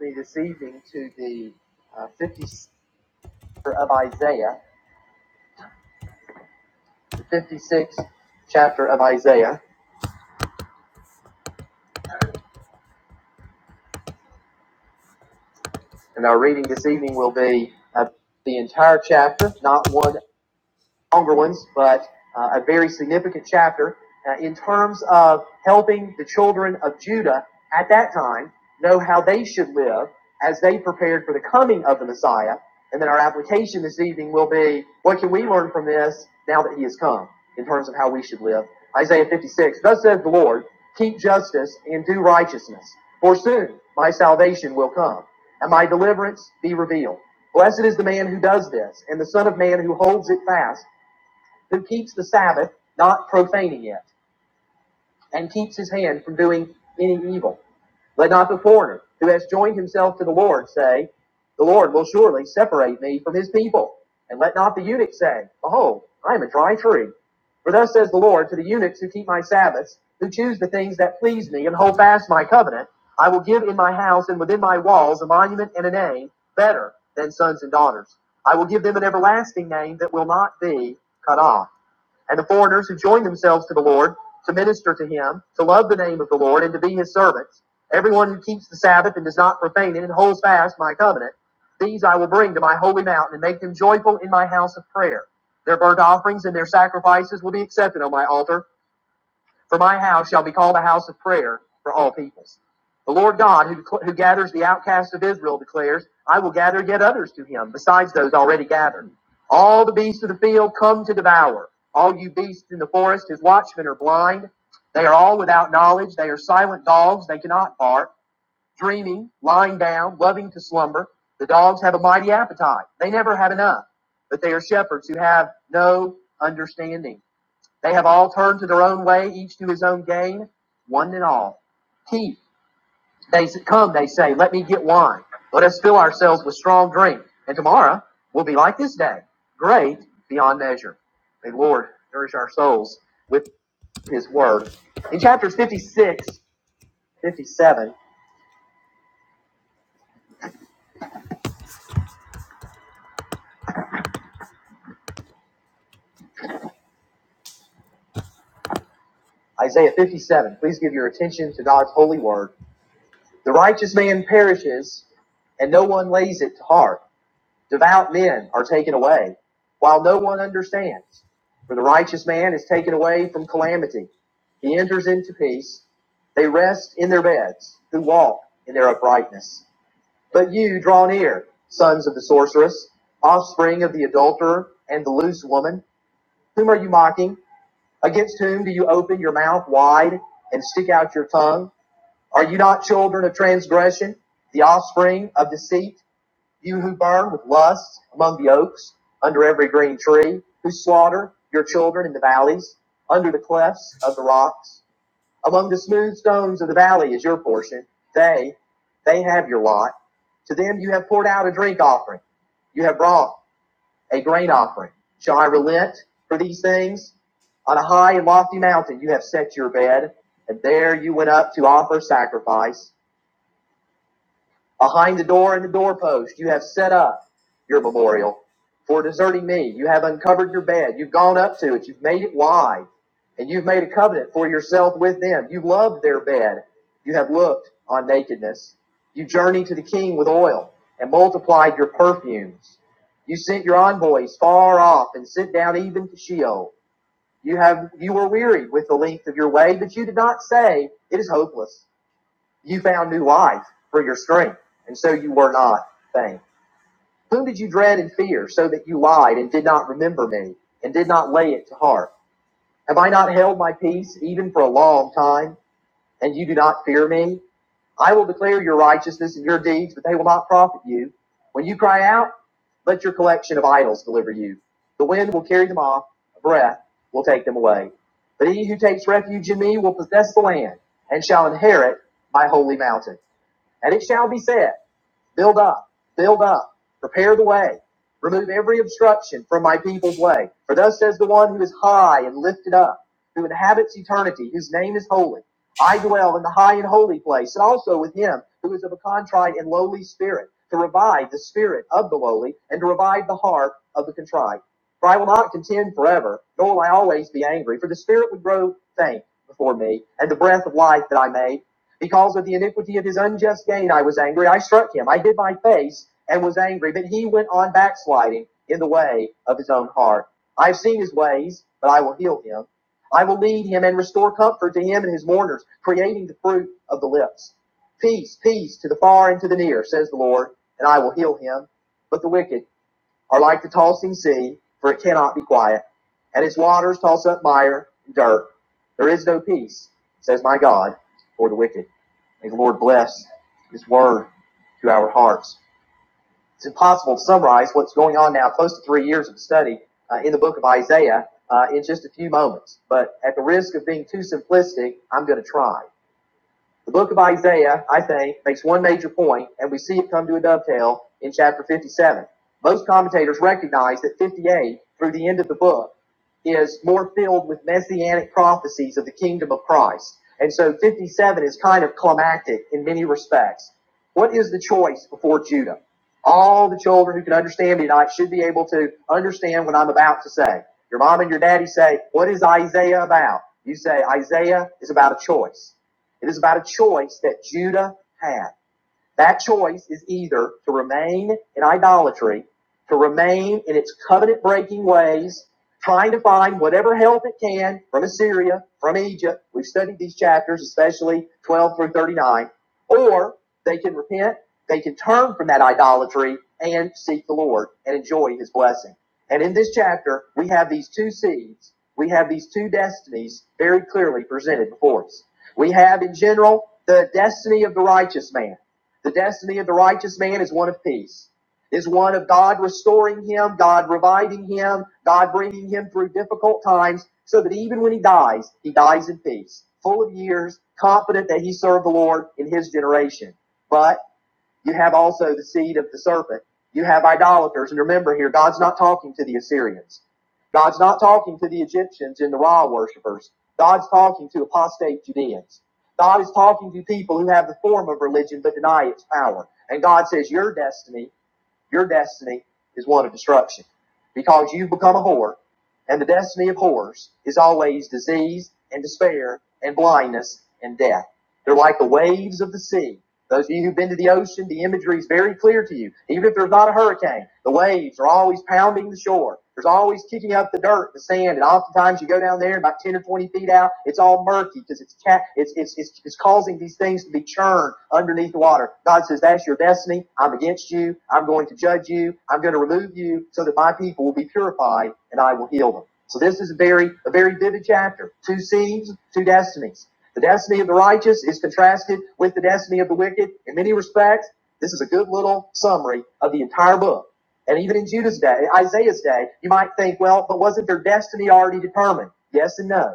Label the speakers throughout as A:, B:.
A: me this evening to the uh, 50 chapter of Isaiah, the 56th chapter of Isaiah. And our reading this evening will be uh, the entire chapter, not one longer ones, but uh, a very significant chapter uh, in terms of helping the children of Judah at that time know how they should live as they prepared for the coming of the Messiah. And then our application this evening will be what can we learn from this now that he has come in terms of how we should live? Isaiah 56 Thus says the Lord, keep justice and do righteousness, for soon my salvation will come and my deliverance be revealed. Blessed is the man who does this, and the Son of Man who holds it fast, who keeps the Sabbath, not profaning it, and keeps his hand from doing any evil. Let not the foreigner who has joined himself to the Lord say, The Lord will surely separate me from his people. And let not the eunuch say, Behold, I am a dry tree. For thus says the Lord to the eunuchs who keep my Sabbaths, who choose the things that please me and hold fast my covenant, I will give in my house and within my walls a monument and a name better than sons and daughters. I will give them an everlasting name that will not be cut off. And the foreigners who joined themselves to the Lord to minister to him, to love the name of the Lord, and to be his servants. Everyone who keeps the Sabbath and does not profane it and holds fast my covenant, these I will bring to my holy mountain and make them joyful in my house of prayer. Their burnt offerings and their sacrifices will be accepted on my altar. For my house shall be called a house of prayer for all peoples. The Lord God, who, who gathers the outcasts of Israel, declares, I will gather yet others to him, besides those already gathered. All the beasts of the field come to devour. All you beasts in the forest, his watchmen are blind. They are all without knowledge. They are silent dogs. They cannot bark. Dreaming, lying down, loving to slumber. The dogs have a mighty appetite. They never have enough. But they are shepherds who have no understanding. They have all turned to their own way, each to his own gain, one and all. He, they come, they say, let me get wine. Let us fill ourselves with strong drink, and tomorrow will be like this day, great beyond measure. May the Lord nourish our souls with his word. In chapters 56, 57, Isaiah 57, please give your attention to God's holy word. The righteous man perishes, and no one lays it to heart. Devout men are taken away, while no one understands. For the righteous man is taken away from calamity. He enters into peace. They rest in their beds, who walk in their uprightness. But you draw near, sons of the sorceress, offspring of the adulterer and the loose woman. Whom are you mocking? Against whom do you open your mouth wide and stick out your tongue? Are you not children of transgression, the offspring of deceit? You who burn with lust among the oaks, under every green tree, who slaughter your children in the valleys, under the clefts of the rocks, among the smooth stones of the valley is your portion. They, they have your lot. To them you have poured out a drink offering. You have brought a grain offering. Shall I relent for these things? On a high and lofty mountain you have set your bed, and there you went up to offer sacrifice. Behind the door and the doorpost, you have set up your memorial. For deserting me, you have uncovered your bed. You've gone up to it. You've made it wide. And you've made a covenant for yourself with them. You loved their bed. You have looked on nakedness. You journeyed to the king with oil and multiplied your perfumes. You sent your envoys far off and sent down even to Sheol. You have you were wearied with the length of your way, but you did not say it is hopeless. You found new life for your strength, and so you were not faint. Whom did you dread and fear, so that you lied and did not remember me, and did not lay it to heart? Have I not held my peace even for a long time, and you do not fear me? I will declare your righteousness and your deeds, but they will not profit you. When you cry out, let your collection of idols deliver you. The wind will carry them off, a breath will take them away. But he who takes refuge in me will possess the land and shall inherit my holy mountain. And it shall be said, build up, build up, prepare the way, remove every obstruction from my people's way. For thus says the one who is high and lifted up, who inhabits eternity, whose name is holy. I dwell in the high and holy place, and also with him who is of a contrite and lowly spirit, to revive the spirit of the lowly, and to revive the heart of the contrite. For I will not contend forever, nor will I always be angry, for the spirit would grow faint before me, and the breath of life that I made because of the iniquity of his unjust gain, I was angry. I struck him. I hid my face and was angry. But he went on backsliding in the way of his own heart. I have seen his ways, but I will heal him. I will lead him and restore comfort to him and his mourners, creating the fruit of the lips. Peace, peace to the far and to the near, says the Lord, and I will heal him. But the wicked are like the tossing sea, for it cannot be quiet. And its waters toss up mire and dirt. There is no peace, says my God, for the wicked. May the Lord bless his word to our hearts. It's impossible to summarize what's going on now, close to three years of study uh, in the book of Isaiah, uh, in just a few moments. But at the risk of being too simplistic, I'm going to try. The book of Isaiah, I think, makes one major point, and we see it come to a dovetail in chapter 57. Most commentators recognize that 58, through the end of the book, is more filled with messianic prophecies of the kingdom of Christ. And so 57 is kind of climactic in many respects. What is the choice before Judah? All the children who can understand me tonight should be able to understand what I'm about to say. Your mom and your daddy say, What is Isaiah about? You say, Isaiah is about a choice. It is about a choice that Judah had. That choice is either to remain in idolatry, to remain in its covenant breaking ways, trying to find whatever help it can from Assyria, from Egypt. We've studied these chapters, especially 12 through 39. Or they can repent, they can turn from that idolatry and seek the Lord and enjoy his blessing. And in this chapter, we have these two seeds, we have these two destinies very clearly presented before us. We have, in general, the destiny of the righteous man. The destiny of the righteous man is one of peace, is one of God restoring him, God reviving him, God bringing him through difficult times, so that even when he dies, he dies in peace, full of years, confident that he served the Lord in his generation. But you have also the seed of the serpent. You have idolaters. And remember here, God's not talking to the Assyrians. God's not talking to the Egyptians and the Ra worshippers. God's talking to apostate Judeans. God is talking to people who have the form of religion but deny its power. And God says, Your destiny, your destiny is one of destruction because you've become a whore. And the destiny of whores is always disease and despair and blindness and death. They're like the waves of the sea. Those of you who've been to the ocean, the imagery is very clear to you. Even if there's not a hurricane, the waves are always pounding the shore. There's always kicking up the dirt, the sand, and oftentimes you go down there and about 10 or 20 feet out, it's all murky because it's, ca- it's, it's, it's, it's causing these things to be churned underneath the water. God says, that's your destiny. I'm against you. I'm going to judge you. I'm going to remove you so that my people will be purified and I will heal them. So this is a very, a very vivid chapter. Two seeds, two destinies. The destiny of the righteous is contrasted with the destiny of the wicked in many respects. This is a good little summary of the entire book. And even in Judah's day, Isaiah's day, you might think, well, but wasn't their destiny already determined? Yes and no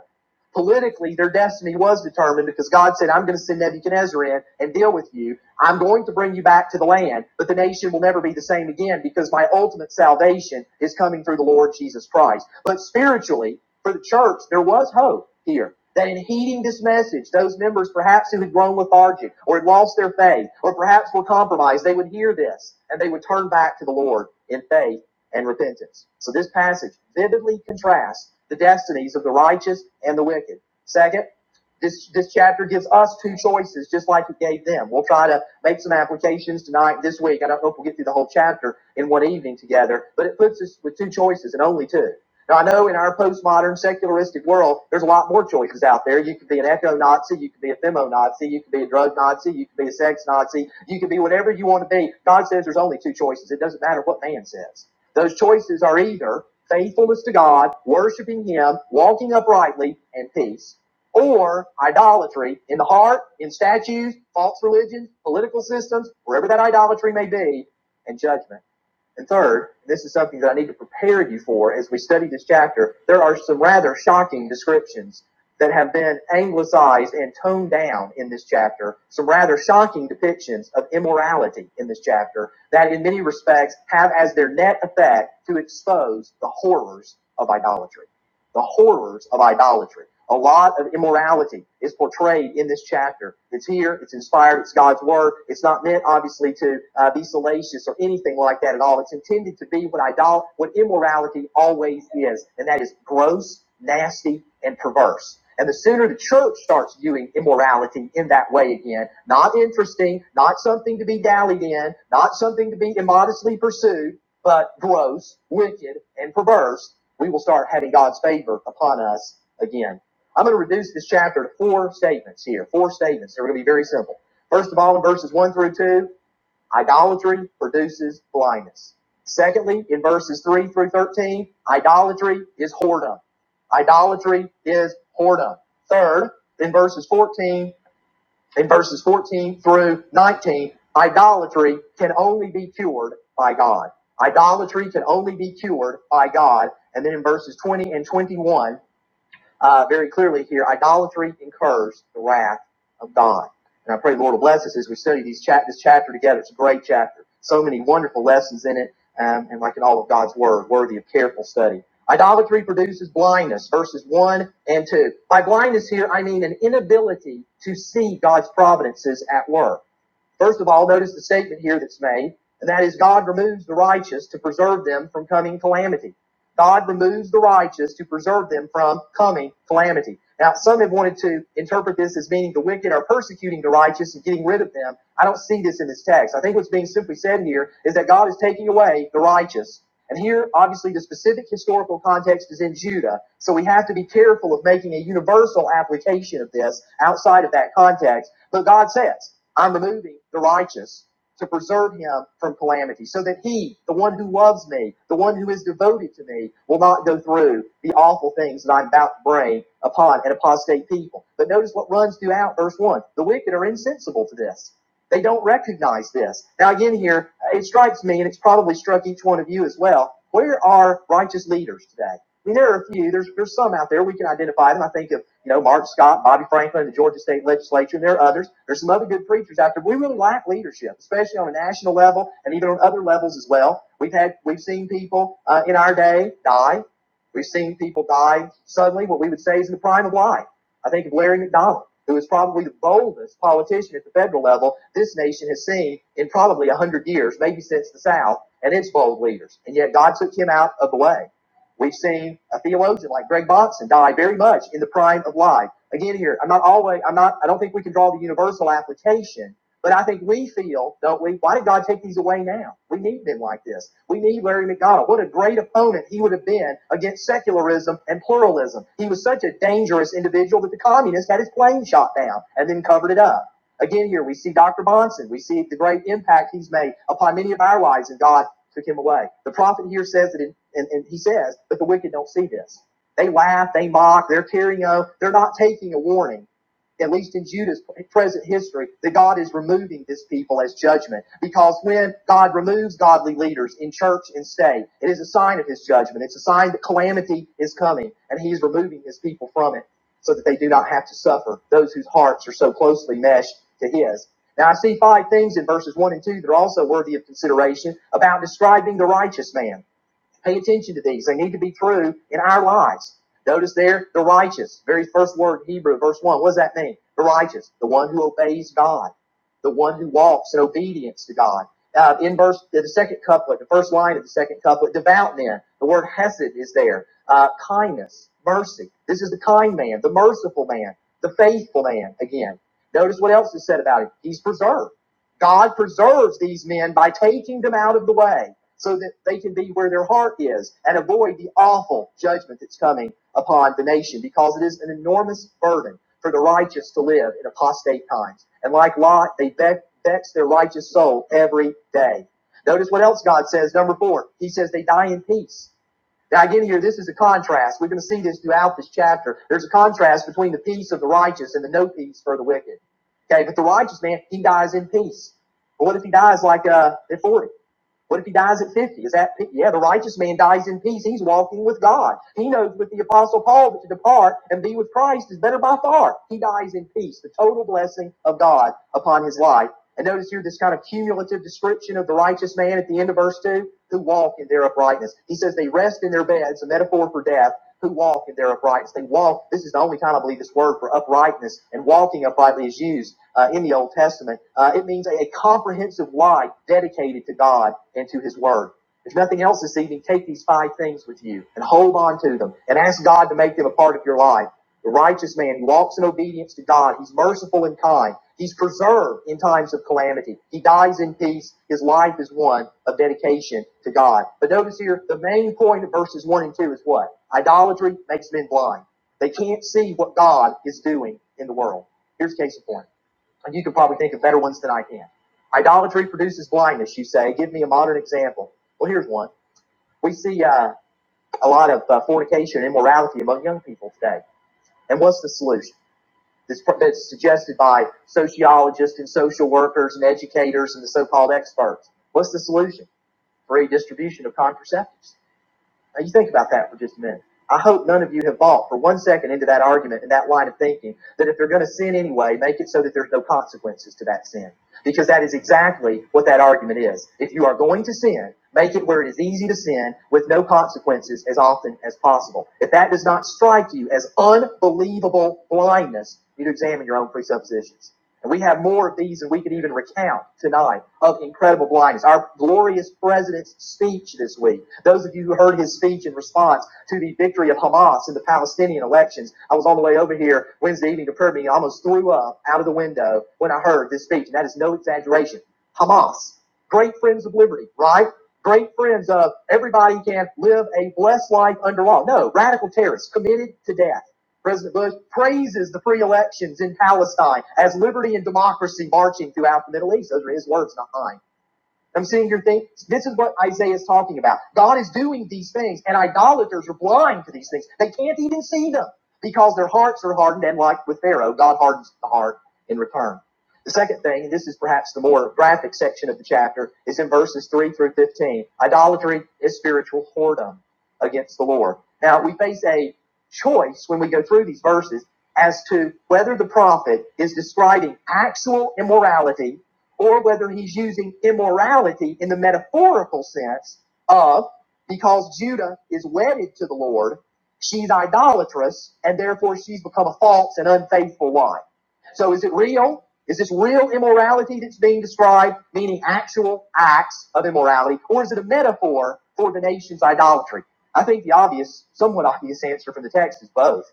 A: politically their destiny was determined because God said, I'm going to send Nebuchadnezzar in and deal with you. I'm going to bring you back to the land, but the nation will never be the same again because my ultimate salvation is coming through the Lord Jesus Christ. But spiritually, for the church, there was hope here. That in heeding this message, those members perhaps who had grown lethargic or had lost their faith or perhaps were compromised, they would hear this and they would turn back to the Lord in faith and repentance. So this passage vividly contrasts the destinies of the righteous and the wicked. Second, this, this chapter gives us two choices just like it gave them. We'll try to make some applications tonight, this week. I don't know if we'll get through the whole chapter in one evening together, but it puts us with two choices and only two. Now, I know in our postmodern secularistic world, there's a lot more choices out there. You could be an eco Nazi, you could be a femo Nazi, you could be a drug Nazi, you could be a sex Nazi, you could be whatever you want to be. God says there's only two choices. It doesn't matter what man says. Those choices are either faithfulness to God, worshiping Him, walking uprightly, and peace, or idolatry in the heart, in statues, false religions, political systems, wherever that idolatry may be, and judgment. And third, this is something that I need to prepare you for as we study this chapter, there are some rather shocking descriptions that have been anglicized and toned down in this chapter, some rather shocking depictions of immorality in this chapter that in many respects have as their net effect to expose the horrors of idolatry the horrors of idolatry. A lot of immorality is portrayed in this chapter. It's here, it's inspired, it's God's word. It's not meant, obviously, to uh, be salacious or anything like that at all. It's intended to be what, idol- what immorality always is, and that is gross, nasty, and perverse. And the sooner the church starts viewing immorality in that way again, not interesting, not something to be dallied in, not something to be immodestly pursued, but gross, wicked, and perverse, we will start having God's favor upon us again. I'm going to reduce this chapter to four statements here. Four statements. They're going to be very simple. First of all, in verses 1 through 2, idolatry produces blindness. Secondly, in verses 3 through 13, idolatry is whoredom. Idolatry is whoredom. Third, in verses 14 in verses 14 through 19, idolatry can only be cured by God. Idolatry can only be cured by God. And then in verses 20 and 21, uh, very clearly here idolatry incurs the wrath of God. And I pray the Lord will bless us as we study these chap- this chapter together. It's a great chapter. So many wonderful lessons in it, um, and like in all of God's Word, worthy of careful study. Idolatry produces blindness, verses 1 and 2. By blindness here, I mean an inability to see God's providences at work. First of all, notice the statement here that's made, and that is God removes the righteous to preserve them from coming calamity. God removes the righteous to preserve them from coming calamity. Now, some have wanted to interpret this as meaning the wicked are persecuting the righteous and getting rid of them. I don't see this in this text. I think what's being simply said here is that God is taking away the righteous. And here, obviously, the specific historical context is in Judah. So we have to be careful of making a universal application of this outside of that context. But God says, I'm removing the righteous to preserve him from calamity, so that he, the one who loves me, the one who is devoted to me, will not go through the awful things that I'm about to bring upon an apostate people. But notice what runs throughout verse 1. The wicked are insensible to this. They don't recognize this. Now, again, here, it strikes me, and it's probably struck each one of you as well. Where are righteous leaders today? I mean, there are a few. There's there's some out there we can identify them. I think of you know Mark Scott, Bobby Franklin, the Georgia State Legislature, and there are others. There's some other good preachers out there. We really lack leadership, especially on a national level and even on other levels as well. We've had we've seen people uh, in our day die. We've seen people die suddenly. What we would say is in the prime of life. I think of Larry McDonald, who is probably the boldest politician at the federal level this nation has seen in probably a hundred years, maybe since the South and its bold leaders. And yet God took him out of the way. We've seen a theologian like Greg Bonson die very much in the prime of life. Again, here, I'm not always, I'm not, I don't think we can draw the universal application, but I think we feel, don't we? Why did God take these away now? We need men like this. We need Larry McDonald. What a great opponent he would have been against secularism and pluralism. He was such a dangerous individual that the communists had his plane shot down and then covered it up. Again, here we see Dr. Bonson. We see the great impact he's made upon many of our lives, and God took him away. The prophet here says that, in, and, and he says, but the wicked don't see this. They laugh, they mock, they're carrying on, they're not taking a warning at least in Judah's present history, that God is removing this people as judgment. Because when God removes godly leaders in church and state, it is a sign of his judgment. It's a sign that calamity is coming, and he is removing his people from it so that they do not have to suffer, those whose hearts are so closely meshed to his. Now, I see five things in verses 1 and 2 that are also worthy of consideration about describing the righteous man. Pay attention to these. They need to be true in our lives. Notice there, the righteous. Very first word, Hebrew, verse 1. What does that mean? The righteous, the one who obeys God, the one who walks in obedience to God. Uh, in verse, the second couplet, the first line of the second couplet, devout man. The word hesed is there. Uh, kindness, mercy. This is the kind man, the merciful man, the faithful man again. Notice what else is said about him. He's preserved. God preserves these men by taking them out of the way so that they can be where their heart is and avoid the awful judgment that's coming upon the nation because it is an enormous burden for the righteous to live in apostate times. And like Lot, they vex vex their righteous soul every day. Notice what else God says, number four. He says they die in peace. Now again here, this is a contrast. We're going to see this throughout this chapter. There's a contrast between the peace of the righteous and the no peace for the wicked. Okay, but the righteous man, he dies in peace. But what if he dies like uh, at 40? What if he dies at 50? Is that, yeah, the righteous man dies in peace. He's walking with God. He knows with the apostle Paul that to depart and be with Christ is better by far. He dies in peace, the total blessing of God upon his life. And notice here this kind of cumulative description of the righteous man at the end of verse 2 who walk in their uprightness. He says they rest in their beds, a metaphor for death who walk in their uprightness. They walk. This is the only time I believe this word for uprightness and walking uprightly is used uh, in the Old Testament. Uh, it means a, a comprehensive life dedicated to God and to His Word. If nothing else this evening, take these five things with you and hold on to them and ask God to make them a part of your life. The righteous man who walks in obedience to God, he's merciful and kind. He's preserved in times of calamity. He dies in peace. His life is one of dedication to God. But notice here, the main point of verses 1 and 2 is what? Idolatry makes men blind. They can't see what God is doing in the world. Here's a case in point. And you can probably think of better ones than I can. Idolatry produces blindness, you say. Give me a modern example. Well, here's one. We see uh, a lot of uh, fornication and immorality among young people today. And what's the solution? that's, that's suggested by sociologists and social workers and educators and the so-called experts. What's the solution? Free distribution of contraceptives. Now you think about that for just a minute. I hope none of you have bought for one second into that argument and that line of thinking that if they're going to sin anyway, make it so that there's no consequences to that sin. Because that is exactly what that argument is. If you are going to sin, make it where it is easy to sin with no consequences as often as possible. If that does not strike you as unbelievable blindness, you need to examine your own presuppositions. And we have more of these than we could even recount tonight of incredible blindness. Our glorious president's speech this week. Those of you who heard his speech in response to the victory of Hamas in the Palestinian elections. I was on the way over here Wednesday evening to prayer meeting. I almost threw up out of the window when I heard this speech. And that is no exaggeration. Hamas, great friends of liberty, right? Great friends of everybody can live a blessed life under law. No, radical terrorists committed to death President Bush praises the free elections in Palestine as liberty and democracy marching throughout the Middle East. Those are his words, not mine. I'm sitting here thinking, this is what Isaiah is talking about. God is doing these things, and idolaters are blind to these things. They can't even see them because their hearts are hardened, and like with Pharaoh, God hardens the heart in return. The second thing, and this is perhaps the more graphic section of the chapter, is in verses 3 through 15. Idolatry is spiritual whoredom against the Lord. Now, we face a choice when we go through these verses as to whether the prophet is describing actual immorality or whether he's using immorality in the metaphorical sense of because Judah is wedded to the Lord, she's idolatrous, and therefore she's become a false and unfaithful wife. So is it real? Is this real immorality that's being described, meaning actual acts of immorality, or is it a metaphor for the nation's idolatry? I think the obvious, somewhat obvious answer from the text is both.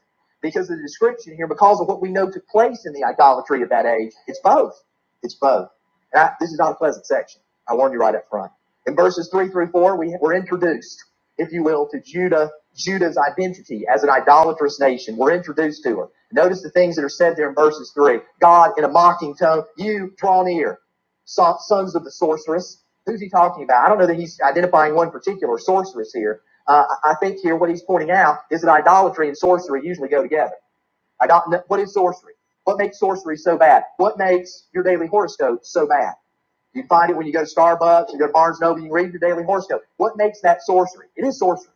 A: Because of the description here, because of what we know took place in the idolatry of that age, it's both. It's both. And I, this is not a pleasant section. I warn you right up front. In verses three through four, we were introduced, if you will, to Judah, Judah's identity as an idolatrous nation. We're introduced to her. Notice the things that are said there in verses three. God, in a mocking tone, you draw near, so- sons of the sorceress. Who's he talking about? I don't know that he's identifying one particular sorceress here. Uh, I I think here what he's pointing out is that idolatry and sorcery usually go together. Idol- what is sorcery? What makes sorcery so bad? What makes your daily horoscope so bad? You find it when you go to Starbucks, you go to Barnes and Noble, you read your daily horoscope. What makes that sorcery? It is sorcery.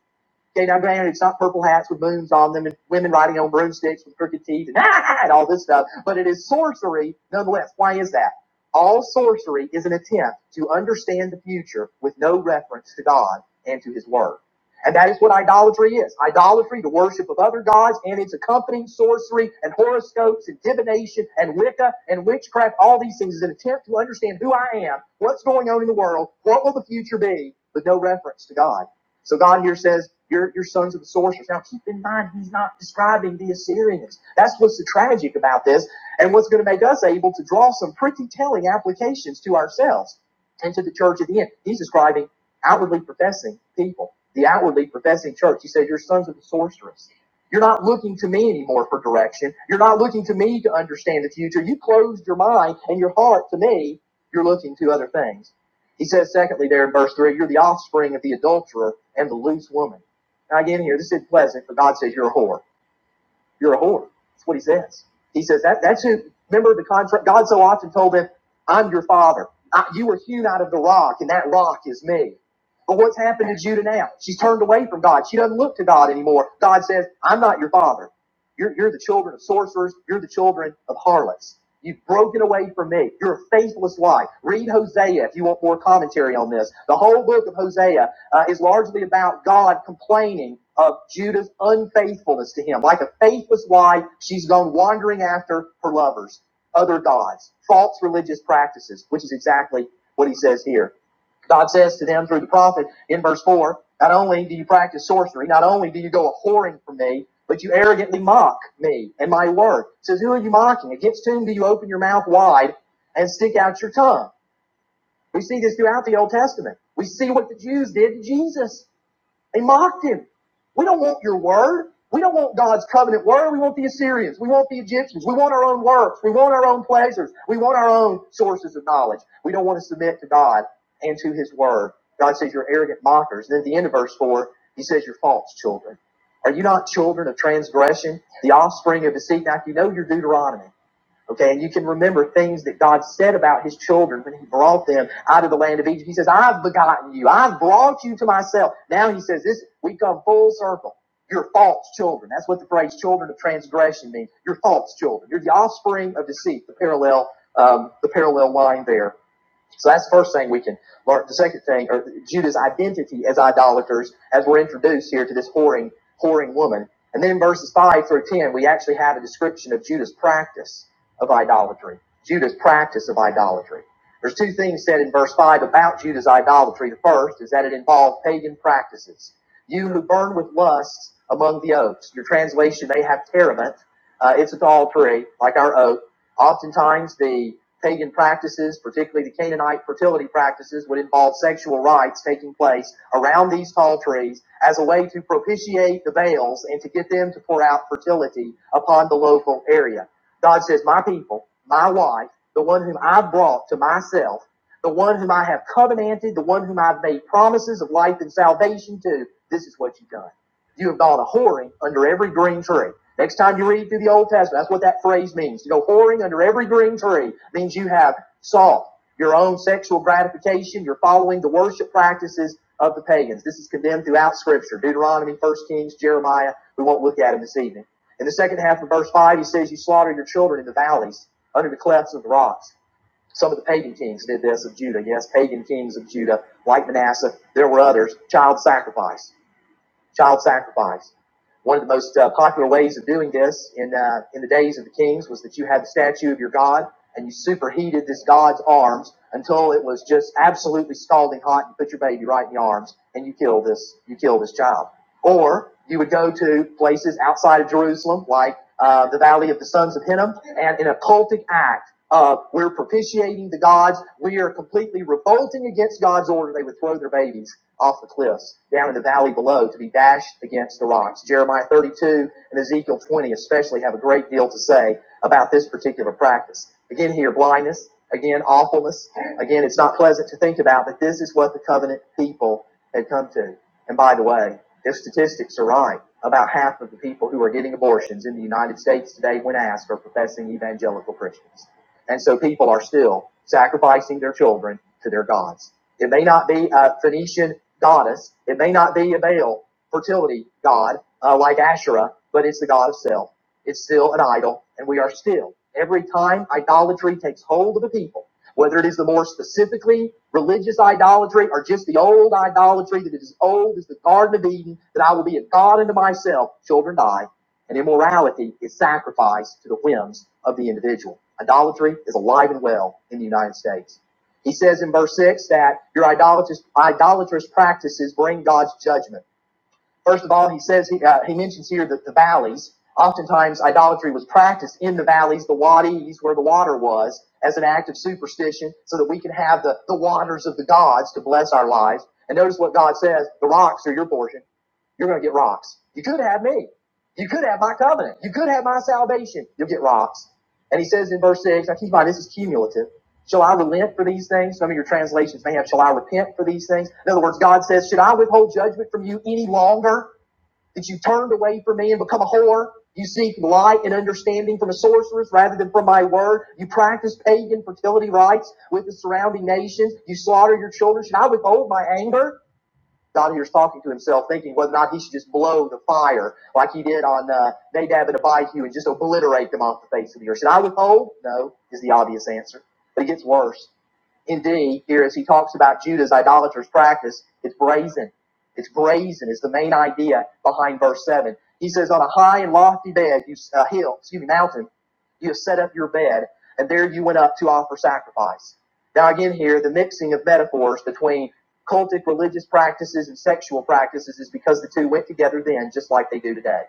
A: Okay, now granted, it's not purple hats with moons on them and women riding on broomsticks with crooked teeth and, ah, and all this stuff, but it is sorcery nonetheless. Why is that? All sorcery is an attempt to understand the future with no reference to God and to His Word. And that is what idolatry is. Idolatry, the worship of other gods, and its accompanying sorcery and horoscopes and divination and Wicca and witchcraft, all these things is an attempt to understand who I am, what's going on in the world, what will the future be, with no reference to God. So God here says, "You're you're sons of the sorcerers. Now keep in mind, he's not describing the Assyrians. That's what's so tragic about this, and what's going to make us able to draw some pretty telling applications to ourselves and to the church at the end. He's describing outwardly professing people, the outwardly professing church. He says, are sons of the sorceress. You're not looking to me anymore for direction. You're not looking to me to understand the future. You closed your mind and your heart to me. You're looking to other things. He says, secondly, there in verse 3, you're the offspring of the adulterer and the loose woman. Now, again, here, this is pleasant, but God says you're a whore. You're a whore. That's what he says. He says that that's who. Remember the contract. God so often told them, "I'm your father. I, you were hewn out of the rock, and that rock is me." But what's happened to Judah now? She's turned away from God. She doesn't look to God anymore. God says, "I'm not your father. You're, you're the children of sorcerers. You're the children of harlots. You've broken away from me. You're a faithless life. Read Hosea if you want more commentary on this. The whole book of Hosea uh, is largely about God complaining of Judah's unfaithfulness to him. Like a faithless wife, she's gone wandering after her lovers, other gods, false religious practices, which is exactly what he says here. God says to them through the prophet in verse 4 Not only do you practice sorcery, not only do you go a whoring for me, but you arrogantly mock me and my word. He says, Who are you mocking? Against whom do you open your mouth wide and stick out your tongue? We see this throughout the Old Testament. We see what the Jews did to Jesus. They mocked him. We don't want your word. We don't want God's covenant word. We want the Assyrians. We want the Egyptians. We want our own works. We want our own pleasures. We want our own sources of knowledge. We don't want to submit to God and to his word. God says, You're arrogant mockers. And then at the end of verse 4, he says, You're false children. Are you not children of transgression, the offspring of deceit? Now, if you know your Deuteronomy, Okay, and you can remember things that God said about his children when he brought them out of the land of Egypt. He says, I've begotten you, I've brought you to myself. Now he says, This we come full circle. You're false children. That's what the phrase children of transgression means. You're false children. You're the offspring of deceit, the parallel, um, the parallel line there. So that's the first thing we can learn. The second thing, or Judah's identity as idolaters, as we're introduced here to this whoring, whoring woman. And then in verses 5 through 10, we actually have a description of Judah's practice of idolatry. Judah's practice of idolatry. There's two things said in verse 5 about Judah's idolatry. The first is that it involved pagan practices. You who burn with lusts among the oaks. Your translation may have terebinth. Uh, it's a tall tree, like our oak Oftentimes, the pagan practices, particularly the Canaanite fertility practices, would involve sexual rites taking place around these tall trees as a way to propitiate the Baals and to get them to pour out fertility upon the local area. God says, My people, my wife, the one whom I've brought to myself, the one whom I have covenanted, the one whom I've made promises of life and salvation to, this is what you've done. You have gone a whoring under every green tree. Next time you read through the Old Testament, that's what that phrase means. To go whoring under every green tree means you have sought your own sexual gratification. You're following the worship practices of the pagans. This is condemned throughout Scripture Deuteronomy, First Kings, Jeremiah. We won't look at it this evening. In the second half of verse 5, he says, You slaughtered your children in the valleys, under the clefts of the rocks. Some of the pagan kings did this of Judah. Yes, pagan kings of Judah, like Manasseh. There were others. Child sacrifice child sacrifice. One of the most uh, popular ways of doing this in uh, in the days of the kings was that you had the statue of your god and you superheated this god's arms until it was just absolutely scalding hot. You put your baby right in the arms and you kill this you kill this child. Or you would go to places outside of Jerusalem, like uh, the Valley of the Sons of Hinnom, and in a cultic act of we're propitiating the gods, we are completely revolting against God's order, they would throw their babies off the cliffs down in the valley below to be dashed against the rocks. Jeremiah 32 and Ezekiel 20 especially have a great deal to say about this particular practice. Again, here, blindness. Again, awfulness. Again, it's not pleasant to think about, but this is what the covenant people had come to. And by the way, their statistics are right. About half of the people who are getting abortions in the United States today, when asked, are professing evangelical Christians. And so people are still sacrificing their children to their gods. It may not be a Phoenician goddess, it may not be a Baal fertility god uh, like Asherah, but it's the god of self. It's still an idol, and we are still, every time idolatry takes hold of a people, whether it is the more specifically religious idolatry or just the old idolatry that is as old as the Garden of Eden, that I will be a God unto myself, children die, and immorality is sacrificed to the whims of the individual. Idolatry is alive and well in the United States. He says in verse 6 that your idolatrous, idolatrous practices bring God's judgment. First of all, he says he, uh, he mentions here that the valleys. Oftentimes, idolatry was practiced in the valleys, the wadis, where the water was, as an act of superstition, so that we can have the, the waters of the gods to bless our lives. And notice what God says: the rocks are your portion. You're going to get rocks. You could have me. You could have my covenant. You could have my salvation. You'll get rocks. And he says in verse six. Now keep in mind this is cumulative. Shall I relent for these things? Some of your translations may have, shall I repent for these things? In other words, God says, should I withhold judgment from you any longer? That you turned away from me and become a whore? You seek light and understanding from a sorceress rather than from my word? You practice pagan fertility rites with the surrounding nations? You slaughter your children? Should I withhold my anger? God here's talking to himself, thinking whether or not he should just blow the fire like he did on uh, Nadab and Abihu and just obliterate them off the face of the earth. Should I withhold? No, is the obvious answer. But it gets worse. Indeed, here as he talks about Judah's idolatrous practice, it's brazen. It's brazen is the main idea behind verse 7. He says, On a high and lofty bed, you, uh, hill, excuse me, mountain, you have set up your bed, and there you went up to offer sacrifice. Now, again, here, the mixing of metaphors between cultic religious practices and sexual practices is because the two went together then, just like they do today.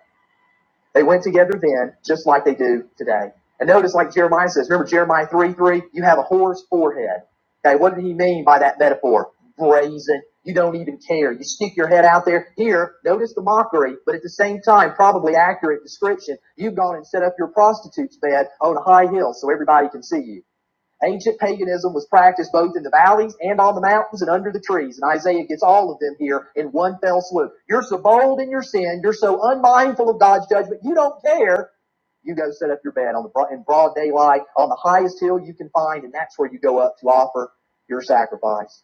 A: They went together then, just like they do today. And notice, like Jeremiah says, remember Jeremiah 3 3? You have a whore's forehead. Okay, what did he mean by that metaphor? Brazen. You don't even care. You stick your head out there. Here, notice the mockery, but at the same time, probably accurate description. You've gone and set up your prostitute's bed on a high hill so everybody can see you. Ancient paganism was practiced both in the valleys and on the mountains and under the trees, and Isaiah gets all of them here in one fell swoop. You're so bold in your sin, you're so unmindful of God's judgment, you don't care. You go set up your bed on the bro- in broad daylight on the highest hill you can find, and that's where you go up to offer your sacrifice.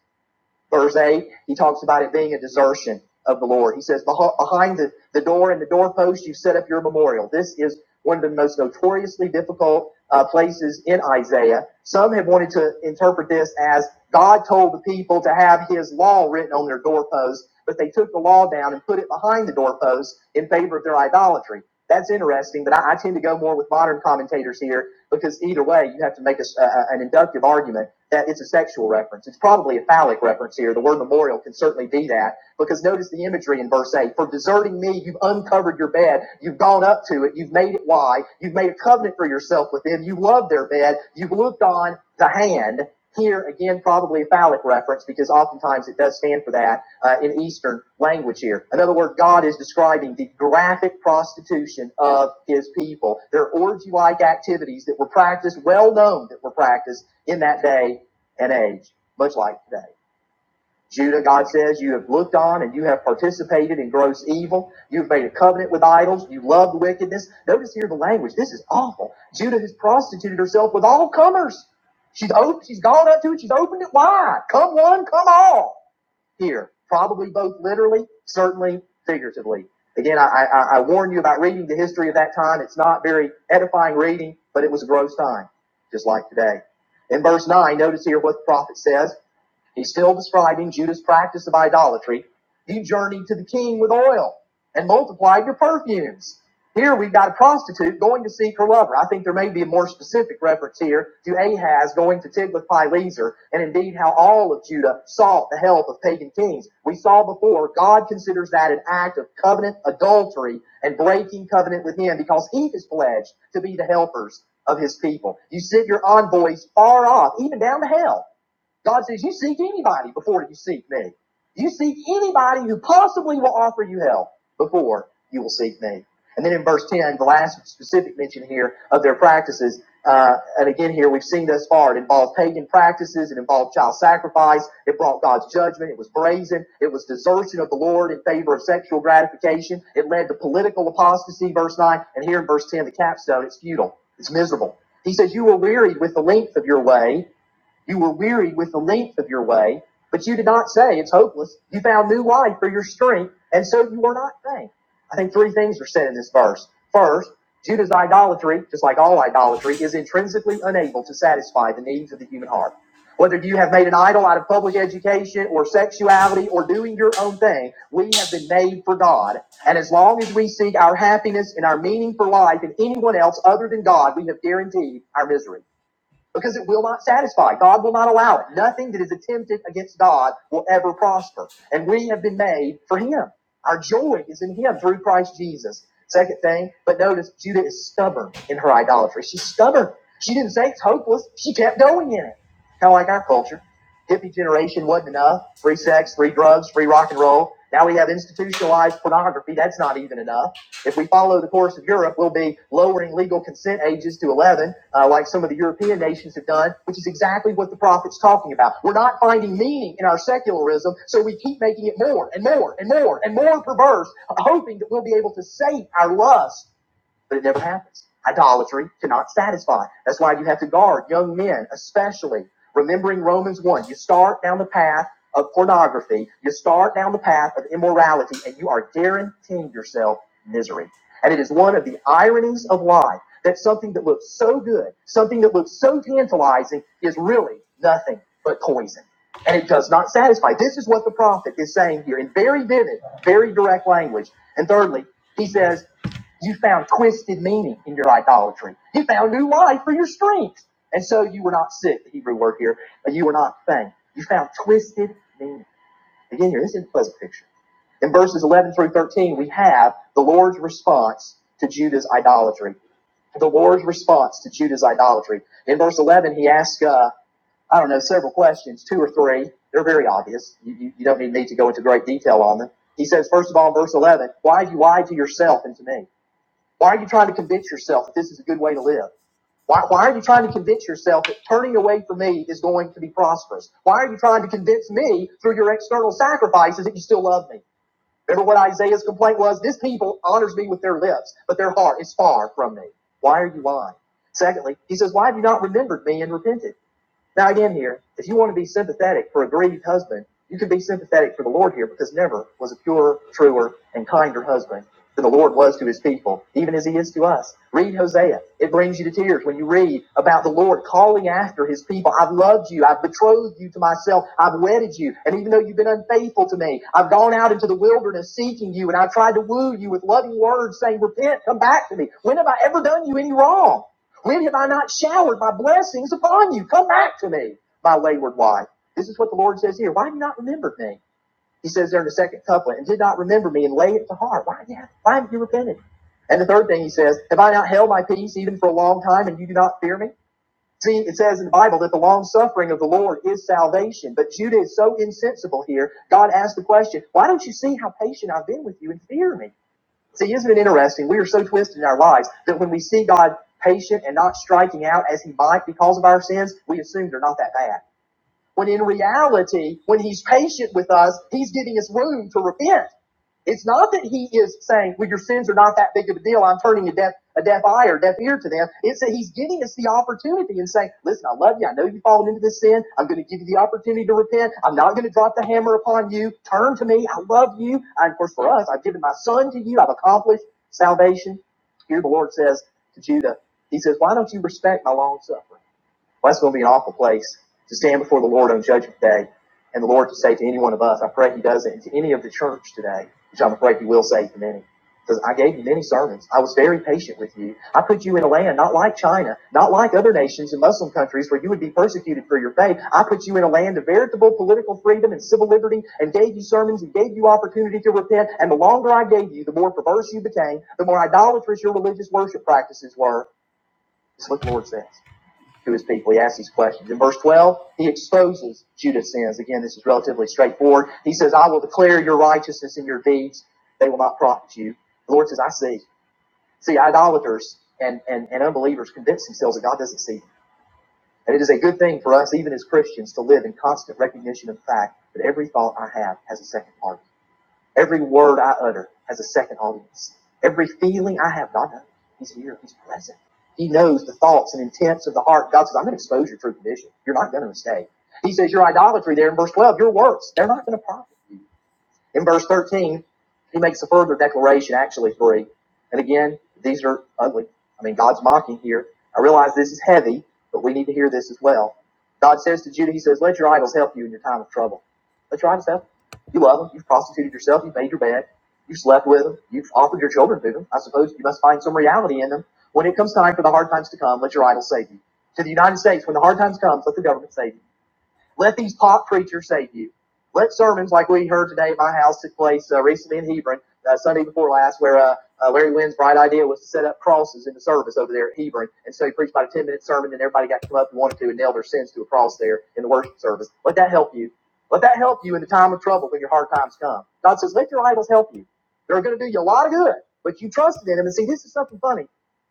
A: Verse 8, he talks about it being a desertion of the Lord. He says, Behind the, the door and the doorpost, you set up your memorial. This is one of the most notoriously difficult uh, places in Isaiah. Some have wanted to interpret this as God told the people to have his law written on their doorposts, but they took the law down and put it behind the doorposts in favor of their idolatry. That's interesting, but I, I tend to go more with modern commentators here because either way, you have to make a s a a- an inductive argument that it's a sexual reference. It's probably a phallic reference here. The word memorial can certainly be that because notice the imagery in verse 8. For deserting me, you've uncovered your bed. You've gone up to it. You've made it wide. You've made a covenant for yourself with them. You love their bed. You've looked on the hand. Here, again, probably a phallic reference because oftentimes it does stand for that uh, in Eastern language here. In other words, God is describing the graphic prostitution of his people, their orgy like activities that were practiced, well known that were practiced in that day and age, much like today. Judah, God says, you have looked on and you have participated in gross evil. You've made a covenant with idols. You loved wickedness. Notice here the language. This is awful. Judah has prostituted herself with all comers. She's op- she's gone up to it. She's opened it wide. Come one, come all. Here, probably both literally, certainly figuratively. Again, I, I, I warn you about reading the history of that time. It's not very edifying reading, but it was a gross time, just like today. In verse 9, notice here what the prophet says. He's still describing Judah's practice of idolatry. He journeyed to the king with oil and multiplied your perfumes. Here we've got a prostitute going to seek her lover. I think there may be a more specific reference here to Ahaz going to Tiglath-Pileser, and indeed how all of Judah sought the help of pagan kings. We saw before God considers that an act of covenant adultery and breaking covenant with Him because He is pledged to be the helpers of His people. You send your envoys far off, even down to hell, God says, You seek anybody before you seek me. You seek anybody who possibly will offer you help before you will seek me. And then in verse 10, the last specific mention here of their practices, uh, and again here we've seen thus far, it involved pagan practices, it involved child sacrifice, it brought God's judgment, it was brazen, it was desertion of the Lord in favor of sexual gratification, it led to political apostasy, verse 9, and here in verse 10, the capstone, it's futile, it's miserable. He says, You were wearied with the length of your way, you were weary with the length of your way, but you did not say it's hopeless. You found new life for your strength, and so you were not faint. I think three things are said in this verse. First, Judah's idolatry, just like all idolatry, is intrinsically unable to satisfy the needs of the human heart. Whether you have made an idol out of public education or sexuality or doing your own thing, we have been made for God. And as long as we seek our happiness and our meaning for life in anyone else other than God, we have guaranteed our misery because it will not satisfy. God will not allow it. Nothing that is attempted against God will ever prosper. And we have been made for Him. Our joy is in Him through Christ Jesus. Second thing, but notice Judah is stubborn in her idolatry. She's stubborn. She didn't say it's hopeless. She kept going in it. Kind of like our culture. Hippie generation wasn't enough. Free sex, free drugs, free rock and roll. Now we have institutionalized pornography. That's not even enough. If we follow the course of Europe, we'll be lowering legal consent ages to 11, uh, like some of the European nations have done, which is exactly what the prophet's talking about. We're not finding meaning in our secularism, so we keep making it more and more and more and more perverse, hoping that we'll be able to sate our lust but it never happens. Idolatry cannot satisfy. That's why you have to guard young men, especially remembering Romans 1. You start down the path of pornography, you start down the path of immorality, and you are guaranteeing yourself misery. And it is one of the ironies of life that something that looks so good, something that looks so tantalizing, is really nothing but poison. And it does not satisfy. This is what the prophet is saying here in very vivid, very direct language. And thirdly, he says, you found twisted meaning in your idolatry. You found new life for your strength. And so you were not sick, the Hebrew word here, but you were not faint. You found twisted meaning. Again, here, this is a pleasant picture. In verses 11 through 13, we have the Lord's response to Judah's idolatry the Lord's response to Judah's idolatry. In verse 11, he asks, uh, I don't know, several questions, two or three. They're very obvious. You, you, you don't need me to go into great detail on them. He says, first of all, in verse 11, why have you lied to yourself and to me? Why are you trying to convince yourself that this is a good way to live? Why, why are you trying to convince yourself that turning away from me is going to be prosperous? Why are you trying to convince me through your external sacrifices that you still love me? Remember what Isaiah's complaint was? This people honors me with their lips, but their heart is far from me. Why are you lying? Secondly, he says, Why have you not remembered me and repented? Now again here, if you want to be sympathetic for a grieved husband, you can be sympathetic for the Lord here because never was a purer, truer, and kinder husband than the Lord was to his people, even as he is to us. Read Hosea. It brings you to tears when you read about the Lord calling after his people. I've loved you. I've betrothed you to myself. I've wedded you. And even though you've been unfaithful to me, I've gone out into the wilderness seeking you and I've tried to woo you with loving words saying, repent, come back to me. When have I ever done you any wrong? When have I not showered my blessings upon you? Come back to me, my wayward wife. This is what the Lord says here. Why have you not remembered me? He says there in the second couplet, and did not remember me and lay it to heart. Why, yeah, why haven't you repented? And the third thing he says, have I not held my peace even for a long time and you do not fear me? See, it says in the Bible that the long suffering of the Lord is salvation. But Judah is so insensible here. God asked the question, why don't you see how patient I've been with you and fear me? See, isn't it interesting? We are so twisted in our lives that when we see God patient and not striking out as He might because of our sins, we assume they're not that bad. When in reality, when He's patient with us, He's giving us room to repent. It's not that he is saying, well, your sins are not that big of a deal. I'm turning a deaf, a deaf eye or deaf ear to them. It's that he's giving us the opportunity and saying, listen, I love you. I know you've fallen into this sin. I'm going to give you the opportunity to repent. I'm not going to drop the hammer upon you. Turn to me. I love you. And of course, for us, I've given my son to you. I've accomplished salvation. Here the Lord says to Judah, he says, why don't you respect my long suffering? Well, that's going to be an awful place to stand before the Lord on Judgment Day and the Lord to say to any one of us, I pray He does not and to any of the church today, which I'm afraid He will say to many. Because I gave you many sermons. I was very patient with you. I put you in a land not like China, not like other nations and Muslim countries where you would be persecuted for your faith. I put you in a land of veritable political freedom and civil liberty and gave you sermons and gave you opportunity to repent. And the longer I gave you, the more perverse you became, the more idolatrous your religious worship practices were. That's what the Lord says to his people. He asks these questions. In verse 12, he exposes Judah's sins. Again, this is relatively straightforward. He says, I will declare your righteousness and your deeds. They will not profit you. The Lord says, I see. See, idolaters and, and, and unbelievers convince themselves that God doesn't see them. And it is a good thing for us, even as Christians, to live in constant recognition of the fact that every thought I have has a second part. Every word I utter has a second audience. Every feeling I have, God knows. He's here. He's present. He knows the thoughts and intents of the heart. God says, I'm going to expose your true condition. You're not going to mistake. He says, your idolatry there in verse 12, your works, they're not going to profit. you." In verse 13, he makes a further declaration, actually three. And again, these are ugly. I mean, God's mocking here. I realize this is heavy, but we need to hear this as well. God says to Judah, He says, Let your idols help you in your time of trouble. Let your idols help. You You love them. You've prostituted yourself. You've made your bed. You've slept with them. You've offered your children to them. I suppose you must find some reality in them. When it comes time for the hard times to come, let your idols save you. To the United States, when the hard times come, let the government save you. Let these pop preachers save you. Let sermons like we heard today at my house took place uh, recently in Hebron, uh, Sunday before last, where uh, uh, Larry Wynn's bright idea was to set up crosses in the service over there at Hebron. And so he preached about a 10 minute sermon, and everybody got to come up and wanted to and nail their sins to a cross there in the worship service. Let that help you. Let that help you in the time of trouble when your hard times come. God says, let your idols help you. They're going to do you a lot of good, but you trusted in them. And see, this is something funny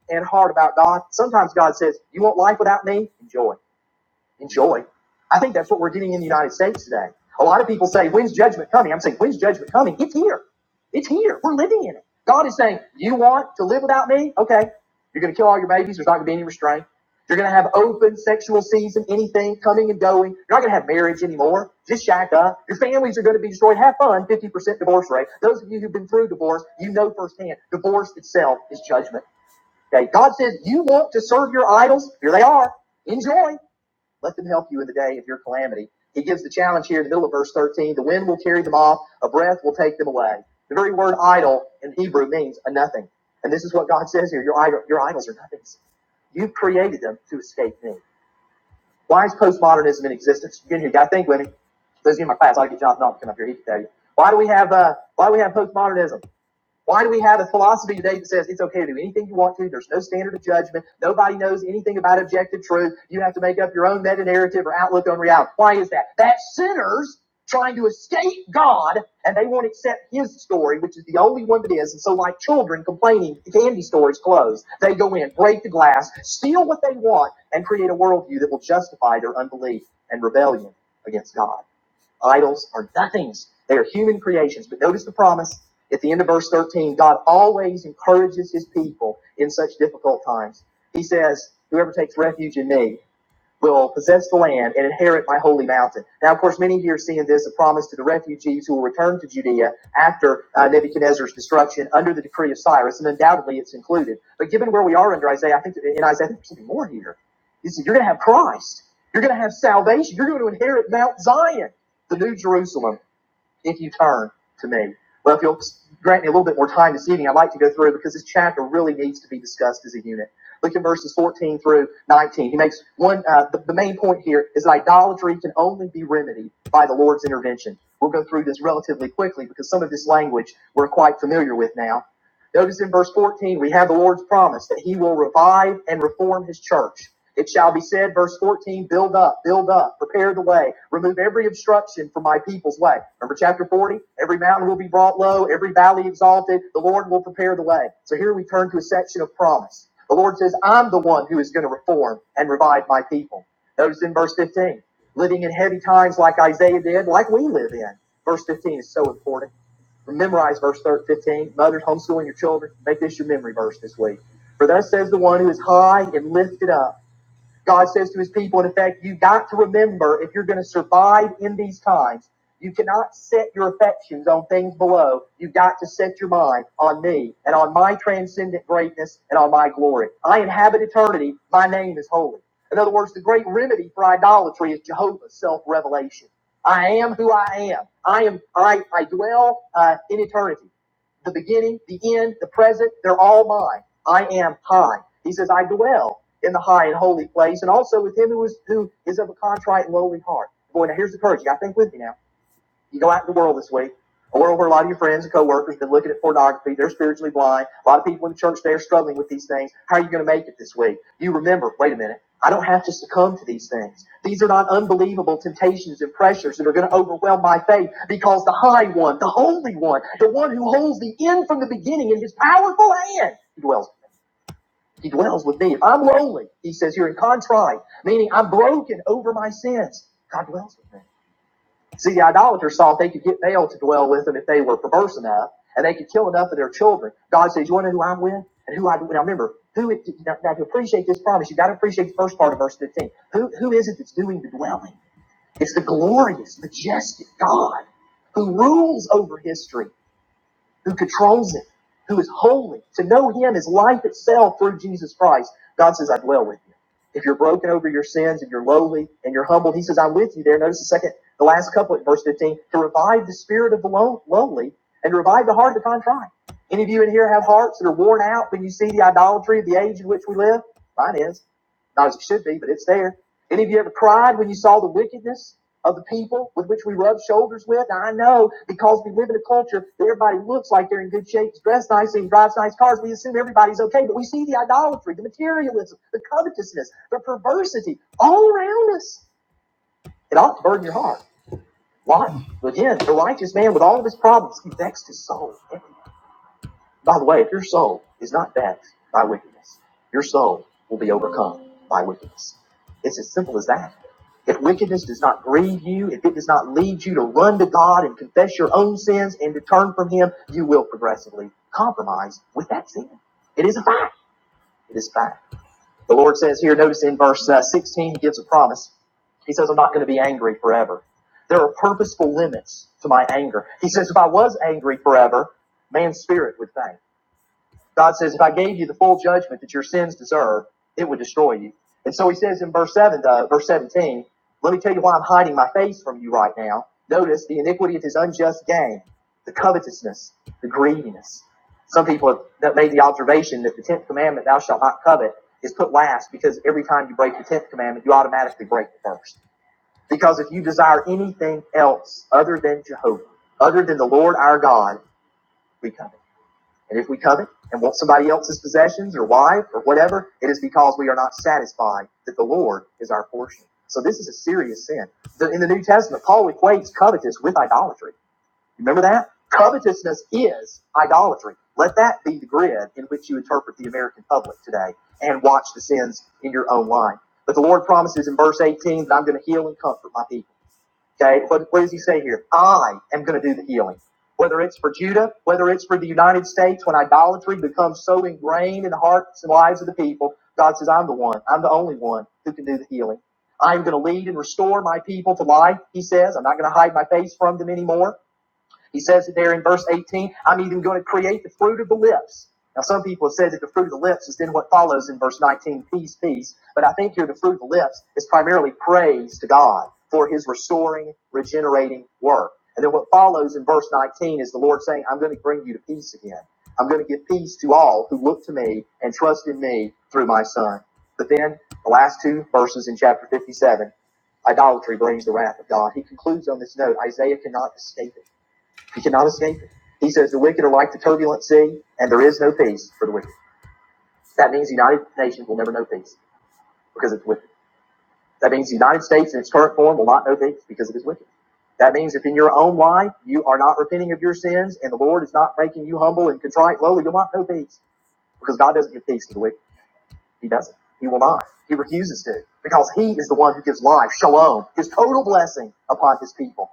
A: and hard about God. Sometimes God says, you want life without me? Enjoy enjoy. I think that's what we're getting in the United States today. A lot of people say, when's judgment coming? I'm saying, when's judgment coming? It's here. It's here. We're living in it. God is saying, you want to live without me? Okay. You're going to kill all your babies. There's not going to be any restraint. You're going to have open sexual season, anything coming and going. You're not going to have marriage anymore. Just shack up. Your families are going to be destroyed. Have fun. 50% divorce rate. Those of you who've been through divorce, you know firsthand, divorce itself is judgment. Okay. God says, you want to serve your idols? Here they are. Enjoy. Let them help you in the day of your calamity. He gives the challenge here in the middle of verse 13. The wind will carry them off. A breath will take them away. The very word idol in Hebrew means a nothing. And this is what God says here. Your, idol, your idols are nothings. You have created them to escape me. Why is postmodernism in existence? You here, got to think with me. Those of you in my class, I will get Jonathan Knopf to come up here. He can tell you. Why do we have uh, why do we have postmodernism? Why do we have a philosophy today that says it's okay to do anything you want to? There's no standard of judgment. Nobody knows anything about objective truth. You have to make up your own meta narrative or outlook on reality. Why is that? That's sinners trying to escape God and they won't accept his story, which is the only one that is. And so, like children complaining, the candy store is closed. They go in, break the glass, steal what they want, and create a worldview that will justify their unbelief and rebellion against God. Idols are nothings. They are human creations. But notice the promise at the end of verse 13. God always encourages his people in such difficult times. He says, Whoever takes refuge in me will possess the land and inherit my holy mountain. Now, of course, many here seeing this a promise to the refugees who will return to Judea after uh, Nebuchadnezzar's destruction under the decree of Cyrus, and undoubtedly it's included. But given where we are under Isaiah, I think in Isaiah I think there's something more here. He said, You're going to have Christ. You're going to have salvation. You're going to inherit Mount Zion, the New Jerusalem if you turn to me. Well, if you'll grant me a little bit more time this evening, I'd like to go through because this chapter really needs to be discussed as a unit. Look at verses 14 through 19. He makes one, uh, the, the main point here is that idolatry can only be remedied by the Lord's intervention. We'll go through this relatively quickly because some of this language we're quite familiar with now. Notice in verse 14, we have the Lord's promise that he will revive and reform his church. It shall be said, verse 14, build up, build up, prepare the way, remove every obstruction from my people's way. Remember chapter 40? Every mountain will be brought low, every valley exalted. The Lord will prepare the way. So here we turn to a section of promise. The Lord says, I'm the one who is going to reform and revive my people. Notice in verse 15, living in heavy times like Isaiah did, like we live in. Verse 15 is so important memorize verse 13, 15. Mothers, homeschooling your children. Make this your memory verse this week. For thus says the one who is high and lifted up God says to his people, in effect, you got to remember if you're going to survive in these times, you cannot set your affections on things below. You got to set your mind on me and on my transcendent greatness and on my glory. I inhabit eternity. My name is holy. In other words, the great remedy for idolatry is Jehovah's self-revelation. I am who I am. I am. I, I dwell uh, in eternity the beginning, the end, the present, they're all mine. I am high. He says, I dwell in the high and holy place, and also with him who is who is of a contrite and lowly heart. Boy, now here's the encouraging. I think with me now. You go out in the world this week, a world where a lot of your friends and coworkers have been looking at pornography. They're spiritually blind. A lot of people in the church they are struggling with these things. How are you going to make it this week? You remember, wait a minute, I don't have to succumb to these things. These are not unbelievable temptations and pressures that are going to overwhelm my faith because the high one, the holy one, the one who holds the end from the beginning in his powerful hand, he dwells with me. He dwells with me. If I'm lonely, he says here in contrite, meaning I'm broken over my sins, God dwells with me. See, the idolaters thought they could get Baal to dwell with them if they were perverse enough, and they could kill enough of their children. God says, "You want to know who I'm with, and who I now remember who. It, now, now to appreciate this promise, you got to appreciate the first part of verse 15. Who who is it that's doing the dwelling? It's the glorious, majestic God who rules over history who controls it, who is holy. To know him is life itself through Jesus Christ. God says, I dwell with you. If you're broken over your sins and you're lowly and you're humbled, he says, I'm with you there. Notice the second, the last couplet, verse 15, to revive the spirit of the low, lowly and revive the heart of the contrite. Any of you in here have hearts that are worn out when you see the idolatry of the age in which we live? Mine is. Not as it should be, but it's there. Any of you ever cried when you saw the wickedness of the people with which we rub shoulders with? Now, I know because we live in a culture that everybody looks like they're in good shape, dressed nicely, and drives nice cars. We assume everybody's okay, but we see the idolatry, the materialism, the covetousness, the perversity all around us. It ought to burden your heart. Why? Again, the righteous man with all of his problems, he vexed his soul. By the way, if your soul is not dashed by wickedness, your soul will be overcome by wickedness. It's as simple as that. If wickedness does not grieve you, if it does not lead you to run to God and confess your own sins and to turn from Him, you will progressively compromise with that sin. It is a fact. It is a fact. The Lord says here, notice in verse uh, 16, He gives a promise. He says, I'm not going to be angry forever. There are purposeful limits to my anger. He says, if I was angry forever, man's spirit would faint. God says, if I gave you the full judgment that your sins deserve, it would destroy you. And so he says in verse 7, uh, verse 17, let me tell you why I'm hiding my face from you right now. Notice the iniquity of his unjust gain, the covetousness, the greediness. Some people have that made the observation that the 10th commandment, thou shalt not covet, is put last because every time you break the 10th commandment, you automatically break the first. Because if you desire anything else other than Jehovah, other than the Lord our God, we covet. And if we covet and want somebody else's possessions or wife or whatever, it is because we are not satisfied that the Lord is our portion. So this is a serious sin. In the New Testament, Paul equates covetous with idolatry. Remember that? Covetousness is idolatry. Let that be the grid in which you interpret the American public today and watch the sins in your own life. But the Lord promises in verse 18 that I'm going to heal and comfort my people. Okay, but what does he say here? I am going to do the healing. Whether it's for Judah, whether it's for the United States, when idolatry becomes so ingrained in the hearts and lives of the people, God says, I'm the one. I'm the only one who can do the healing. I'm going to lead and restore my people to life, he says. I'm not going to hide my face from them anymore. He says it there in verse 18, I'm even going to create the fruit of the lips. Now, some people have said that the fruit of the lips is then what follows in verse 19, peace, peace. But I think here the fruit of the lips is primarily praise to God for his restoring, regenerating work. And then what follows in verse 19 is the Lord saying, I'm going to bring you to peace again. I'm going to give peace to all who look to me and trust in me through my son. But then the last two verses in chapter 57, idolatry brings the wrath of God. He concludes on this note, Isaiah cannot escape it. He cannot escape it. He says the wicked are like the turbulent sea, and there is no peace for the wicked. That means the United Nations will never know peace because it's wicked. That means the United States in its current form will not know peace because it is wicked. That means if in your own life you are not repenting of your sins and the Lord is not making you humble and contrite, lowly, you'll not know peace because God doesn't give peace to the wicked. He doesn't. He will not. He refuses to because He is the one who gives life, shalom, His total blessing upon His people.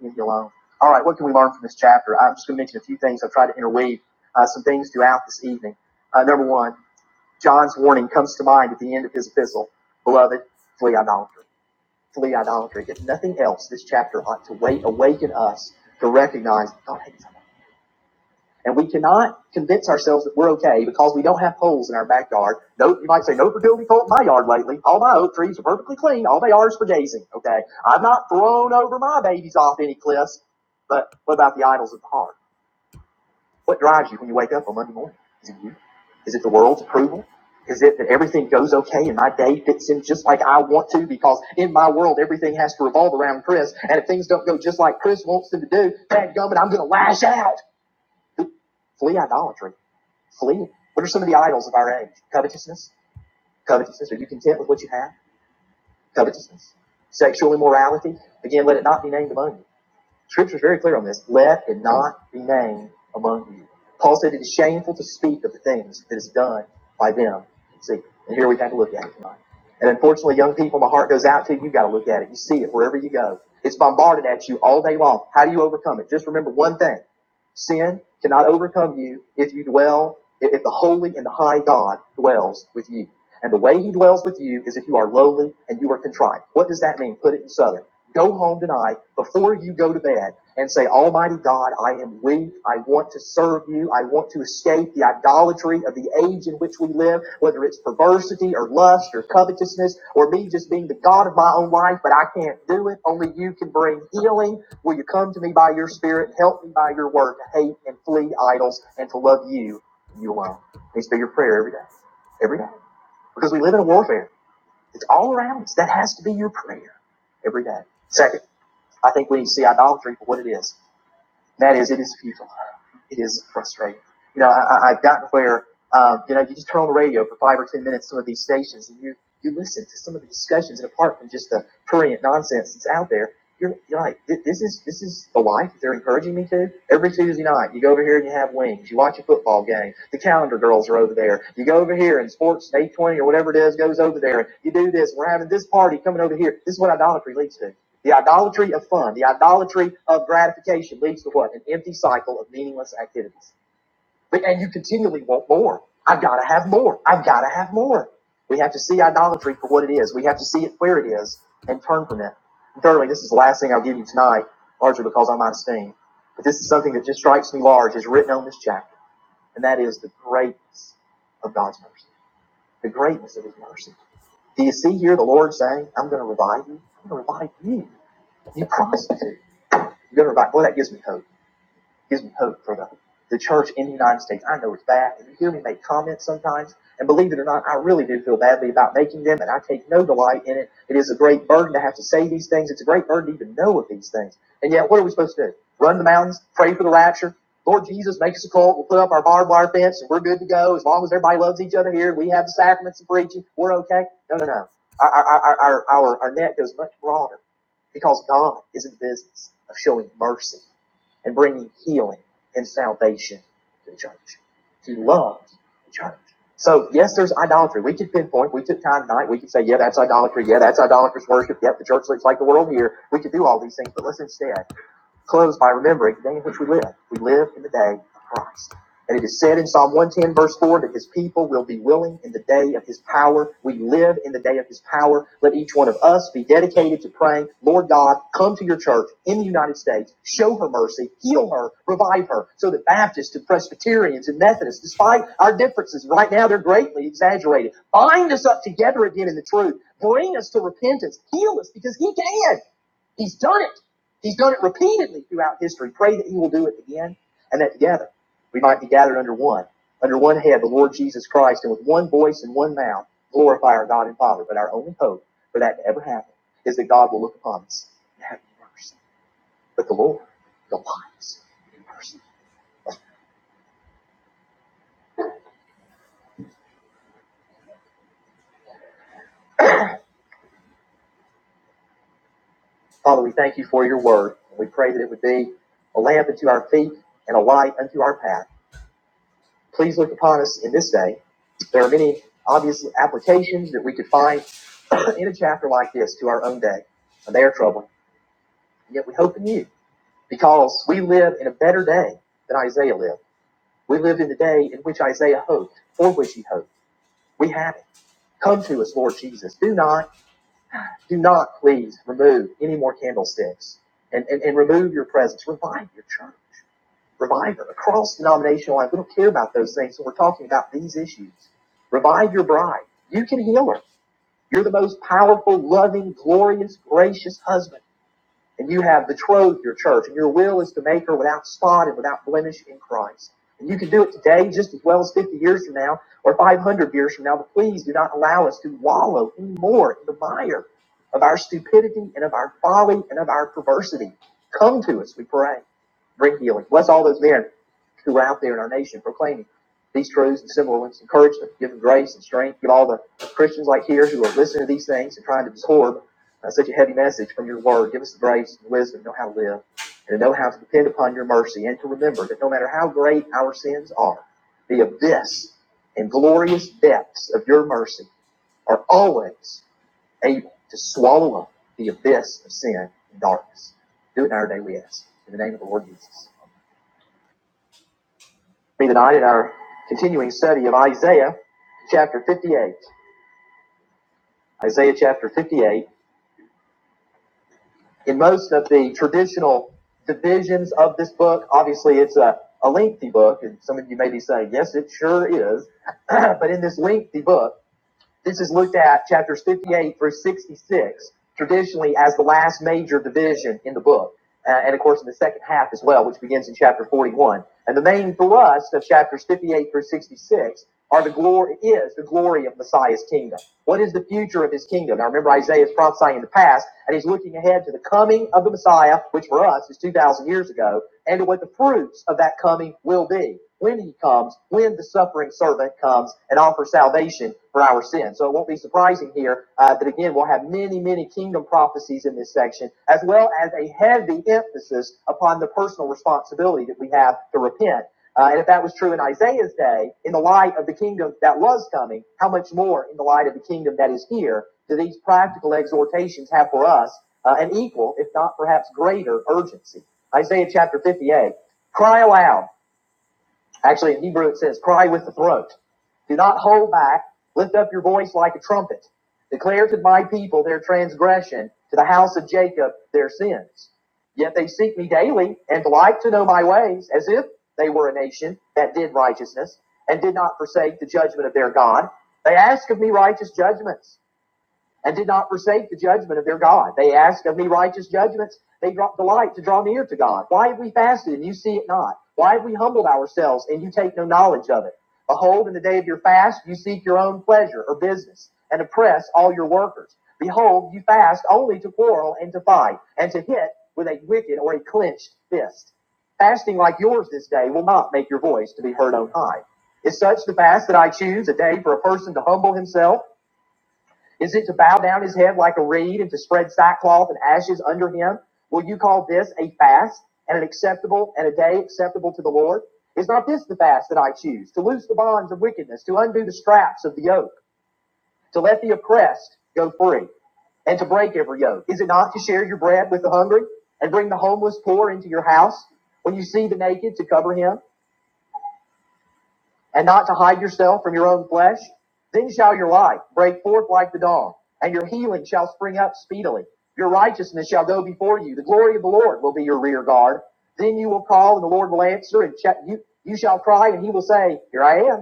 A: leave you alone. All right, what can we learn from this chapter? I'm just going to mention a few things. I've tried to interweave uh, some things throughout this evening. Uh, number one, John's warning comes to mind at the end of his epistle. Beloved, flee idolatry. Flee idolatry. If nothing else, this chapter ought to wait, awaken us to recognize God hates us. And we cannot convince ourselves that we're okay because we don't have holes in our backyard. No, you might say, no fertility cult in my yard lately. All my oak trees are perfectly clean. All they are is for gazing. Okay. I've not thrown over my babies off any cliffs. But what about the idols of the heart? What drives you when you wake up on Monday morning? Is it you? Is it the world's approval? Is it that everything goes okay and my day fits in just like I want to? Because in my world, everything has to revolve around Chris. And if things don't go just like Chris wants them to do, bad gummit, I'm going to lash out. Flee idolatry. Flee. What are some of the idols of our age? Covetousness. Covetousness. Are you content with what you have? Covetousness. Sexual immorality. Again, let it not be named among you. Scripture is very clear on this. Let it not be named among you. Paul said it is shameful to speak of the things that is done by them. See, and here we have to look at it tonight. And unfortunately, young people, my heart goes out to you. You've got to look at it. You see it wherever you go. It's bombarded at you all day long. How do you overcome it? Just remember one thing. Sin cannot overcome you if you dwell, if the holy and the high God dwells with you. And the way he dwells with you is if you are lowly and you are contrite. What does that mean? Put it in Southern. Go home tonight before you go to bed and say, Almighty God, I am weak. I want to serve you. I want to escape the idolatry of the age in which we live, whether it's perversity or lust or covetousness or me just being the God of my own life, but I can't do it. Only you can bring healing Will you come to me by your spirit? Help me by your word to hate and flee idols and to love you, you alone. Needs to be your prayer every day. Every day. Because we live in a warfare. It's all around us. That has to be your prayer every day. Second, I think we need to see idolatry for what it is. That is, it is futile. It is frustrating. You know, I, I- have gotten where, um, you know, you just turn on the radio for five or ten minutes, some of these stations, and you, you listen to some of the discussions, and apart from just the prurient nonsense that's out there, you're, you're like, this is this is the life they're encouraging me to. Every Tuesday night, you go over here and you have wings. You watch a football game. The calendar girls are over there. You go over here and sports day twenty or whatever it is goes over there. And You do this. We're having this party coming over here. This is what idolatry leads to. The idolatry of fun, the idolatry of gratification leads to what? An empty cycle of meaningless activities. And you continually want more. I've got to have more. I've got to have more. We have to see idolatry for what it is. We have to see it where it is and turn from it. And thirdly, this is the last thing I'll give you tonight, largely because I'm out of steam. But this is something that just strikes me large, is written on this chapter, and that is the greatness of God's mercy, the greatness of His mercy. Do you see here the Lord saying, I'm going to revive you? I'm going to revive you. You promised me to. You're going to revive. Well, that gives me hope gives me hope for the, the church in the United States. I know it's bad, and you hear me make comments sometimes, and believe it or not, I really do feel badly about making them, and I take no delight in it. It is a great burden to have to say these things. It's a great burden to even know of these things. And yet, what are we supposed to do? Run the mountains, pray for the rapture, Lord Jesus, make us a cult. We'll put up our barbed wire fence and we're good to go. As long as everybody loves each other here, we have the sacraments and preaching, we're okay. No, no, no. Our, our, our, our, our, net goes much broader because God is in the business of showing mercy and bringing healing and salvation to the church. He loves the church. So yes, there's idolatry. We could pinpoint. We took time tonight. We could say, yeah, that's idolatry. Yeah, that's idolatrous worship. Yep, the church looks like the world here. We could do all these things, but let's instead Close by remembering the day in which we live. We live in the day of Christ. And it is said in Psalm 110, verse 4, that his people will be willing in the day of his power. We live in the day of his power. Let each one of us be dedicated to praying, Lord God, come to your church in the United States, show her mercy, heal her, revive her, so that Baptists and Presbyterians and Methodists, despite our differences, right now they're greatly exaggerated, bind us up together again in the truth, bring us to repentance, heal us because he can. He's done it. He's done it repeatedly throughout history. Pray that he will do it again and that together we might be gathered under one, under one head, the Lord Jesus Christ, and with one voice and one mouth glorify our God and Father. But our only hope for that to ever happen is that God will look upon us and have mercy. But the Lord, delights in mercy. Father, we thank you for your word. And we pray that it would be a lamp unto our feet and a light unto our path. Please look upon us in this day. There are many obvious applications that we could find in a chapter like this to our own day. And they are troubling. And yet we hope in you because we live in a better day than Isaiah lived. We live in the day in which Isaiah hoped, for which he hoped. We have it. Come to us, Lord Jesus. Do not, do not please remove any more candlesticks and, and, and remove your presence. Revive your church. Revive cross denominational lines. We don't care about those things, so we're talking about these issues. Revive your bride. You can heal her. You're the most powerful, loving, glorious, gracious husband. And you have betrothed your church, and your will is to make her without spot and without blemish in Christ. And you can do it today just as well as 50 years from now or 500 years from now, but please do not allow us to wallow any more in the mire of our stupidity and of our folly and of our perversity. Come to us, we pray. Bring healing. Bless all those men who are out there in our nation proclaiming these truths and similar ones. Encourage them, give them grace and strength. Give all the Christians like here who are listening to these things and trying to absorb uh, such a heavy message from your word. Give us the grace and wisdom to know how to live and to know how to depend upon your mercy and to remember that no matter how great our sins are, the abyss and glorious depths of your mercy are always able to swallow up the abyss of sin and darkness. Do it in our day, we ask. In the name of the Lord Jesus. Be tonight in our continuing study of Isaiah chapter 58. Isaiah chapter 58. in most of the traditional divisions of this book. Obviously, it's a, a lengthy book, and some of you may be saying, yes, it sure is. but in this lengthy book, this is looked at chapters 58 through 66, traditionally as the last major division in the book. Uh, and of course, in the second half as well, which begins in chapter 41. And the main thrust of chapters 58 through 66 are the glory is the glory of Messiah's kingdom. What is the future of his kingdom? Now remember Isaiah is prophesying the past, and he's looking ahead to the coming of the Messiah, which for us is 2,000 years ago, and to what the fruits of that coming will be when he comes, when the suffering servant comes and offers salvation for our sins. So it won't be surprising here uh, that again we'll have many, many kingdom prophecies in this section, as well as a heavy emphasis upon the personal responsibility that we have to repent. Uh, and if that was true in Isaiah's day, in the light of the kingdom that was coming, how much more in the light of the kingdom that is here do these practical exhortations have for us uh, an equal, if not perhaps greater, urgency? Isaiah chapter 58 Cry aloud. Actually, in Hebrew it says, cry with the throat. Do not hold back. Lift up your voice like a trumpet. Declare to my people their transgression, to the house of Jacob their sins. Yet they seek me daily and like to know my ways, as if they were a nation that did righteousness and did not forsake the judgment of their God. They ask of me righteous judgments and did not forsake the judgment of their God. They asked of me righteous judgments. They dropped the light to draw near to God. Why have we fasted and you see it not? Why have we humbled ourselves and you take no knowledge of it? Behold, in the day of your fast, you seek your own pleasure or business and oppress all your workers. Behold, you fast only to quarrel and to fight and to hit with a wicked or a clenched fist. Fasting like yours this day will not make your voice to be heard on high. Is such the fast that I choose a day for a person to humble himself? Is it to bow down his head like a reed and to spread sackcloth and ashes under him? Will you call this a fast and an acceptable and a day acceptable to the Lord? Is not this the fast that I choose? To loose the bonds of wickedness, to undo the straps of the yoke, to let the oppressed go free, and to break every yoke. Is it not to share your bread with the hungry and bring the homeless poor into your house? When you see the naked, to cover him? and not to hide yourself from your own flesh? Then shall your light break forth like the dawn, and your healing shall spring up speedily. Your righteousness shall go before you. The glory of the Lord will be your rear guard. Then you will call, and the Lord will answer, and you, you shall cry, and he will say, Here I am.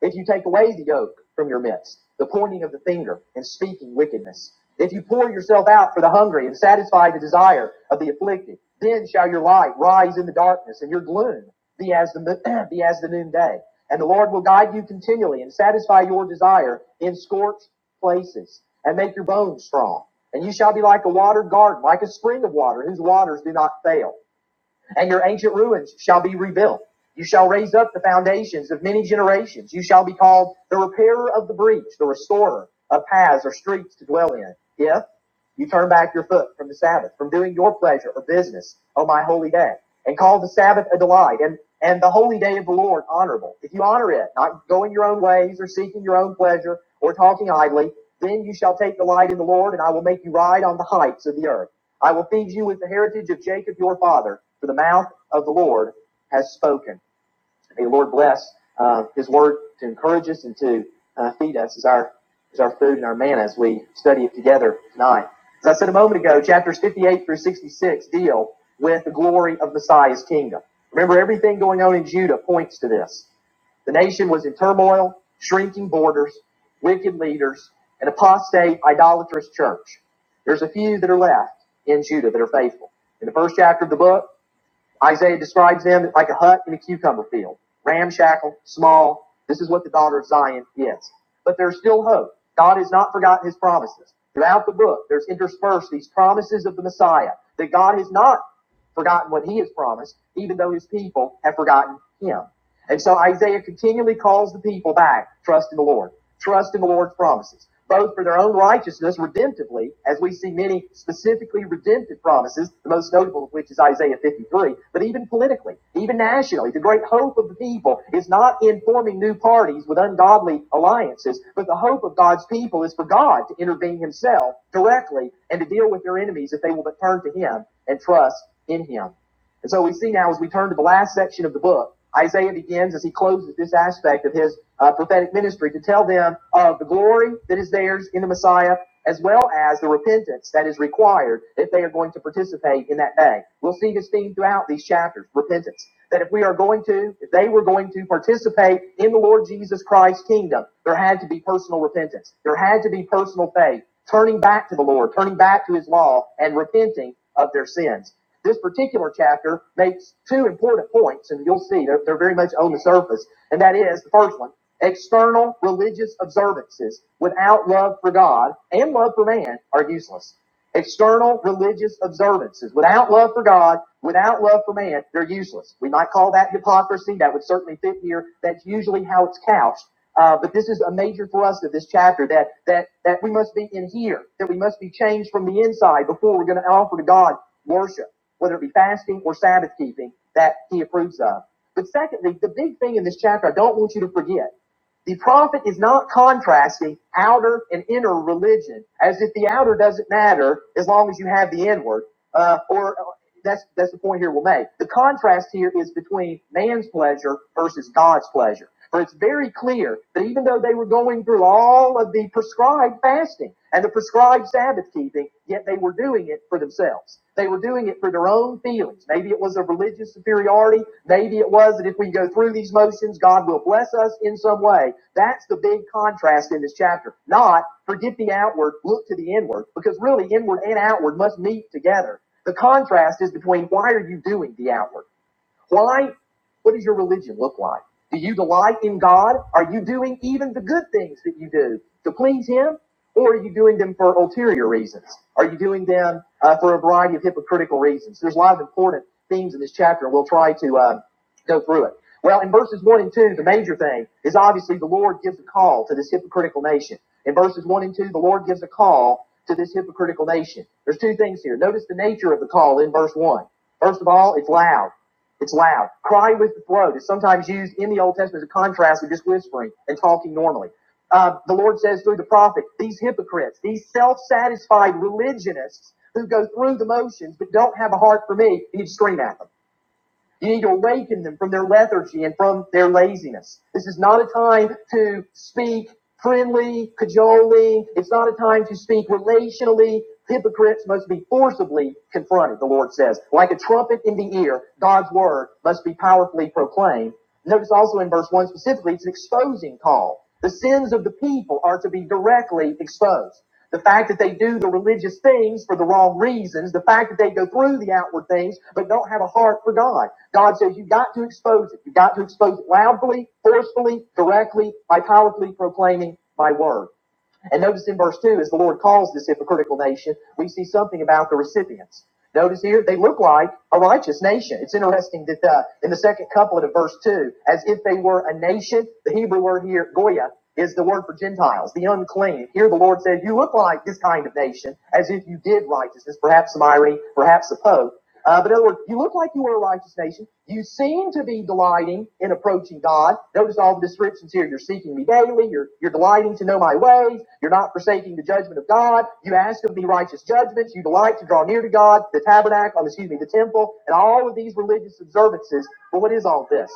A: If you take away the yoke from your midst, the pointing of the finger and speaking wickedness, if you pour yourself out for the hungry and satisfy the desire of the afflicted, then shall your light rise in the darkness and your gloom be as the, be as the noonday. And the Lord will guide you continually and satisfy your desire in scorched places and make your bones strong. And you shall be like a watered garden, like a spring of water whose waters do not fail and your ancient ruins shall be rebuilt. You shall raise up the foundations of many generations. You shall be called the repairer of the breach, the restorer of paths or streets to dwell in. If you turn back your foot from the Sabbath, from doing your pleasure or business on my holy day, and call the Sabbath a delight, and, and the holy day of the Lord honorable. If you honor it, not going your own ways or seeking your own pleasure or talking idly, then you shall take delight in the Lord, and I will make you ride on the heights of the earth. I will feed you with the heritage of Jacob your father, for the mouth of the Lord has spoken. May the Lord bless uh, His word to encourage us and to uh, feed us as our as our food and our manna as we study it together tonight. As I said a moment ago, chapters 58 through 66 deal with the glory of Messiah's kingdom. Remember, everything going on in Judah points to this. The nation was in turmoil, shrinking borders, wicked leaders, an apostate, idolatrous church. There's a few that are left in Judah that are faithful. In the first chapter of the book, Isaiah describes them like a hut in a cucumber field, ramshackle, small. This is what the daughter of Zion is. But there's still hope. God has not forgotten his promises. Throughout the book, there's interspersed these promises of the Messiah that God has not forgotten what he has promised, even though his people have forgotten him. And so Isaiah continually calls the people back, trust in the Lord, trust in the Lord's promises, both for their own righteousness redemptively, as we see many specifically redemptive promises, the most notable of which is Isaiah 53, but even politically, even nationally, the great hope of the people is not in forming new parties with ungodly alliances, but the hope of God's people is for God to intervene himself directly and to deal with their enemies if they will but turn to him and trust in him. And so we see now as we turn to the last section of the book, Isaiah begins as he closes this aspect of his uh, prophetic ministry to tell them of the glory that is theirs in the Messiah, as well as the repentance that is required if they are going to participate in that day. We'll see this theme throughout these chapters, repentance. That if we are going to, if they were going to participate in the Lord Jesus Christ's kingdom, there had to be personal repentance. There had to be personal faith, turning back to the Lord, turning back to his law, and repenting of their sins. This particular chapter makes two important points, and you'll see they're, they're very much on the surface. And that is the first one external religious observances without love for God and love for man are useless. External religious observances without love for God, without love for man, they're useless. We might call that hypocrisy. That would certainly fit here. That's usually how it's couched. Uh, but this is a major thrust of this chapter that that that we must be in here, that we must be changed from the inside before we're going to offer to God worship, whether it be fasting or Sabbath keeping, that he approves of. But secondly, the big thing in this chapter I don't want you to forget. The prophet is not contrasting outer and inner religion, as if the outer doesn't matter as long as you have the inward. Uh, or uh, that's that's the point here we'll make. The contrast here is between man's pleasure versus God's pleasure. For it's very clear that even though they were going through all of the prescribed fasting and the prescribed Sabbath keeping, keeping, yet they were doing it for themselves. They were doing it for their own feelings. Maybe it was a religious superiority. Maybe it was that if we go through these motions, God will bless us in some way. That's the big contrast in this chapter. Not forget the outward, look to the inward, because really inward and outward must meet together. The contrast is between why are you doing the outward? Why? What does your religion look like? Do you delight in God? Are you doing even the good things that you do to please Him? Or are you doing them for ulterior reasons? Are you doing them uh, for a variety of hypocritical reasons? There's a lot of important themes in this chapter, and we'll try to uh, go through it. Well, in verses 1 and 2, the major thing is obviously the Lord gives a call to this hypocritical nation. In verses 1 and 2, the Lord gives a call to this hypocritical nation. There's two things here. Notice the nature of the call in verse 1. First of all, it's loud. It's loud. Cry with the throat is sometimes used in the Old Testament as a contrast with just whispering and talking normally. Uh, the Lord says through the prophet, these hypocrites, these self-satisfied religionists who go through the motions but don't have a heart for me, you need to scream at them. You need to awaken them from their lethargy and from their laziness. This is not a time to speak friendly, cajoling. It's not a time to speak relationally. Hypocrites must be forcibly confronted, the Lord says. Like a trumpet in the ear, God's word must be powerfully proclaimed. Notice also in verse 1 specifically, it's an exposing call. The sins of the people are to be directly exposed. The fact that they do the religious things for the wrong reasons, the fact that they go through the outward things but don't have a heart for God. God says you've got to expose it. You've got to expose it loudly, forcefully, directly, by powerfully proclaiming my word. And notice in verse 2, as the Lord calls this hypocritical nation, we see something about the recipients. Notice here, they look like a righteous nation. It's interesting that uh, in the second couplet of verse 2, as if they were a nation, the Hebrew word here, Goyah, is the word for Gentiles, the unclean. Here the Lord says, You look like this kind of nation, as if you did righteousness, perhaps some irony, perhaps a pope. Uh, but in other words, you look like you are a righteous nation. You seem to be delighting in approaching God. Notice all the descriptions here. You're seeking me daily. You're, you're delighting to know my ways. You're not forsaking the judgment of God. You ask of me righteous judgments. You delight to draw near to God, the tabernacle, excuse me, the temple, and all of these religious observances. But what is all this?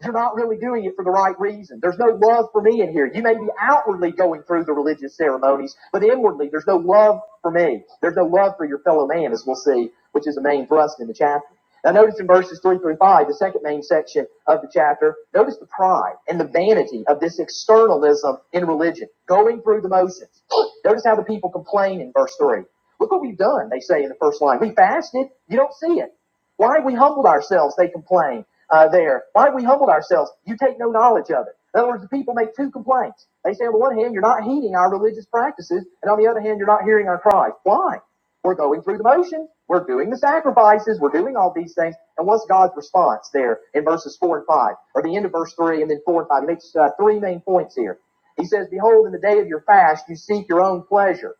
A: They're not really doing it for the right reason. There's no love for me in here. You may be outwardly going through the religious ceremonies, but inwardly, there's no love for me. There's no love for your fellow man, as we'll see, which is the main thrust in the chapter. Now, notice in verses 3 through 5, the second main section of the chapter, notice the pride and the vanity of this externalism in religion, going through the motions. Notice how the people complain in verse 3. Look what we've done, they say in the first line. We fasted. You don't see it. Why have we humbled ourselves? They complain uh, there. Why have we humbled ourselves? You take no knowledge of it. In other words, the people make two complaints. They say, on the one hand, you're not heeding our religious practices, and on the other hand, you're not hearing our cries. Why? We're going through the motions. We're doing the sacrifices. We're doing all these things. And what's God's response there in verses 4 and 5, or the end of verse 3 and then 4 and 5? He makes uh, three main points here. He says, Behold, in the day of your fast, you seek your own pleasure.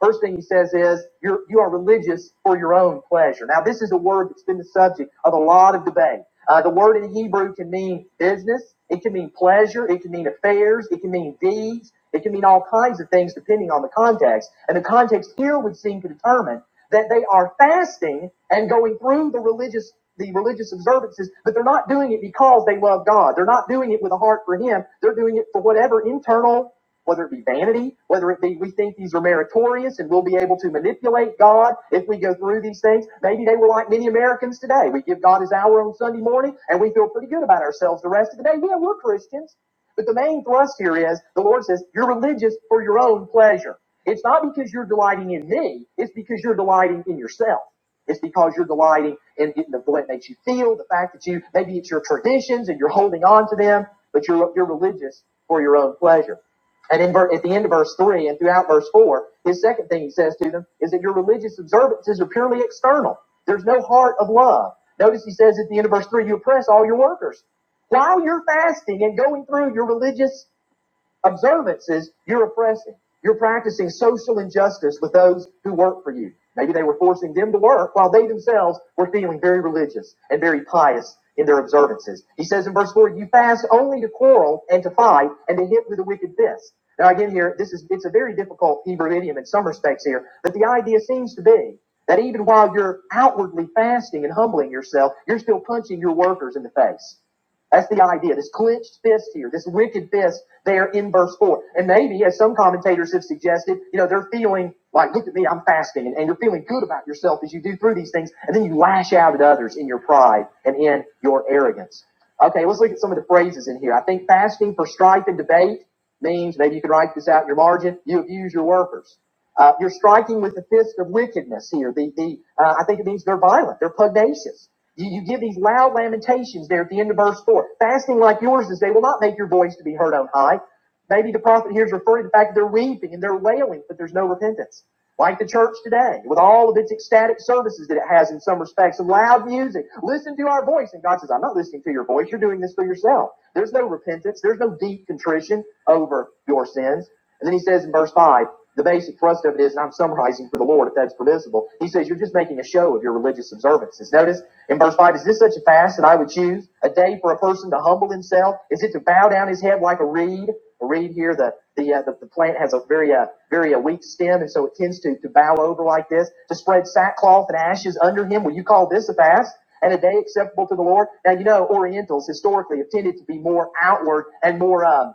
A: First thing he says is, You're, you are religious for your own pleasure. Now, this is a word that's been the subject of a lot of debate. Uh, the word in Hebrew can mean business, it can mean pleasure, it can mean affairs, it can mean deeds, it can mean all kinds of things depending on the context. And the context here would seem to determine that they are fasting and going through the religious the religious observances, but they're not doing it because they love God. They're not doing it with a heart for Him. They're doing it for whatever internal whether it be vanity, whether it be we think these are meritorious and we'll be able to manipulate God if we go through these things. Maybe they were like many Americans today. We give God his hour on Sunday morning and we feel pretty good about ourselves the rest of the day. Yeah, we're Christians. But the main thrust here is the Lord says, you're religious for your own pleasure. It's not because you're delighting in me, it's because you're delighting in yourself. It's because you're delighting in, in the way it makes you feel, the fact that you maybe it's your traditions and you're holding on to them, but you're you're religious for your own pleasure. And in ver- at the end of verse 3 and throughout verse 4, his second thing he says to them is that your religious observances are purely external. There's no heart of love. Notice he says at the end of verse 3, you oppress all your workers. While you're fasting and going through your religious observances you're oppressing. You're practicing social injustice with those who work for you. Maybe they were forcing them to work while they themselves were feeling very religious and very pious in their observances. He says in verse 4, you fast only to quarrel and to fight and to hit with a wicked fist. Now again here, this is, it's a very difficult Hebrew idiom in some respects here, but the idea seems to be that even while you're outwardly fasting and humbling yourself, you're still punching your workers in the face. That's the idea. This clenched fist here, this wicked fist there in verse 4. And maybe, as some commentators have suggested, you know, they're feeling like, look at me, I'm fasting, and, and you're feeling good about yourself as you do through these things, and then you lash out at others in your pride and in your arrogance. Okay, let's look at some of the phrases in here. I think fasting for strife and debate means maybe you can write this out in your margin you abuse your workers uh, you're striking with the fist of wickedness here the, the uh, i think it means they're violent they're pugnacious you, you give these loud lamentations there at the end of verse 4 fasting like yours is they will not make your voice to be heard on high maybe the prophet here is referring to the fact that they're weeping and they're wailing but there's no repentance like the church today, with all of its ecstatic services that it has in some respects, and loud music. Listen to our voice. And God says, I'm not listening to your voice. You're doing this for yourself. There's no repentance. There's no deep contrition over your sins. And then he says in verse 5, the basic thrust of it is, and I'm summarizing for the Lord if that's permissible, he says, You're just making a show of your religious observances. Notice in verse 5, is this such a fast that I would choose? A day for a person to humble himself? Is it to bow down his head like a reed? read here that the, uh, the, the plant has a very, uh, very uh, weak stem, and so it tends to, to bow over like this, to spread sackcloth and ashes under him. Will you call this a fast? And a day acceptable to the Lord. Now you know Orientals historically have tended to be more outward and more um,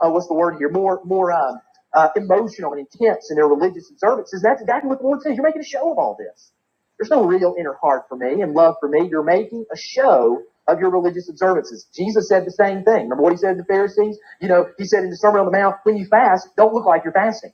A: uh, what's the word here? More, more uh, uh, emotional and intense in their religious observances. That's exactly what the Lord says. You're making a show of all this. There's no real inner heart for me and love for me. You're making a show of your religious observances. Jesus said the same thing. Remember what he said to the Pharisees? You know, he said in the Sermon on the Mount, when you fast, don't look like you're fasting.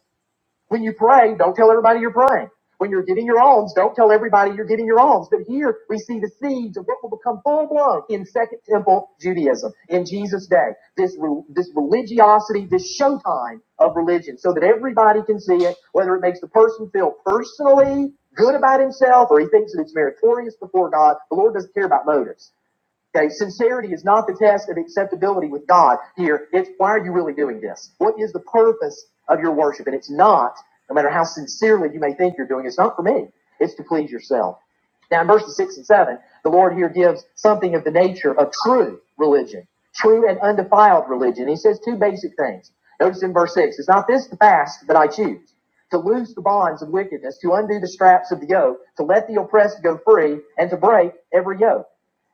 A: When you pray, don't tell everybody you're praying. When you're getting your alms, don't tell everybody you're getting your alms. But here we see the seeds of what will become full blown in Second Temple Judaism in Jesus' day. This this religiosity, this showtime of religion, so that everybody can see it. Whether it makes the person feel personally good about himself or he thinks that it's meritorious before God, the Lord doesn't care about motives. Okay, sincerity is not the test of acceptability with God here. It's why are you really doing this? What is the purpose of your worship? And it's not, no matter how sincerely you may think you're doing, it's not for me. It's to please yourself. Now in verses six and seven, the Lord here gives something of the nature of true religion, true and undefiled religion. He says two basic things. Notice in verse six, is not this the fast that I choose? To loose the bonds of wickedness, to undo the straps of the yoke, to let the oppressed go free, and to break every yoke.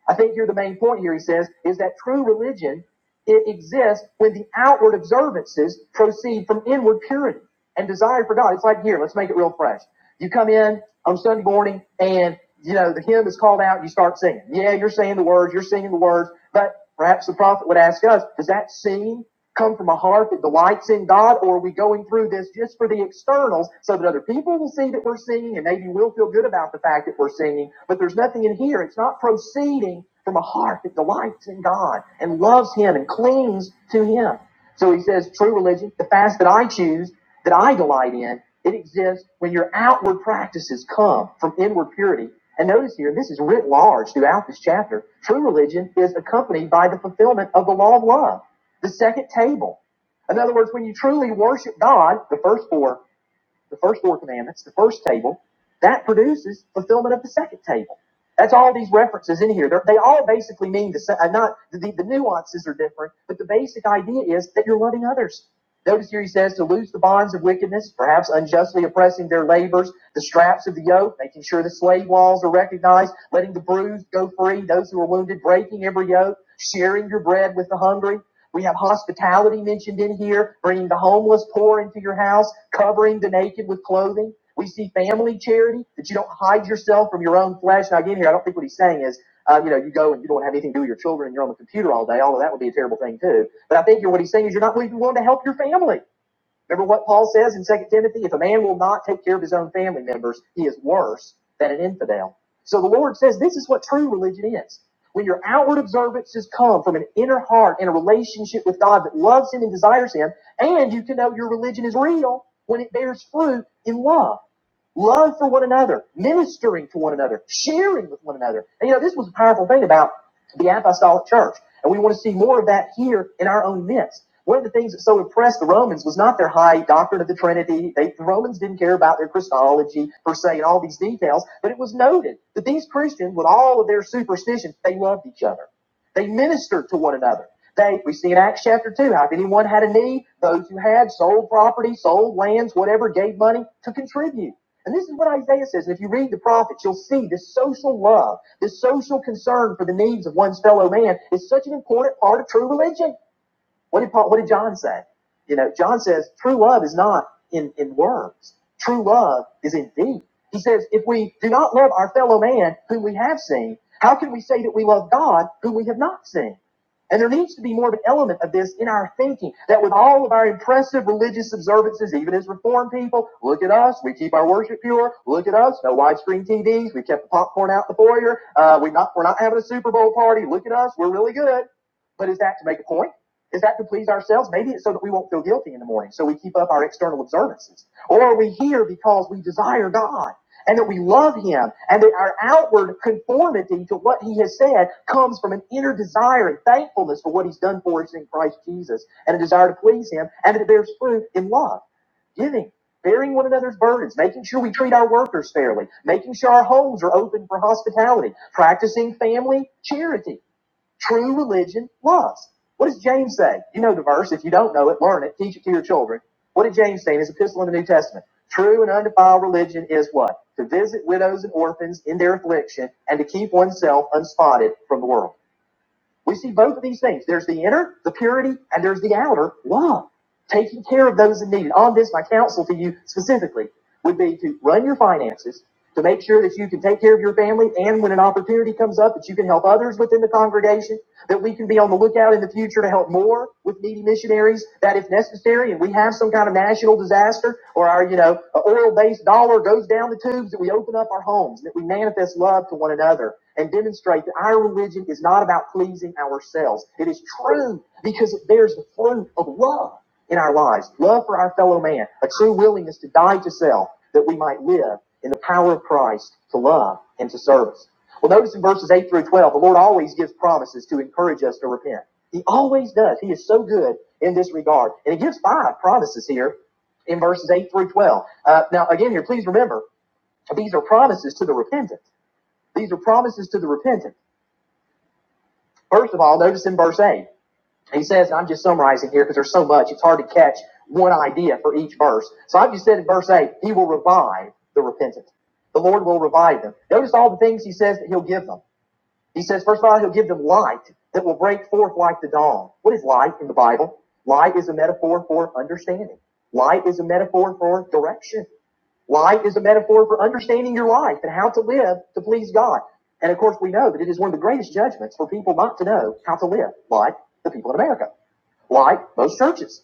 A: I think here the main point here, he says, is that true religion, it exists when the outward observances proceed from inward purity and desire for God. It's like here, let's make it real fresh. You come in on Sunday morning and, you know, the hymn is called out, and you start singing. Yeah, you're saying the words, you're singing the words, but perhaps the prophet would ask us, does that seem? come from a heart that delights in God, or are we going through this just for the externals so that other people will see that we're singing and maybe we'll feel good about the fact that we're singing? But there's nothing in here. It's not proceeding from a heart that delights in God and loves Him and clings to Him. So he says, true religion, the fast that I choose, that I delight in, it exists when your outward practices come from inward purity. And notice here, this is writ large throughout this chapter. True religion is accompanied by the fulfillment of the law of love. The second table. In other words, when you truly worship God, the first four, the first four commandments, the first table, that produces fulfillment of the second table. That's all these references in here. They're, they all basically mean the same. Uh, Not the, the nuances are different, but the basic idea is that you're loving others. Notice here he says to loose the bonds of wickedness, perhaps unjustly oppressing their labors, the straps of the yoke, making sure the slave laws are recognized, letting the bruised go free, those who are wounded, breaking every yoke, sharing your bread with the hungry. We have hospitality mentioned in here, bringing the homeless poor into your house, covering the naked with clothing. We see family charity, that you don't hide yourself from your own flesh. Now, again, here, I don't think what he's saying is, uh, you know, you go and you don't have anything to do with your children and you're on the computer all day, although that would be a terrible thing too. But I think here what he's saying is you're not even willing to help your family. Remember what Paul says in Second Timothy? If a man will not take care of his own family members, he is worse than an infidel. So the Lord says this is what true religion is. When your outward observances come from an inner heart and a relationship with God that loves Him and desires Him, and you can know your religion is real when it bears fruit in love love for one another, ministering to one another, sharing with one another. And you know, this was a powerful thing about the apostolic church. And we want to see more of that here in our own midst. One of the things that so impressed the Romans was not their high doctrine of the Trinity. They, the Romans didn't care about their Christology per se and all these details, but it was noted that these Christians, with all of their superstitions, they loved each other. They ministered to one another. They, we see in Acts chapter 2, how if anyone had a need, those who had sold property, sold lands, whatever, gave money to contribute. And this is what Isaiah says. And if you read the prophets, you'll see this social love, this social concern for the needs of one's fellow man is such an important part of true religion. What did Paul, what did John say? You know, John says true love is not in, in words. True love is in deed. He says, if we do not love our fellow man whom we have seen, how can we say that we love God whom we have not seen? And there needs to be more of an element of this in our thinking that with all of our impressive religious observances, even as reformed people, look at us, we keep our worship pure, look at us, no widescreen TVs, we kept the popcorn out in the foyer, uh, we're, not, we're not having a Super Bowl party, look at us, we're really good. But is that to make a point? Is that to please ourselves? Maybe it's so that we won't feel guilty in the morning, so we keep up our external observances. Or are we here because we desire God and that we love Him and that our outward conformity to what He has said comes from an inner desire and thankfulness for what He's done for us in Christ Jesus and a desire to please Him and that it bears fruit in love, giving, bearing one another's burdens, making sure we treat our workers fairly, making sure our homes are open for hospitality, practicing family charity True religion was. What does James say? You know the verse. If you don't know it, learn it. Teach it to your children. What did James say in his epistle in the New Testament? True and undefiled religion is what? To visit widows and orphans in their affliction and to keep oneself unspotted from the world. We see both of these things. There's the inner, the purity, and there's the outer love taking care of those in need. On this, my counsel to you specifically would be to run your finances to make sure that you can take care of your family and when an opportunity comes up that you can help others within the congregation, that we can be on the lookout in the future to help more with needy missionaries, that if necessary and we have some kind of national disaster or our, you know, oil-based dollar goes down the tubes, that we open up our homes, that we manifest love to one another and demonstrate that our religion is not about pleasing ourselves. It is true because it bears the fruit of love in our lives, love for our fellow man, a true willingness to die to self that we might live in the power of Christ to love and to service. Well, notice in verses 8 through 12, the Lord always gives promises to encourage us to repent. He always does. He is so good in this regard. And he gives five promises here in verses 8 through 12. Uh, now, again, here, please remember, these are promises to the repentant. These are promises to the repentant. First of all, notice in verse 8. And he says, I'm just summarizing here because there's so much, it's hard to catch one idea for each verse. So I've just said in verse 8, he will revive the repentant. The Lord will revive them. Notice all the things he says that he'll give them. He says, first of all, he'll give them light that will break forth like the dawn. What is light in the Bible? Light is a metaphor for understanding. Light is a metaphor for direction. Light is a metaphor for understanding your life and how to live to please God. And of course, we know that it is one of the greatest judgments for people not to know how to live like the people in America like most churches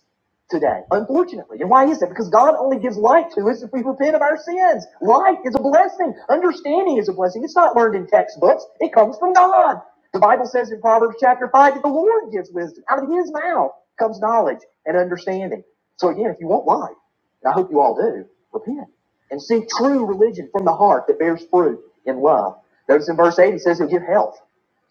A: today, unfortunately. And why is that? Because God only gives light to us if we repent of our sins. Light is a blessing. Understanding is a blessing. It's not learned in textbooks. It comes from God. The Bible says in Proverbs chapter 5 that the Lord gives wisdom. Out of his mouth comes knowledge and understanding. So again, if you want light, and I hope you all do, repent and seek true religion from the heart that bears fruit in love. Notice in verse 8 he says he'll give health.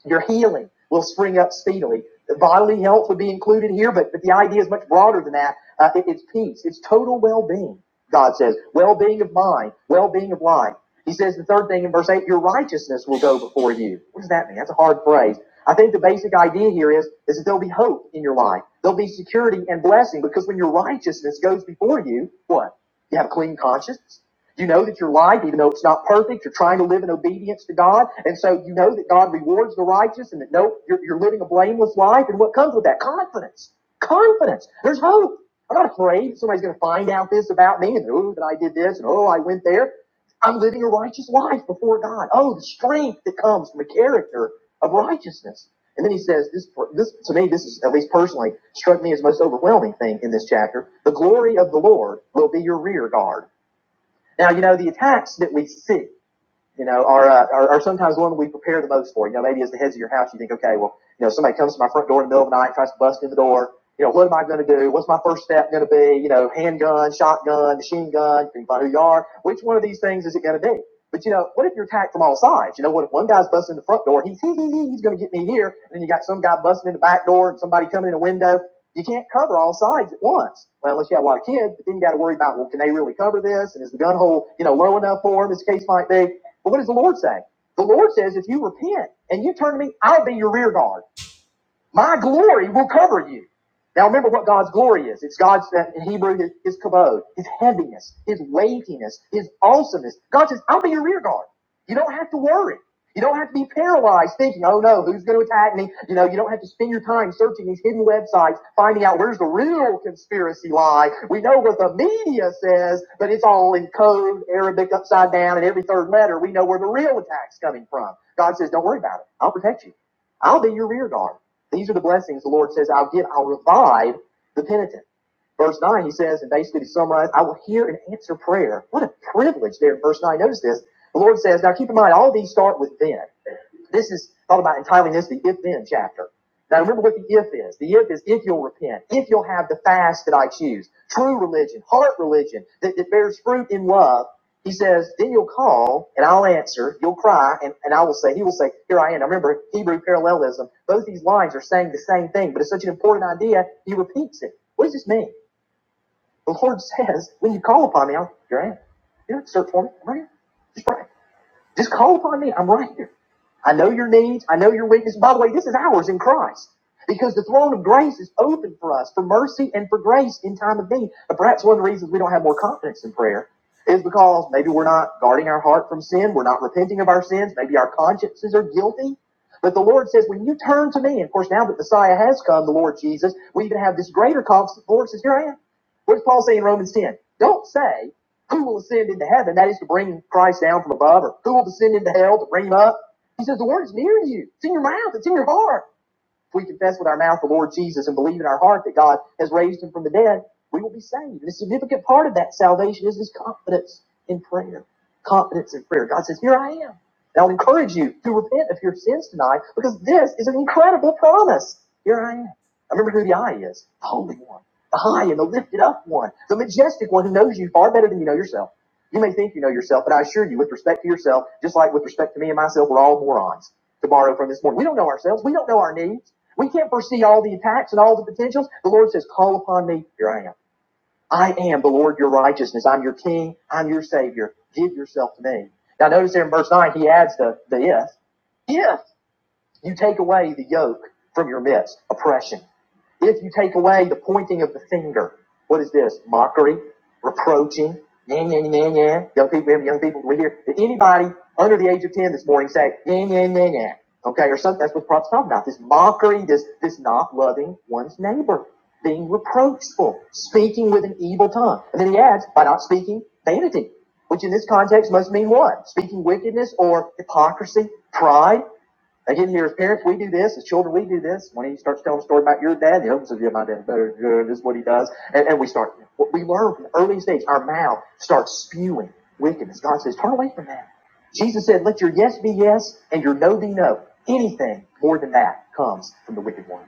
A: Your healing will spring up speedily. Bodily health would be included here, but, but the idea is much broader than that. Uh, it- it's peace, it's total well being, God says. Well being of mind, well being of life. He says the third thing in verse 8 your righteousness will go before you. What does that mean? That's a hard phrase. I think the basic idea here is, is that there'll be hope in your life. There'll be security and blessing because when your righteousness goes before you, what? You have a clean conscience. You know that your life, even though it's not perfect, you're trying to live in obedience to God. And so you know that God rewards the righteous and that no, you're, you're living a blameless life. And what comes with that? Confidence. Confidence. There's hope. I'm not afraid that somebody's going to find out this about me and, oh, that I did this and, oh, I went there. I'm living a righteous life before God. Oh, the strength that comes from a character of righteousness. And then he says, this, this to me, this is at least personally struck me as the most overwhelming thing in this chapter. The glory of the Lord will be your rear guard. Now, you know, the attacks that we see, you know, are, uh, are, are sometimes one we prepare the most for. You know, maybe as the heads of your house, you think, okay, well, you know, somebody comes to my front door in the middle of the night, tries to bust in the door. You know, what am I going to do? What's my first step going to be? You know, handgun, shotgun, machine gun, depending on who you are. Which one of these things is it going to be? But you know, what if you're attacked from all sides? You know, what if one guy's busting the front door? He's he, he, he, he's going to get me here, and then you got some guy busting in the back door, and somebody coming in a window. You can't cover all sides at once. Well, unless you have a lot of kids, but then you got to worry about, well, can they really cover this? And is the gun hole, you know, low enough for them, as the case might be? But what does the Lord say? The Lord says, if you repent and you turn to me, I'll be your rear guard. My glory will cover you. Now remember what God's glory is. It's God's in Hebrew his, his kabod, his heaviness, his weightiness, his awesomeness. God says, I'll be your rear guard. You don't have to worry. You don't have to be paralyzed thinking, oh no, who's going to attack me? You know, you don't have to spend your time searching these hidden websites, finding out where's the real conspiracy lie. We know what the media says, but it's all in code, Arabic upside down, and every third letter, we know where the real attack's coming from. God says, don't worry about it. I'll protect you. I'll be your rear guard. These are the blessings the Lord says, I'll give, I'll revive the penitent. Verse 9, he says, and basically to summarize, I will hear and answer prayer. What a privilege there in verse 9. Notice this. The Lord says, now keep in mind, all these start with then. This is thought about entirely this, the if then chapter. Now remember what the if is. The if is if you'll repent, if you'll have the fast that I choose, true religion, heart religion that, that bears fruit in love. He says, then you'll call and I'll answer. You'll cry and, and I will say, he will say, here I am. Now remember Hebrew parallelism. Both these lines are saying the same thing, but it's such an important idea. He repeats it. What does this mean? The Lord says, when you call upon me, I'll hear I am. You don't search for me. I'm right here. Just pray. Just call upon me. I'm right here. I know your needs. I know your weakness. By the way, this is ours in Christ because the throne of grace is open for us for mercy and for grace in time of need. But perhaps one of the reasons we don't have more confidence in prayer is because maybe we're not guarding our heart from sin. We're not repenting of our sins. Maybe our consciences are guilty. But the Lord says, when you turn to me, and of course, now that Messiah has come, the Lord Jesus, we even have this greater confidence. The Lord says, here I am. What does Paul say in Romans 10? Don't say, who will ascend into heaven? That is to bring Christ down from above, or who will descend into hell to bring him up? He says the word's near you. It's in your mouth. It's in your heart. If we confess with our mouth the Lord Jesus and believe in our heart that God has raised him from the dead, we will be saved. And a significant part of that salvation is this confidence in prayer. Confidence in prayer. God says, Here I am. And I'll encourage you to repent of your sins tonight because this is an incredible promise. Here I am. I remember who the I is the Holy One, the High and the Lifted Up One, the Majestic One who knows you far better than you know yourself. You may think you know yourself, but I assure you, with respect to yourself, just like with respect to me and myself, we're all morons. To borrow from this morning, we don't know ourselves. We don't know our needs. We can't foresee all the attacks and all the potentials. The Lord says, Call upon me. Here I am. I am the Lord your righteousness. I'm your king. I'm your savior. Give yourself to me. Now notice there in verse 9, he adds the, the if. If. You take away the yoke from your midst, oppression. If you take away the pointing of the finger, what is this? Mockery, reproaching, yeah, yeah, yeah, yeah. yeah. Young people, young people, we hear, did anybody under the age of 10 this morning say, yeah, yeah, yeah, yeah, yeah? okay, or something, that's what the prophet's talking about, this mockery, this, this not loving one's neighbor, being reproachful, speaking with an evil tongue. And then he adds, by not speaking, vanity, which in this context must mean what? Speaking wickedness or hypocrisy, pride, they get in here as parents, we do this, as children, we do this. When he starts telling a story about your dad, the other one says, Yeah, my dad's better this is what he does. And, and we start, what we learn from the earliest age, our mouth starts spewing wickedness. God says, Turn away from that. Jesus said, Let your yes be yes and your no be no. Anything more than that comes from the wicked one.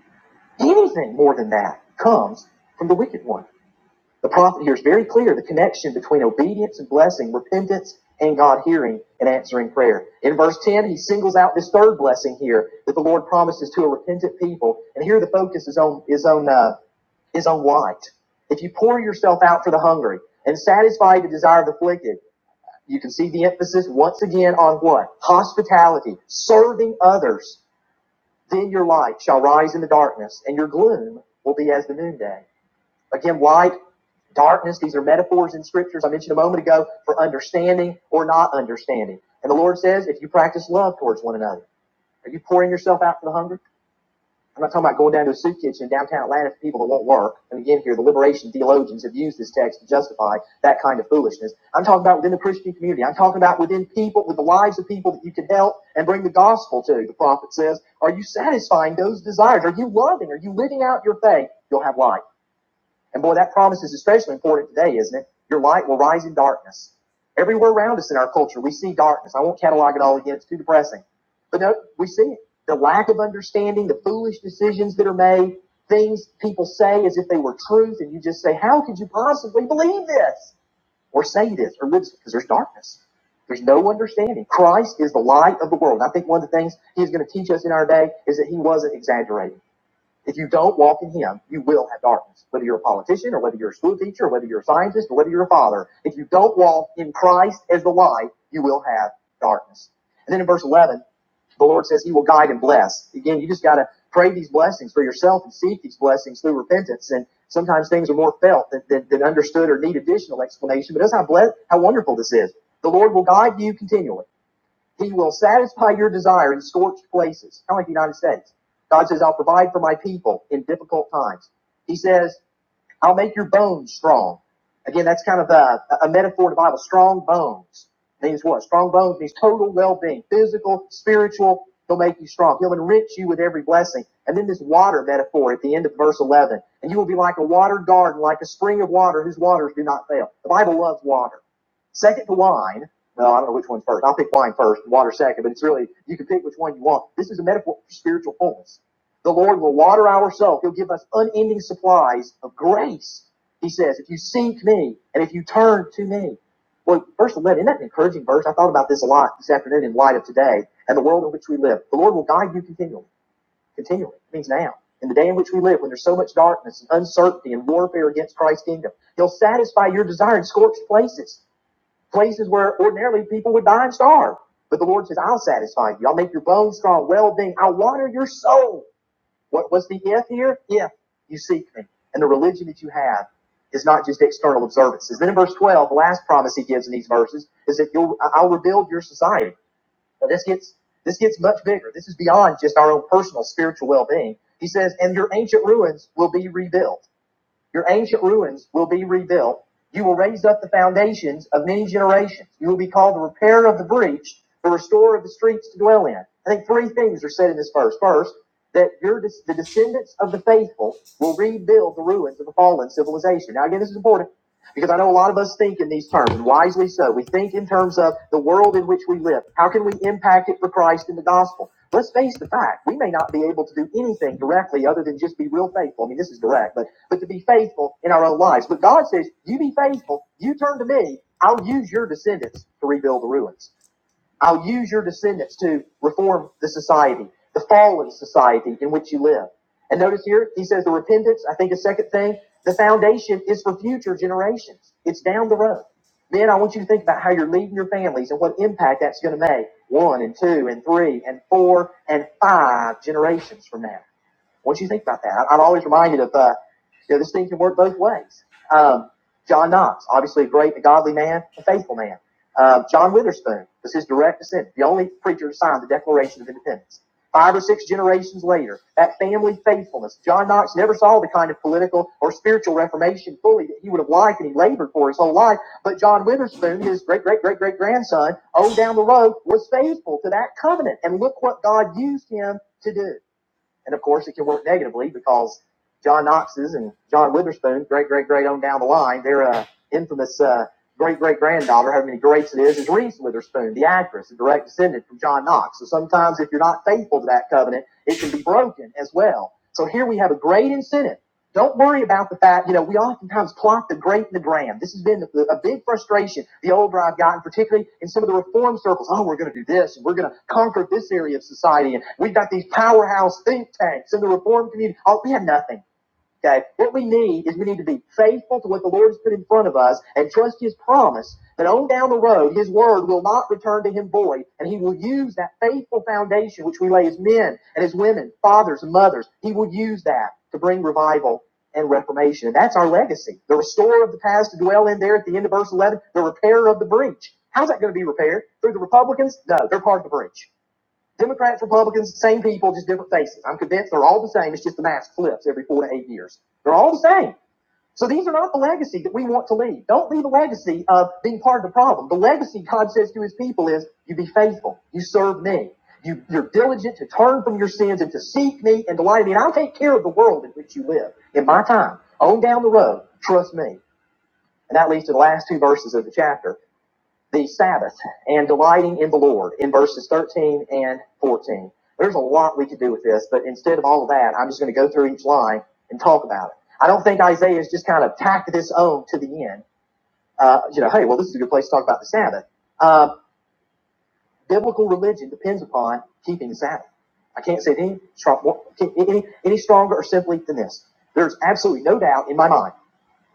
A: Anything more than that comes from the wicked one. The prophet here is very clear the connection between obedience and blessing, repentance and God hearing and answering prayer. In verse 10, he singles out this third blessing here that the Lord promises to a repentant people. And here the focus is on is on uh, is on light. If you pour yourself out for the hungry and satisfy the desire of the afflicted, you can see the emphasis once again on what? Hospitality, serving others. Then your light shall rise in the darkness, and your gloom will be as the noonday. Again, light, darkness, these are metaphors in scriptures I mentioned a moment ago for understanding or not understanding. And the Lord says, if you practice love towards one another, are you pouring yourself out for the hungry? I'm not talking about going down to a soup kitchen in downtown Atlanta for people that won't work. And again, here, the liberation theologians have used this text to justify that kind of foolishness. I'm talking about within the Christian community. I'm talking about within people, with the lives of people that you can help and bring the gospel to. The prophet says, Are you satisfying those desires? Are you loving? Are you living out your faith? You'll have life. And boy, that promise is especially important today, isn't it? Your light will rise in darkness. Everywhere around us in our culture, we see darkness. I won't catalog it all again, it's too depressing. But no, we see it. The lack of understanding, the foolish decisions that are made, things people say as if they were truth, and you just say, How could you possibly believe this? Or say this, or live this? Because there's darkness. There's no understanding. Christ is the light of the world. And I think one of the things he's going to teach us in our day is that he wasn't exaggerating. If you don't walk in Him, you will have darkness. Whether you're a politician or whether you're a school teacher or whether you're a scientist or whether you're a father, if you don't walk in Christ as the light, you will have darkness. And then in verse 11, the Lord says He will guide and bless. Again, you just got to pray these blessings for yourself and seek these blessings through repentance. And sometimes things are more felt than, than, than understood or need additional explanation. But that's how blessed, how wonderful this is. The Lord will guide you continually. He will satisfy your desire in scorched places, kind of like the United States. God says, I'll provide for my people in difficult times. He says, I'll make your bones strong. Again, that's kind of a, a metaphor to the Bible. Strong bones means what? Strong bones means total well-being, physical, spiritual. He'll make you strong. He'll enrich you with every blessing. And then this water metaphor at the end of verse 11. And you will be like a watered garden, like a spring of water whose waters do not fail. The Bible loves water. Second to wine. Well, I don't know which one's first. I'll pick wine first, water second, but it's really, you can pick which one you want. This is a metaphor for spiritual fullness. The Lord will water our soul. He'll give us unending supplies of grace. He says, if you seek me and if you turn to me. Well, verse 11, isn't that an encouraging verse? I thought about this a lot this afternoon in light of today and the world in which we live. The Lord will guide you continually. Continually. It means now. In the day in which we live, when there's so much darkness and uncertainty and warfare against Christ's kingdom, He'll satisfy your desire in scorched places, places where ordinarily people would die and starve. But the Lord says, I'll satisfy you. I'll make your bones strong, well being. I'll water your soul. What was the if here? If you seek me. And the religion that you have is not just external observances. Then in verse 12, the last promise he gives in these verses is that you'll, I- I'll rebuild your society. Now this gets, this gets much bigger. This is beyond just our own personal spiritual well-being. He says, and your ancient ruins will be rebuilt. Your ancient ruins will be rebuilt. You will raise up the foundations of many generations. You will be called the repairer of the breach, the restorer of the streets to dwell in. I think three things are said in this verse. First, that your the descendants of the faithful will rebuild the ruins of the fallen civilization. Now, again, this is important. Because I know a lot of us think in these terms, and wisely so. We think in terms of the world in which we live. How can we impact it for Christ and the gospel? Let's face the fact, we may not be able to do anything directly other than just be real faithful. I mean, this is direct, but, but to be faithful in our own lives. But God says, you be faithful, you turn to me, I'll use your descendants to rebuild the ruins. I'll use your descendants to reform the society, the fallen society in which you live. And notice here, he says the repentance, I think a second thing, the foundation is for future generations. It's down the road. Then I want you to think about how you're leading your families and what impact that's going to make one and two and three and four and five generations from now. Once you think about that, I- am always reminded of uh, you know, this thing can work both ways. Um, John Knox, obviously a great, a godly man, a faithful man. Uh, John Witherspoon was his direct descendant, the only preacher to sign the Declaration of Independence. Five or six generations later, that family faithfulness. John Knox never saw the kind of political or spiritual reformation fully that he would have liked and he labored for his whole life. But John Witherspoon, his great, great, great, great grandson, on down the road, was faithful to that covenant. And look what God used him to do. And of course, it can work negatively because John Knox's and John Witherspoon's great great great on down the line, their uh, infamous uh, great great granddaughter, however many greats it is, is Reese Witherspoon, the actress, a direct descendant from John Knox. So sometimes, if you're not faithful to that covenant, it can be broken as well. So here we have a great incentive don't worry about the fact, you know, we oftentimes plot the great and the grand. This has been a big frustration the older I've gotten, particularly in some of the reform circles. Oh, we're going to do this, and we're going to conquer this area of society, and we've got these powerhouse think tanks in the reform community. Oh, we have nothing. Okay. What we need is we need to be faithful to what the Lord has put in front of us and trust His promise that on down the road, His word will not return to Him void, and He will use that faithful foundation which we lay as men and as women, fathers and mothers. He will use that to bring revival and reformation. And that's our legacy. The restorer of the past to dwell in there at the end of verse 11, the repairer of the breach. How's that going to be repaired? Through the Republicans? No, they're part of the breach. Democrats, Republicans, same people, just different faces. I'm convinced they're all the same. It's just the mask flips every four to eight years. They're all the same. So these are not the legacy that we want to leave. Don't leave a legacy of being part of the problem. The legacy God says to his people is you be faithful, you serve me, you, you're diligent to turn from your sins and to seek me and delight in me, and I'll take care of the world in which you live in my time. On down the road, trust me. And that leads to the last two verses of the chapter the Sabbath and delighting in the Lord in verses 13 and 14. There's a lot we could do with this, but instead of all of that, I'm just going to go through each line and talk about it. I don't think Isaiah's just kind of tacked this on to the end. Uh, you know, hey, well, this is a good place to talk about the Sabbath. Uh, biblical religion depends upon keeping the Sabbath. I can't say it any, any, any stronger or simply than this. There's absolutely no doubt in my mind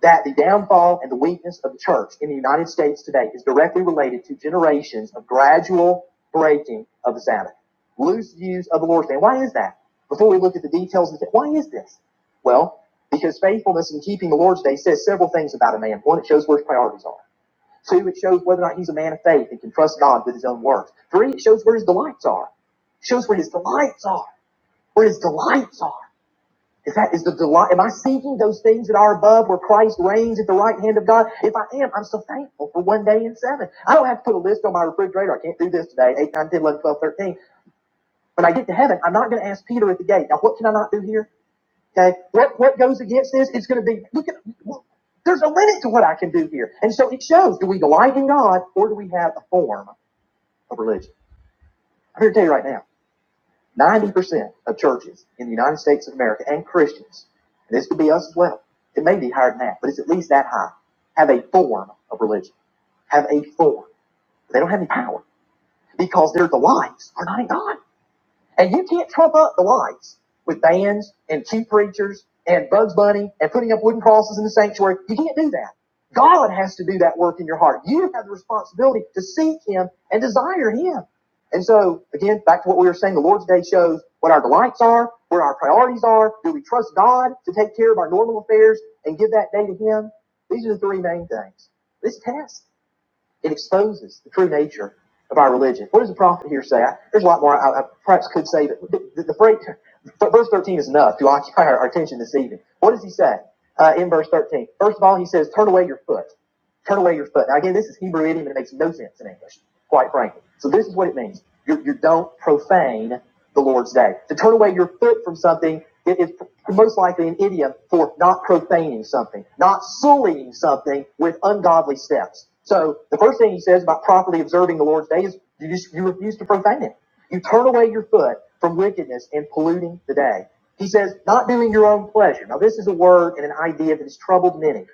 A: that the downfall and the weakness of the church in the United States today is directly related to generations of gradual breaking of the Sabbath, loose views of the Lord's Day. Why is that? Before we look at the details of the why is this? Well, because faithfulness in keeping the Lord's Day says several things about a man. One, it shows where his priorities are. Two, it shows whether or not he's a man of faith and can trust God with his own words. Three, it shows where his delights are. It shows where his delights are. Where his delights are. Is that is the delight? Am I seeking those things that are above, where Christ reigns at the right hand of God? If I am, I'm so thankful for one day in seven. I don't have to put a list on my refrigerator. I can't do this today. Eight, nine, ten, eleven, twelve, thirteen. When I get to heaven, I'm not going to ask Peter at the gate. Now, what can I not do here? Okay, what what goes against this? It's going to be look at. There's a limit to what I can do here, and so it shows. Do we delight in God, or do we have a form of religion? I'm here to tell you right now. 90% of churches in the United States of America and Christians, and this could be us as well, it may be higher than that, but it's at least that high, have a form of religion, have a form. They don't have any power because their delights are not in God. And you can't trump up the lights with bands and cheap preachers and Bugs Bunny and putting up wooden crosses in the sanctuary. You can't do that. God has to do that work in your heart. You have the responsibility to seek Him and desire Him. And so, again, back to what we were saying, the Lord's Day shows what our delights are, where our priorities are. Do we trust God to take care of our normal affairs and give that day to Him? These are the three main things. This test. It exposes the true nature of our religion. What does the prophet here say? I, there's a lot more I, I perhaps could say, but the, the break, verse 13 is enough to occupy our, our attention this evening. What does he say uh, in verse 13? First of all, he says, Turn away your foot. Turn away your foot. Now, again, this is Hebrew idiom and it makes no sense in English, quite frankly. So this is what it means. You, you don't profane the Lord's day. To turn away your foot from something it is most likely an idiom for not profaning something, not sullying something with ungodly steps. So the first thing he says about properly observing the Lord's day is you, just, you refuse to profane it. You turn away your foot from wickedness and polluting the day. He says, not doing your own pleasure. Now, this is a word and an idea that has troubled many.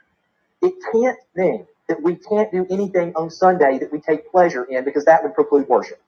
A: It can't mean that we can't do anything on Sunday that we take pleasure in because that would preclude worship.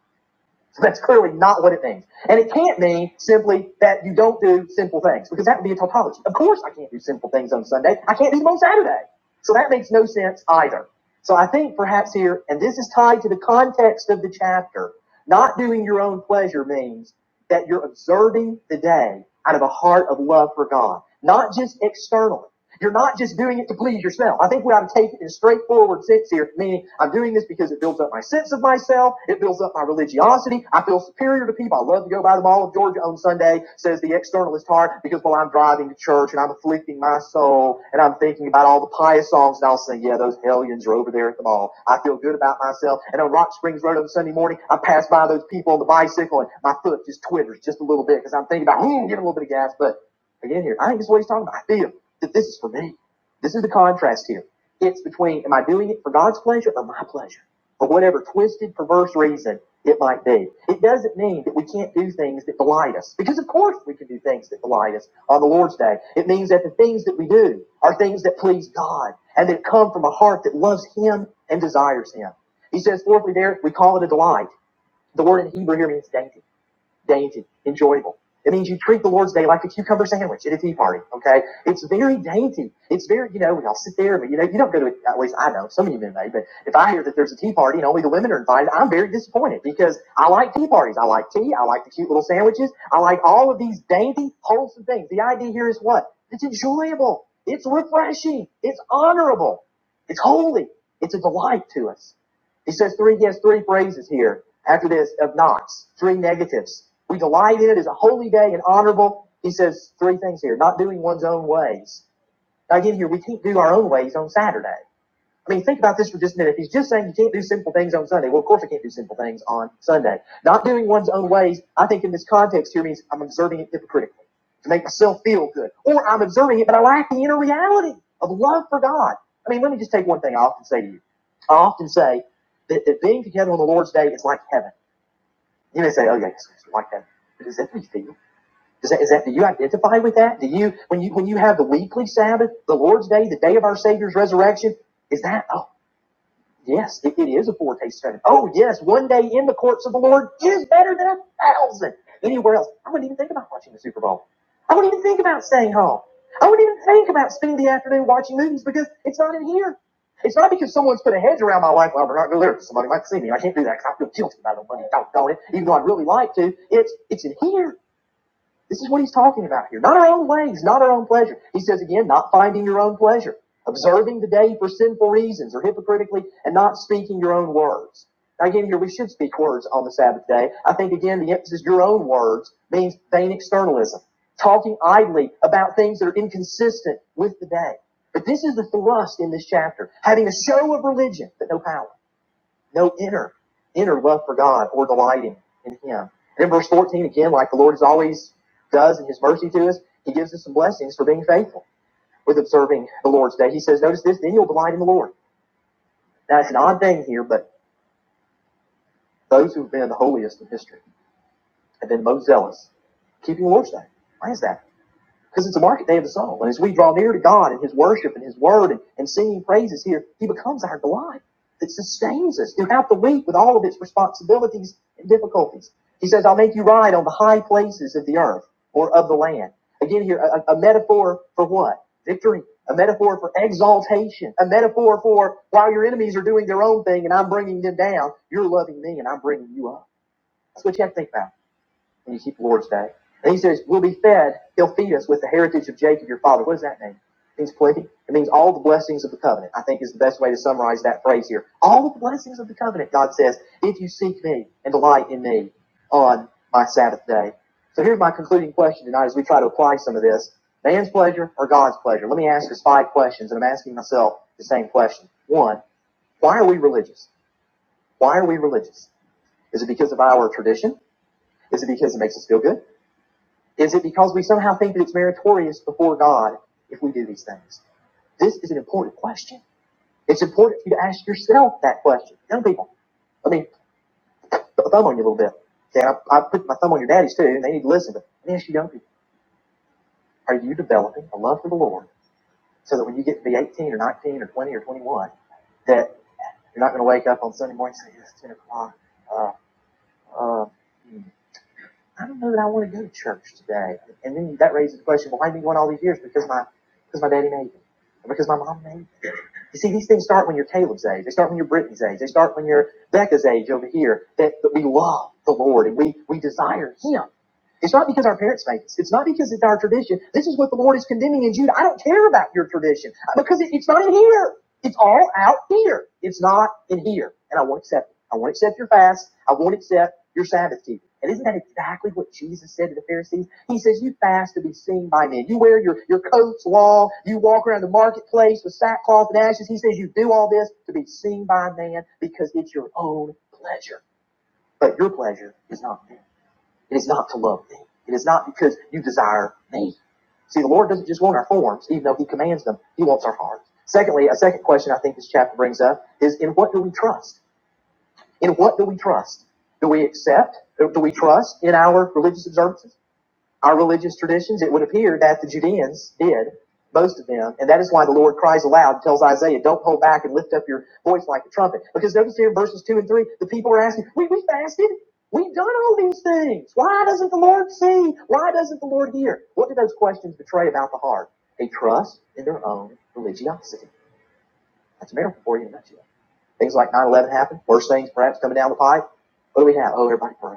A: So that's clearly not what it means. And it can't mean simply that you don't do sinful things because that would be a tautology. Of course I can't do sinful things on Sunday. I can't do them on Saturday. So that makes no sense either. So I think perhaps here, and this is tied to the context of the chapter, not doing your own pleasure means that you're observing the day out of a heart of love for God, not just externally. You're not just doing it to please yourself. I think we ought to take it in a straightforward sense here, meaning I'm doing this because it builds up my sense of myself. It builds up my religiosity. I feel superior to people. I love to go by the Mall of Georgia on Sunday, says the externalist heart, because while I'm driving to church and I'm afflicting my soul and I'm thinking about all the pious songs and I'll say, yeah, those hellions are over there at the mall. I feel good about myself. And on Rock Springs Road on Sunday morning, I pass by those people on the bicycle and my foot just twitters just a little bit because I'm thinking about, hmm, get a little bit of gas, but Again, here, I think this is what he's talking about. I feel that this is for me. This is the contrast here. It's between am I doing it for God's pleasure or my pleasure, for whatever twisted, perverse reason it might be. It doesn't mean that we can't do things that delight us, because of course we can do things that delight us on the Lord's day. It means that the things that we do are things that please God and that come from a heart that loves Him and desires Him. He says, fourthly, there we call it a delight. The word in Hebrew here means dainty dainty, enjoyable. It means you treat the Lord's Day like a cucumber sandwich at a tea party. Okay, it's very dainty. It's very, you know, we all sit there, but you know, you don't go to. a, At least I know some of you men may, but if I hear that there's a tea party and only the women are invited, I'm very disappointed because I like tea parties. I like tea. I like the cute little sandwiches. I like all of these dainty, wholesome things. The idea here is what? It's enjoyable. It's refreshing. It's honorable. It's holy. It's a delight to us. He says three against three phrases here after this of knots, three negatives. We delight in it as a holy day and honorable. He says three things here, not doing one's own ways. Now, again, here we can't do our own ways on Saturday. I mean, think about this for just a minute. If he's just saying you can't do simple things on Sunday, well, of course I can't do simple things on Sunday. Not doing one's own ways, I think in this context here means I'm observing it hypocritically to make myself feel good. Or I'm observing it, but I lack the inner reality of love for God. I mean, let me just take one thing I often say to you. I often say that, that being together on the Lord's day is like heaven. You may say, oh, yeah, it's like heaven. But is that what you feel? Is that, is that do you identify with that? Do you when you when you have the weekly Sabbath, the Lord's Day, the day of our Savior's resurrection, is that? oh? Yes, it, it is a foretaste of heaven. Oh, yes, one day in the courts of the Lord is better than a thousand anywhere else. I wouldn't even think about watching the Super Bowl. I wouldn't even think about staying home. I wouldn't even think about spending the afternoon watching movies because it's not in here. It's not because someone's put a hedge around my life. Well, we're not going to live. Somebody might see me. I can't do that because I feel guilty about the money. Doggone it. Even though I'd really like to, it's it's in here. This is what he's talking about here. Not our own ways, not our own pleasure. He says again, not finding your own pleasure, observing the day for sinful reasons or hypocritically, and not speaking your own words. Now, again, here we should speak words on the Sabbath day. I think, again, the emphasis, your own words, means vain externalism, talking idly about things that are inconsistent with the day. But this is the thrust in this chapter, having a show of religion, but no power. No, inner, inner love for God or delighting in Him. And in verse 14 again, like the Lord has always does in His mercy to us, He gives us some blessings for being faithful with observing the Lord's day. He says, notice this, then you'll delight in the Lord. Now it's an odd thing here, but those who've been the holiest in history have been the most zealous keeping the Lord's day. Why is that? Because it's a market day of the soul. And as we draw near to God and His worship and His word and, and singing praises here, He becomes our delight that sustains us throughout the week with all of its responsibilities and difficulties. He says, I'll make you ride on the high places of the earth or of the land. Again, here, a, a metaphor for what? Victory. A metaphor for exaltation. A metaphor for while your enemies are doing their own thing and I'm bringing them down, you're loving me and I'm bringing you up. That's what you have to think about when you keep Lord's Day. And he says, We'll be fed, he'll feed us with the heritage of Jacob, your father. What does that mean? It means plenty. It means all the blessings of the covenant, I think is the best way to summarize that phrase here. All the blessings of the covenant, God says, if you seek me and delight in me on my Sabbath day. So here's my concluding question tonight as we try to apply some of this. Man's pleasure or God's pleasure? Let me ask us five questions, and I'm asking myself the same question. One, why are we religious? Why are we religious? Is it because of our tradition? Is it because it makes us feel good? Is it because we somehow think that it's meritorious before God if we do these things? This is an important question. It's important for you to ask yourself that question. Young people, I mean, put my thumb on you a little bit. Okay, I, I put my thumb on your daddies too, and they need to listen. But let me ask you, young people, are you developing a love for the Lord so that when you get to be 18 or 19 or 20 or 21, that you're not going to wake up on Sunday morning and say, "Yes, 10 o'clock. Uh, uh, hmm. I don't know that I want to go to church today. And then that raises the question, well, why didn't going all these years? Because my because my daddy made me. Or because my mom made me. You see, these things start when you're Caleb's age. They start when you're Brittany's age. They start when you're Becca's age over here. That, that we love the Lord and we, we desire Him. It's not because our parents made us. It's not because it's our tradition. This is what the Lord is condemning in Jude. I don't care about your tradition uh, because it, it's not in here. It's all out here. It's not in here. And I won't accept it. I won't accept your fast. I won't accept you're Sabbath keeping. And isn't that exactly what Jesus said to the Pharisees? He says, You fast to be seen by men. You wear your, your coats long. You walk around the marketplace with sackcloth and ashes. He says, You do all this to be seen by man because it's your own pleasure. But your pleasure is not me. It is not to love me. It is not because you desire me. See, the Lord doesn't just want our forms, even though He commands them, He wants our hearts. Secondly, a second question I think this chapter brings up is in what do we trust? In what do we trust? Do we accept? Do we trust in our religious observances, our religious traditions? It would appear that the Judeans did, most of them, and that is why the Lord cries aloud, and tells Isaiah, "Don't hold back and lift up your voice like a trumpet." Because notice here in verses two and three, the people are asking, "We we fasted, we've done all these things. Why doesn't the Lord see? Why doesn't the Lord hear?" What do those questions betray about the heart? They trust in their own religiosity. That's America for you, in a nutshell. Things like 9/11 happened. Worse things perhaps coming down the pipe. What do we have? Oh, everybody pray.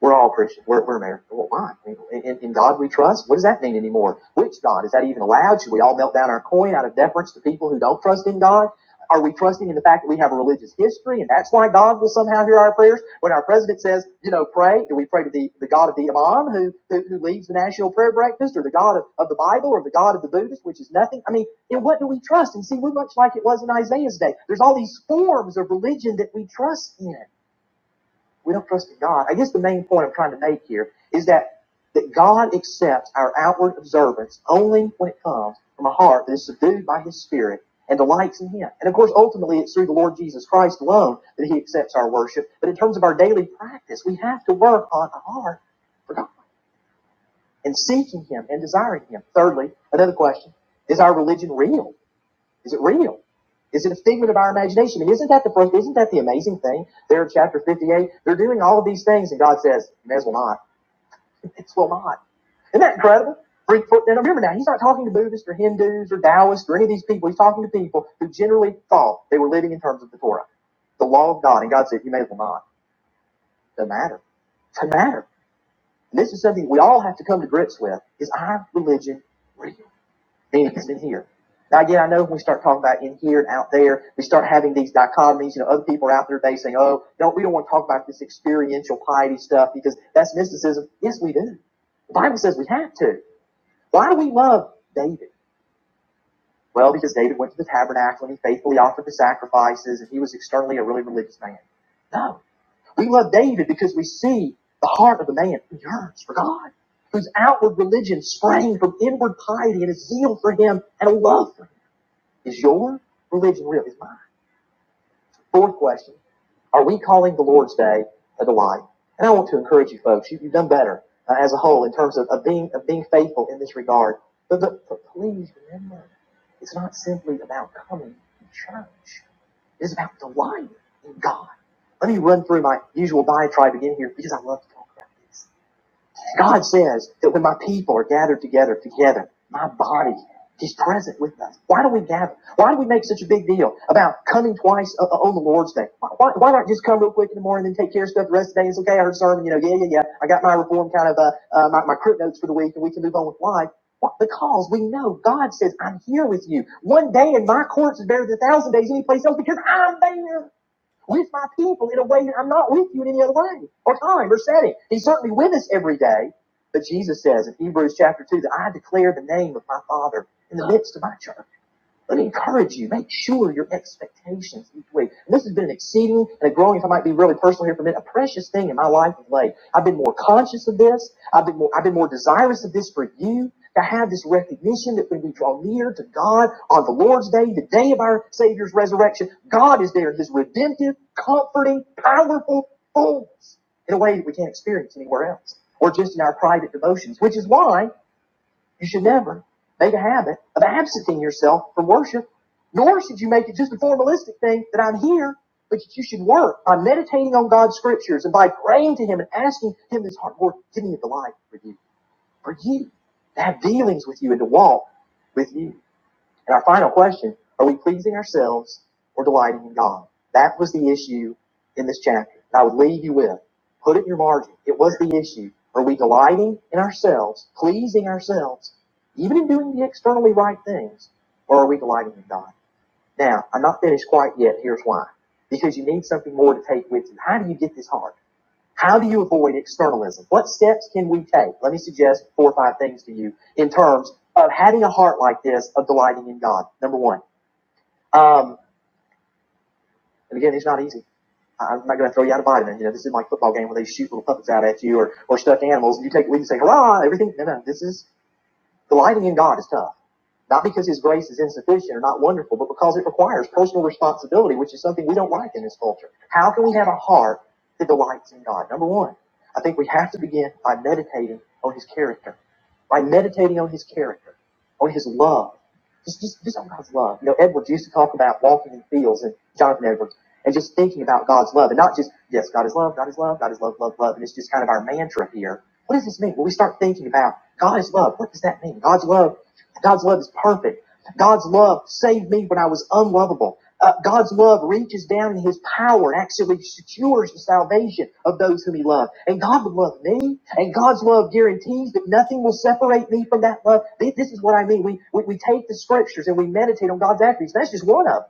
A: We're all Christians. We're, we're American. Well, why? In, in- in God we trust? What does that mean anymore? Which God? Is that even allowed? Should we all melt down our coin out of deference to people who don't trust in God? Are we trusting in the fact that we have a religious history and that's why God will somehow hear our prayers? When our president says, you know, pray, do we pray to the, the God of the Imam who, who, who leads the national prayer breakfast or the God of, of the Bible or the God of the Buddhist, which is nothing? I mean, in what do we trust? And see, we're much like it was in Isaiah's day. There's all these forms of religion that we trust in. We don't trust in God. I guess the main point I'm trying to make here is that that God accepts our outward observance only when it comes from a heart that is subdued by His Spirit and delights in Him. And of course, ultimately, it's through the Lord Jesus Christ alone that He accepts our worship. But in terms of our daily practice, we have to work on a heart for God and seeking Him and desiring Him. Thirdly, another question: Is our religion real? Is it real? Is it a figment of our imagination? I mean, isn't that the isn't that the amazing thing? There in chapter 58, they're doing all of these things, and God says, you may as well not. You may as well not. Isn't that incredible? And remember now, he's not talking to Buddhists or Hindus or Taoists or any of these people. He's talking to people who generally thought they were living in terms of the Torah, the law of God. And God said, you may as well not. Doesn't matter. Doesn't matter. And this is something we all have to come to grips with. Is our religion real? then It's in here. Now, again, I know when we start talking about in here and out there, we start having these dichotomies. You know, other people are out there today saying, "Oh, don't we don't want to talk about this experiential piety stuff because that's mysticism." Yes, we do. The Bible says we have to. Why do we love David? Well, because David went to the tabernacle and he faithfully offered the sacrifices, and he was externally a really religious man. No, we love David because we see the heart of the man who yearns for God, whose outward religion sprang from inward piety and a zeal for Him and a love for Him. Is your religion real? Is mine? Fourth question Are we calling the Lord's Day a delight? And I want to encourage you folks, you, you've done better uh, as a whole in terms of, of, being, of being faithful in this regard. But, but, but please remember, it's not simply about coming to church, it's about delighting in God. Let me run through my usual diatribe again here because I love to talk about this. God says that when my people are gathered together, together, my body, He's present with us. Why do we gather? Why do we make such a big deal about coming twice uh, uh, on the Lord's Day? Why, why, why not just come real quick in the morning and then take care of stuff the rest of the day? It's okay, I heard a sermon, you know, yeah, yeah, yeah. I got my reform kind of, uh, uh, my, my crypt notes for the week and we can move on with life. Why? Because we know God says, I'm here with you. One day in my courts is better than a thousand days any place else because I'm there with my people in a way that I'm not with you in any other way or time or setting. He's certainly with us every day. But Jesus says in Hebrews chapter 2 that I declare the name of my Father in the midst of my church. Let me encourage you. Make sure your expectations each week. And this has been an exceeding and a growing, if I might be really personal here for a minute, a precious thing in my life of late. I've been more conscious of this. I've been more, I've been more desirous of this for you to have this recognition that when we draw near to God on the Lord's day, the day of our Savior's resurrection, God is there in His redemptive, comforting, powerful fullness in a way that we can't experience anywhere else or just in our private devotions, which is why you should never make a habit of absenting yourself from worship, nor should you make it just a formalistic thing that I'm here, but that you should work by meditating on God's scriptures and by praying to Him and asking Him His heart, Lord, give me a delight for you, for you, to have dealings with you and to walk with you. And our final question are we pleasing ourselves or delighting in God? That was the issue in this chapter. And I would leave you with put it in your margin. It was the issue. Are we delighting in ourselves, pleasing ourselves, even in doing the externally right things, or are we delighting in God? Now, I'm not finished quite yet. Here's why. Because you need something more to take with you. How do you get this heart? How do you avoid externalism? What steps can we take? Let me suggest four or five things to you in terms of having a heart like this of delighting in God. Number one, um, and again, it's not easy. I- am not going to throw you out a vitamin. You know, this is like a football game where they shoot little puppets out at you or, or stuffed animals, and you take a lead and say, "Hurrah!" Everything. No, no, this is delighting in God is tough. Not because his grace is insufficient or not wonderful, but because it requires personal responsibility, which is something we don't like in this culture. How can we have a heart that delights in God? Number one, I think we have to begin by meditating on his character by meditating on his character, on his love, just, just, just on God's love. You know, Edwards used to talk about walking in fields and Jonathan Edwards and just thinking about God's love and not just, yes, God is love, God is love, God is love, love, love. And it's just kind of our mantra here. What does this mean? When we start thinking about God is love, what does that mean? God's love, God's love is perfect. God's love saved me when I was unlovable. Uh, God's love reaches down in His power and actually secures the salvation of those whom He loves. And God would love me, and God's love guarantees that nothing will separate me from that love. Th- This is what I mean. We, we, we take the scriptures and we meditate on God's attributes. That's just one of them.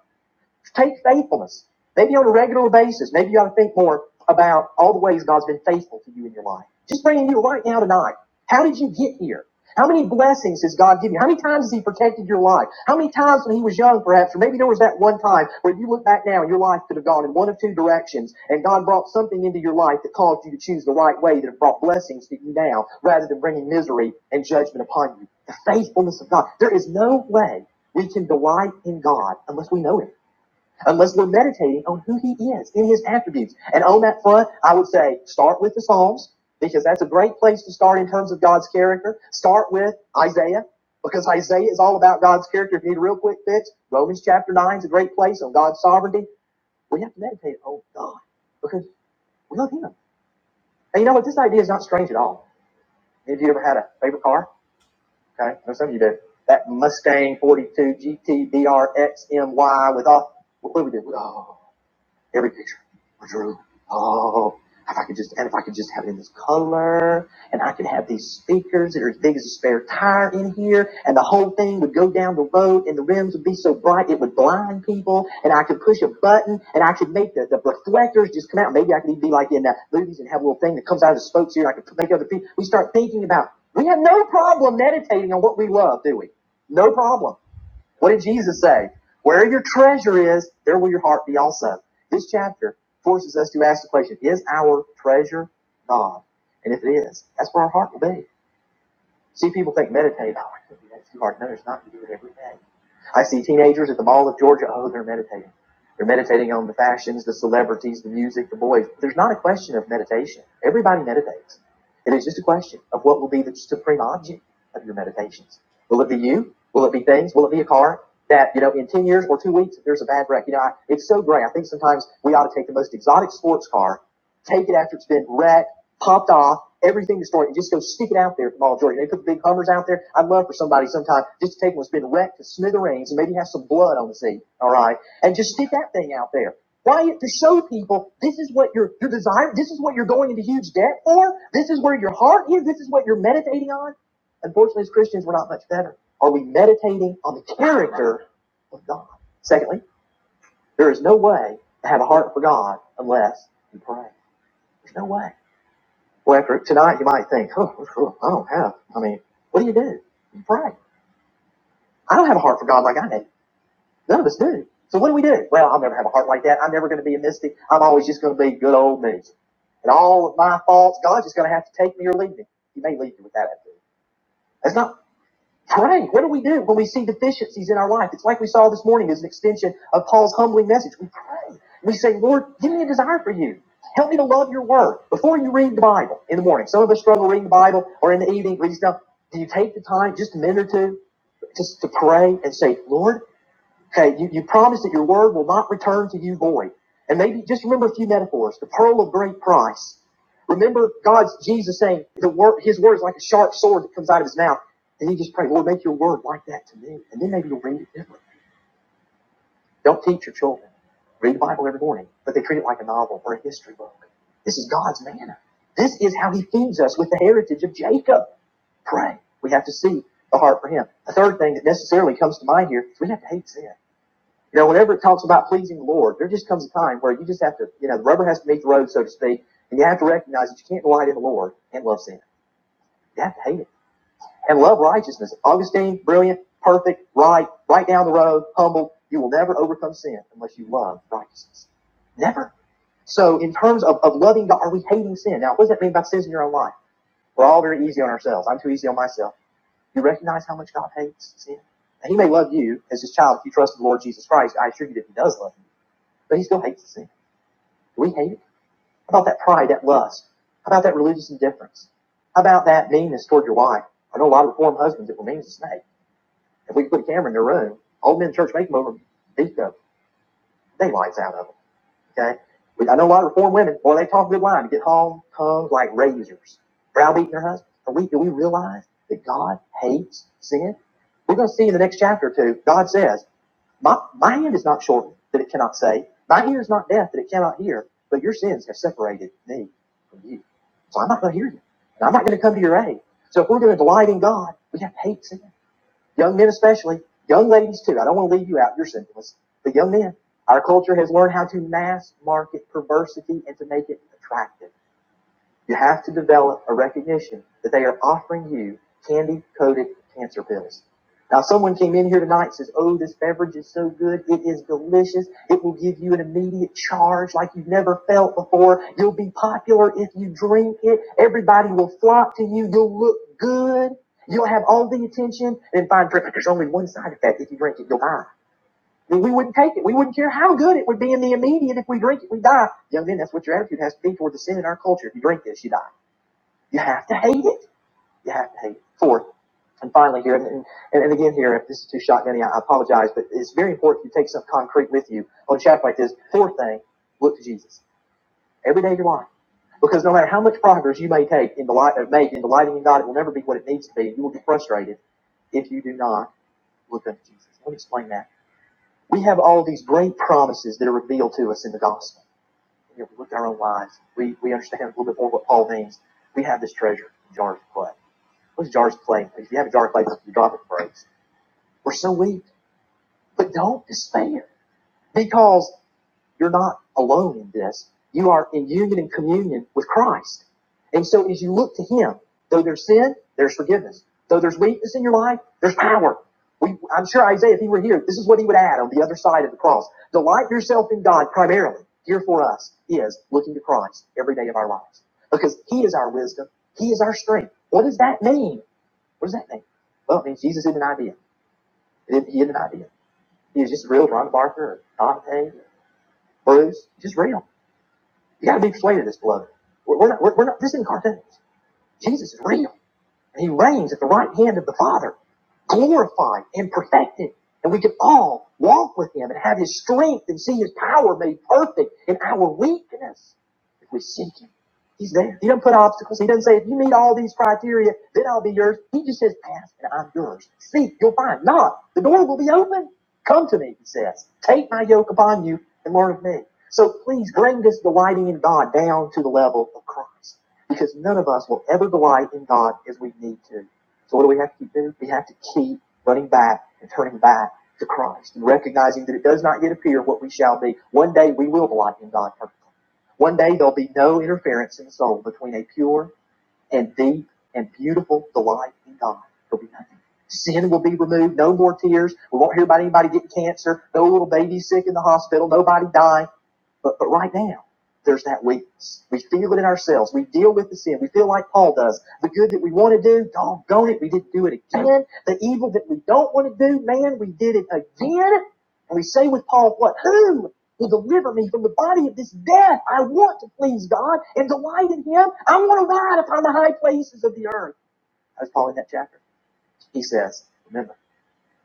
A: Take faithfulness. Maybe on a regular basis. Maybe you ought to think more about all the ways God's been faithful to you in your life. Just praying to you right now tonight. How did you get here? How many blessings has God given you? How many times has He protected your life? How many times when He was young, perhaps, or maybe there was that one time where you look back now and your life could have gone in one of two directions, and God brought something into your life that caused you to choose the right way that have brought blessings to you now, rather than bringing misery and judgment upon you. The faithfulness of God. There is no way we can delight in God unless we know Him unless we're meditating on who he is in his attributes. And on that front, I would say start with the Psalms, because that's a great place to start in terms of God's character. Start with Isaiah, because Isaiah is all about God's character. If you need a real quick fix, Romans chapter 9 is a great place on God's sovereignty. We have to meditate on God because we love him. And you know what? This idea is not strange at all. Have you ever had a favorite car? Okay, I know some of you do. That Mustang 42 GT XMY with all, what do we do? Oh, every picture I drew. Oh, if I could just, and if I could just have it in this color, and I could have these speakers that are as big as a spare tire in here, and the whole thing would go down the road, and the rims would be so bright it would blind people, and I could push a button, and I could make the, the reflectors just come out. Maybe I could even be like in uh, movies and have a little thing that comes out of the spokes here, and I could make other people. We start thinking about, we have no problem meditating on what we love, do we? No problem. What did Jesus say? Where your treasure is, there will your heart be also. This chapter forces us to ask the question, is our treasure God? And if it is, that's where our heart will be. See, people think meditate. Oh, I can't do that. too hard. No, it's not. You do it every day. I see teenagers at the Mall of Georgia. Oh, they're meditating. They're meditating on the fashions, the celebrities, the music, the boys. There's not a question of meditation. Everybody meditates. It is just a question of what will be the supreme object of your meditations. Will it be you? Will it be things? Will it be a car? That, you know, in 10 years or two weeks, if there's a bad wreck, you know, I, it's so great. I think sometimes we ought to take the most exotic sports car, take it after it's been wrecked, popped off. Everything destroyed. You just go stick it out there at Ball Georgia. They put the big Hummers out there. I'd love for somebody sometime just to take one that's been wrecked to smithereens and maybe have some blood on the seat. All right, and just stick that thing out there. Why? To show people this is what your your desire. This is what you're going into huge debt for. This is where your heart is. This is what you're meditating on. Unfortunately, as Christians, we're not much better. Are we meditating on the character of God? Secondly, there is no way to have a heart for God unless you pray. There's no way. Well, after tonight, you might think, oh, oh, I don't have. I mean, what do you do? You pray. I don't have a heart for God like I do. None of us do. So what do we do? Well, I'll never have a heart like that. I'm never going to be a mystic. I'm always just going to be good old me. And all of my faults, God's just going to have to take me or leave me. He may leave you with that attitude. That's not Pray. What do we do when we see deficiencies in our life? It's like we saw this morning as an extension of Paul's humbling message. We pray. We say, Lord, give me a desire for you. Help me to love your word. Before you read the Bible in the morning, some of us struggle reading the Bible or in the evening, reading stuff. Do you take the time, just a minute or two, just to pray and say, Lord, Okay, you, you promise that your word will not return to you void. And maybe just remember a few metaphors. The pearl of great price. Remember God's Jesus saying the word his word is like a sharp sword that comes out of his mouth. And you just pray, Lord, make your word like that to me. And then maybe you'll read it differently. Don't teach your children. Read the Bible every morning, but they treat it like a novel or a history book. This is God's manner. This is how he feeds us with the heritage of Jacob. Pray. We have to see the heart for him. A third thing that necessarily comes to mind here is we have to hate sin. You know, whenever it talks about pleasing the Lord, there just comes a time where you just have to, you know, the rubber has to meet the road, so to speak, and you have to recognize that you can't delight in the Lord and love sin. You have to hate it and love righteousness. Augustine, brilliant, perfect, right, right down the road, humble. You will never overcome sin unless you love righteousness. Never. So, in terms of, of loving God, are we hating sin? Now, what does that mean by sins in your own life? We're all very easy on ourselves. I'm too easy on myself. You recognize how much God hates sin? Now, he may love you as his child if you trust in the Lord Jesus Christ. I assure you that he does love you. But he still hates the sin. Do we hate it? How about that pride, that lust? How about that religious indifference? How about that meanness toward your wife? I know a lot of reformed husbands that were mean as a snake. If we could put a camera in their room, all men in church make them over beat the daylights out of them. Okay? We, I know a lot of reformed women, boy, they talk a good line to get home, tongues like razors, browbeating their husband. Are we, do we realize that God hates sin? We're going to see in the next chapter or two, God says, My, my hand is not shortened that it cannot save. My ear is not deaf that it cannot hear. But your sins have separated me from you. So I'm not going to hear you. And I'm not going to come to your aid. So if we're going to delight in God, we have to hate sin. Young men especially, young ladies too. I don't want to leave you out. You're sinfulness. But young men, our culture has learned how to mass market perversity and to make it attractive. You have to develop a recognition that they are offering you candy coated cancer pills. Now, someone came in here tonight and says, Oh, this beverage is so good. It is delicious. It will give you an immediate charge like you've never felt before. You'll be popular if you drink it. Everybody will flock to you. You'll look good. You'll have all the attention. And find friend, there's only one side effect. If you drink it, you'll die. Then we wouldn't take it. We wouldn't care how good it would be in the immediate. If we drink it, we die. Young men, that's what your attitude has to be toward the sin in our culture. If you drink this, you die. You have to hate it. You have to hate it. Fourth, and finally here, and, and, and again here, if this is too shotgunny, I apologize, but it's very important you take something concrete with you on a chapter like this. Fourth thing, look to Jesus every day of your life. Because no matter how much progress you may take in the light, uh, make in delighting in God, it will never be what it needs to be. You will get frustrated if you do not look unto Jesus. Let me explain that. We have all these great promises that are revealed to us in the gospel. You know, we look at our own lives. We, we understand a little bit more what Paul means. We have this treasure in jars of clay What's Jar's claim? If you have a Jar's claim, you drop it, and breaks. We're so weak, but don't despair because you're not alone in this. You are in union and communion with Christ. And so as you look to Him, though there's sin, there's forgiveness. Though there's weakness in your life, there's power. We, I'm sure Isaiah, if he were here, this is what he would add on the other side of the cross. Delight yourself in God primarily. Here for us is looking to Christ every day of our lives because He is our wisdom. He is our strength. What does that mean? What does that mean? Well, it means Jesus isn't an idea. He isn't an idea. He is just real Ron Barker or Dante, Bruce, just real. You got to be persuaded of this, beloved. We're, not, we're, not, we're, not, this is cartoons. Jesus is real. He reigns at the right hand of the Father, glorified and perfected. And we can all walk with him and have his strength and see his power made perfect in our weakness. If we seek him, he's there. He doesn't put obstacles. He doesn't say, if you meet all these criteria, then I'll be yours. He just says, ask and I'm yours. Seek, you'll find. Knock, the door will be open. Come to me, he says. Take my yoke upon you and learn of me. So please bring this delighting in God down to the level of Christ because none of us will ever delight in God as we need to. So what do we have to keep doing? We have to keep running back and turning back to Christ and recognizing that it does not yet appear what we shall be. One day we will delight in God perfectly. One day there'll be no interference in the soul between a pure and deep and beautiful delight in God. There'll be nothing. Sin will be removed, no more tears. We won't hear about anybody getting cancer, no little baby sick in the hospital, nobody dying but, but right now, there's that weakness. We feel it in ourselves. We deal with the sin. We feel like Paul does. The good that we want to do, doggone it, we didn't do it again. The evil that we don't want to do, man, we did it again. And we say with Paul, what? Who will deliver me from the body of this death? I want to please God and delight in Him. I want to ride upon the high places of the earth. That's Paul in that chapter. He says, remember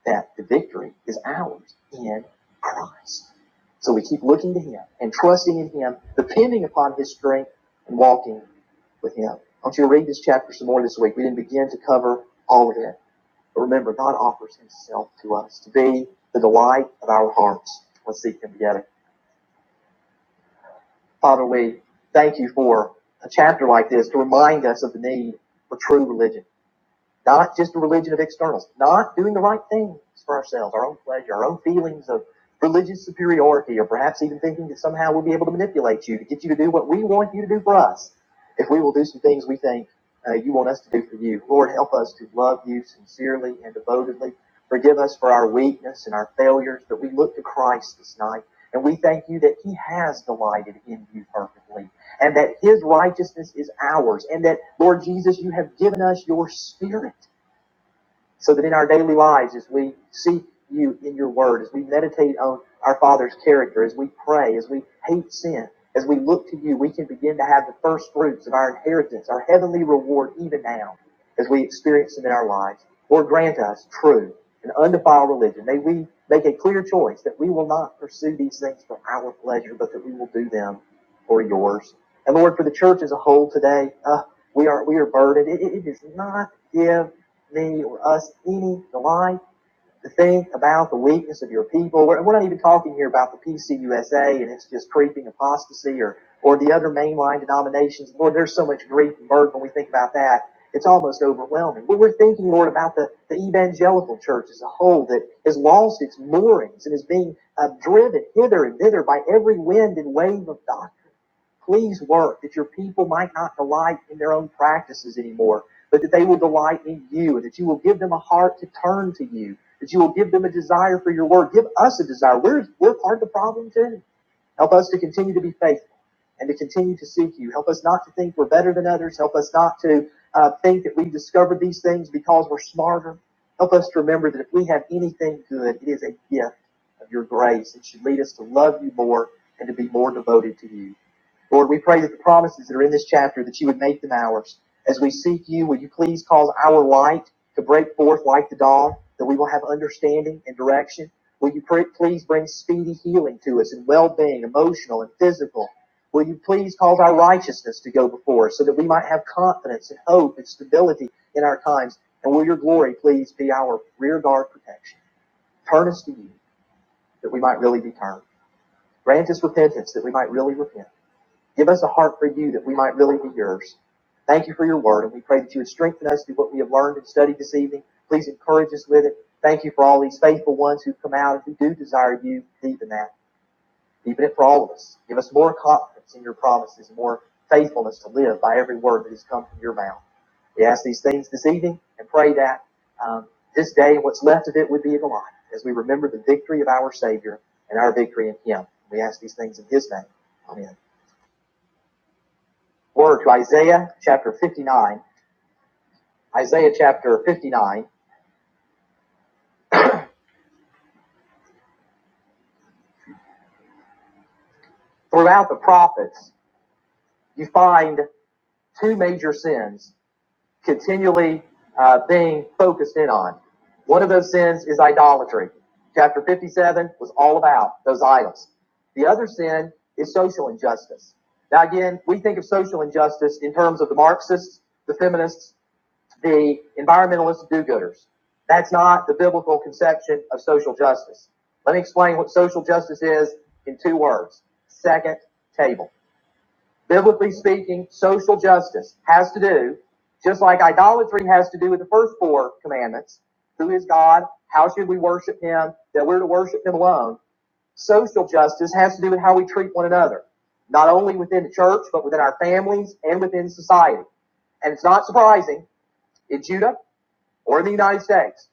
A: that the victory is ours in Christ. So we keep looking to Him and trusting in Him, depending upon His strength and walking with Him. I want you to read this chapter some more this week. We didn't begin to cover all of it. But remember, God offers Himself to us to be the delight of our hearts. Let's seek Him together. Father, we thank you for a chapter like this to remind us of the need for true religion Not just a religion of externals, not doing the right things for ourselves, our own pleasure, our own feelings of religious superiority, or perhaps even thinking that somehow we'll be able to manipulate you to get you to do what we want you to do for us. If we will do some things we think uh, you want us to do for you, Lord, help us to love you sincerely and devotedly. Forgive us for our weakness and our failures, but we look to Christ this night, and we thank you that He has delighted in you perfectly and that his righteousness is ours, and that, Lord Jesus, you have given us your spirit so that in our daily lives, as we seek you in your word, as we meditate on our Father's character, as we pray, as we hate sin, as we look to you, we can begin to have the first fruits of our inheritance, our heavenly reward, even now, as we experience them in our lives. Lord, grant us true and undefiled religion. May we make a clear choice that we will not pursue these things for our pleasure, but that we will do them for yours. And Lord, for the church as a whole today, uh, we are we are burdened. It, it it does not give me or us any delight to think about the weakness of your people. We're, we're not even talking here about the PCUSA and it's just creeping apostasy or, or the other mainline denominations. Lord, there's so much grief and burden when we think about that. It's almost overwhelming. But we're thinking, Lord, about the, the evangelical church as a whole that has lost its moorings and is being uh, driven hither and thither by every wind and wave of doctrine Please work that your people might not delight in their own practices anymore, but that they will delight in you, and that you will give them a heart to turn to you, that you will give them a desire for your word. Give us a desire. We're, we're part of the problem too Help us to continue to be faithful and to continue to seek you. Help us not to think we're better than others. Help us not to uh, think that we've discovered these things because we're smarter. Help us to remember that if we have anything good, it is a gift of your grace. It should lead us to love you more and to be more devoted to you. Lord, we pray that the promises that are in this chapter, that you would make them ours. As we seek you, will you please cause our light to break forth like the dawn, that we will have understanding and direction? Will you pray, please bring speedy healing to us and well being, emotional and physical? Will you please cause our righteousness to go before us so that we might have confidence and hope and stability in our times? And will your glory please be our rear guard protection? Turn us to you that we might really be turned. Grant us repentance that we might really repent. Give us a heart for you that we might really be yours. Thank you for your word, and we pray that you would strengthen us through what we have learned and studied this evening. Please encourage us with it. Thank you for all these faithful ones who've come out and who do desire you deep in that. Deepen it for all of us. Give us more confidence in your promises, more faithfulness to live by every word that has come from your mouth. We ask these things this evening and pray that um, this day and what's left of it would be a delight as we remember the victory of our Savior and our victory in Him. We ask these things in His name. Amen. Or to Isaiah chapter 59, Isaiah chapter 59, throughout the prophets, you find two major sins continually uh, being focused in on. One of those sins is idolatry. Chapter 57 was all about those idols. The other sin is social injustice. Now, again, we think of social injustice in terms of the Marxists, the feminists, the environmentalist do-gooders. That's not the biblical conception of social justice. Let me explain what social justice is in two words. Second table. Biblically speaking, social justice has to do, just like idolatry has to do with the first four commandments. Who is God? How should we worship him? That we're to worship him alone. Social justice has to do with how we treat one another, not only within the church, but within our families and within society. And it's not surprising in Judah or in the United States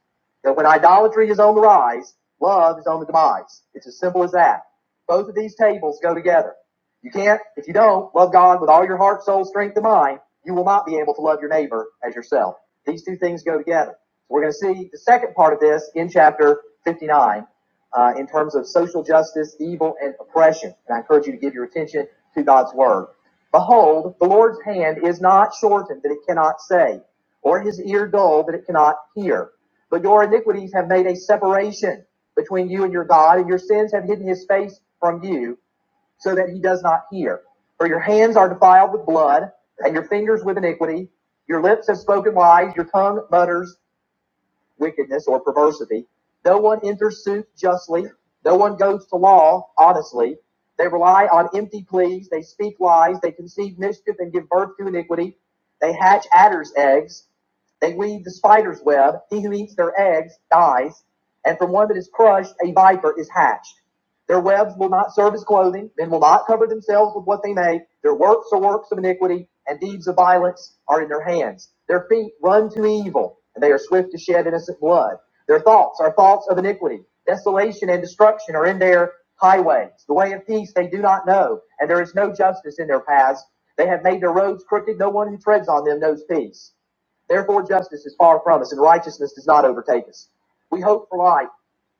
A: that when idolatry is on the rise, love is on the demise. It's as simple as that. Both of these tables go together. You can't, if you don't love God with all your heart, soul, strength, and mind, you will not be able to love your neighbor as yourself. These two things go together. So We're going to see the second part of this in chapter 59 uh, in terms of social justice, evil, and oppression. And I encourage you to give your attention to God's word. Behold, the Lord's hand is not shortened that it cannot save or his ear dull that it cannot hear. But your iniquities have made a separation between you and your God, and your sins have hidden his face from you, so that he does not hear. For your hands are defiled with blood, and your fingers with iniquity. Your lips have spoken lies, your tongue mutters wickedness or perversity. No one enters suit justly. No one goes to law honestly. They rely on empty pleas. They speak lies. They conceive mischief and give birth to iniquity. They hatch adder's eggs. They weave the spider's web. He who eats their eggs dies. And from one that is crushed, a viper is hatched. Their webs will not serve as clothing. Men will not cover themselves with what they make. Their works are works of iniquity, and deeds of violence are in their hands. Their feet run to evil, and they are swift to shed innocent blood. Their thoughts are thoughts of iniquity. Desolation and destruction are in their highways. The way of peace they do not know, and there is no justice in their paths. They have made their roads crooked. No one who treads on them knows peace. Therefore, justice is far from us, and righteousness does not overtake us. We hope for life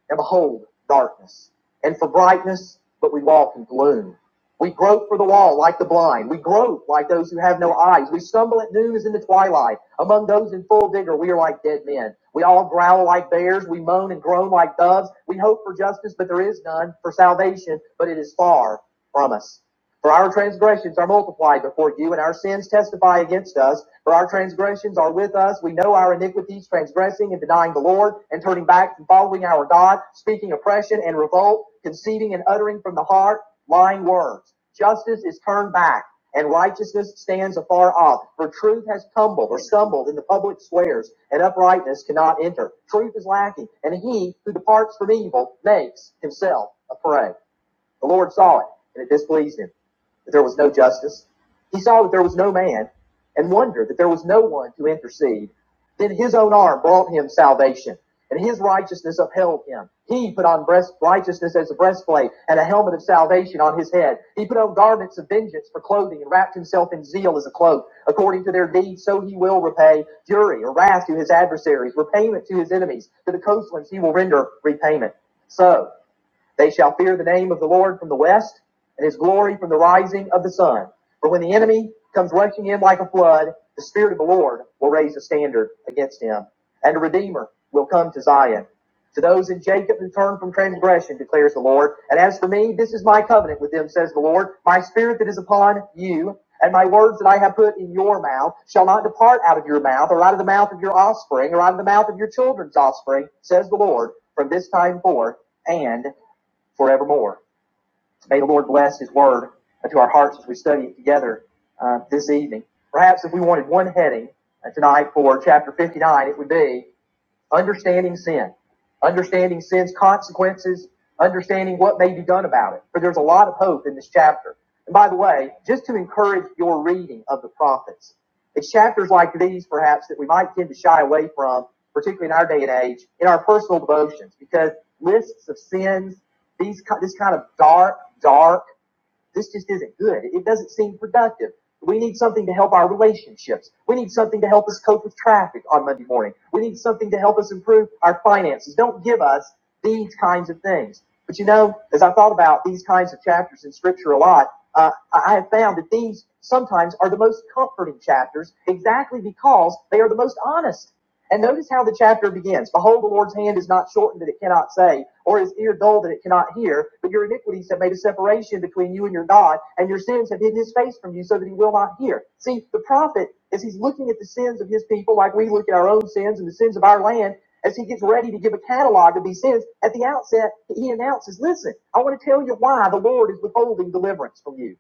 A: and behold, darkness. And for brightness, but we walk in gloom. We grope for the wall like the blind. We grope like those who have no eyes. We stumble at noon as in the twilight. Among those in full vigor, we are like dead men. We all growl like bears. We moan and groan like doves. We hope for justice, but there is none. For salvation, but it is far from us. For our transgressions are multiplied before you, and our sins testify against us. For our transgressions are with us. We know our iniquities, transgressing and denying the Lord, and turning back from following our God, speaking oppression and revolt, conceiving and uttering from the heart lying words. Justice is turned back, and righteousness stands afar off. For truth has tumbled or stumbled in the public squares, and uprightness cannot enter. Truth is lacking, and he who departs from evil makes himself a prey. The Lord saw it, and it displeased him that there was no justice. He saw that there was no man and wondered that there was no one to intercede. Then his own arm brought him salvation, and his righteousness upheld him. He put on breast righteousness as a breastplate and a helmet of salvation on his head. He put on garments of vengeance for clothing and wrapped himself in zeal as a cloak. According to their deeds, so he will repay fury or wrath to his adversaries, repayment to his enemies. To the coastlands he will render repayment. So they shall fear the name of the Lord from the west, and his glory from the rising of the sun. For when the enemy comes rushing in like a flood, the Spirit of the Lord will raise a standard against him, and a Redeemer will come to Zion. To those in Jacob who turn from transgression, declares the Lord. And as for me, this is my covenant with them, says the Lord. My spirit that is upon you, and my words that I have put in your mouth, shall not depart out of your mouth, or out of the mouth of your offspring, or out of the mouth of your children's offspring, says the Lord, from this time forth, and forevermore. So May the Lord bless His Word to our hearts as we study it together uh, this evening. Perhaps if we wanted one heading uh, tonight for chapter 59, it would be understanding sin, understanding sin's consequences, understanding what may be done about it. For there's a lot of hope in this chapter. And by the way, just to encourage your reading of the prophets, it's chapters like these, perhaps, that we might tend to shy away from, particularly in our day and age, in our personal devotions, because lists of sins, these this kind of dark, dark this just isn't good. It doesn't seem productive. We need something to help our relationships. We need something to help us cope with traffic on Monday morning. We need something to help us improve our finances. Don't give us these kinds of things. But you know, as I thought about these kinds of chapters in Scripture a lot, uh, I I have found that these sometimes are the most comforting chapters exactly because they are the most honest. And notice how the chapter begins. Behold, the Lord's hand is not shortened that it cannot save, or his ear dull that it cannot hear. But your iniquities have made a separation between you and your God, and your sins have hid his face from you so that he will not hear. See, the prophet, as he's looking at the sins of his people, like we look at our own sins and the sins of our land, as he gets ready to give a catalog of these sins, at the outset, he announces, Listen, I want to tell you why the Lord is withholding deliverance from you.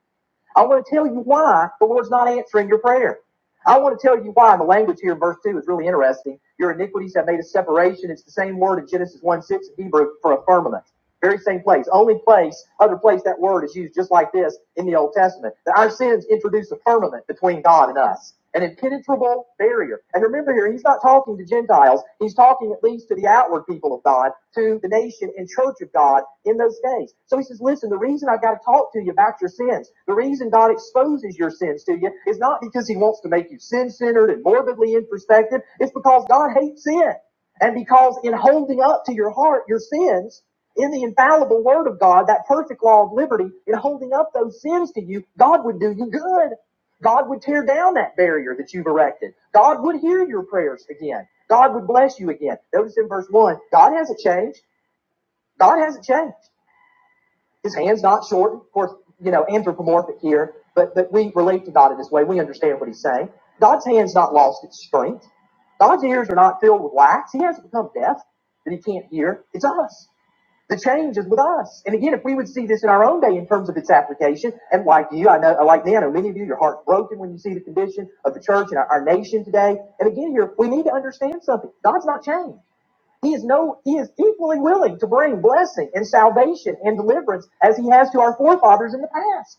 A: I want to tell you why the Lord's not answering your prayer. I want to tell you why. And the language here in verse 2 is really interesting. Your iniquities have made a separation. It's the same word in Genesis 1 6 in Hebrew for a firmament. Very same place. Only place, other place that word is used just like this in the Old Testament. That our sins introduce a firmament between God and us, an impenetrable barrier. And remember here, he's not talking to Gentiles. He's talking at least to the outward people of God, to the nation and church of God in those days. So he says, listen, the reason I've got to talk to you about your sins, the reason God exposes your sins to you is not because he wants to make you sin-centered and morbidly introspective. It's because God hates sin. And because in holding up to your heart your sins, in the infallible word of God, that perfect law of liberty, in holding up those sins to you, God would do you good. God would tear down that barrier that you've erected. God would hear your prayers again. God would bless you again. Notice in verse 1, God hasn't changed. God hasn't changed. His hand's not shortened. Of course, you know, anthropomorphic here, but, but we relate to God in this way. We understand what he's saying. God's hand's not lost its strength. God's ears are not filled with wax. He hasn't become deaf that he can't hear. It's us. The change is with us. And again, if we would see this in our own day in terms of its application, and like you, I know, like me, I know many of you, your heart's broken when you see the condition of the church and our, our nation today. And again, here, we need to understand something. God's not changed. He is no, he is equally willing to bring blessing and salvation and deliverance as he has to our forefathers in the past.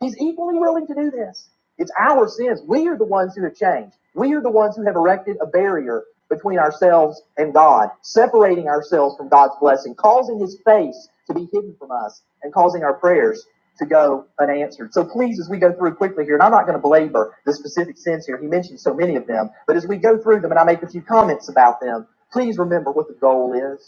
A: He's equally willing to do this. It's our sins. We are the ones who have changed. We are the ones who have erected a barrier between ourselves and God, separating ourselves from God's blessing, causing his face to be hidden from us, and causing our prayers to go unanswered. So please, as we go through quickly here, and I'm not going to belabor the specific sins here, he mentioned so many of them, but as we go through them and I make a few comments about them, please remember what the goal is.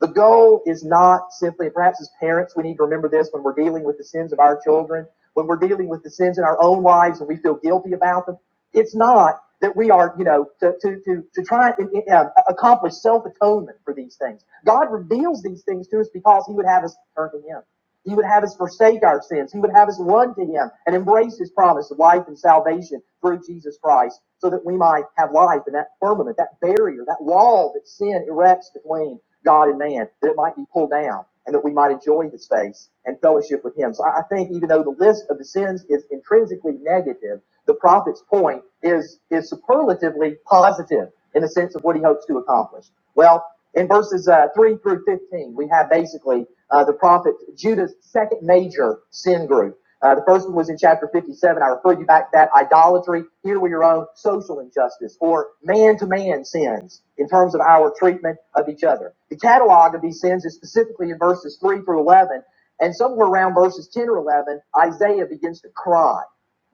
A: The goal is not simply, perhaps as parents, we need to remember this when we're dealing with the sins of our children, when we're dealing with the sins in our own lives and we feel guilty about them. It's not that we are, you know, to, to, to, to try and uh, accomplish self atonement for these things. God reveals these things to us because He would have us turn to Him. He would have us forsake our sins. He would have us run to Him and embrace His promise of life and salvation through Jesus Christ so that we might have life in that firmament, that barrier, that wall that sin erects between God and man, that it might be pulled down and that we might enjoy his face and fellowship with him. So I think even though the list of the sins is intrinsically negative, the prophet's point is, is superlatively positive in the sense of what he hopes to accomplish. Well, in verses uh, 3 through 15, we have basically uh, the prophet Judah's second major sin group. Uh, the first one was in chapter 57. I referred you back to that idolatry. Here we are on social injustice or man to man sins in terms of our treatment of each other. The catalog of these sins is specifically in verses 3 through 11. And somewhere around verses 10 or 11, Isaiah begins to cry,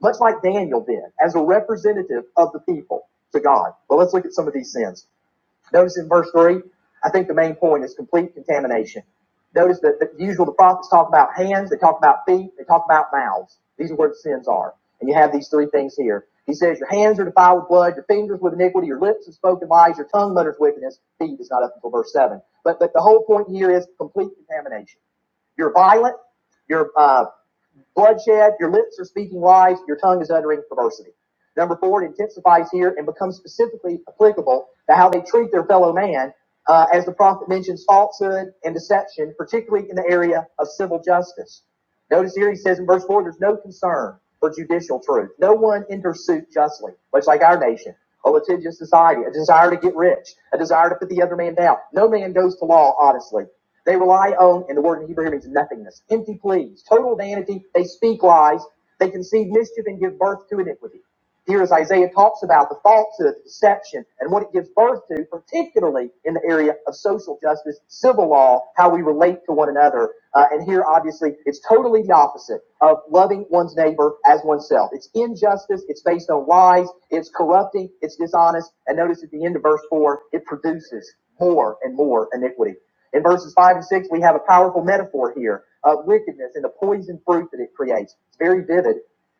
A: much like Daniel did, as a representative of the people to God. Well, let's look at some of these sins. Notice in verse 3, I think the main point is complete contamination. Notice that the usual the prophets talk about hands, they talk about feet, they talk about mouths. These are where the sins are. And you have these three things here. He says, Your hands are defiled with blood, your fingers with iniquity, your lips have spoken lies, your tongue mutters wickedness. Feet is not up until verse 7. But, but the whole point here is complete contamination. You're violent, you're uh, bloodshed, your lips are speaking lies, your tongue is uttering perversity. Number four, it intensifies here and becomes specifically applicable to how they treat their fellow man, uh, as the prophet mentions falsehood and deception, particularly in the area of civil justice. Notice here he says in verse four, there's no concern for judicial truth. No one enters suit justly, much like our nation, a litigious society, a desire to get rich, a desire to put the other man down. No man goes to law honestly. They rely on, and the word in Hebrew here means nothingness, empty pleas, total vanity. They speak lies. They conceive mischief and give birth to iniquity. Here, as Isaiah talks about the falsehood, the deception, and what it gives birth to, particularly in the area of social justice, civil law, how we relate to one another. Uh, and here, obviously, it's totally the opposite of loving one's neighbor as oneself. It's injustice, it's based on lies, it's corrupting, it's dishonest. And notice at the end of verse 4, it produces more and more iniquity. In verses 5 and 6, we have a powerful metaphor here of wickedness and the poison fruit that it creates. It's very vivid.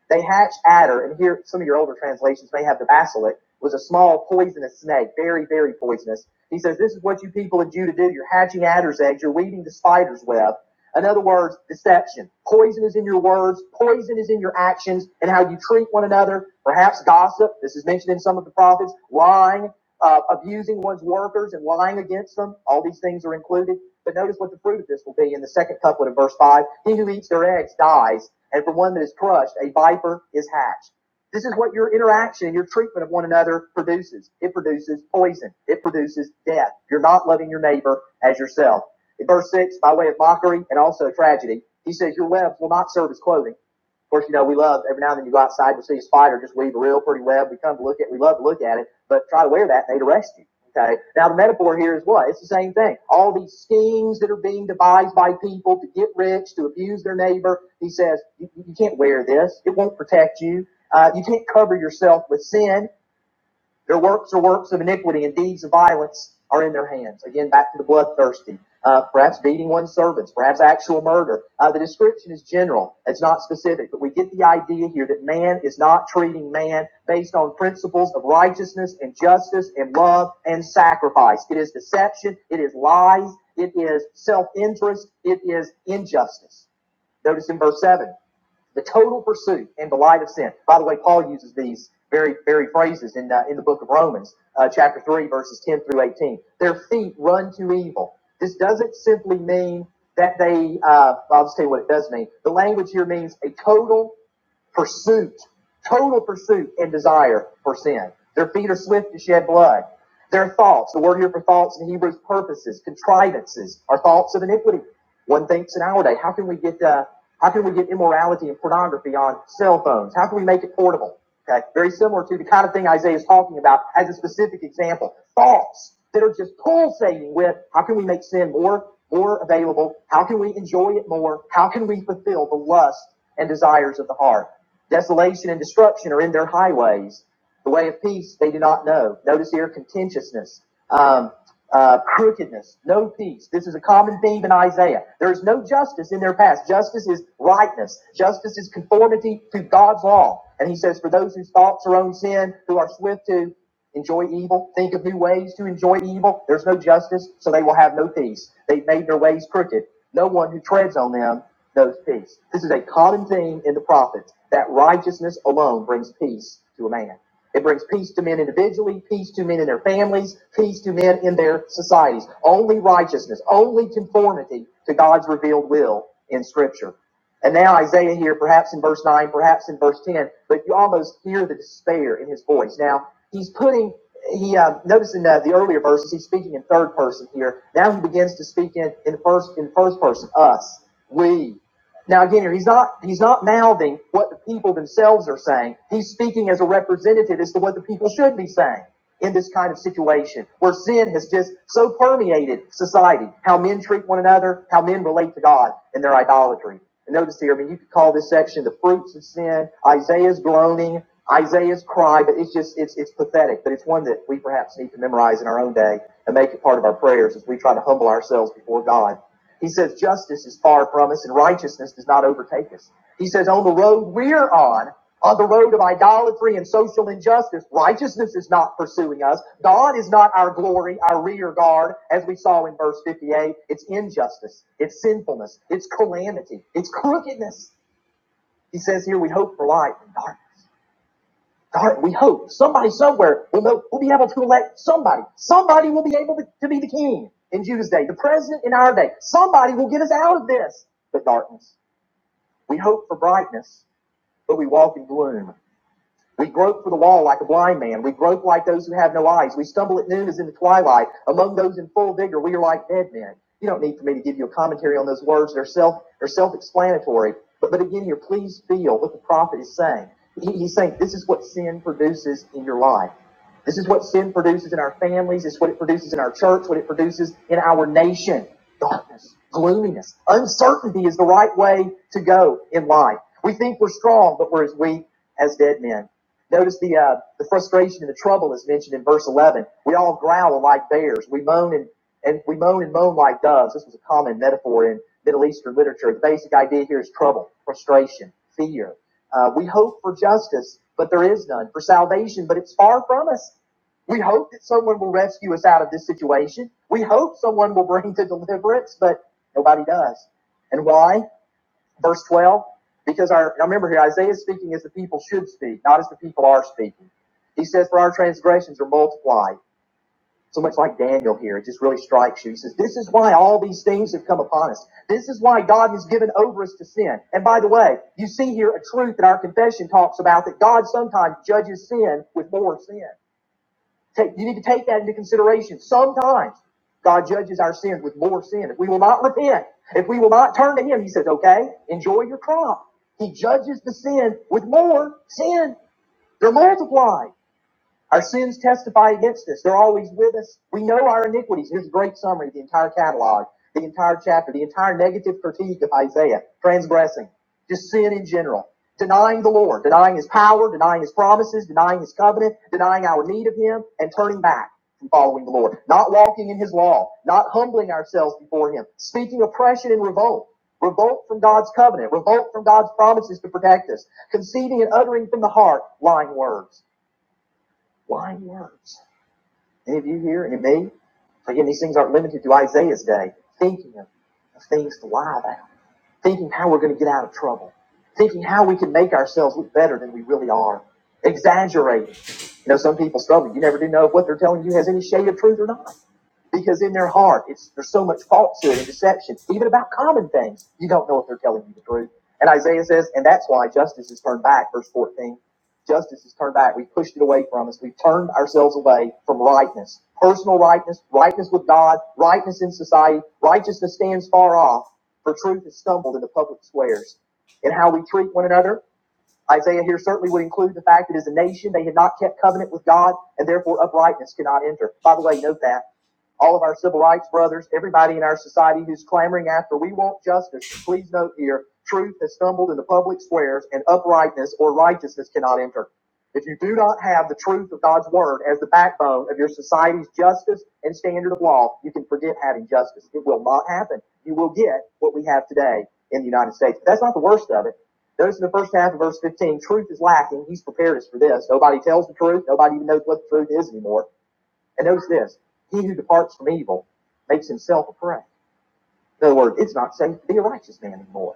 A: They hatch adder, and here some of your older translations may have the basilic, was a small poisonous snake, very, very poisonous. He says, This is what you people in Judah do. You're hatching adder's eggs, you're weaving the spider's web. In other words, deception. Poison is in your words, poison is in your actions and how you treat one another, perhaps gossip. This is mentioned in some of the prophets, lying, uh, abusing one's workers and lying against them. All these things are included. But notice what the fruit of this will be in the second couplet of verse 5. He who eats their eggs dies, and for one that is crushed, a viper is hatched. This is what your interaction and your treatment of one another produces. It produces poison. It produces death. You're not loving your neighbor as yourself. In verse 6, by way of mockery and also tragedy, he says, Your webs will not serve as clothing. Of course, you know, we love every now and then you go outside to see a spider just weave a real pretty web. We come to look at it. we love to look at it, but try to wear that and they'd arrest you. Okay. Now the metaphor here is what? It's the same thing. All these schemes that are being devised by people to get rich, to abuse their neighbor. He says, you, you can't wear this. It won't protect you. Uh, you can't cover yourself with sin. Their works are works of iniquity, and deeds of violence are in their hands. Again, back to the bloodthirsty. Uh, perhaps beating one's servants, perhaps actual murder. Uh, the description is general, it's not specific, but we get the idea here that man is not treating man based on principles of righteousness and justice and love and sacrifice. It is deception, it is lies, it is self interest, it is injustice. Notice in verse 7 the total pursuit and the light of sin. By the way, Paul uses these very, very phrases in, uh, in the book of Romans, uh, chapter 3, verses 10 through 18. Their feet run to evil. This doesn't simply mean that they, uh, I'll just tell you what it does mean. The language here means a total pursuit, total pursuit and desire for sin. Their feet are swift to shed blood. Their thoughts, the word here for thoughts in Hebrew is purposes, contrivances, are thoughts of iniquity. One thinks in our day, how can we get uh, how can we get immorality and pornography on cell phones? How can we make it portable? Okay, very similar to the kind of thing Isaiah is talking about as a specific example. Thoughts that are just pulsating with how can we make sin more, more available? How can we enjoy it more? How can we fulfill the lust and desires of the heart? Desolation and destruction are in their highways. The way of peace they do not know. Notice here contentiousness. Um, uh, crookedness, no peace. This is a common theme in Isaiah. There is no justice in their past. Justice is rightness. Justice is conformity to God's law. And he says, for those whose thoughts are on sin, who are swift to enjoy evil, think of new ways to enjoy evil, there's no justice, so they will have no peace. They've made their ways crooked. No one who treads on them knows peace. This is a common theme in the prophets that righteousness alone brings peace to a man. It brings peace to men individually, peace to men in their families, peace to men in their societies. Only righteousness, only conformity to God's revealed will in Scripture. And now Isaiah here, perhaps in verse 9, perhaps in verse 10, but you almost hear the despair in his voice. Now, he's putting, he, uh, notice in uh, the earlier verses, he's speaking in third person here. Now he begins to speak in, in first, in first person, us, we. Now again, here, he's not he's not mouthing what the people themselves are saying. He's speaking as a representative as to what the people should be saying in this kind of situation where sin has just so permeated society, how men treat one another, how men relate to God and their idolatry. And notice here, I mean, you could call this section the fruits of sin, Isaiah's groaning, Isaiah's cry, but it's just it's it's pathetic. But it's one that we perhaps need to memorize in our own day and make it part of our prayers as we try to humble ourselves before God he says justice is far from us and righteousness does not overtake us. He says on the road we're on, on the road of idolatry and social injustice, righteousness is not pursuing us. God is not our glory, our rear guard, as we saw in verse 58. It's injustice, it's sinfulness, it's calamity, it's crookedness. He says here we hope for light in darkness. Dar- we hope somebody somewhere will know will be able to elect somebody. Somebody will be able to, to be the king in Judah's day, the president in our day. Somebody will get us out of this. The darkness. We hope for brightness, but we walk in gloom. We grope for the wall like a blind man. We grope like those who have no eyes. We stumble at noon as in the twilight. Among those in full vigor, we are like dead men. You don't need for me to give you a commentary on those words. They're self they're self-explanatory. But but again here, please feel what the prophet is saying. He- he's saying this is what sin produces in your life. This is what sin produces in our families. It's what it produces in our church. What it produces in our nation. Darkness, gloominess, uncertainty is the right way to go in life. We think we're strong, but we're as weak as dead men. Notice the uh, the frustration and the trouble is mentioned in verse 11. We all growl like bears. We moan and and we moan and moan like doves. This was a common metaphor in Middle Eastern literature. The basic idea here is trouble, frustration, fear. Uh, we hope for justice, but there is none. For salvation, but it's far from us. We hope that someone will rescue us out of this situation. We hope someone will bring to deliverance, but nobody does. And why? verse 12 because our now remember here isaiah is speaking as the people should speak not as the people are speaking he says for our transgressions are multiplied so much like daniel here it just really strikes you he says this is why all these things have come upon us this is why god has given over us to sin and by the way you see here a truth that our confession talks about that god sometimes judges sin with more sin Take, you need to take that into consideration. Sometimes God judges our sins with more sin. If we will not repent, if we will not turn to Him, He says, okay, enjoy your crop. He judges the sin with more sin. They're multiplied. Our sins testify against us. They're always with us. We know our iniquities. Here's a great summary, of the entire catalog, the entire chapter, the entire negative critique of Isaiah, transgressing, just sin in general, denying the Lord, denying his power, denying his promises, denying his covenant, denying our need of him, and turning back from following the Lord, not walking in his law, not humbling ourselves before him, speaking oppression and revolt. Revolt from God's covenant, revolt from God's promises to protect us, conceiving and uttering from the heart lying words. Wise words. Any of you here? Any of me? So again, these things aren't limited to Isaiah's day. Thinking of, of things to lie about, thinking how we're going to get out of trouble, thinking how we can make ourselves look better than we really are, exaggerating. You know, some people struggle. You never do know if what they're telling you has any shade of truth or not because in their heart, it's, there's so much falsehood and deception, even about common things. You don't know if they're telling you the truth. And Isaiah says, and that's why justice is turned back, verse 14. Justice is turned back. We've pushed it away from us. We've turned ourselves away from rightness, personal rightness, rightness with God, rightness in society. Righteousness stands far off, for truth is stumbled in the public squares. In how we treat one another, Isaiah here certainly would include the fact that as a nation they had not kept covenant with God, and therefore uprightness cannot enter. By the way, note that all of our civil rights brothers, everybody in our society who's clamoring after we want justice, please note here, truth has stumbled in the public squares and uprightness or righteousness cannot enter. If you do not have the truth of God's word as the backbone of your society's justice and standard of law, you can forget having justice. It will not happen. You will get what we have today in the United States. But that's not the worst of it. Notice in the first half of verse 15, truth is lacking. He's prepared us for this. Nobody tells the truth. Nobody even knows what the truth is anymore. And notice this he who departs from evil makes himself a prey. In other words, it's not safe to be a righteous man anymore.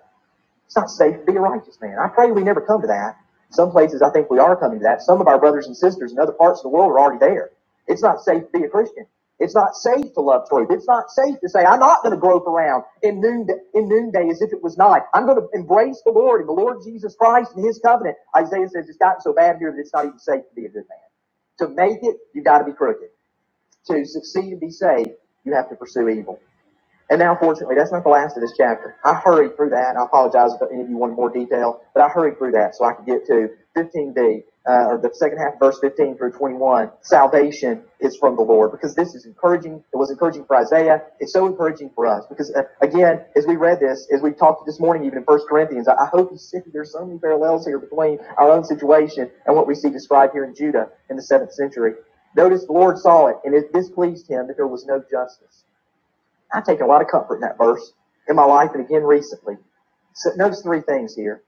A: It's not safe to be a righteous man. I pray we never come to that. Some places I think we are coming to that. Some of our brothers and sisters in other parts of the world are already there. It's not safe to be a Christian. It's not safe to love truth. It's not safe to say, I'm not going to grope around in noonday, in noonday as if it was night. I'm going to embrace the Lord and the Lord Jesus Christ and his covenant. Isaiah says it's gotten so bad here that it's not even safe to be a good man. To make it, you've got to be crooked. To succeed and be saved, you have to pursue evil. And now, fortunately, that's not the last of this chapter. I hurried through that. I apologize if any of you wanted more detail, but I hurried through that so I could get to 15b, uh, or the second half, of verse 15 through 21. Salvation is from the Lord because this is encouraging. It was encouraging for Isaiah. It's so encouraging for us because, uh, again, as we read this, as we talked this morning, even in 1 Corinthians, I, I hope you see there's so many parallels here between our own situation and what we see described here in Judah in the 7th century. Notice the Lord saw it, and it displeased him that there was no justice. I take a lot of comfort in that verse in my life and again recently. So notice three things here.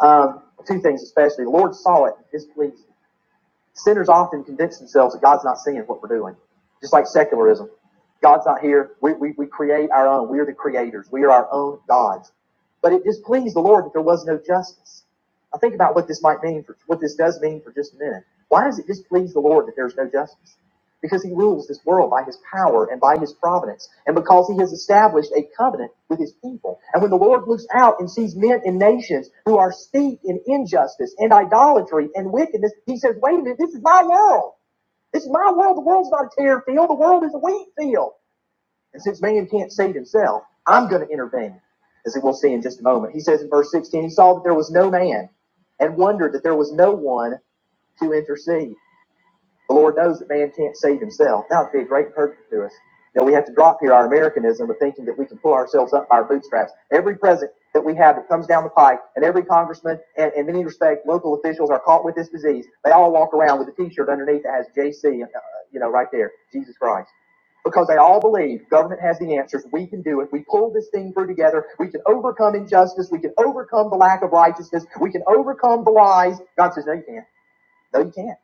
A: Um, two things especially. The Lord saw it and displeased. Sinners often convince themselves that God's not seeing what we're doing, just like secularism. God's not here. We, we, we create our own. We are the creators. We are our own gods. But it displeased the Lord that there was no justice. Now think about what this might mean for what this does mean for just a minute. Why does it displease the Lord that there's no justice? because he rules this world by his power and by his providence, and because he has established a covenant with his people. And when the Lord looks out and sees men and nations who are steeped in injustice and idolatry and wickedness, he says, Wait a minute, this is my world. This is my world. The world's not a tear field, the world is a wheat field. And since man can't save himself, I'm going to intervene, as we'll see in just a moment. He says in verse 16, He saw that there was no man and wondered that there was no one to intercede. The Lord knows that man can't save himself. That would be a great purpose to us. That we have to drop here our Americanism of thinking that we can pull ourselves up by our bootstraps. Every president that we have that comes down the pike, and every congressman and in many respects local officials are caught with this disease. They all walk around with a T-shirt underneath that has JC, uh, you know, right there, Jesus Christ because they all believe government has the answers. We can do it. We pull this thing through together. We can overcome injustice. We can overcome the lack of righteousness. We can overcome the lies. God says, no, you can't. No, you can't.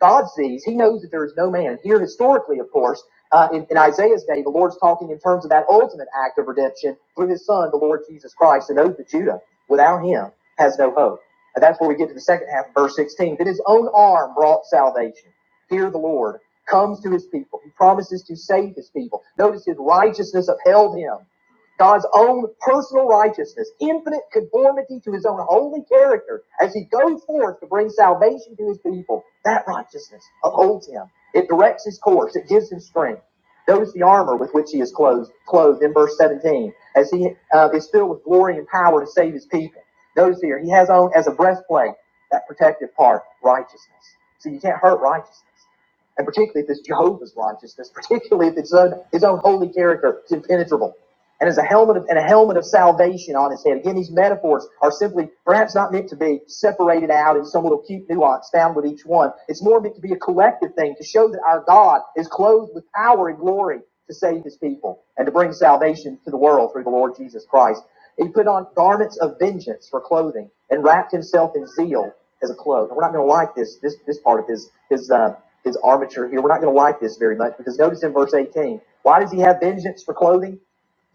A: God sees. He knows that there is no man. Here, historically, of course, uh, in, in Isaiah's day, the Lord's talking in terms of that ultimate act of redemption through His Son, the Lord Jesus Christ, and oath that Judah, without Him, has no hope. And that's where we get to the second half of verse 16. That His own arm brought salvation. Here, the Lord comes to His people. He promises to save His people. Notice His righteousness upheld Him. God's own personal righteousness, infinite conformity to his own holy character as he goes forth to bring salvation to his people. That righteousness upholds him. It directs his course. It gives him strength. Notice the armor with which he is clothed, clothed in verse 17 as he uh, is filled with glory and power to save his people. Notice here, he has on as a breastplate that protective part, righteousness. So you can't hurt righteousness and particularly if it's Jehovah's righteousness, particularly if it's his own, his own holy character it's impenetrable and as a helmet of, and a helmet of salvation on his head. Again, these metaphors are simply perhaps not meant to be separated out in some little cute nuance found with each one. It's more meant to be a collective thing to show that our God is clothed with power and glory to save his people and to bring salvation to the world through the Lord Jesus Christ. He put on garments of vengeance for clothing and wrapped himself in zeal as a cloak. And we're not going to like this this this part of his his uh, his armature here. We're not going to like this very much because notice in verse 18, why does he have vengeance for clothing?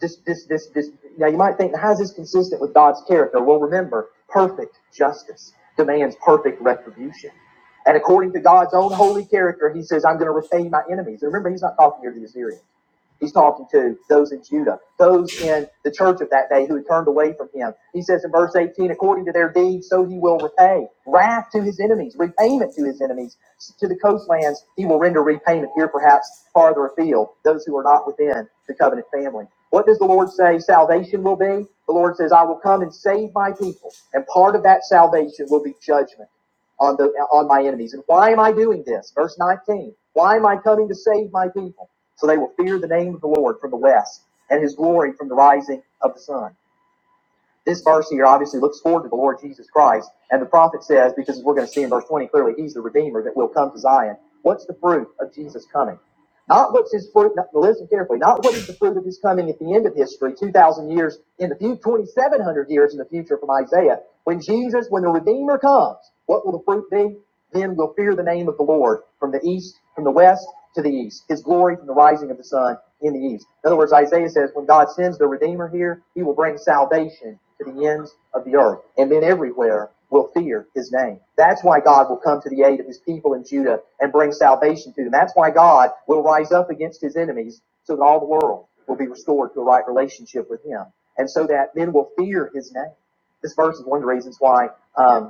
A: Just this, this, this. Now you might think, how is this consistent with God's character? Well, remember, perfect justice demands perfect retribution. And according to God's own holy character, he says, I'm going to repay my enemies. And remember, he's not talking here to the Assyrians. He's talking to those in Judah, those in the church of that day who had turned away from him. He says in verse 18, according to their deeds, so he will repay wrath to his enemies, repayment to his enemies. To the coastlands, he will render repayment here, perhaps farther afield, those who are not within the covenant family. What does the Lord say salvation will be? The Lord says, I will come and save my people. And part of that salvation will be judgment on the on my enemies. And why am I doing this? Verse 19. Why am I coming to save my people? So they will fear the name of the Lord from the west and his glory from the rising of the sun. This verse here obviously looks forward to the Lord Jesus Christ. And the prophet says, because we're going to see in verse 20 clearly, he's the Redeemer that will come to Zion. What's the fruit of Jesus coming? Not what's his fruit, no, listen carefully, not what is the fruit of his coming at the end of history, 2,000 years in the future, 2,700 years in the future from Isaiah. When Jesus, when the Redeemer comes, what will the fruit be? Then will fear the name of the Lord from the east, from the west to the east, his glory from the rising of the sun in the east. In other words, Isaiah says, when God sends the Redeemer here, he will bring salvation to the ends of the earth. And then everywhere will fear his name. That's why God will come to the aid of his people in Judah and bring salvation to them. That's why God will rise up against his enemies so that all the world will be restored to a right relationship with him. And so that men will fear his name. This verse is one of the reasons why. um,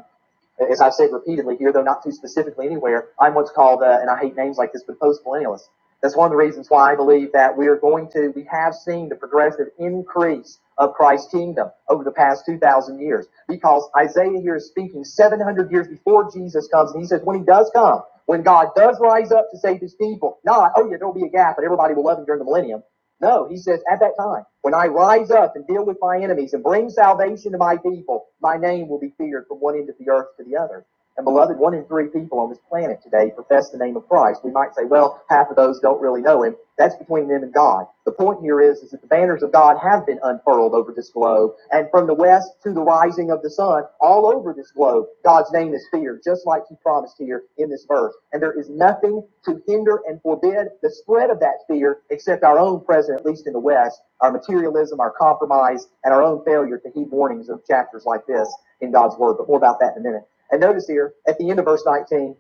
A: as I've said repeatedly here, though not too specifically anywhere, I'm what's called, uh, and I hate names like this, but post millennialist. That's one of the reasons why I believe that we are going to, we have seen the progressive increase of Christ's kingdom over the past 2,000 years. Because Isaiah here is speaking 700 years before Jesus comes, and he says, when he does come, when God does rise up to save his people, not, oh yeah, there'll be a gap and everybody will love him during the millennium. No, he says, at that time, when I rise up and deal with my enemies and bring salvation to my people, my name will be feared from one end of the earth to the other. And beloved, one in three people on this planet today profess the name of Christ. We might say, well, half of those don't really know him. That's between them and God. The point here is, is that the banners of God have been unfurled over this globe. And from the west to the rising of the sun, all over this globe, God's name is feared, just like he promised here in this verse. And there is nothing to hinder and forbid the spread of that fear except our own present, at least in the west, our materialism, our compromise, and our own failure to heed warnings of chapters like this in God's word. But more about that in a minute. And notice here at the end of verse 19,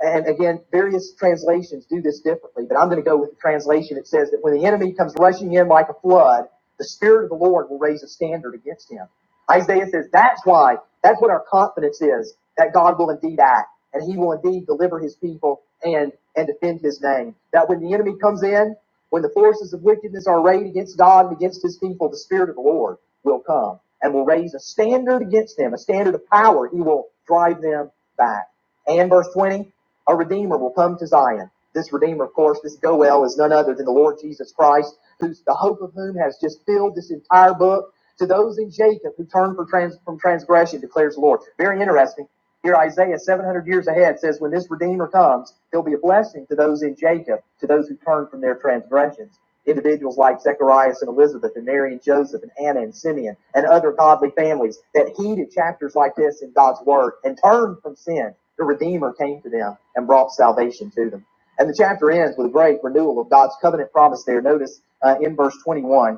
A: and again, various translations do this differently, but I'm going to go with the translation that says that when the enemy comes rushing in like a flood, the Spirit of the Lord will raise a standard against him. Isaiah says that's why, that's what our confidence is, that God will indeed act, and he will indeed deliver his people and, and defend his name. That when the enemy comes in, when the forces of wickedness are arrayed against God and against his people, the Spirit of the Lord will come and will raise a standard against them, a standard of power. He will drive them back. And verse 20, a redeemer will come to Zion. This redeemer, of course, this Goel is none other than the Lord Jesus Christ, who's the hope of whom has just filled this entire book. To those in Jacob who turn for trans, from transgression, declares the Lord. Very interesting. Here, Isaiah, 700 years ahead, says, When this Redeemer comes, he'll be a blessing to those in Jacob, to those who turn from their transgressions. Individuals like Zacharias and Elizabeth, and Mary and Joseph, and Anna and Simeon, and other godly families that heeded chapters like this in God's Word and turned from sin. The Redeemer came to them and brought salvation to them. And the chapter ends with a great renewal of God's covenant promise there. Notice uh, in verse 21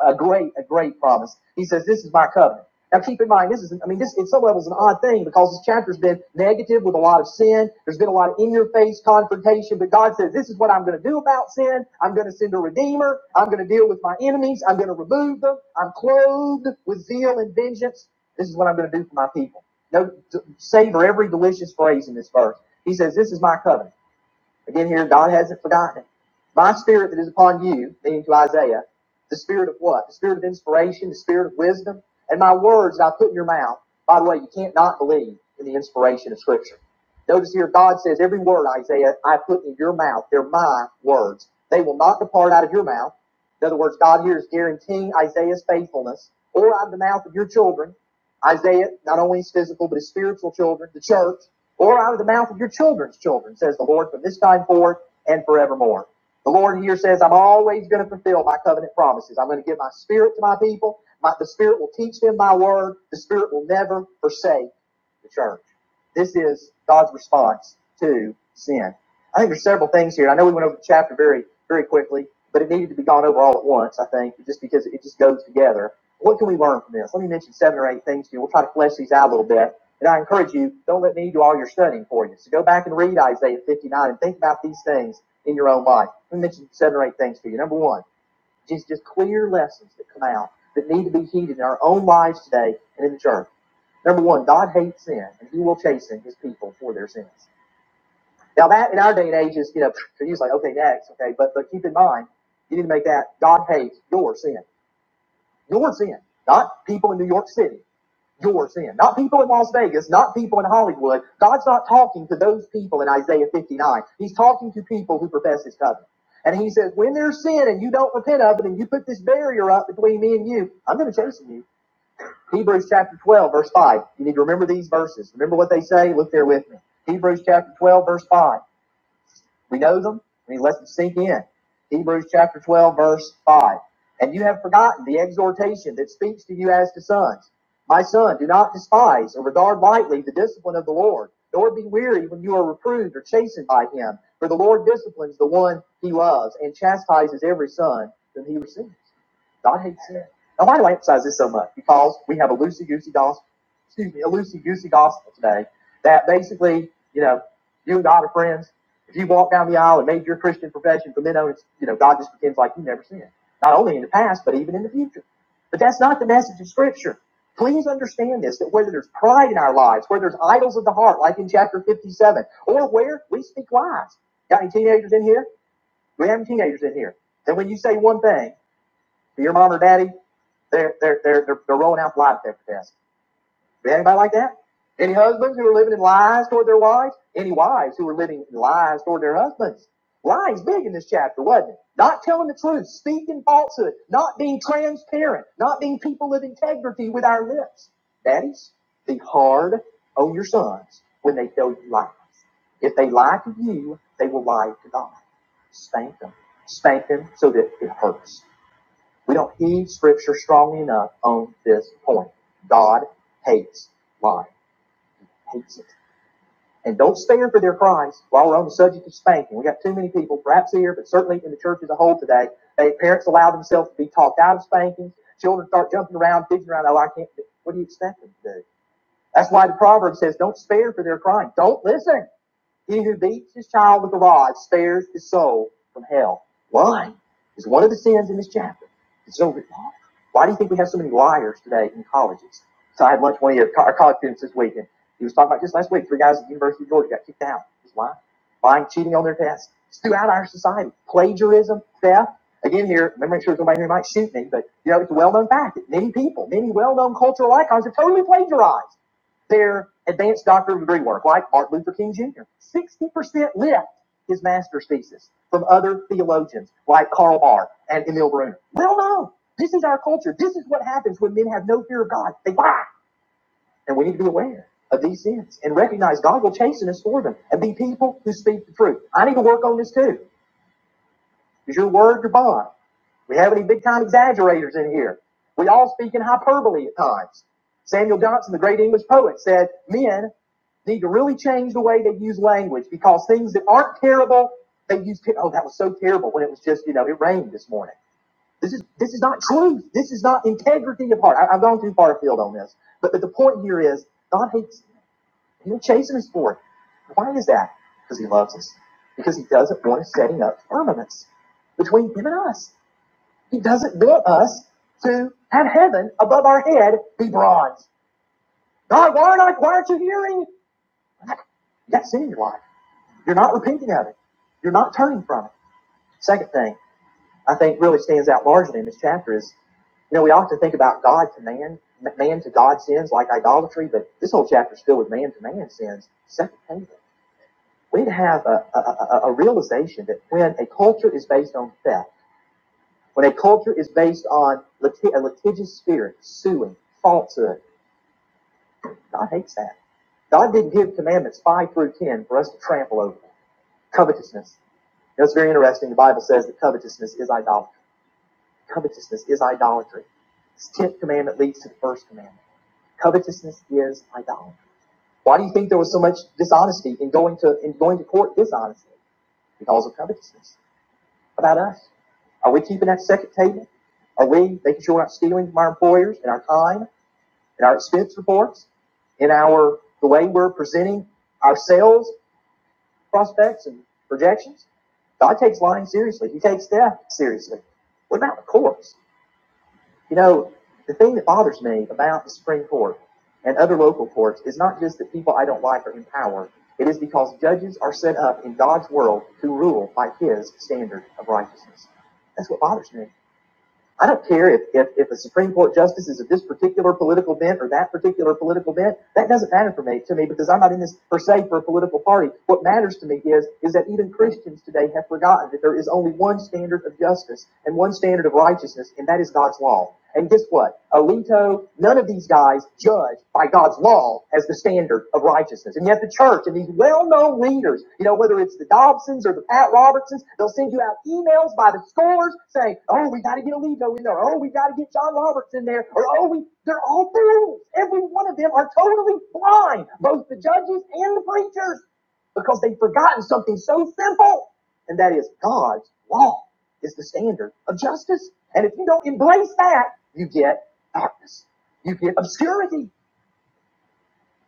A: a great, a great promise. He says, This is my covenant. Now keep in mind, this is, I mean, this in some levels is an odd thing because this chapter's been negative with a lot of sin. There's been a lot of in your face confrontation, but God says, This is what I'm going to do about sin. I'm going to send a redeemer. I'm going to deal with my enemies. I'm going to remove them. I'm clothed with zeal and vengeance. This is what I'm going to do for my people. No, savor every delicious phrase in this verse. He says, This is my covenant. Again, here, God hasn't forgotten it. My spirit that is upon you, meaning to Isaiah, the spirit of what? The spirit of inspiration, the spirit of wisdom, and my words that I put in your mouth. By the way, you can't not believe in the inspiration of Scripture. Notice here, God says, Every word, Isaiah, I put in your mouth, they're my words. They will not depart out of your mouth. In other words, God here is guaranteeing Isaiah's faithfulness, or out of the mouth of your children, Isaiah not only his physical, but his spiritual children, the church, or out of the mouth of your children's children, says the Lord, from this time forth and forevermore. The Lord here says, I'm always going to fulfill my covenant promises. I'm going to give my spirit to my people. My, the spirit will teach them my word. The spirit will never forsake the church. This is God's response to sin. I think there's several things here. I know we went over the chapter very, very quickly, but it needed to be gone over all at once, I think, just because it just goes together. What can we learn from this? Let me mention seven or eight things to you. We'll try to flesh these out a little bit. And I encourage you, don't let me do all your studying for you. So go back and read Isaiah 59 and think about these things in your own life. Let me mention seven or eight things to you. Number one, just, just clear lessons that come out that need to be heeded in our own lives today and in the church. Number one, God hates sin, and He will chasten His people for their sins. Now that in our day and age is you know so you're usually like okay next okay but but keep in mind you need to make that God hates your sin your sin not people in New York City your sin. Not people in Las Vegas, not people in Hollywood. God's not talking to those people in Isaiah 59. He's talking to people who profess his covenant. And he says, when there's sin and you don't repent of it and you put this barrier up between me and you, I'm going to chasten you. Hebrews chapter 12, verse 5. You need to remember these verses. Remember what they say? Look there with me. Hebrews chapter 12, verse 5. We know them, and he lets them sink in. Hebrews chapter 12, verse 5. And you have forgotten the exhortation that speaks to you as to sons. My son, do not despise or regard lightly the discipline of the Lord, nor be weary when you are reproved or chastened by him. For the Lord disciplines the one he loves and chastises every son whom he receives. God hates sin. Now, why do I emphasize this so much? Because we have a loosey goosey gospel, excuse me, a loosey goosey gospel today that basically, you know, you and God are friends if you walk down the aisle and made your Christian profession from then on, it's, you know, God just pretends like you never sinned. Not only in the past, but even in the future. But that's not the message of Scripture. Please understand this, that whether there's pride in our lives, where there's idols of the heart, like in chapter 57, or where we speak lies. Got any teenagers in here? We have any teenagers in here. Then when you say one thing to your mom or daddy, they're, they're, they're, they're, they're rolling out the lie detector tests. Anybody like that? Any husbands who are living in lies toward their wives? Any wives who are living in lies toward their husbands? Lies big in this chapter, wasn't it? Not telling the truth, speaking falsehood, not being transparent, not being people of integrity with our lips. Daddies, be hard on your sons when they tell you lies. If they lie to you, they will lie to God. Spank them. Spank them so that it hurts. We don't heed scripture strongly enough on this point. God hates lying, hates it. And don't stand for their Christ while we're on the subject of spanking. We got too many people, perhaps here, but certainly in the church as a whole today, they parents allow themselves to be talked out of spankings. Children start jumping around, digging around. Oh, I can't. do-" What do you expect them to do? That's why the proverb says, "Don't spare for their crying. Don't listen. He who beats his child with a rod spares his soul from hell. Lying is one of the sins in this chapter. It's so written off. Why do you think we have so many liars today in colleges? So I had lunch with one of our college students this week, and he was talking about just last week, three guys at the University of Georgia got kicked out. Just lying. Lying, cheating on their tests. It's throughout our society. Plagiarism, theft. Again, here, I'm sure somebody here might shoot me, but you know, it's a well known fact that many people, many well known cultural icons have totally plagiarized their advanced doctor degree work, like Martin Luther King Jr. 60% lift his master's thesis from other theologians like Karl Barth and Emil Brunner. Well known. This is our culture. This is what happens when men have no fear of God. They lie. And we need to be aware of these sins and recognize God will chasten us for them and be people who speak the truth. I need to work on this too. Is your word your bond? We have any big time exaggerators in here. We all speak in hyperbole at times. Samuel Johnson, the great English poet, said men need to really change the way they use language because things that aren't terrible, they use, ter- oh, that was so terrible when it was just, you know, it rained this morning. This is, this is not truth. This is not integrity of heart. I, I've gone too far afield on this. But, but the point here is God hates, he'll chasing us for it. Why is that? Because he loves us. Because he doesn't want us setting up firmaments between him and us. He doesn't want us to have heaven above our head be bronze. God, why aren't I, why aren't you hearing? That's in your life. You're not repenting of it. You're not turning from it. Second thing I think really stands out largely in this chapter is, you know, we often think about God to man, man to God sins like idolatry, but this whole chapter is filled with man to man sins. Second thing, we need to have a, a, a, a realization that when a culture is based on theft, When a culture is based on liti- a litigious spirit, suing, falsehood, God hates that. God did give commandments 5 through 10 for us to trample over. Covetousness. You know, it's very interesting. The Bible says that covetousness is idolatry. Covetousness is idolatry. This 10th commandment leads to the first commandment. Covetousness is idolatry. Why do you think there was so much dishonesty in going to, in going to court dishonestly? Because of covetousness. How About us. Are we keeping that second table? Are we making sure we're not stealing from our employers and our time? in our expense reports, in our the way we're presenting our sales prospects and projections. God takes lying seriously. He takes death seriously. What about the courts? You know, the thing that bothers me about the Supreme Court and other local courts is not just that people I don't like are in power. It is because judges are set up in God's world to rule by His standard of righteousness. That's what bothers me. I don't care if, if, if a Supreme Court justice is of this particular political bent or that particular political bent. That doesn't matter for me, to me because I'm not in this per se for a political party. What matters to me is, is that even Christians today have forgotten that there is only one standard of justice and one standard of righteousness, and that is God's law. And guess what? Alito, none of these guys judge by God's law as the standard of righteousness. And yet the church and these well-known leaders, you know, whether it's the Dobsons or the Pat Robertsons, they'll send you out emails by the scores saying, oh, we got to get Alito in there. Oh, we got to get John Roberts in there. Or, oh, we, they're all fools. Every one of them are totally blind, both the judges and the preachers, because they've forgotten something so simple and that is God's law is the standard of justice. And if you don't embrace that, you get darkness. You get obscurity.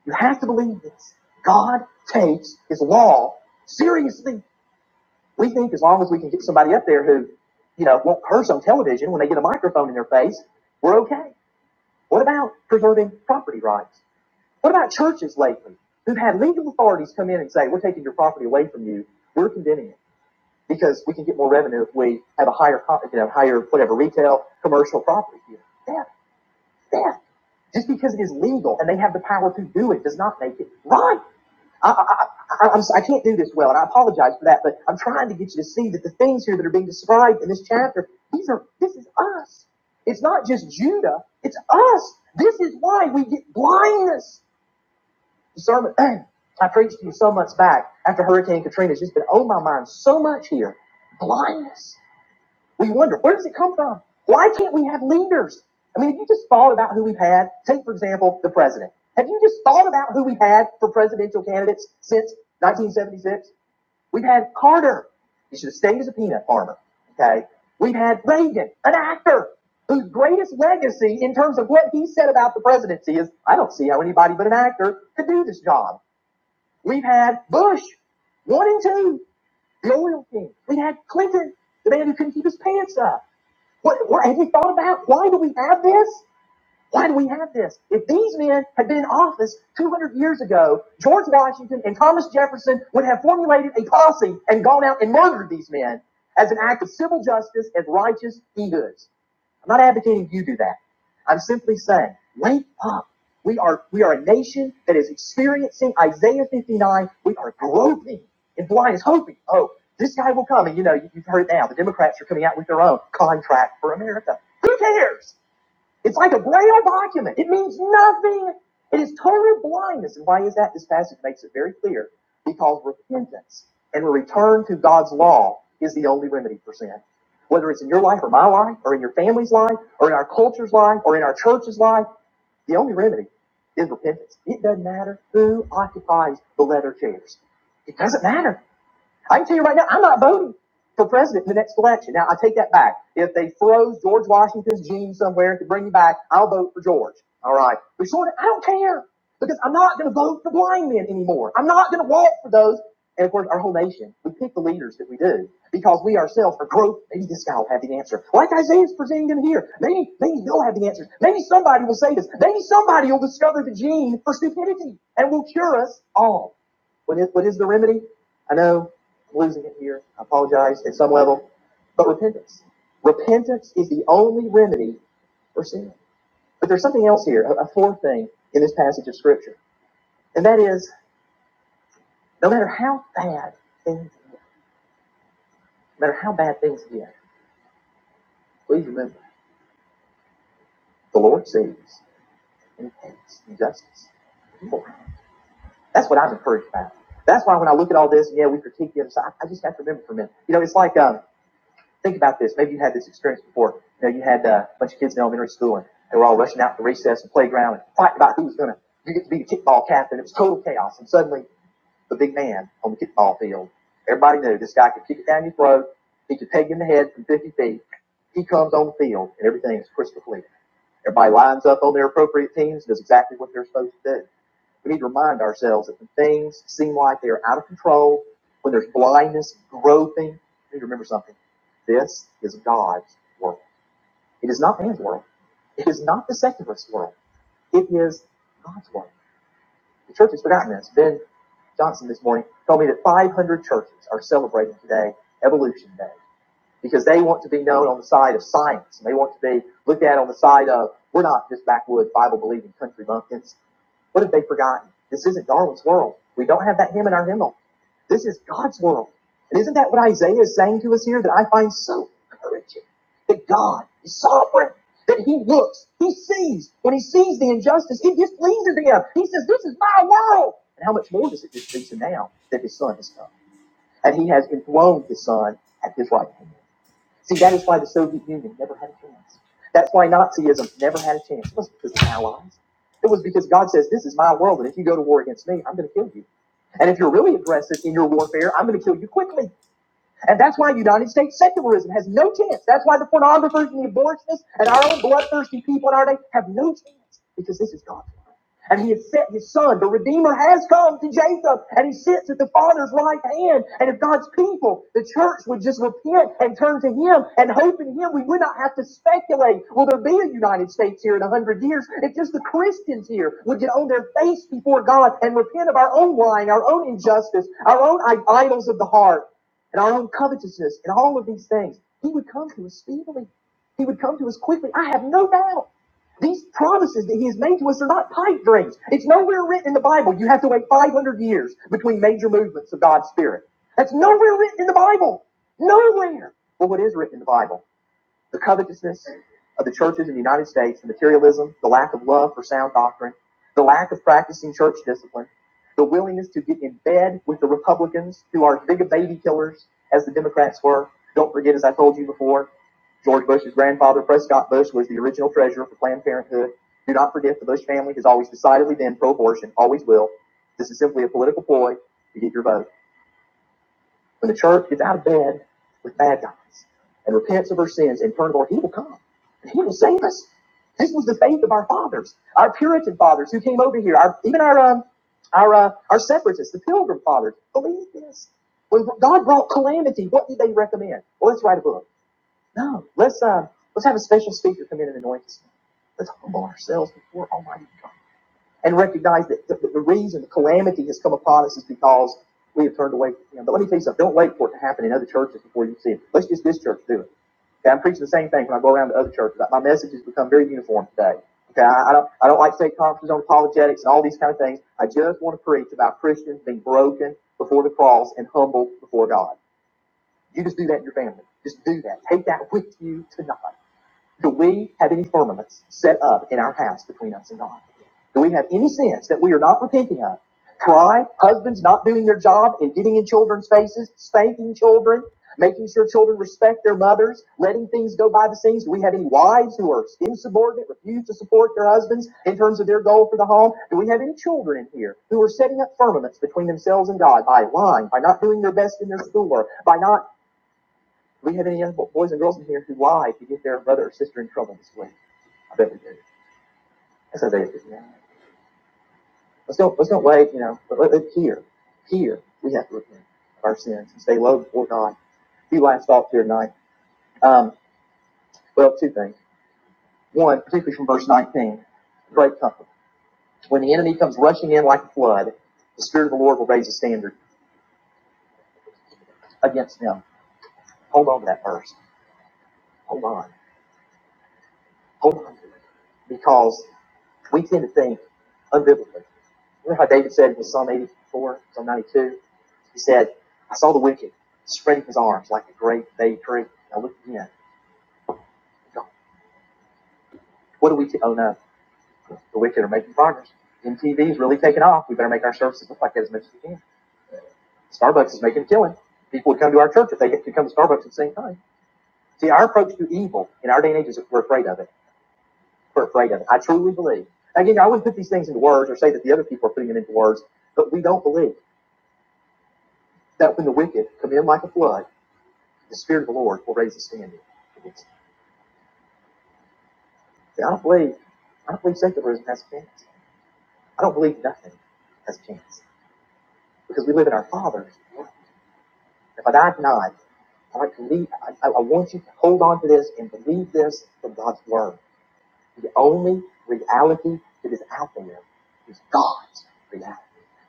A: You have to believe this. God takes his law seriously. We think as long as we can get somebody up there who, you know, won't curse on television when they get a microphone in their face, we're okay. What about preserving property rights? What about churches lately who've had legal authorities come in and say, we're taking your property away from you. We're condemning it. because we can get more revenue if we have a higher, you know, higher whatever retail, commercial property. Theft, theft. Just because it is legal and they have the power to do it does not make it right. I, I, I, I'm, I can't do this well, and I apologize for that, but I'm trying to get you to see that the things here that are being described in this chapter, these are, this is us. It's not just Judah, it's us. This is why we get blindness. The sermon I preached to you so much back after Hurricane Katrina has just been on my mind so much here. Blindness. We wonder, where does it come from? Why can't we have leaders? I mean, have you just thought about who we've had? Take, for example, the president. Have you just thought about who we've had for presidential candidates since 1976? We've had Carter. He should have stayed as a peanut farmer. Okay. We've had Reagan, an actor whose greatest legacy in terms of what he said about the presidency is I don't see how anybody but an actor could do this job. We've had Bush, one and two, the oil king. We had Clinton, the man who couldn't keep his pants up. What, what have you thought about? Why do we have this? Why do we have this? If these men had been in office 200 years ago, George Washington and Thomas Jefferson would have formulated a posse and gone out and murdered these men as an act of civil justice and righteous egos. I'm not advocating you do that. I'm simply saying, wake up. We are we are a nation that is experiencing Isaiah 59. We are groping in blindness, hoping, oh, this guy will come. And you know, you- you've heard now the Democrats are coming out with their own contract for America. Who cares? It's like a gray old document. It means nothing. It is total blindness. And why is that? This passage makes it very clear. Because repentance and a return to God's law is the only remedy for sin. Whether it's in your life or my life or in your family's life or in our culture's life or in our church's life, the only remedy is repentance. It doesn't matter who occupies the leather chairs. It doesn't matter. I can tell you right now, I'm not voting for president in the next election. Now, I take that back. If they froze George Washington's gene somewhere to bring him back, I'll vote for George. All right. But sort of, I don't care because I'm not going to vote for blind men anymore. I'm not going to walk for those. And of course, our whole nation, we pick the leaders that we do because we ourselves are growth. Maybe this guy will have the answer. Like Isaiah's presenting them here. Maybe, maybe they'll have the answer. Maybe somebody will say this. Maybe somebody will discover the gene for stupidity and will cure us all. What is, what is the remedy? I know I'm losing it here. I apologize at some level, but repentance. Repentance is the only remedy for sin. But there's something else here, a, a fourth thing in this passage of Scripture, and that is no matter how bad things get, no matter how bad things get, please remember the Lord sees and hates injustice. Lord, That's what I'm encouraged about. That's why when I look at all this, yeah, we critique the other side. I just have to remember for a minute. You know, it's like um, Think about this. Maybe you had this experience before. You know, you had uh, a bunch of kids in elementary school, and they were all rushing out to recess and playground and fighting about who was going to you get to be the kickball captain. It was total chaos, and suddenly the big man on the kickball field. Everybody knew this guy could kick it down your throat. He could peg you in the head from 50 feet. He comes on the field, and everything is crystal clear. Everybody lines up on their appropriate teams, does exactly what they're supposed to do. We need to remind ourselves that when things seem like they are out of control, when there's blindness, groping, we need to remember something. This is God's world. It is not man's world. It is not the secularist world. It is God's world. The church has forgotten this. Ben Johnson this morning told me that 500 churches are celebrating today Evolution Day because they want to be known on the side of science and they want to be looked at on the side of we're not just backwoods Bible believing country bumpkins. What have they forgotten? This isn't Darwin's world. We don't have that hymn in our hymnal. This is God's world. And isn't that what Isaiah is saying to us here that I find so encouraging? That God is sovereign, that He looks, He sees. When He sees the injustice, it displeases Him. He says, This is my world. And how much more does it displease Him now that His Son has come? And He has enthroned His Son at His right hand. See, that is why the Soviet Union never had a chance. That's why Nazism never had a chance. It wasn't because of the allies. It was because God says, This is my world, and if you go to war against me, I'm going to kill you. And if you're really aggressive in your warfare, I'm going to kill you quickly. And that's why United States secularism has no chance. That's why the pornographers and the abortionists and our own bloodthirsty people in our day have no chance because this is God's word. And he has sent his son. The Redeemer has come to Jacob and he sits at the Father's right hand. And if God's people, the church, would just repent and turn to him and hope in him, we would not have to speculate, will there be a United States here in a hundred years? If just the Christians here would get on their face before God and repent of our own lying, our own injustice, our own idols of the heart and our own covetousness and all of these things, he would come to us speedily. He would come to us quickly. I have no doubt. These promises that he has made to us are not pipe dreams. It's nowhere written in the Bible. You have to wait 500 years between major movements of God's Spirit. That's nowhere written in the Bible. Nowhere. But what is written in the Bible? The covetousness of the churches in the United States, the materialism, the lack of love for sound doctrine, the lack of practicing church discipline, the willingness to get in bed with the Republicans who are as big a baby killers as the Democrats were. Don't forget, as I told you before, George Bush's grandfather, Prescott Bush, was the original treasurer for Planned Parenthood. Do not forget the Bush family has always decidedly been pro abortion, always will. This is simply a political ploy to get your vote. When the church gets out of bed with bad guys and repents of her sins and turns to the Lord, He will come and He will save us. This was the faith of our fathers, our Puritan fathers who came over here, our, even our um, our uh, our separatists, the Pilgrim fathers. Believe this. When God brought calamity, what did they recommend? Well, let's write a book. No, let's uh, let's have a special speaker come in and anoint us. Let's humble ourselves before Almighty God and recognize that the, the reason the calamity has come upon us is because we have turned away from Him. But let me tell you something. Don't wait for it to happen in other churches before you see it. Let's just this church do it. Okay, I'm preaching the same thing when I go around to other churches. My message has become very uniform today. Okay, I, I don't I don't like state conferences on apologetics and all these kind of things. I just want to preach about Christians being broken before the cross and humble before God. You just do that in your family. Just do that. Take that with you tonight. Do we have any firmaments set up in our house between us and God? Do we have any sins that we are not repenting of? Pride, husbands not doing their job and getting in children's faces, spanking children, making sure children respect their mothers, letting things go by the scenes. Do we have any wives who are insubordinate, refuse to support their husbands in terms of their goal for the home? Do we have any children in here who are setting up firmaments between themselves and God by lying, by not doing their best in their schoolwork, by not do we have any young boys and girls in here who lied to get their brother or sister in trouble this week? I bet we do. That's Isaiah 59. Let's don't, let's don't wait, you know, but let, let- here, here, we have to repent of our sins and stay low before God. A Few last thoughts here tonight. Um, well, two things. One, particularly from verse 19, great comfort. When the enemy comes rushing in like a flood, the Spirit of the Lord will raise a standard against them. Hold on to that verse. Hold on. Hold on to it. Because we tend to think unbiblically. Remember how David said in Psalm 84, Psalm 92? He said, I saw the wicked spreading his arms like a great bay tree. I looked again. What do we, t- oh no, the wicked are making progress. MTV is really taking off. We better make our services look like that as much as we can. Starbucks is making a killing. People would come to our church if they could come to Starbucks at the same time. See, our approach to evil in our day and age is we're afraid of it. We're afraid of it. I truly believe. Again, I wouldn't put these things into words or say that the other people are putting them into words, but we don't believe that when the wicked come in like a flood, The Spirit of the Lord will raise a standard against you. See, I don't believe, I don't believe secularism has a chance. I don't believe nothing has a chance because we live in our Father's world. If I die tonight, I like to leave. I, I I want you to hold on to this and believe this from God's word. The only reality that is out there is God's reality,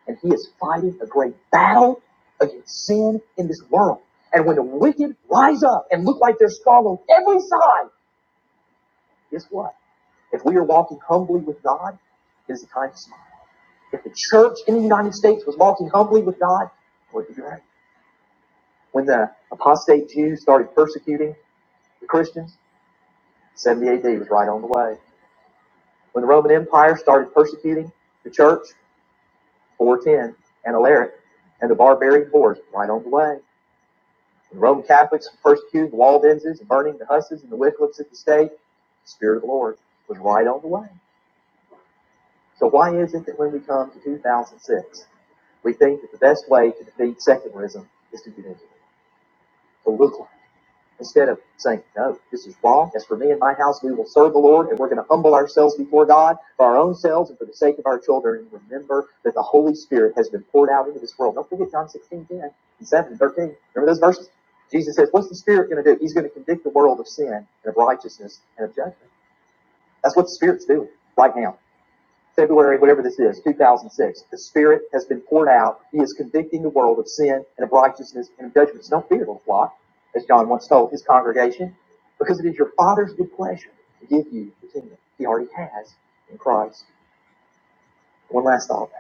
A: and He is fighting a great battle against sin in this world. And when the wicked rise up and look like they're strong on every side, Guess what? If we are walking humbly with God, it is the time to smile. If the church in the United States was walking humbly with God, it would be right. When the apostate Jews started persecuting the Christians, 70 AD was right on the way. When the Roman Empire started persecuting the church, 410 and Alaric and the barbarian Boers, right on the way. When the Roman Catholics persecuted the Waldenses and burning the Husses and the Wycliffes at the stake, the Spirit of the Lord was right on the way. So why is it that when we come to 2006, we think that the best way to defeat secularism is to get into it, to look like it, instead of saying, no, this is wrong. As for me and my house, we will serve the Lord and we're going to humble ourselves before God for our own selves and for the sake of our children. And remember that the Holy Spirit has been poured out into this world. Don't forget John 16:10 and 7, 13. Remember those verses? Jesus says, what's the Spirit going to do? He's going to convict the world of sin and of righteousness and of judgment. That's what the Spirit's doing right now. February, whatever this is, 2006. The Spirit has been poured out. He is convicting the world of sin and of righteousness and of judgments. Don't fear, little flock, as John once told his congregation, because it is your Father's good pleasure to give you the kingdom he already has in Christ. One last thought.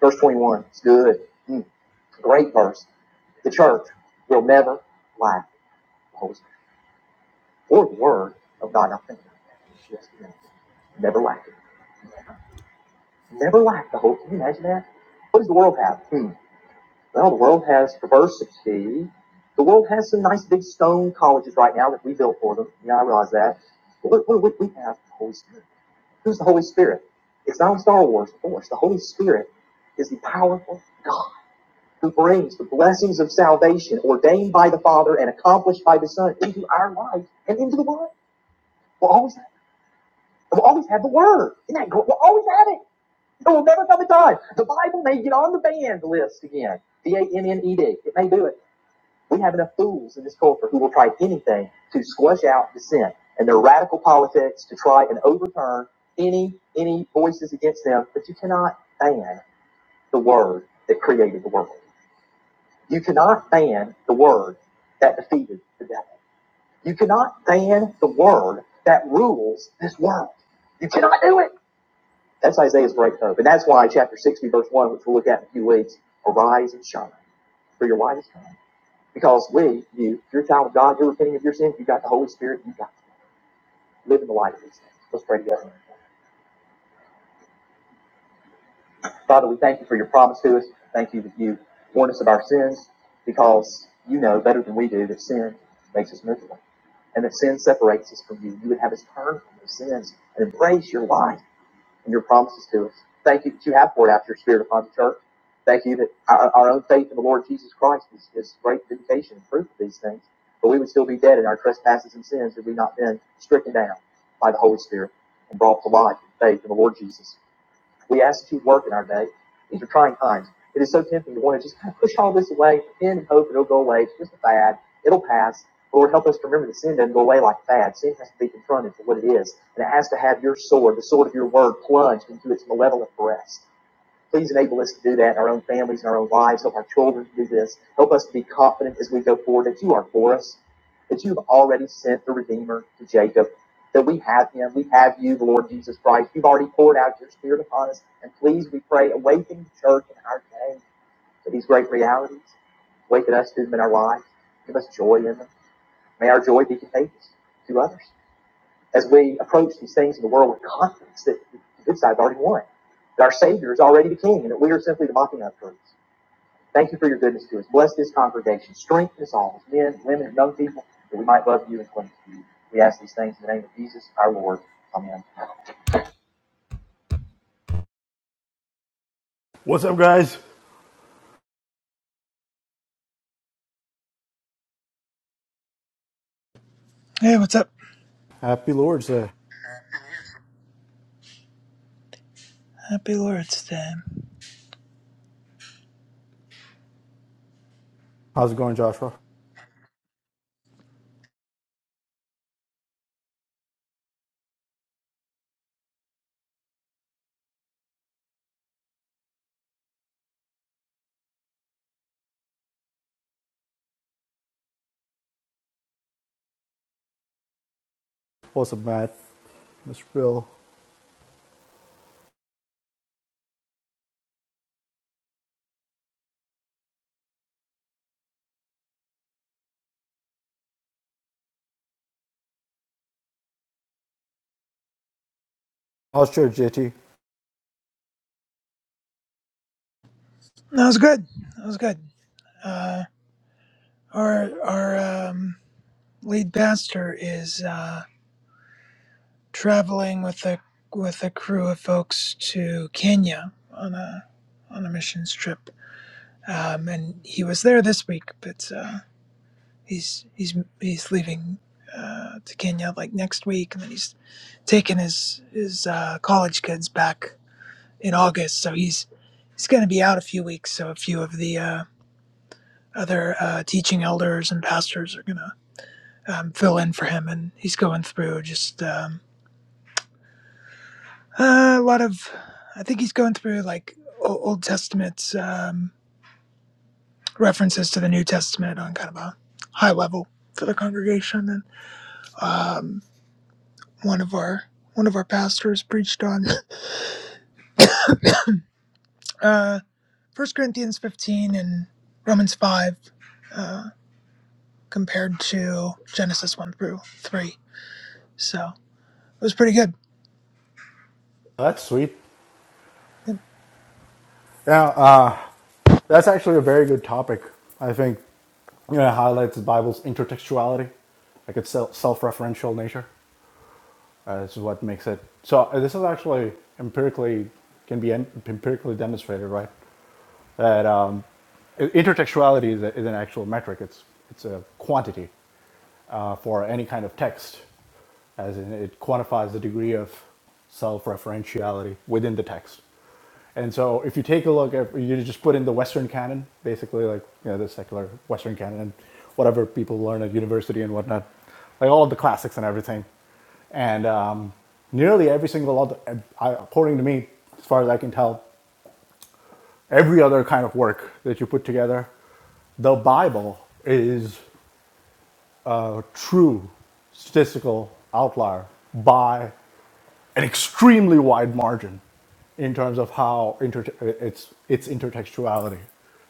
A: Verse 21. It's good. Mm, great verse. The church will never lack the Holy Spirit or the word of God. Now think about that. Never lack it. Never lack the hope. Can you imagine that? What does the world have? Hmm. Well, the world has diversity. The world has some nice big stone colleges right now that we built for them. Yeah, I realize that. But what, do we have the Holy Spirit. Who's the Holy Spirit? It's not in Star Wars, of course. The Holy Spirit is the powerful God who brings the blessings of salvation ordained by the Father and accomplished by the Son into our life and into the world. We'll always, have, we'll always have the Word. Isn't that great? We'll always have it. It will never come a time. The Bible may get on the banned list again. B A N N E D. It may do it. We have enough fools in this culture who will try anything to squash out dissent and their radical politics to try and overturn any any voices against them. But you cannot ban the word that created the world. You cannot ban the word that defeated the devil. You cannot ban the word that rules this world. You cannot do it. That's Isaiah's great hope, And that's why chapter 60, verse 1, which we'll look at in a few weeks, arise and shine, for your light is come. Because when you, if you're a child of God, you're repenting of your sins, you've got the Holy Spirit, you've got to live in the light of these things. Let's pray together. Father, we thank you for your promise to us. Thank you that you warn us of our sins because you know better than we do that sin makes us miserable and that sin separates us from you. You would have us turn from those sins and embrace your light. and your promises to us. Thank you that you have poured out your spirit upon the church. Thank you that our, our own faith in the Lord Jesus Christ is, is great vindication and proof of these things. But we would still be dead in our trespasses and sins had we not been stricken down by the Holy Spirit and brought to life in faith in the Lord Jesus. We ask that you work in our day. These are trying times. It is so tempting to want to just kind of push all this away, pretend and hope it'll go away. It's just a fad. It'll pass. Lord, help us to remember that sin doesn't go away like a fad. Sin has to be confronted for what it is, and it has to have your sword, the sword of your word, plunged into its malevolent breast. Please enable us to do that in our own families, in our own lives. Help our children do this. Help us to be confident as we go forward that you are for us, that you've already sent the Redeemer to Jacob, that we have him, we have you, the Lord Jesus Christ. You've already poured out your Spirit upon us. And please, we pray, awaken the church in our day to these great realities. Awaken us to them in our lives. Give us joy in them. May our joy be contagious to others as we approach these things in the world with confidence that the good side's already won, that our Savior is already the King, and that we are simply the mocking up truths. Thank you for your goodness to us. Bless this congregation. Strengthen us all, men, women, and young people, that we might love you and cling to you. We ask these things in the name of Jesus, our Lord. Amen.
B: What's up, guys?
C: Hey, what's up?
B: Happy Lord's Day.
C: Happy Lord's Day.
B: How's it going, Joshua? What's up, Matt? Mr. Bill. How's your JT?
C: That was good. That was good. Uh, our our um, lead pastor is uh, traveling with a with a crew of folks to Kenya on a on a missions trip, um, and he was there this week, but uh, he's he's he's leaving uh, to Kenya like next week, and then he's taking his his uh, college kids back in August, so he's he's going to be out a few weeks. So a few of the uh, other uh, teaching elders and pastors are going to um, fill in for him. And he's going through just um, uh, a lot of, I think he's going through like Old Testament um, references to the New Testament on kind of a high level for the congregation. And um, one of our one of our pastors preached on uh, 1 Corinthians 15 and Romans 5 uh, compared to Genesis 1 through 3. So it was pretty good
B: That's sweet. Now, uh, that's actually a very good topic. I think you know, it highlights the Bible's intertextuality, like its self- referential nature. Uh, this is what makes it. So uh, this is actually empirically can be en- empirically demonstrated, right? That um, intertextuality is, a, is an actual metric. It's it's a quantity uh, for any kind of text as in it quantifies the degree of self-referentiality within the text. And so if you take a look at, you just put in the Western canon, basically like, you know, the secular Western canon and whatever people learn at university and whatnot, like all of the classics and everything. And um, nearly every single other, according to me, as far as I can tell, every other kind of work that you put together, the Bible is a true statistical outlier by an extremely wide margin in terms of how inter- it's its intertextuality.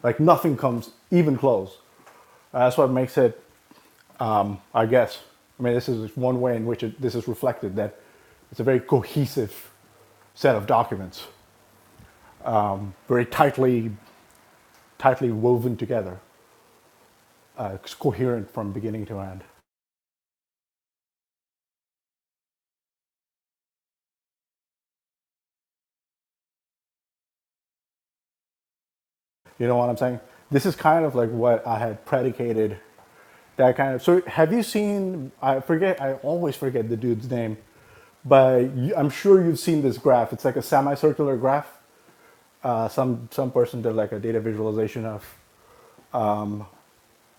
B: Like nothing comes even close. Uh, that's what makes it, I guess. I mean, this is one way in which it, this is reflected that it's a very cohesive set of documents, um, very tightly tightly woven together, uh, it's coherent from beginning to end. You know what I'm saying? This is kind of like what I had predicated that kind of. So have you seen? I forget. I always forget the dude's name But you, I'm sure you've seen this graph. It's like a semicircular graph. Uh, some some person did like a data visualization of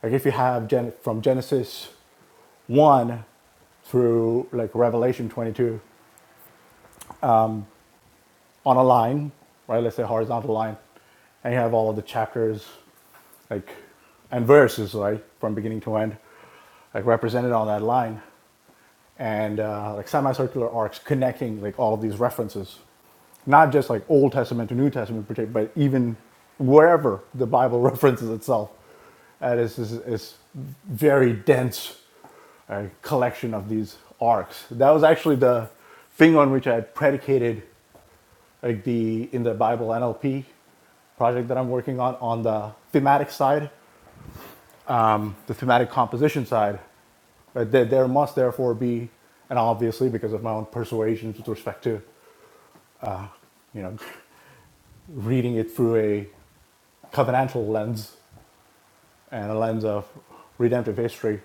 B: like if you have Gen- from Genesis one through like Revelation 22 on a line, right? Let's say horizontal line, and you have all of the chapters, like and verses, right, from beginning to end, like represented on that line. and uh, like semicircular arcs connecting like all of these references, not just like Old Testament to New Testament, but even wherever the Bible references itself. That is is, is very dense uh, collection of these arcs. That was actually the thing on which I had predicated like the in the Bible NLP project that I'm working on on the thematic side, the thematic composition side but there, there must therefore be, and obviously because of my own persuasions with respect to, you know, reading it through a covenantal lens and a lens of redemptive history,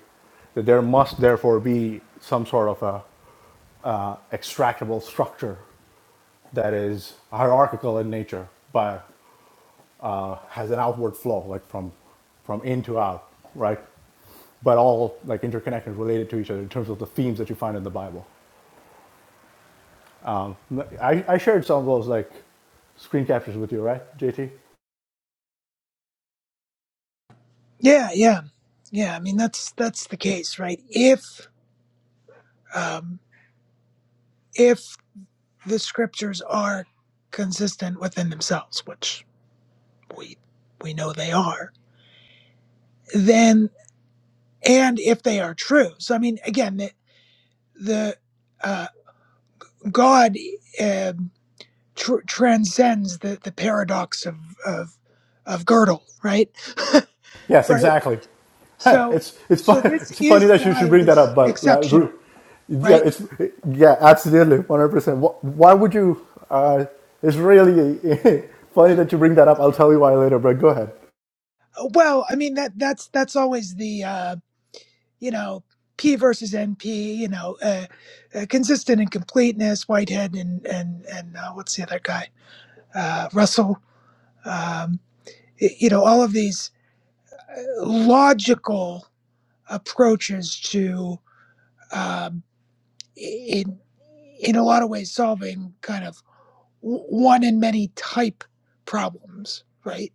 B: that there must therefore be some sort of a uh, extractable structure that is hierarchical in nature, but uh, has an outward flow, like from from in to out, right? But all like interconnected, related to each other in terms of the themes that you find in the Bible. Um, I, I shared some of those like screen captures with you, right, JT?
C: Yeah, yeah, yeah. I mean, that's that's the case, right? If um, if the scriptures are consistent within themselves, which we we know they are, then and if they are true, so I mean, again, the, the uh, God um tr- transcends the the paradox of of of girdle, right?
B: Yes,
C: Right.
B: exactly.
C: So
B: it's it's
C: so
B: fun,
C: this
B: it's funny
C: is
B: that you
C: why
B: should
C: it
B: bring that up,
C: is
B: but like,
C: exceptional,
B: yeah,
C: right?
B: it's yeah, absolutely, one hundred percent. Why would you? Uh, it's really funny that you bring that up. I'll tell you why later, but go ahead.
C: Well, I mean that that's that's always the uh, you know, P versus NP, you know, uh, uh, consistent and completeness, Whitehead and and and uh, what's the other guy, uh, Russell, um, y- you know, all of these logical approaches to um, i- in in a lot of ways solving kind of w- one in many type problems, right?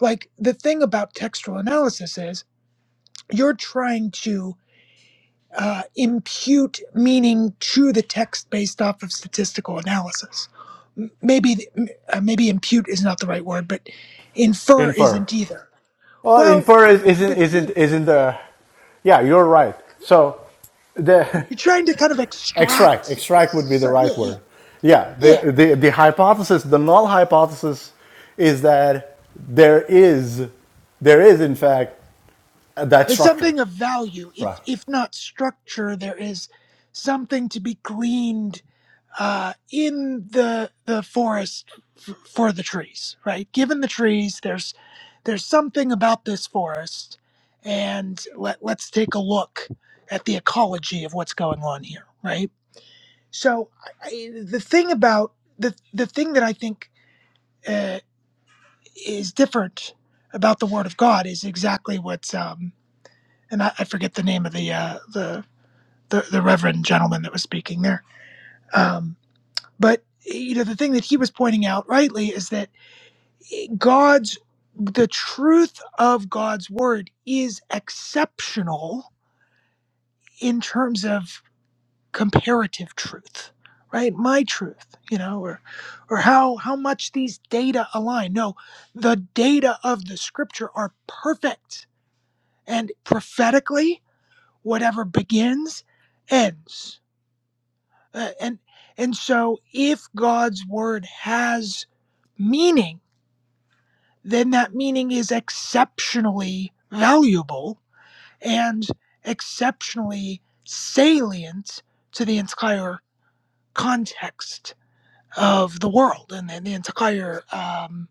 C: Like the thing about textual analysis is you're trying to uh, impute meaning to the text based off of statistical analysis. Maybe uh, maybe impute is not the right word, but infer
B: Infer.
C: isn't either.
B: Well,
C: Well,
B: infer is, isn't
C: but
B: isn't
C: you-
B: isn't the. Yeah, you're right. So the
C: you're trying to kind of
B: Extract.
C: extract. s-
B: Extract would be the
C: so, yeah,
B: right
C: yeah,
B: word. Yeah.
C: yeah.
B: The, the, the hypothesis, the null hypothesis is that there is, there is in fact that
C: There's
B: structure.
C: something of value, if
B: Right.
C: if not structure. There is something to be gleaned uh, in the the forest f- for the trees, right? Given the trees, there's there's something about this forest, and let let's take a look at the ecology of what's going on here, right? So I, I- the thing about the the thing that I think uh, is different about the Word of God is exactly what's um, and I, I forget the name of the uh, the, the the Reverend gentleman that was speaking there Um, But you know, the thing that he was pointing out rightly is that God's the truth of God's word is exceptional in terms of comparative truth, right? My truth, you know, or or how how much these data align. No, the data of the scripture are perfect and prophetically whatever begins ends. Uh, and and so if God's word has meaning then that meaning is exceptionally valuable and exceptionally salient to the entire context of the world and the entire um,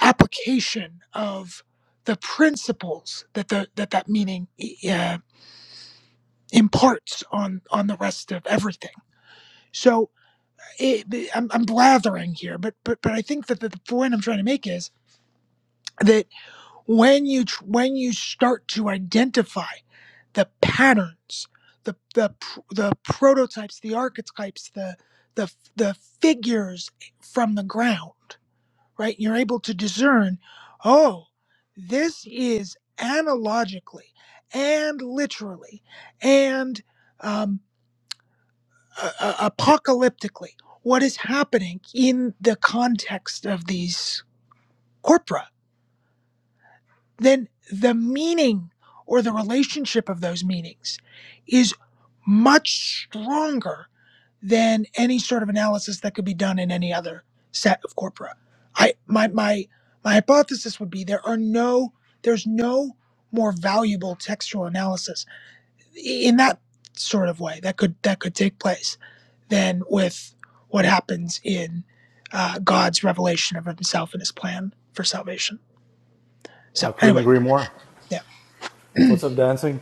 C: application of the principles that the, that, that meaning e, e, uh, imparts on, on the rest of everything. So it, I'm, I'm blathering here, but, but, but I think that the point I'm trying to make is that when you when you start to identify the patterns, the the the prototypes, the archetypes, the the the figures from the ground, right? You're able to discern, oh, this is analogically and literally and um, uh, uh, apocalyptically what is happening in the context of these corpora then the meaning or the relationship of those meanings is much stronger than any sort of analysis that could be done in any other set of corpora. I my my my hypothesis would be there are no there's no more valuable textual analysis in that sort of way that could that could take place than with what happens in uh, God's revelation of Himself and His plan for salvation. So
B: I couldn't
C: anyway,
B: agree more.
C: yeah.
B: What's up, dancing?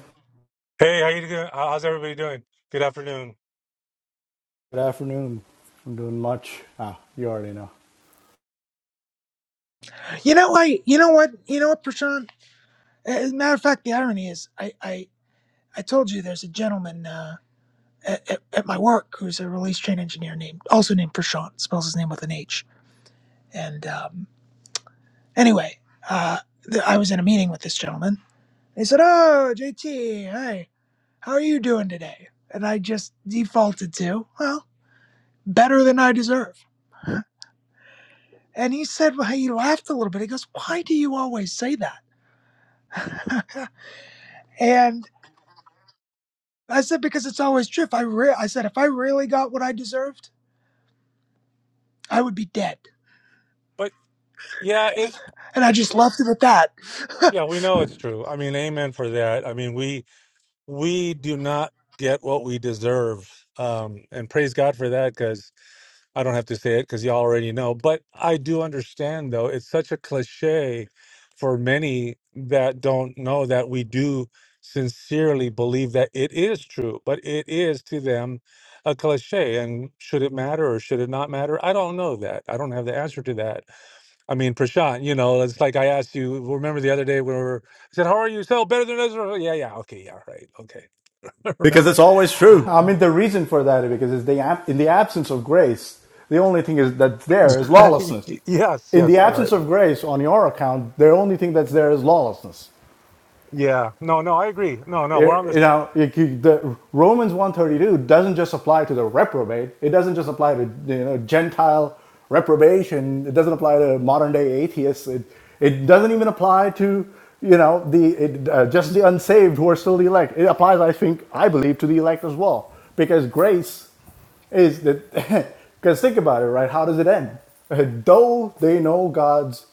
D: Hey, how you doing? How's everybody doing? Good afternoon.
B: Good afternoon. I'm doing much. Ah, you already know.
C: You know, I you know what you know what, Prashant. As a matter of fact, the irony is, I I, I told you there's a gentleman uh, at, at at my work who's a release train engineer named also named Prashant. Spells his name with an H. And um, anyway, uh, th- I was in a meeting with this gentleman. He said, "Oh, JT, hey, how are you doing today?" And I just defaulted to, "Well, better than I deserve." And he said, well, hey," he laughed a little bit. He goes, "Why do you always say that?" and I said because it's always true. If I re- I said if I really got what I deserved, I would be dead.
D: But yeah, it's
C: And I just left it at that.
D: yeah, we know it's true. I mean, amen for that. I mean, we we do not get what we deserve. Um, and praise God for that because I don't have to say it because you all already know. But I do understand though, it's such a cliche for many that don't know that we do sincerely believe that it is true, but it is to them a cliche. And should it matter or should it not matter? I don't know that. I don't have the answer to that I mean, Prashant, you know, it's like I asked you, remember the other day when we were, I said, How are you? So better than Ezra. Yeah, yeah. Okay. Yeah. Right. Okay.
B: Because
D: remember?
B: it's always true. I mean, the reason for that is because it's the in the absence of grace, the only thing is that's there is lawlessness.
D: yes.
B: In the
D: Yes.
B: absence
D: Right.
B: of grace, on your account, the only thing that's there is lawlessness.
D: Yeah. No, no, I agree. No, no, we're
B: It-
D: on
B: you
D: this.
B: know, it- the Romans 132 doesn't just apply to the reprobate. It doesn't just apply to you know Gentile reprobation. It doesn't apply to modern day atheists. It it doesn't even apply to you know the it, uh, just the unsaved who are still the elect. It applies, I think, I believe, to the elect as well because grace is that because think about it, right? How does it end? Though they know God's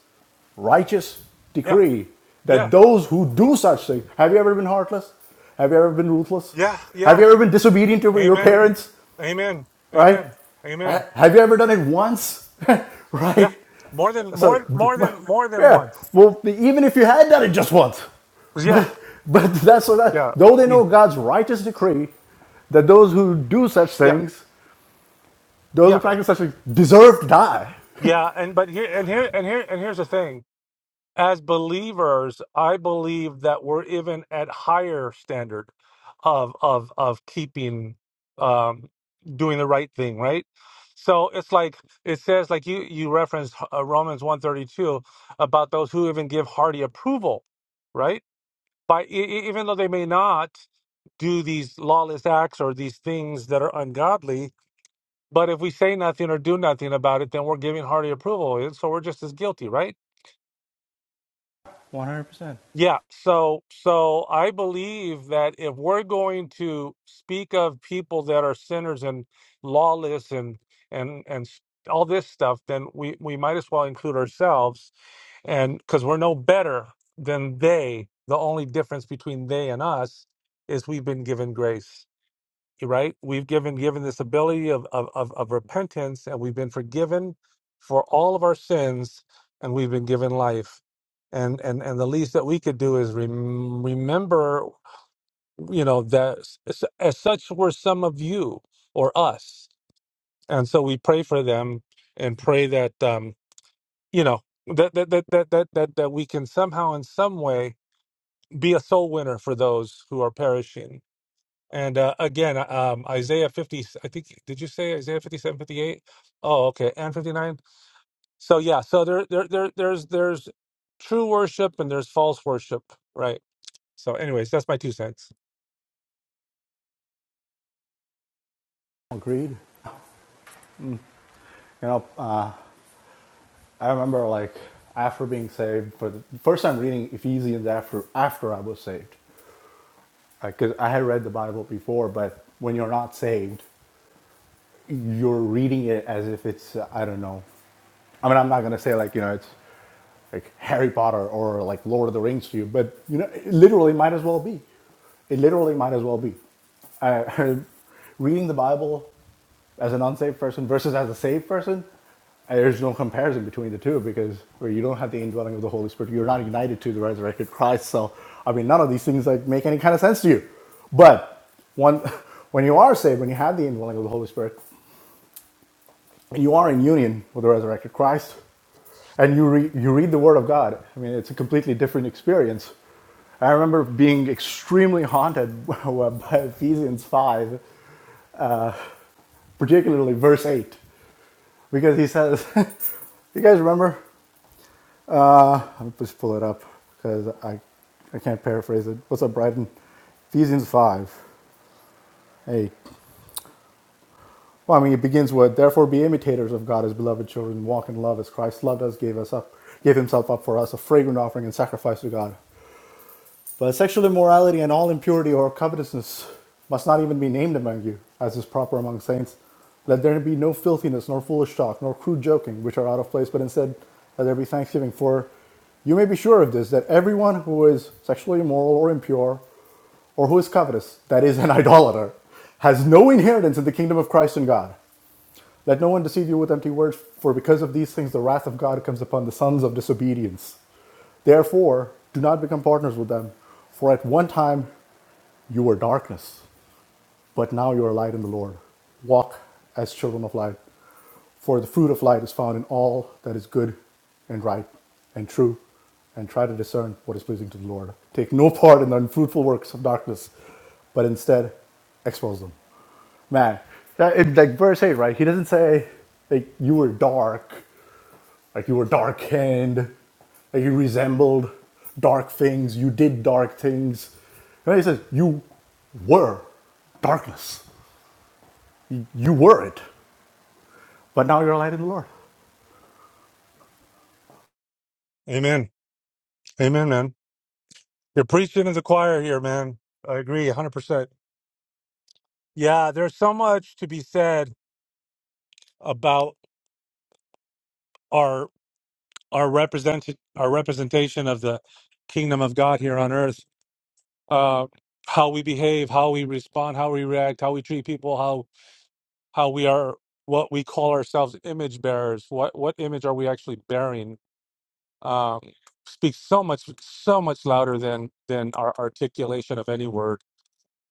B: righteous
D: Yeah.
B: decree that
D: Yeah.
B: those who do such things have you ever been heartless? Have you ever been ruthless?
D: Yeah.
B: Have
D: Yeah.
B: you ever been disobedient to your
D: Amen.
B: parents?
D: Amen.
B: Right?
D: Amen. Amen.
B: Have you ever done it once?
D: Yeah.
B: right?
D: More than,
B: So,
D: more, more than, more than
B: yeah.
D: once.
B: Well, even if you had done it just once,
D: Yeah.
B: but but that's so
D: Yeah.
B: that. Though they
D: Yeah.
B: know God's righteous decree that those who do such
D: Yeah.
B: things, those who
D: Yeah.
B: practice such things, deserve to die.
D: Yeah. And, but here, and here, and here, and here's the thing. as believers, I believe that we're even at higher standard of of of keeping um doing the right thing, right? So it's like it says like you you referenced uh, Romans 132 about those who even give hearty approval, right? By e- e- even though they may not do these lawless acts or these things that are ungodly, but if we say nothing or do nothing about it, then we're giving hearty approval. So we're just as guilty, right?
B: One hundred percent.
D: Yeah, so so I believe that if we're going to speak of people that are sinners and lawless and and and s- all this stuff, then we we might as well include ourselves, and because we're no better than they. The only difference between they and us is we've been given grace right? We've given given this ability of, of of of repentance, and we've been forgiven for all of our sins, and we've been given life. And and and the least that we could do is rem- remember, you know, that s- as such were some of you or us, and so we pray for them and pray that um, you know that that that that that that, that we can somehow in some way be a soul winner for those who are perishing and uh, again, uh, um, Isaiah 50, I think, did you say Isaiah 57, 58? Oh, okay. And 59. So yeah, so there, there, there, there's, there's true worship and there's false worship, right? So anyways, that's my two cents.
B: Agreed. You know, I remember like after being saved for the first time reading Ephesians after after I was saved, because I had read the Bible before, but when you're not saved, you're reading it as if it's uh, I don't know. I mean, I'm not gonna say like you know it's like Harry Potter or like Lord of the Rings to you, but you know, it literally might as well be. It literally might as well be. I, reading the Bible as an unsaved person versus as a saved person, there's no comparison between the two because where you don't have the indwelling of the Holy Spirit, you're not united to the resurrected Christ. So, I mean, none of these things like make any kind of sense to you. But one, when you are saved, when you have the indwelling of the Holy Spirit, and you are in union with the resurrected Christ, and you read you read the Word of God. I mean, it's a completely different experience. I remember being extremely haunted by Ephesians 5, particularly verse 8. because he says, "You guys remember?" I'll just pull it up because I, I can't paraphrase it. What's up, Brighton? Ephesians five. Hey, well, I mean, it begins with, "Therefore, be imitators of God as beloved children, walk in love as Christ loved us, gave us up, gave Himself up for us, a fragrant offering and sacrifice to God." But sexual immorality and all impurity or covetousness must not even be named among you, as is proper among saints. Let there be no filthiness, nor foolish talk, nor crude joking, which are out of place, but instead let there be thanksgiving. For you may be sure of this, that everyone who is sexually immoral or impure, or who is covetous, that is, an idolater, has no inheritance in the kingdom of Christ and God. Let no one deceive you with empty words, for because of these things the wrath of God comes upon the sons of disobedience. Therefore, do not become partners with them. For at one time you were darkness, but now you are light in the Lord. Walk as children of light. For the fruit of light is found in all that is good and right and true, and try to discern what is pleasing to the Lord. Take no part in the unfruitful works of darkness, but instead expose them. Man, that, it, like verse 8, right? He doesn't say, like, you were dark. Like you were dark haired, like you resembled dark things, you did dark things. And he says, You were darkness. You, you were it. But now you're light in the Lord.
D: Amen. Amen, man. You're preaching to the choir here, man. I agree 100%. Yeah, there's so much to be said about our, our represented, our representation of the kingdom of God here on earth uh, how we behave, how we respond, how we react, how we treat people, how how we are what we call ourselves image bearers. What what image are we actually bearing? Um, speaks so much so much louder than than our articulation of any word.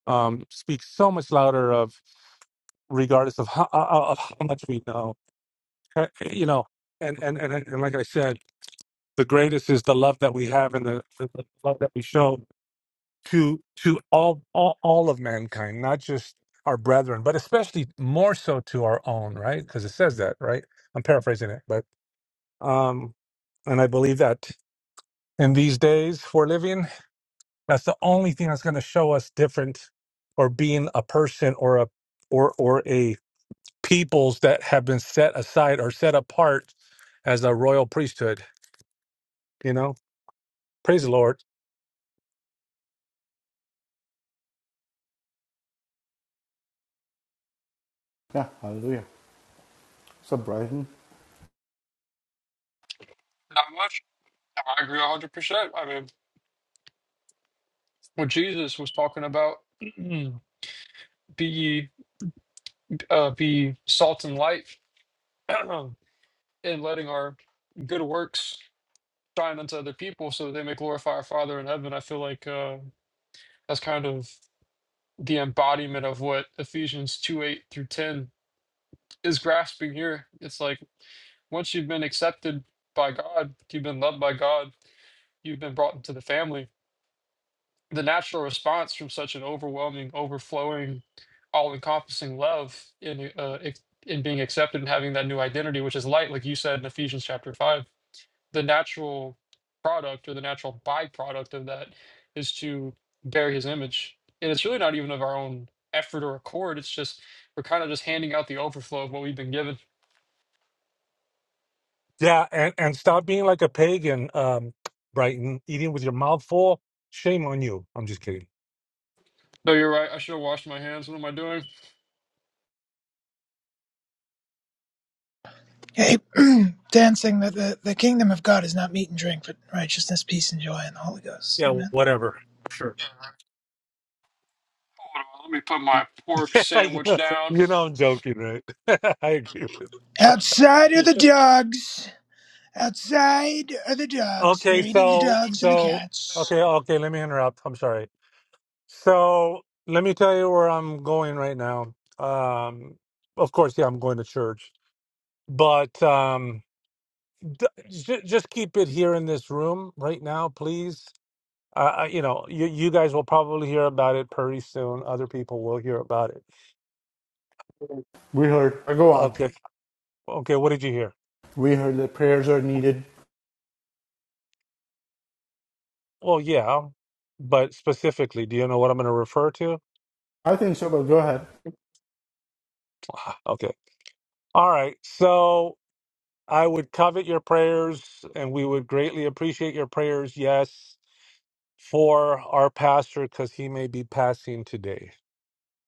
D: Um, speaks so much louder of regardless of how, of how much we know. Uh, You know, and and and and like I said, the greatest is the love that we have and the, the love that we show to to all, all all of mankind, not just our brethren, but especially more so to our own, right? Because it says that, right? I'm paraphrasing it, but um, and I believe that in these days we're living, that's the only thing that's going to show us different, or being a person or a or or a peoples that have been set aside or set apart as a royal priesthood. You know, praise the Lord.
B: Yeah, hallelujah. What's up, Brighton?
E: Not much. No, I agree hundred percent. I mean, what Jesus was talking about, be ye, uh, be salt and light, and letting our good works shine unto other people, so that they may glorify our Father in heaven. I feel like uh, that's kind of the embodiment of what Ephesians two eight through ten is grasping here. It's like once you've been accepted by God, you've been loved by God, you've been brought into the family the natural response from such an overwhelming, overflowing, all-encompassing love in uh, ex- in being accepted and having that new identity, which is light, like you said in Ephesians chapter five. The natural product or the natural byproduct of that is to bear His image, and it's really not even of our own effort or accord. It's just we're kind of just handing out the overflow of what we've been given.
D: Yeah, and, and stop being like a pagan, um, Brighton, eating with your mouth full. Shame on you. I'm just kidding.
E: No, you're right. I should have washed my hands. What am I doing?
C: hey, dancing that the, the kingdom of God is not meat and drink, but righteousness, peace, and joy in the Holy Ghost.
D: Yeah,
C: Amen.
D: whatever. Sure.
E: Hold on, let me put my pork
D: you know
E: sandwich down.
D: you know I'm joking, right? I agree. with you.
C: Outside are
E: Yeah.
C: the dogs. Outside are the dogs.
D: Okay,
C: They're eating the
D: so
C: dogs and the
D: so
C: cats.
D: okay, okay, let me interrupt. I'm sorry. So let me tell you where I'm going right now. Um of course, yeah, I'm going to church. But um d- j- just keep it here in this room right now, please. Uh, uh, you know, you, you guys will probably hear about it pretty soon. Other people will hear about it.
B: We heard, Uh, Go on.
D: Okay. Okay. What did you hear?
B: We heard that prayers are needed.
D: Well, yeah, but specifically, do you know what I'm going to refer to?
B: I think so, but go ahead.
D: Ah, Okay. All right. So I would covet your prayers and we would greatly appreciate your prayers. Yes. For our pastor, because he may be passing today.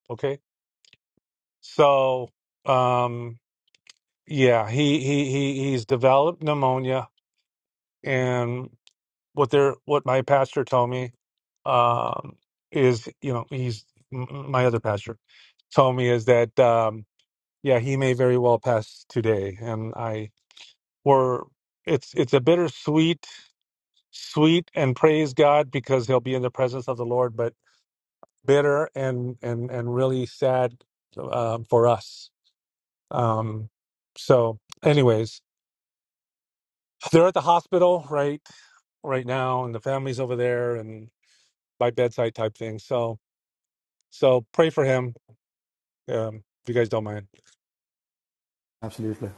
D: Okay. So, um, yeah, he, he, he, he's developed pneumonia and. what they're what my pastor told me um, is you know he's m- my other pastor told me is that um, yeah he may very well pass today, and I were it's it's a bittersweet sweet and praise God because he'll be in the presence of the Lord, but bitter and and and really sad um, for us. Um, so, anyways, they're at the hospital right right now, and the family's over there, and by bedside type thing. So So pray for him, um, if you guys don't mind.
B: absolutely.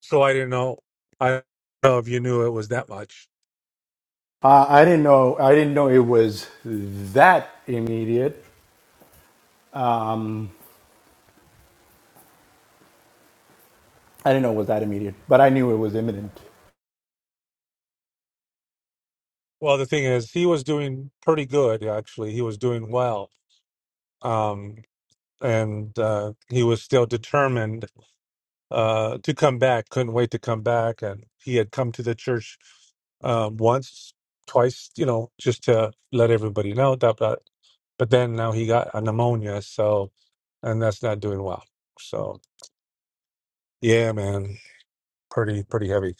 D: So I didn't know. I don't know if you knew it was that much.
B: Uh, I didn't know. I didn't know it was that immediate. Um, I didn't know it was that immediate, but I knew it was imminent.
D: Well, the thing is, he was doing pretty good. Actually, he was doing well, um, and uh, he was still determined uh, to come back. Couldn't wait to come back, and he had come to the church uh, once, twice, you know, just to let everybody know. Dot dot. But then now he got a pneumonia, so and that's not doing well. So yeah, man, pretty pretty heavy.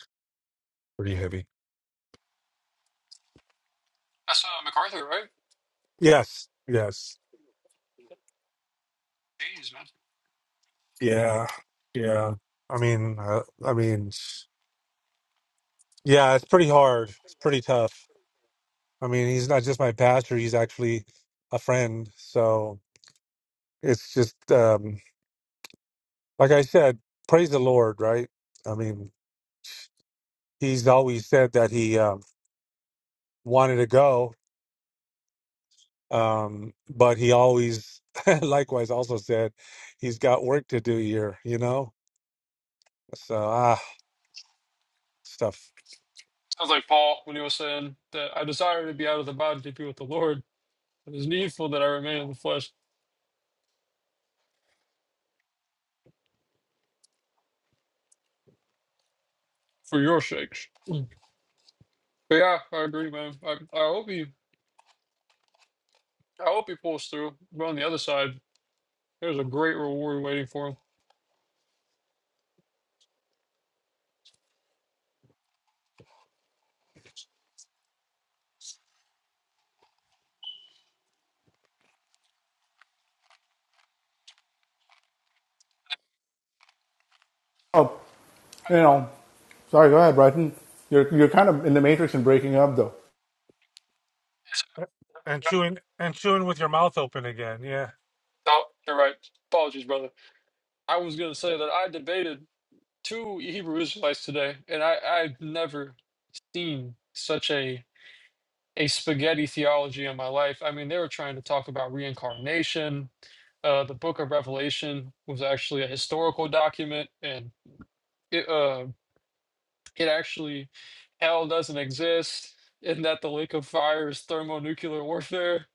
D: pretty heavy.
E: That's uh, MacArthur, right?
D: Yes, yes,
E: Jeez, man.
D: yeah, yeah. I mean, uh, I mean, yeah, it's pretty hard. It's pretty tough. I mean, he's not just my pastor; he's actually a friend. So it's just um, like I said, praise the Lord, right? I mean, he's always said that he um, wanted to go, um, but he always, likewise, also said he's got work to do here. You know, so ah, stuff.
E: Sounds like Paul when he was saying that I desire to be out of the body to be with the Lord. It is needful that I remain in the flesh for your sakes. Mm. But yeah, I agree, man. I, I hope he I hope he pulls through. But on the other side, there's a great reward waiting for him.
B: oh, you know, Sorry, go ahead, Brighton. You're you're kind of in the matrix and breaking up though.
D: and chewing and chewing with your mouth open again. Yeah.
E: No, you're right. Apologies, brother. I was gonna say that I debated two Hebrew Israelites today, and I I've never seen such a a spaghetti theology in my life. I mean, they were trying to talk about reincarnation. uh, the book of Revelation was actually a historical document, and it uh, it actually hell doesn't exist, and that the lake of fire is thermonuclear warfare.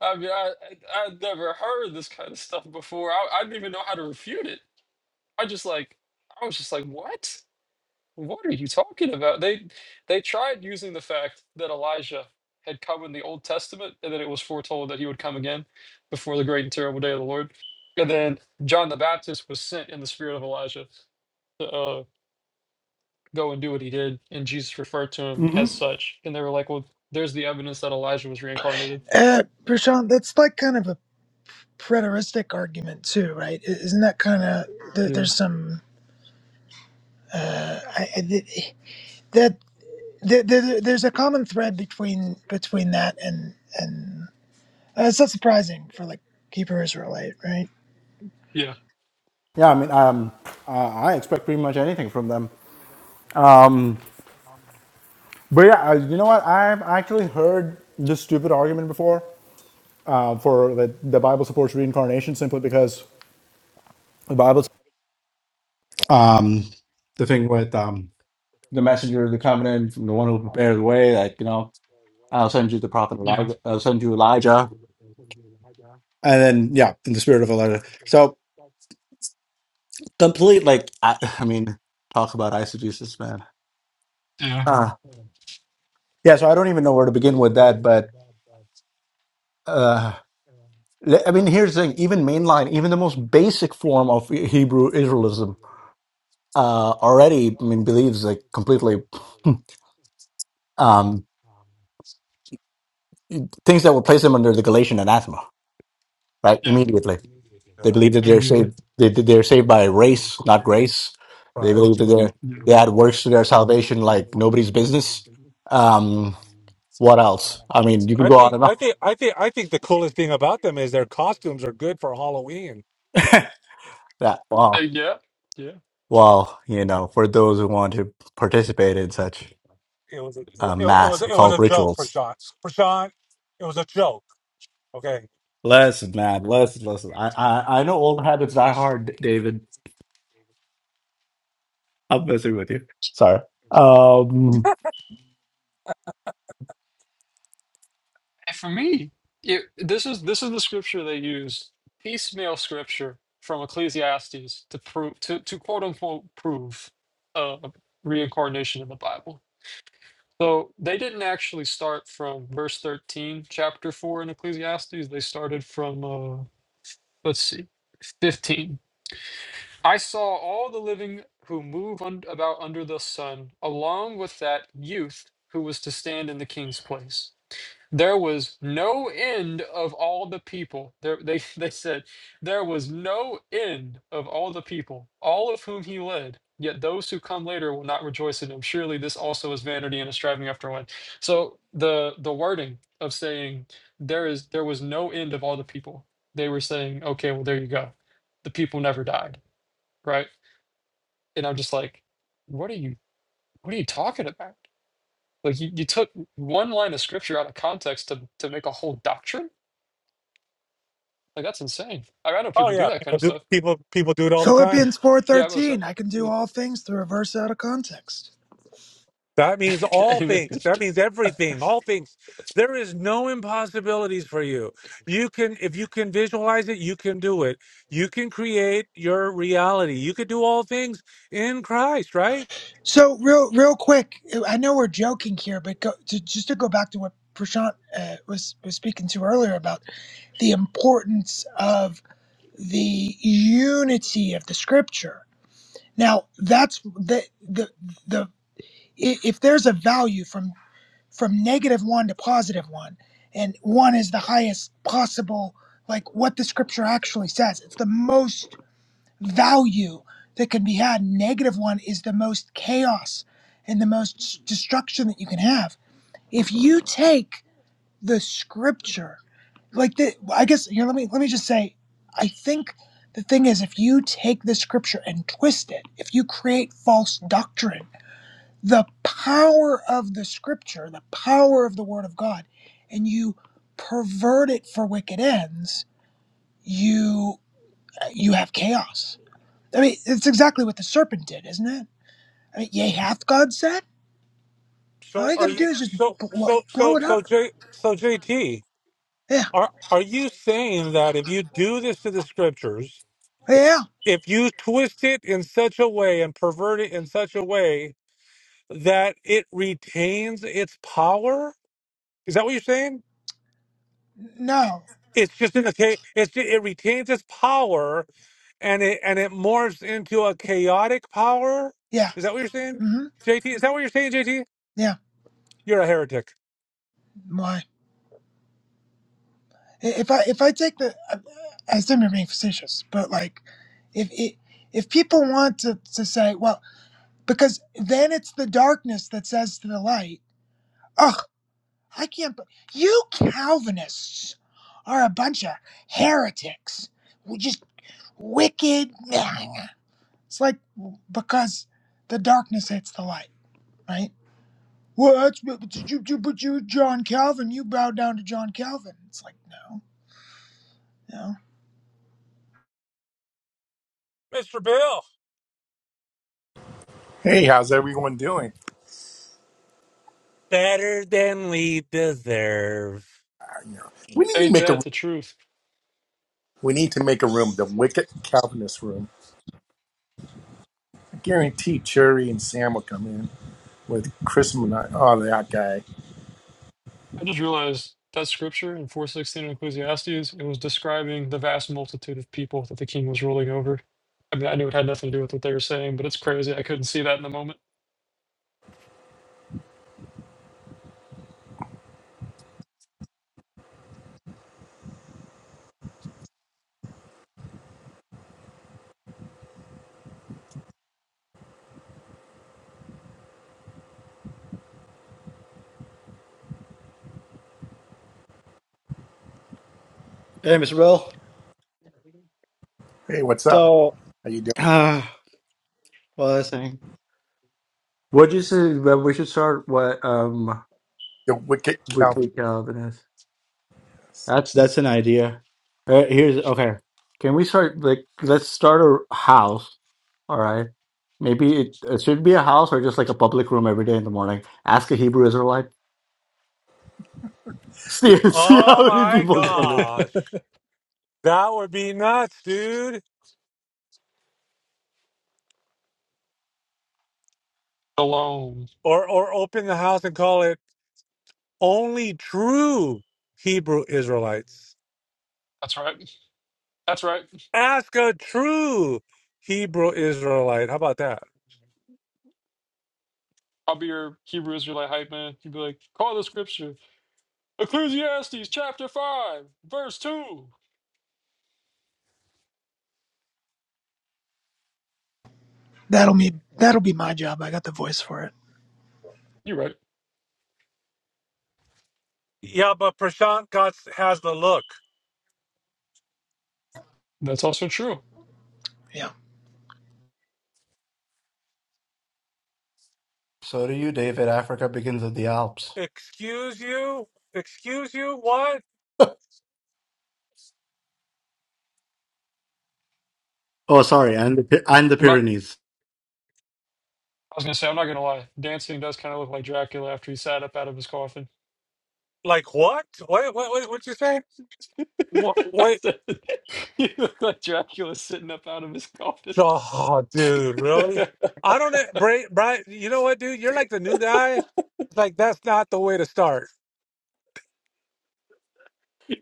E: I mean, I I- I'd never heard this kind of stuff before. I, I didn't even know how to refute it. I just like I was just like, what? What are you talking about? They they tried using the fact that Elijah had come in the Old Testament and that it was foretold that he would come again before the great and terrible day of the Lord. And then John the Baptist was sent in the spirit of Elijah to uh, go and do what he did, and Jesus referred to him as
B: Mm-hmm.
E: such. And they were like, "Well, there's the evidence that Elijah was reincarnated."
C: Uh, Prashant, that's like kind of a preteristic argument too, right? I- Isn't that kind of there,
E: Yeah,
C: there's some uh, I, I- th- that. there, there, there's a common thread between between that and and uh, it's not surprising for like Hebrew Israelite, right?
E: yeah,
B: Yeah, I mean, um, uh, I expect pretty much anything from them. But yeah, uh, you know what? I've actually heard this stupid argument before uh, for that the Bible supports reincarnation simply because the Bible's um, the thing with um, the messenger of the covenant, the one who prepared the way. Like you know, I'll send you the prophet
E: yeah,
B: Elijah. I'll send you Elijah, and then yeah, in the spirit of Elijah. So complete, like I, I mean, talk about eisegesis, man.
E: yeah,
B: Uh, Yeah, so I don't even know where to begin with that, but le- I mean, here's the thing: even mainline, even the most basic form of Hebrew Israelism, uh, already, I mean, believes like completely um, things that would place them under the Galatian anathema, right?
E: yeah.
B: Immediately, they
D: Yeah,
B: believe that
E: I mean,
B: they're saved.
E: you-
B: They, that they're saved by s- not grace. They
D: right.
B: believe that they
E: yeah,
B: they add works to their salvation like nobody's business. Um, what else? I mean, you could
D: I
B: go on
D: think
B: and on.
D: I think I think I think the coolest thing about them is their costumes are good for Halloween.
B: That
E: Uh,
B: wow,
E: yeah, yeah.
B: well, you know, for those who want to participate in such
D: It was a, it,
B: uh,
D: it was
B: mass
D: it was
B: occult
D: a joke,
B: rituals.
D: Prashant. Prashant, it was a joke. Okay.
B: Listen, man, listen, listen. I, I, I know old habits die hard, David. I'm messing with you. Sorry. Um,
E: And for me, it, this is this is the scripture they used piecemeal scripture from Ecclesiastes to prove to, to quote unquote prove uh, reincarnation in the Bible. So they didn't actually start from verse thirteen, chapter four in Ecclesiastes. They started from uh, let's see, fifteen. I saw all the living who move un- about under the sun, along with that youth who was to stand in the king's place. There was no end of all the people. There, they, they said, There was no end of all the people, all of whom he led. Yet those who come later will not rejoice in him. Surely this also is vanity and a striving after wind. So the the wording of saying there is there was no end of all the people. They were saying, okay, well there you go. The people never died, right? And I'm just like, what are you what are you talking about? Like you, you took one line of scripture out of context to to make a whole doctrine Like that's insane. I I know
D: Oh
E: people do
D: yeah,
E: that kind
D: people
E: of
D: do
E: stuff.
D: people people do it all the time.
C: Philippians four
E: Yeah, I was uh,
C: thirteen. I can do
E: yeah.
C: all things through a verse out of context.
D: That means all
E: Amen.
D: things. That means everything, all things. There is no impossibilities for you. You can, if you can visualize it, you can do it. You can create your reality. You could do all things in Christ, right?
C: So real real quick, I know we're joking here, but go, to, just to go back to what Prashant uh, was was speaking to earlier about the importance of the unity of the Scripture. Now that's the the the i- if there's a value from from negative one to positive one. And one is the highest possible, like what the scripture actually says. It's the most value that can be had. Negative one is the most chaos and the most destruction that you can have. If you take the scripture, like the, I guess here, let me let me just say, I think the thing is, if you take the scripture and twist it, if you create false doctrine the power of the scripture, the power of the word of God, and you pervert it for wicked ends, you you have chaos. I mean, it's exactly what the serpent did, isn't it? I mean, yea, hath God said?
D: So
C: All you
D: are
C: gotta
D: you,
C: do is just
D: so,
C: blow,
D: so, so,
C: blow it
D: so,
C: up.
D: J, so JT,
C: Yeah,
D: are, are you saying that if you do this to the scriptures,
C: yeah,
D: if you twist it in such a way and pervert it in such a way that it retains its power? Is that what you're saying?
C: no,
D: it's just in a cha- it's ju- it retains its power and it and it morphs into a chaotic power
C: yeah,
D: is that what you're saying
C: mm-hmm.
D: jt is that what you're saying jt
C: yeah.
D: you're a heretic
C: Why? If I if I take the, I assume you're being facetious, but like, if it if people want to to say, well. because then it's the darkness that says to the light, Ugh, I can't. be- You Calvinists are a bunch of heretics. We just wicked. It's like because the darkness hits the light, right? Well, that's but but you, you, but you, John Calvin, you bow down to John Calvin. It's like no, no.
D: mr bill
F: Hey, how's everyone doing?
D: better than we deserve
F: I know. We need to
E: Ain't
F: make a
E: that the truth?
F: we need to make a room, the Wicked Calvinist room. I guarantee Cherry and Sam will come in with Chris and Oh, that guy.
E: I just realized that scripture in four sixteen in Ecclesiastes it was describing the vast multitude of people that the king was ruling over. I mean, I knew it had nothing to do with what they were saying, but it's crazy. I couldn't see that in the moment.
B: Hey, Mr. Bill.
F: Hey, what's up?
B: So,
F: How you doing?
B: uh, what was I saying? what you say? Well, we should start what um
F: The Wicked
B: weekly
F: Calvinist.
B: Calvin is? That's that's an idea. All right, here's okay. Can we start like let's start a house? All right. Maybe it, it should be a house or just like a public room every day in the morning. Ask a Hebrew Israelite. See see
D: oh
B: how many
D: my
B: people come in.
D: gosh that would be nuts dude
E: Alone.
D: or or open the house and call it only true hebrew israelites
E: That's right. That's right.
D: ask a true hebrew israelite how about that
E: I'll be your Hebrew Israelite hype man. You'd be like, call the scripture. Ecclesiastes chapter five, verse two.
C: That'll be that'll be my job. I got the voice for it.
E: You're right.
D: Yeah, but Prashant got has the look.
E: That's also true.
C: Yeah.
B: So do you, David. Africa begins at the Alps.
D: Excuse you? Excuse you? What?
B: Oh, sorry, and the Py- and the
E: I'm not.
B: Pyrenees.
E: I was gonna say, I'm not gonna lie, dancing does kind of look like Dracula after he sat up out of his coffin.
D: Like what? Wait, wait, wait. What you say? What? Wait.
E: you look like Dracula sitting up out of his coffin.
D: Oh, dude, really?
E: you're
D: I don't. know, Brian, Brian, you know what, dude? You're like the new guy. Like that's not the way to start.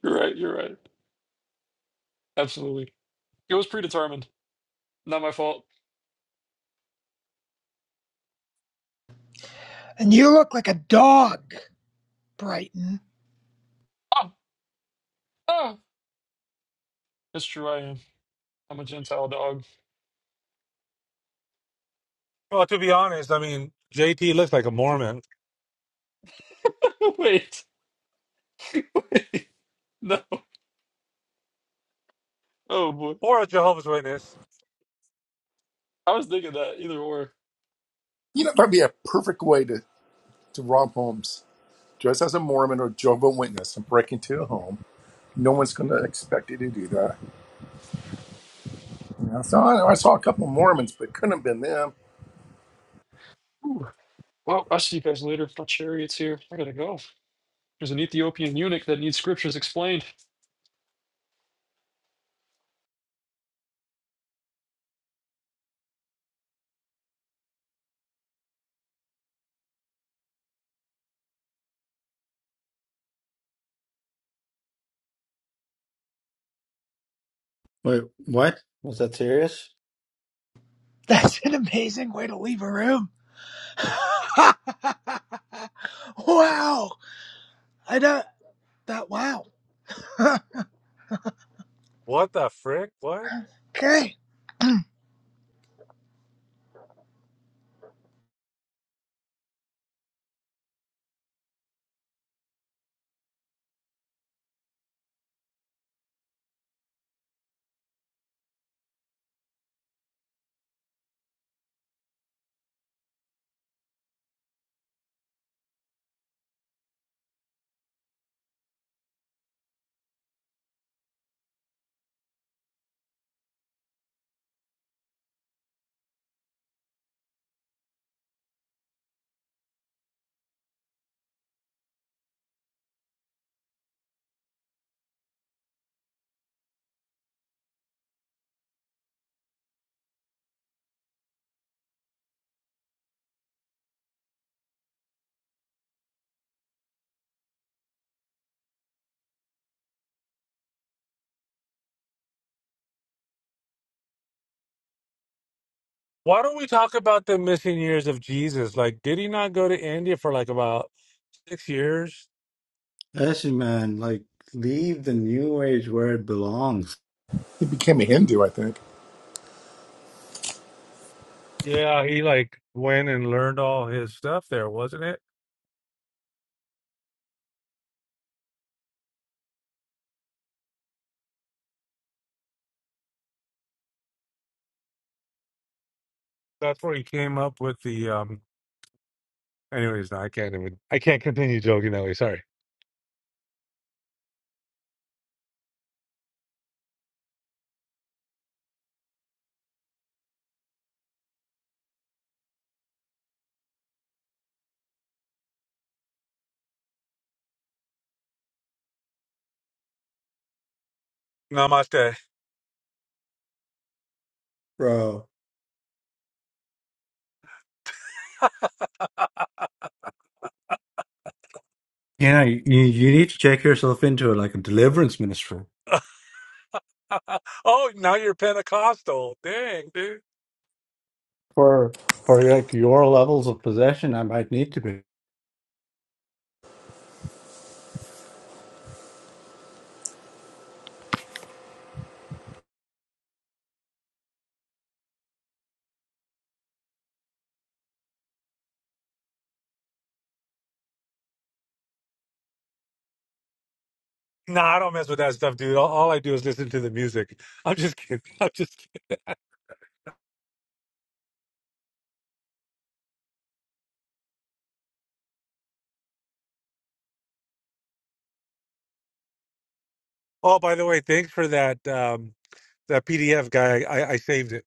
E: right, you're right. Absolutely. It was predetermined. Not my fault.
C: And you look like a dog, Brighton.
E: Ah, ah. It's true I am. I'm a Gentile dog.
D: Well, to be honest, I mean, JT looks like a Mormon
E: Wait. No. Oh boy.
D: or a Jehovah's Witness.
E: I was thinking that either or.
F: You know, that'd be a perfect way to to rob homes. Dress as a Mormon or Jehovah Witness and break into a home. No one's going to expect you to do that. You know, so I, I saw a couple Mormons, but it couldn't have been them.
E: Ooh. Well, I'll see you guys later. My chariot's here. I gotta go. There's an Ethiopian eunuch that needs scriptures explained.
B: Wait, what? Was that serious?
C: That's an amazing way to leave a room. wow. I don't, that, wow.
D: What the frick? What?
C: Okay.
D: Why don't we talk about the missing years of Jesus? Like, did he not go to India for like about six years?
B: Listen, man, like leave the new age where it belongs,
F: He became a Hindu, I think.
D: Yeah, he like went and learned all his stuff there, wasn't it? That's where he came up with the um anyways, no, I can't even I can't continue joking that way, sorry. Namaste.
B: bro. You know, you, you need to check yourself into like a deliverance ministry
D: oh, now you're Pentecostal. Dang, dude.
B: for for like your levels of possession. I might need to be.
D: Nah, I don't mess with that stuff, dude. All, all I do is listen to the music. I'm just kidding. I'm just kidding. Oh, by the way, thanks for that um that PDF guy. I, I saved it,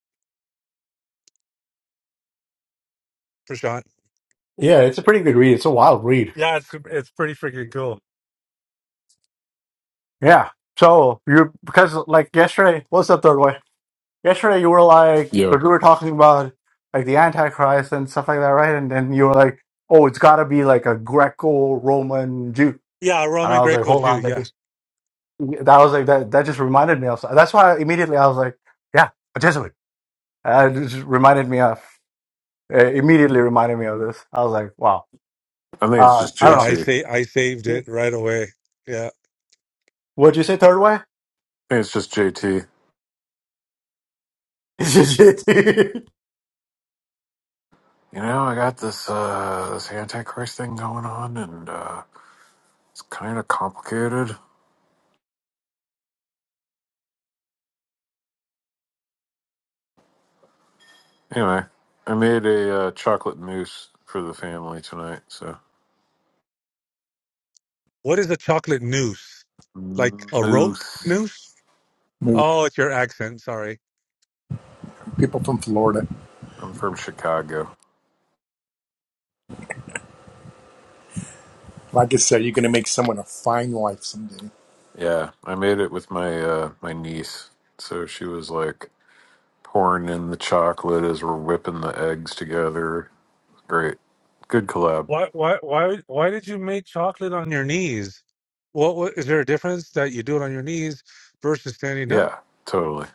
D: Prashant.
B: Yeah, it's a pretty good read. It's a wild read.
D: Yeah, it's it's pretty freaking cool.
B: Yeah. So you because like yesterday, what's up, Third yesterday you were like, because
G: Yo,
B: we were talking about like the Antichrist and stuff like that, right? And then you were like, oh, it's got to be like a Greco-Roman Jew,
D: Yeah,
B: and
D: Roman
B: I was like,
D: Greco
B: hold
D: Jew.
B: on, that
D: Yeah,
B: just that was like that that just reminded me of. That's why immediately I was like, yeah, a Jesuit. Uh, it just reminded me of uh, immediately reminded me of this. I was like, wow.
G: I think it's
B: Uh,
G: just
B: I
D: yeah.
B: don't
D: I
G: JT. I think
D: say I saved it
B: know.
D: right away. Yeah.
B: What'd you say? Third way?
G: it's just JT.
B: Seriously?
G: You know, I got this uh this antichrist thing going on, and uh it's kind of complicated. Anyway, I made a uh, chocolate mousse for the family tonight. So
D: What is a chocolate noose? Like a rope
G: mousse.
D: noose?
F: Maybe
D: Oh, it's your accent. Sorry.
F: People from Florida.
G: I'm from Chicago.
F: Like I said, you're going to make someone a fine wife someday.
G: Yeah, I made it with my uh my niece. So she was like pouring in the chocolate as we're whipping the eggs together. Great, good collab.
D: Why why why why did you make chocolate on your knees? What, what is there a difference that you do it on your knees versus standing up?
G: Yeah, totally.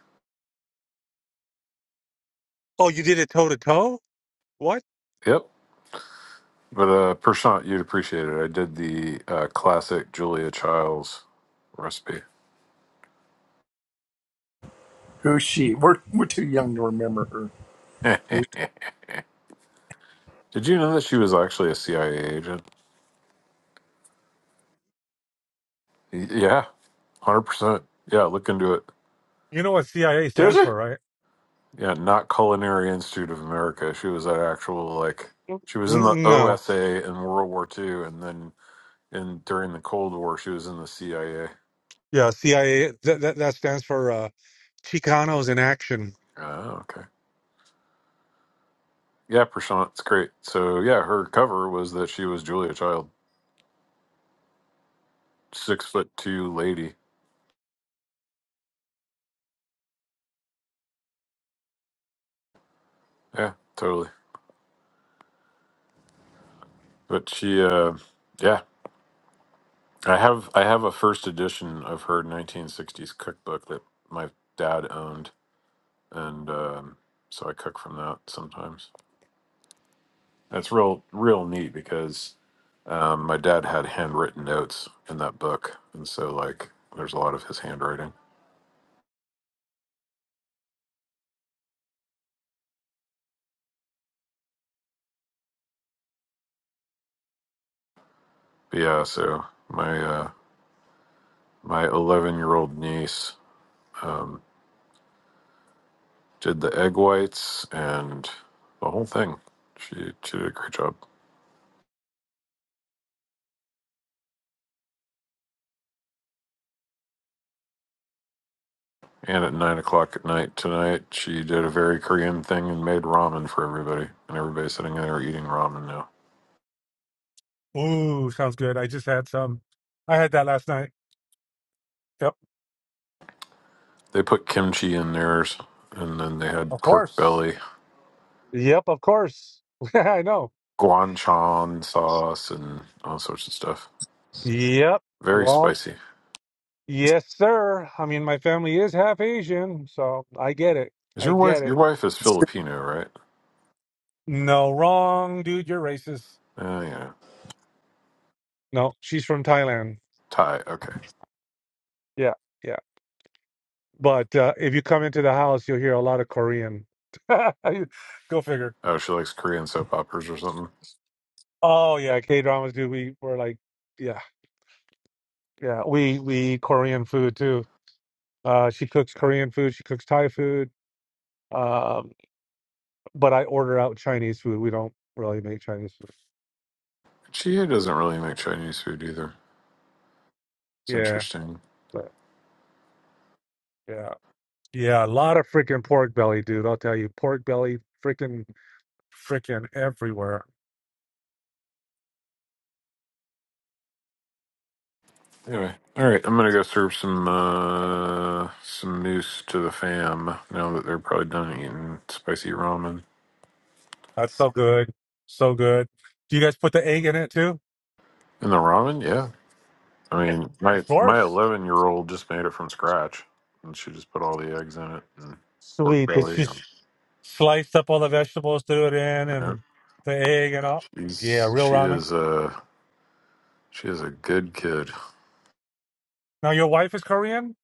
D: Oh, you did it toe to toe. What?
G: Yep. But uh, Prashant, you'd appreciate it. I did the uh, classic Julia Childs recipe.
F: Who's she? We're, we're too young to remember her.
G: did
F: Who?
G: you know that she was actually a CIA agent? Y- Yeah, hundred percent. Yeah, look into it.
D: You know what CIA stands for, right?
G: Yeah, not Culinary Institute of America. She was at actual like
D: Mm,
G: she was in the
D: mm, No.
G: OSA in World War II, and then in during the Cold War she was in the CIA.
D: Yeah, CIA. That that, that stands for uh, Chicanos in action.
G: Oh, okay. Yeah, Prashant, it's great. So yeah, her cover was that she was Julia Child, six foot two lady. Yeah, totally. But she, uh, yeah, I have I have a first edition of her 1960s cookbook that my dad owned, and um, so I cook from that sometimes. That's real real neat because um, my dad had handwritten notes in that book, and so like there's a lot of his handwriting. But yeah, so my uh, my 11 year old niece um, did the egg whites and the whole thing. She she did a great job. And at nine o'clock at night tonight, she did a very Korean thing and made ramen for everybody. And everybody's sitting there eating ramen now.
D: Ooh, sounds good. I just had some. I had that last night. Yep.
G: They put kimchi in theirs, and then they
D: Of
G: had pork
D: course.
G: belly,
D: Yep, of course. I know.
G: guanchan sauce, and all sorts of stuff.
D: Yep.
G: Very
D: Well,
G: spicy.
D: yes, sir. I mean, my family is half Asian, so I get it.
G: Is
D: I
G: your
D: get
G: wife? Your
D: it.
G: wife is
F: It's,
G: Filipino, right?
D: No, wrong, dude. You're racist.
G: Uh, yeah,
D: No, she's from Thailand.
G: Thai. Okay.
D: Yeah, yeah. But uh, if you come into the house, you'll hear a lot of Korean. Go figure.
G: Oh, she likes Korean soap operas or something.
D: Oh yeah, K dramas, dude. We were like, yeah, yeah. We we eat Korean food too. Uh, she cooks Korean food. She cooks Thai food. Um, but I order out Chinese food. We don't really make Chinese food.
G: She doesn't really make Chinese food either. It's
D: Yeah,
G: interesting.
D: but yeah, yeah. A lot of freaking pork belly, dude. I'll tell you, pork belly, freaking, freaking everywhere.
G: Anyway, all right, I'm gonna go serve some uh some moose to the fam now that they're probably done eating spicy ramen.
D: That's so good, so good. Do you guys put the egg in it too?
G: And the ramen, yeah. I mean, my
D: Of
G: my
D: course.
G: 11 year old just made it from scratch, and she just put all the eggs in it and pork
D: Sweet. It's
G: belly. And,
D: just sliced up all the vegetables, threw it in,
G: yeah,
D: and the egg and all. Yeah,
G: she's
D: real
G: she
D: ramen.
G: is a she is a good kid.
D: Now your wife is Korean,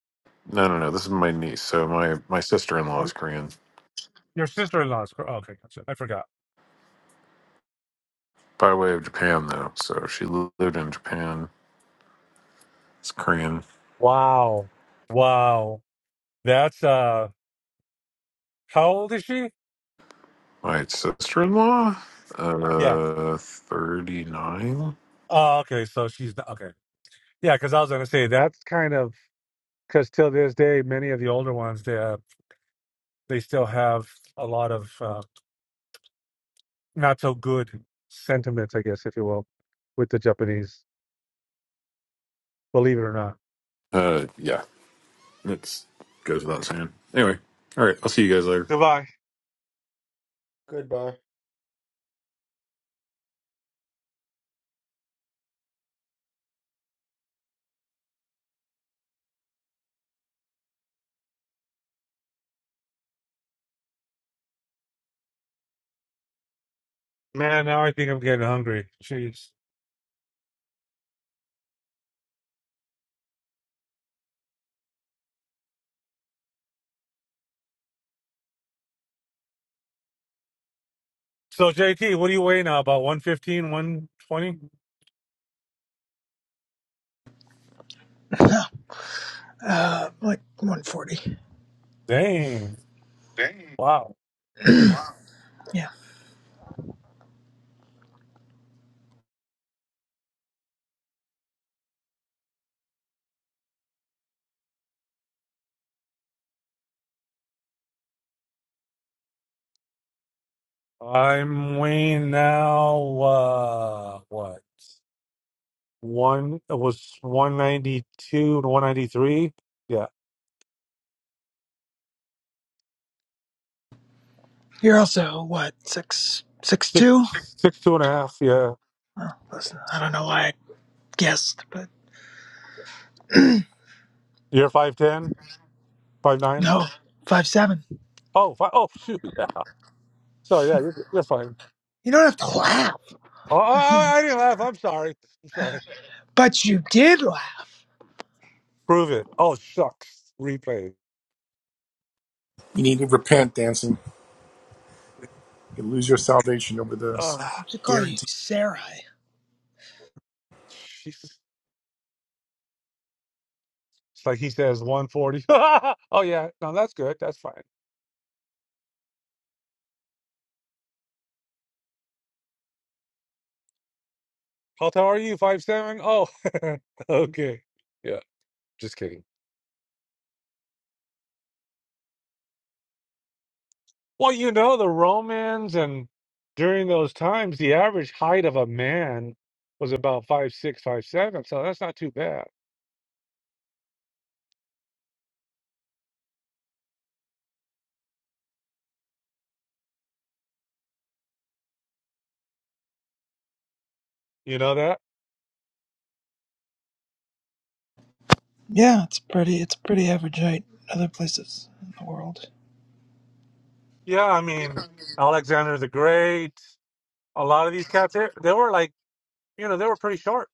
G: No, no, no. This is my niece. So my my sister in law
D: or
G: is Korean
D: your sister-in-law is Korean. Okay, gotcha. I forgot.
G: by way of Japan, though. So she lived in Japan. It's Korean
D: Wow. Wow. That's uh how old is she?
G: My sister in law,
D: Yeah.
G: uh, 39.
D: Oh, okay. So she's not, okay. Yeah, because I was gonna say that's kind of because till this day, many of the older ones they uh, they still have a lot of uh, not so good sentiments, I guess, if you will, with the Japanese. Believe it or not.
G: Uh, yeah, it goes without saying. Anyway, all right, I'll see you guys later.
D: Goodbye,
B: Goodbye,
D: man. Now I think I'm getting hungry. Jeez. So JT, what do you weigh now? About one fifteen, one twenty?
C: Uh, like 140.
D: Dang. Wow.
C: Yeah.
D: I'm weighing now uh what? One it was one ninety two to one ninety three. Yeah.
C: You're also, what, six, six,
D: Six
C: two?
D: six two and a half, yeah.
C: Oh, listen, I don't know why I guessed, but
D: You're five ten, five nine.
C: no, five, seven.
D: Oh five oh shoot, yeah. So yeah, you're, you're fine.
C: You don't have to laugh,
D: Oh, I, I didn't laugh. I'm sorry. I'm sorry.
C: but you did laugh.
D: Prove it. Oh shucks. Replay.
F: you need to repent, dancing. You lose your salvation over this.
D: Uh
C: I should call you
F: Guaranteed.
C: Sarai.
D: Jesus. It's like he says one forty. oh yeah, no, that's good. That's fine. How tall are you? Five seven? Oh okay. Yeah. Just kidding. Well, you know, the Romans and during those times, the average height of a man was about five six, five seven, so that's not too bad. You know that?
C: Yeah, it's pretty, it's pretty average height other places in the world.
D: Yeah, I mean, Alexander the Great, a lot of these cats, they, they were like, you know, they were pretty short.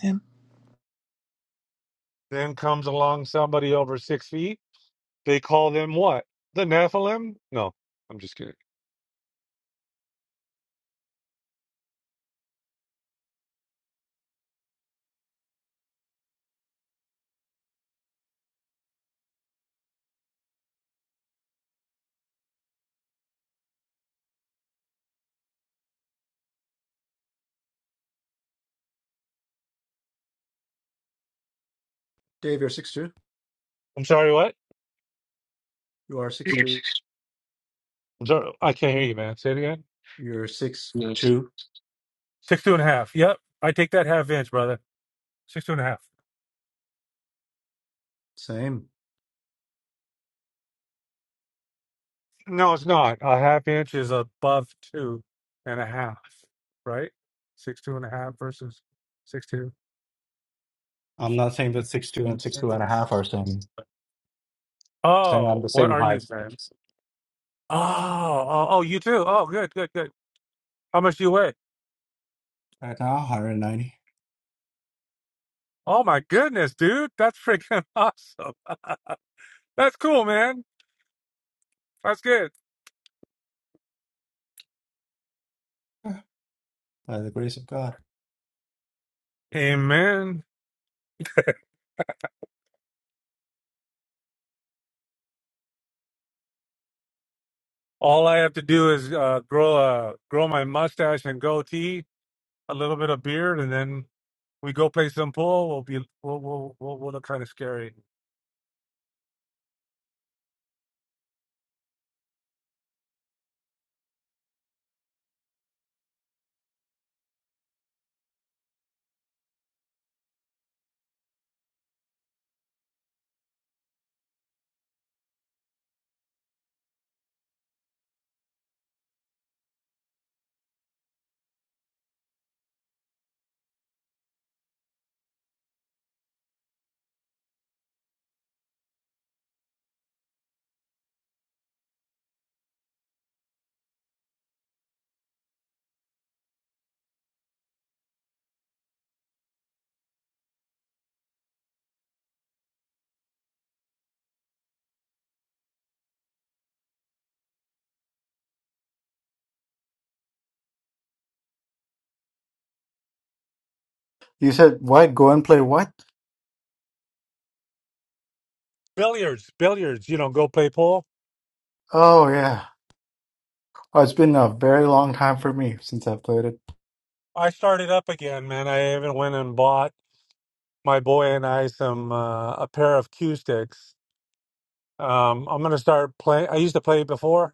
C: And
D: Then comes along somebody over six feet. They call them what? The Nephilim? No, I'm just kidding.
B: Dave. You're six two.
D: I'm sorry, what?
B: You are six
D: Yes.
B: two.
D: I'm sorry, I can't hear you, man. Say it again.
B: You're six
D: Yes.
B: two.
D: Six two and a half. Yep. I take that half inch, brother. Six two and a half.
B: Same.
D: No, it's not. A half inch is above two and a half, right? Six two and a half versus six two.
B: I'm not saying that six two and six two and a half are same. Saying I'm
D: Oh,
B: the
D: what
B: same
D: are you
B: height.
D: saying? Oh, oh, oh, you too. Oh, good, good, good. How much do you weigh?
B: Right now, 190
D: Oh my goodness, dude, that's freaking awesome. That's cool, man. That's good.
B: by the grace of God.
D: Amen. All I have to do is uh, grow a grow my mustache and goatee, a little bit of beard, and then we go play some pool. We'll be we'll we'll we'll, we'll look kind of scary.
B: You said what? Go and play what?
D: Billiards, billiards. You know, go play pool.
B: Oh yeah. Oh, it's been a very long time for me since I've played it.
D: I started up again, man. I even went and bought my boy and I some uh, a pair of cue sticks. Um, I'm gonna start playing. I used to play before,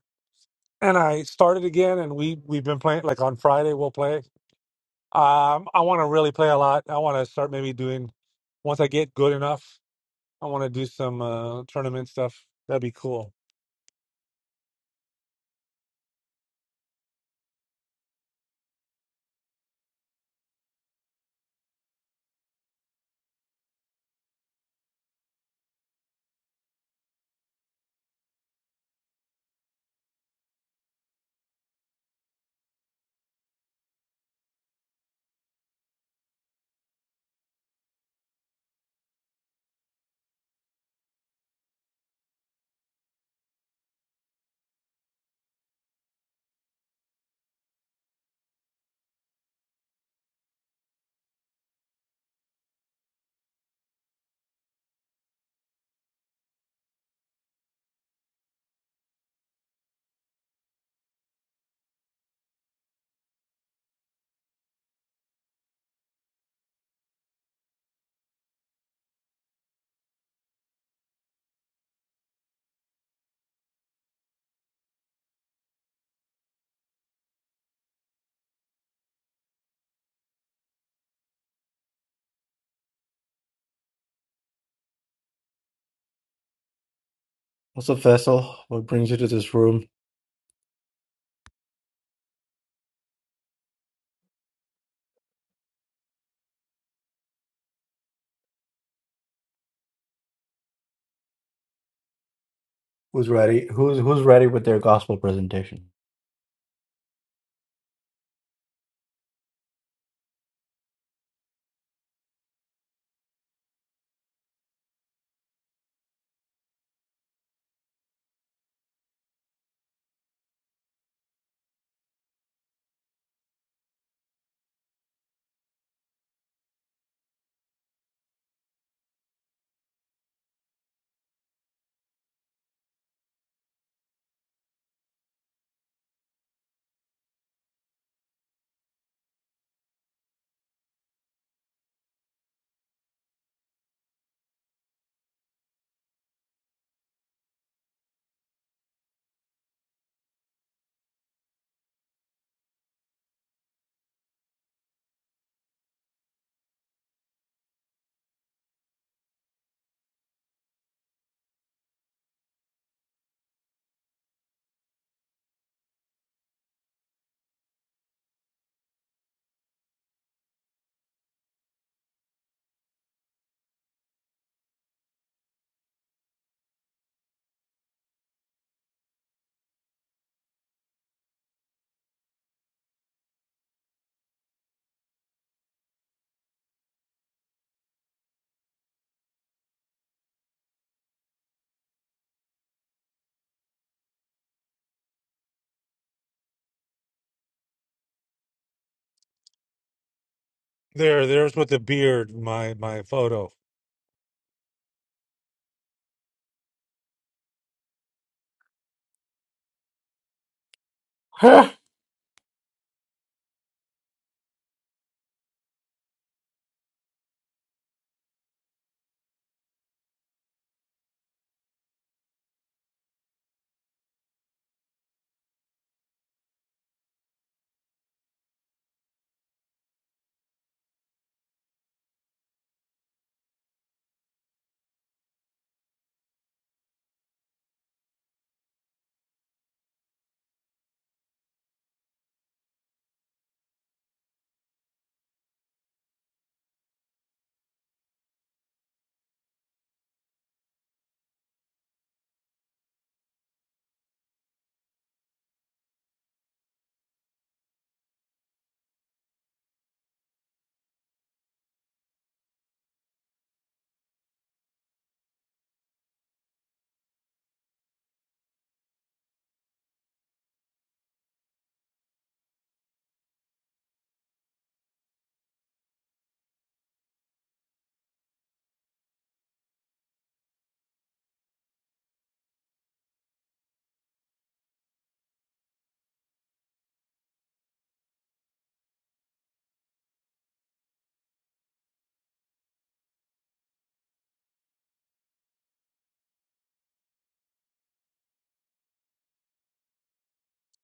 D: and I started again. And we we've been playing. Like on Friday, we'll play. Um, I want to really play a lot. I want to start maybe doing once I get good enough. I want to do some uh, tournament stuff. That'd be cool.
B: What's up, Vessel? What brings you to this room? Who's ready? Who's who's ready with their gospel presentation?
D: There, there's with the beard. My my photo.
B: Huh.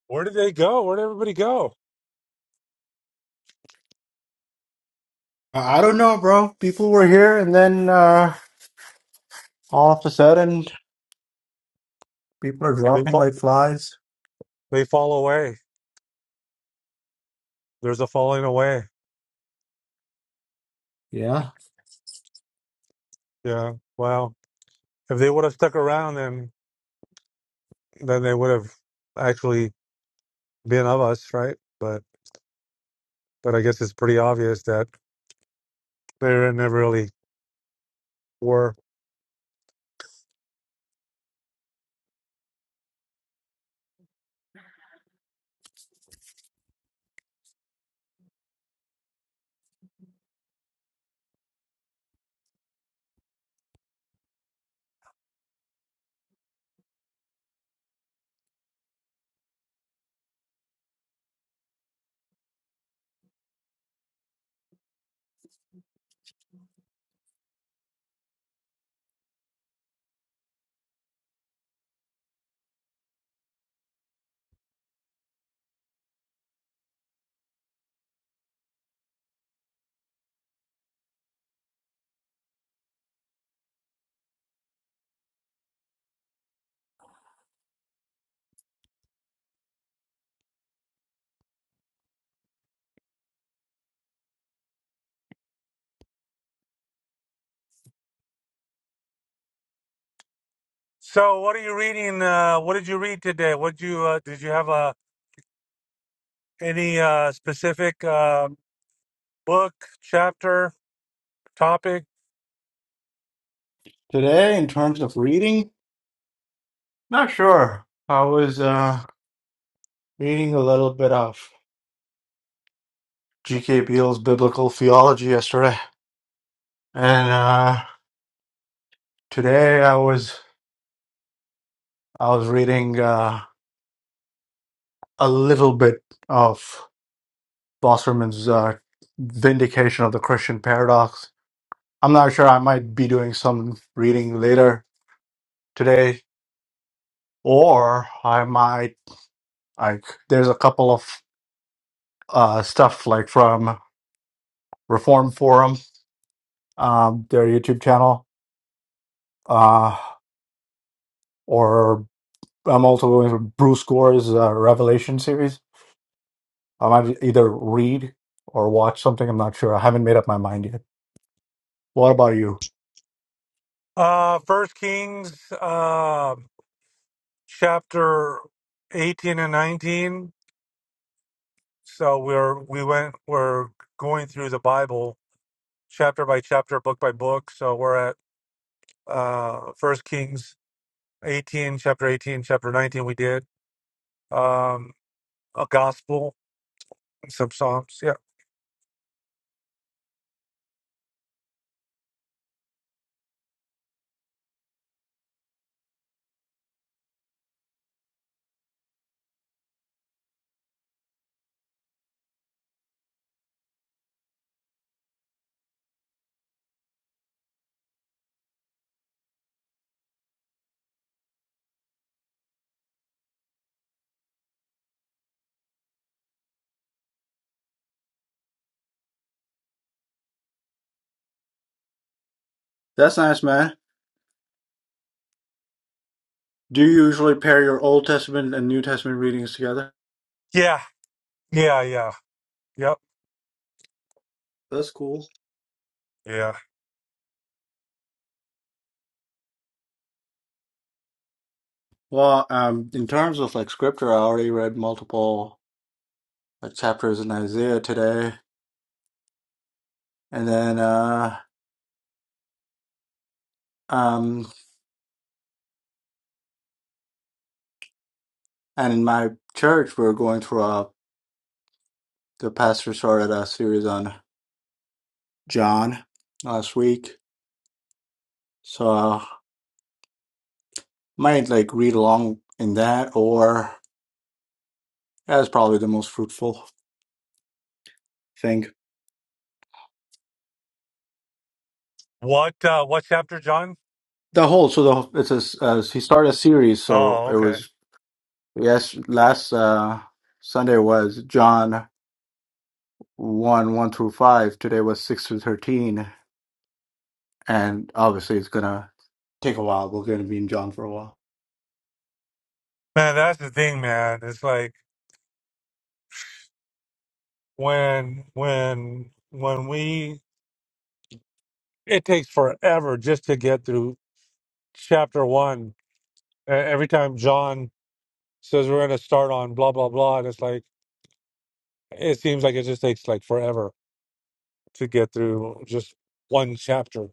D: Where did they go? Where did everybody go?
B: I I don't know, bro. People were here, and then uh, all of a sudden, people are
D: They
B: dropping
D: fall.
B: like flies.
D: They fall away. There's a falling away.
B: Yeah.
D: Yeah. Wow. If they would have stuck around, then then they would have actually been of us, right? But but I guess it's pretty obvious that they never really were. So what are you reading? Uh, what did you read today? What you uh, did you have uh, any uh, specific uh, book, chapter, topic?
B: Today, in terms of reading, not sure. I was. Uh, reading a little bit of G.K. Beale's biblical theology yesterday, and uh, today I was I was reading uh, a little bit of Wasserman's uh, Vindication of the Christian Paradox. I'm not sure. I might be doing some reading later today, or I might like. There's a couple of uh, stuff like from Reform Forum, um, their YouTube channel, uh, or I'm also going for Bruce Gore's uh, Revelation series. I might either read or watch something. I'm not sure. I haven't made up my mind yet. What about you?
D: Uh, First Kings, uh, chapter eighteen and nineteen so we're we went we're going through the bible chapter by chapter book by book so we're at uh first kings 18 chapter 18 chapter 19 we did um a gospel and some psalms yeah
B: That's nice, man. Do you usually pair your Old Testament and New Testament readings together?
D: yeah yeah yeah yep
B: That's cool.
D: yeah
B: Well, um, in terms of like scripture, I already read multiple like chapters in Isaiah today, and then uh, um, and in my church, we are going through a the pastor started a series on John last week, so. might like read along in that, or that's probably the most fruitful thing.
D: what uh what chapter john
B: The whole so the it's a s- uh, he started a series, so
D: oh
B: it
D: okay
B: was yes last uh Sunday was John one one through five. Today was six through thirteen, and obviously it's gonna take a while. We're gonna be in John for a while.
D: man that's the thing man it's like when when when we it takes forever just to get through chapter one E- every time john says we're going to start on blah blah blah and it's like it seems like it just takes like forever to get through just one chapter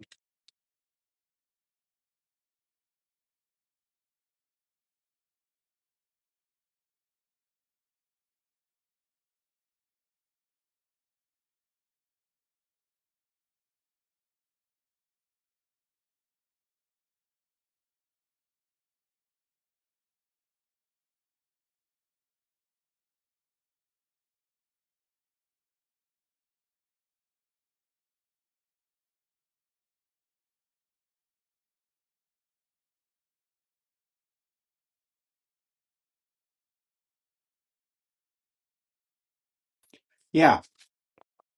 B: Yeah,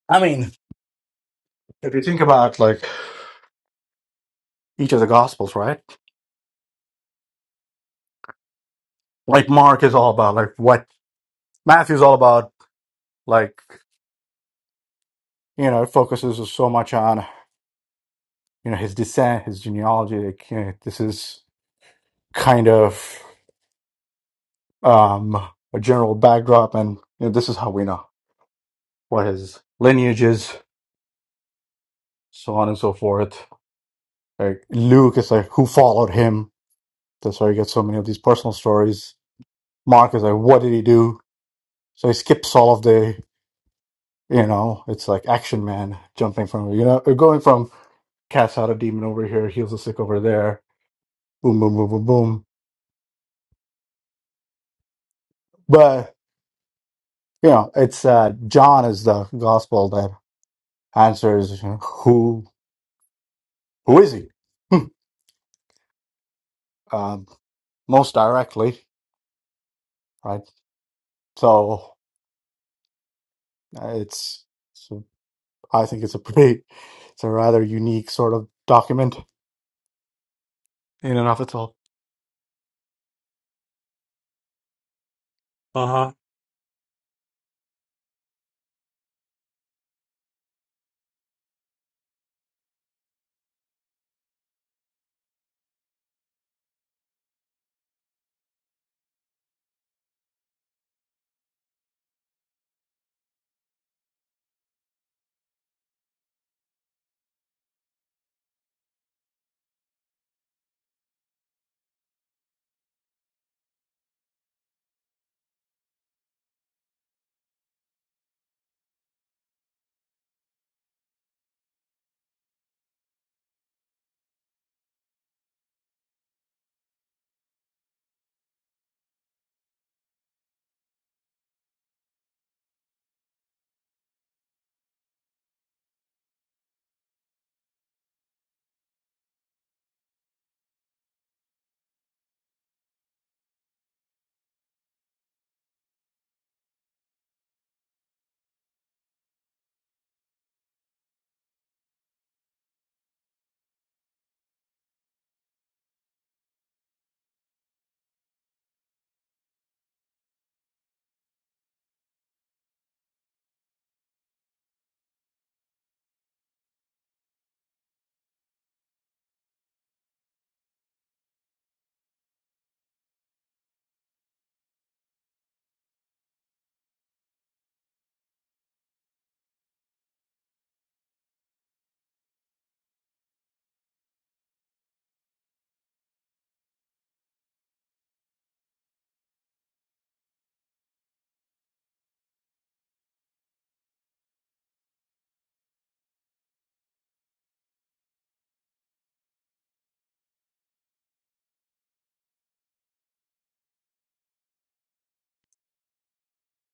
B: I mean if you think about like each of the gospels, right? Like Mark is all about like what Matthew's all about like you know it focuses so much on you know his descent, his genealogy. Like, you know, this is kind of um, a general backdrop, and you know, this is how we know what his lineage is, so on and so forth. Like Luke is like who followed him. That's why you get so many of these personal stories. Mark is like, what did he do? So he skips all of the, you know, it's like Action Man jumping from, you know, going from cast out a demon over here, heals the sick over there, boom, boom, boom, boom, boom. But you know, it's uh, John is the gospel that. answer is who who is he? Hmm. um, most directly, right? So uh, it's, so I think it's a pretty it's a rather unique sort of document in and of itself.
D: uh-huh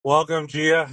D: welcome gia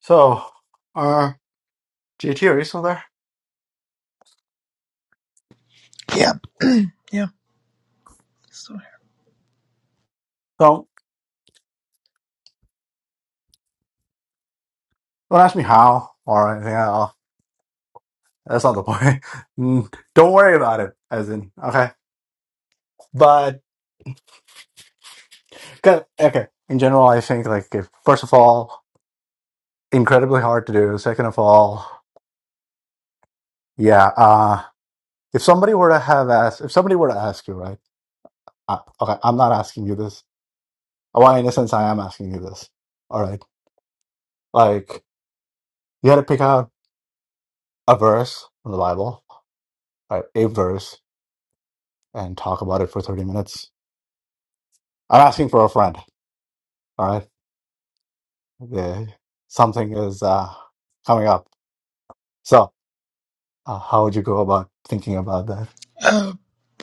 B: So, uh, JT, are you still there?
C: yeah, yeah. So,
B: So don't ask me how or anything. I'll, that's not the point. Mm, don't worry about it. As in, okay, but 'cause- okay. In general, I think like if, first of all, incredibly hard to do. Second of all, yeah. uh, If somebody were to have asked, if somebody were to ask you, right? I, okay, I'm not asking you this. Well, in a sense, I am asking you this. All right, like you had to pick out a verse from the Bible, right? A verse, and talk about it for 30 minutes. I'm asking for a friend. All right, the, something is uh, coming up. So, uh, how would you go about thinking about that?
C: uh,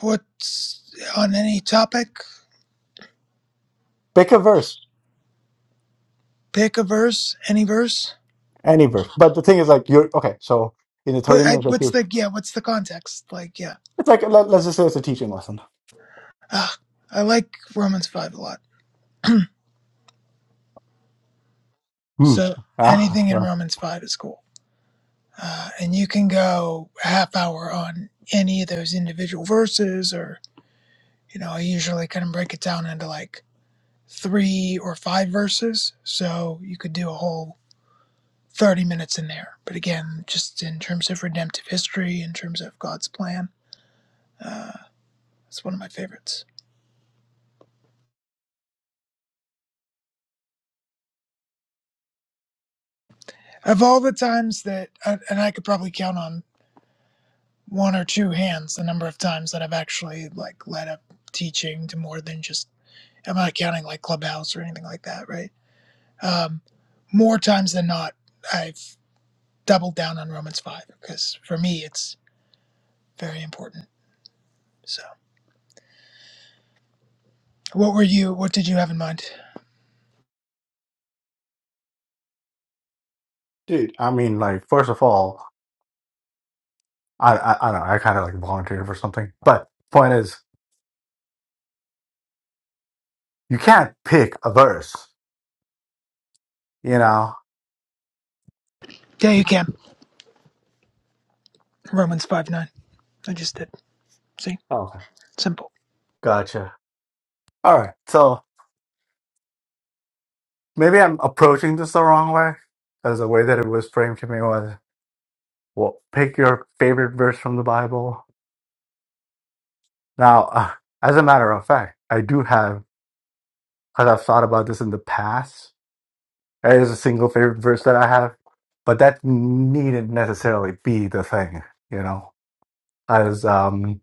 C: what's on any topic?
B: Pick a verse,
C: Pick a verse, any verse.
B: any verse. But the thing is, like, you're okay. So, in the
C: What
B: 30
C: I,
B: minute
C: what's
B: review,
C: the yeah? What's the context? Like yeah,
B: it's like let, let's just say it's a teaching lesson.
C: ah, I like Romans five a lot.
B: Hmm.
C: So
B: Yeah.
C: anything in Romans five is cool, uh, and you can go a half hour on any of those individual verses, or you know, I usually kind of break it down into like three or five verses, so you could do a whole thirty minutes in there. But again, just in terms of redemptive history, in terms of God's plan, uh, it's one of my favorites of all the times that and I could probably count on one or two hands the number of times that I've actually like led up teaching to more than just I'm not counting like clubhouse or anything like that, right? Um, more times than not, I've doubled down on Romans five because for me it's very important. So, what were you? What did you have in mind?
B: Dude, I mean, like, first of all, I I, I don't know, I kind of like volunteered for something, but point is, you can't pick a verse, you know?
C: Yeah, you can Romans five nine. I just did. See,
B: Okay,
C: simple.
B: gotcha. All right, so maybe I'm approaching this the wrong way, because the way that it was framed to me was, well, pick your favorite verse from the Bible. Now, uh, as a matter of fact, I do have, because I've thought about this in the past, there is a single favorite verse that I have, but that needn't necessarily be the thing, you know? As um,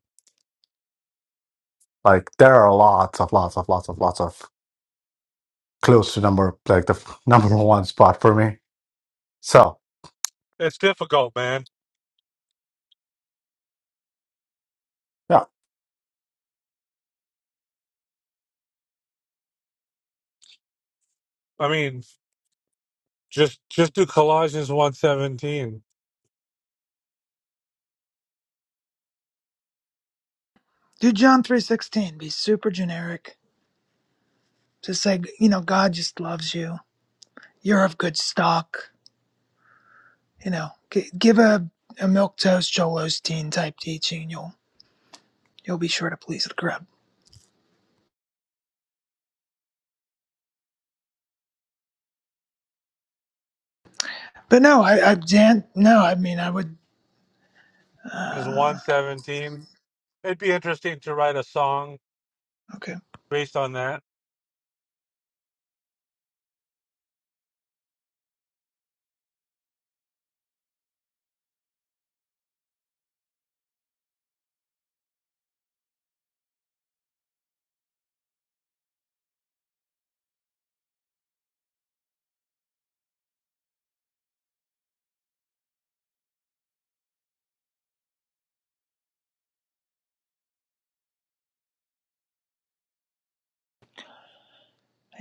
B: Like there are lots of lots of lots of lots of close to number like the f- number one spot for me. So
D: it's difficult man
B: yeah,
D: i mean just just do colossians 117
C: Do John three sixteen. Be super generic. Just say you know God just loves you. You're of good stock You know, g- give a, a milk toast Joel Osteen type teaching, you'll you'll be sure to please the crowd. But no, I, I Dan, no, I mean I would.
D: is
C: Uh,
D: 117 it'd be interesting to write a song
C: okay,
D: based on that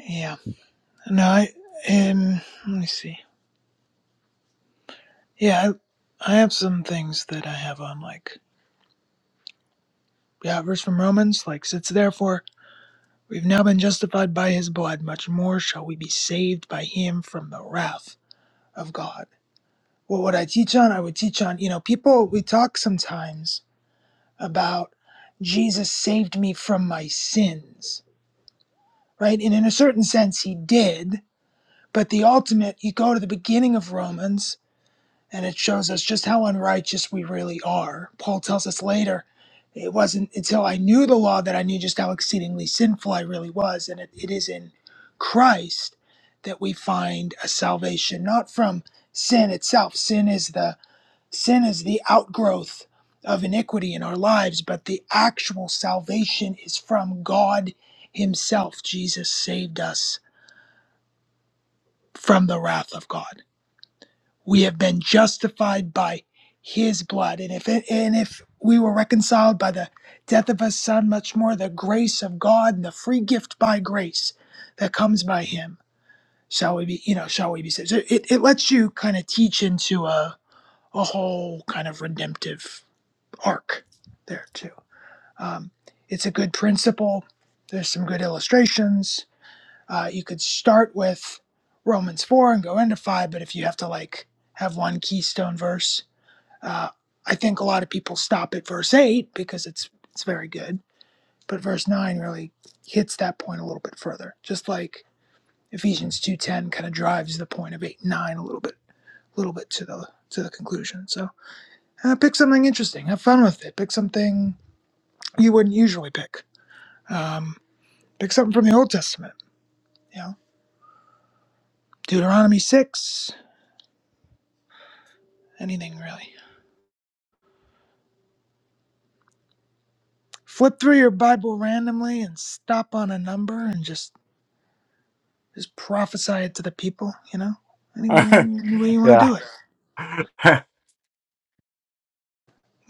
C: yeah, no, I um, let me see. Yeah, I, I have some things that I have on like yeah, verse from Romans like sits therefore we've now been justified by his blood, much more shall we be saved by him from the wrath of God. Well, What would I teach on? I would teach on you know people we talk sometimes about Jesus saved me from my sins, right? And in a certain sense, he did. But the ultimate, you go to the beginning of Romans and it shows us just how unrighteous we really are. Paul tells us later, it wasn't until I knew the law that I knew just how exceedingly sinful I really was. And it, it is in Christ that we find a salvation, not from sin itself. Sin is the Sin is the outgrowth of iniquity in our lives, but the actual salvation is from God Himself. Jesus saved us from the wrath of God. We have been justified by His blood. And if, it, and if we were reconciled by the death of His Son, much more the grace of God and the free gift by grace that comes by Him. Shall we be, you know, shall we be saved? So it, it lets you kind of teach into a, a whole kind of redemptive arc there too. Um, it's a good principle. There's some good illustrations. Uh, you could start with Romans four and go into five, but if you have to like have one keystone verse, uh, I think a lot of people stop at verse eight because it's it's very good, but verse nine really hits that point a little bit further. Just like Ephesians two ten kind of drives the point of eight and nine a little bit, little bit to the to the conclusion. So uh, pick something interesting. Have fun with it. Pick something you wouldn't usually pick. Um, pick something from the Old Testament, you know, Deuteronomy 6, anything really. Flip through your Bible randomly and stop on a number and just just prophesy it to the people, you know, anywhere, any way you want to
B: yeah.
C: do it.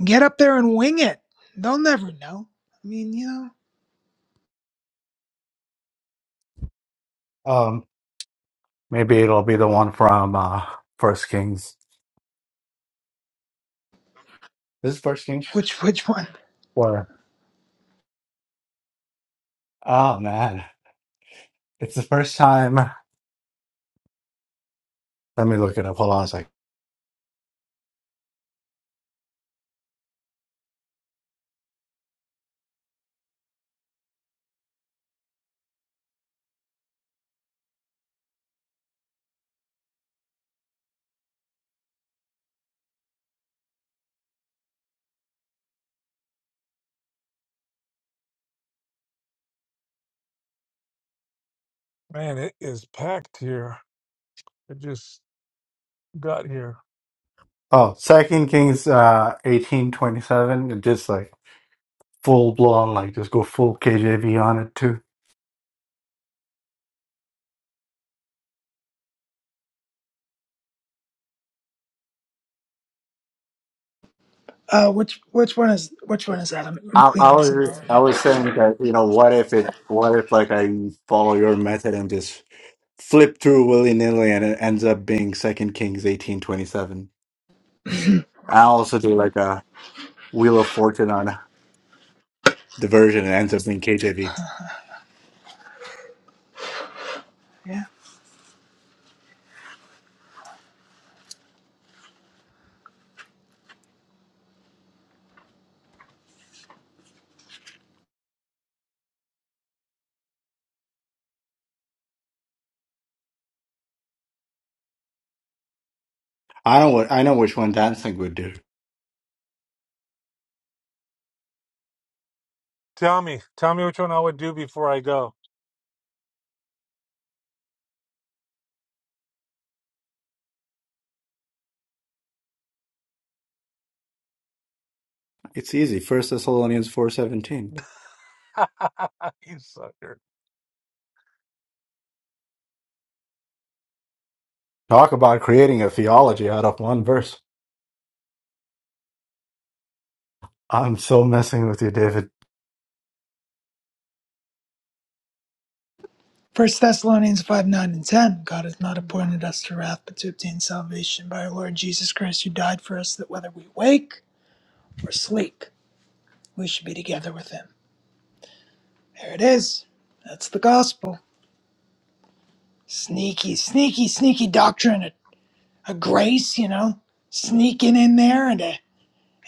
C: Get up there and wing it. They'll never know. I mean, you know,
B: um, maybe it'll be the one from uh, First Kings. This is First Kings.
C: which which one?
B: Where? Oh man, it's the first time. Let me look it up. Hold on a second.
D: man it is packed here i just got here
B: Oh, Second Kings, uh, eighteen twenty-seven. Just like full blown, like just go full KJV on it too.
C: Uh, which which one is which one is that? I'm, I'm
B: I, I
C: cleaning
B: was
C: something
B: just-
C: right
B: I
C: now.
B: was saying that you know what if it what if like I follow your method and just flip through willy nilly and it ends up being Second Kings eighteen twenty seven. I also do like a Wheel of Fortune on the version and it ends up being KJV.
C: Yeah.
B: I know what I know which one dancing would do.
D: tell me tell me which one i would do before i go
B: It's easy. First Thessalonians four seventeen.
D: you sucker
B: Talk about creating a theology out of one verse. I'm so messing with you, David.
C: First Thessalonians 5, 9 and 10. God has not appointed us to wrath, but to obtain salvation by our Lord Jesus Christ, who died for us, that whether we wake or sleep, we should be together with him. There it is. That's the gospel. Sneaky, sneaky, sneaky doctrine. A, a grace, you know, sneaking in there into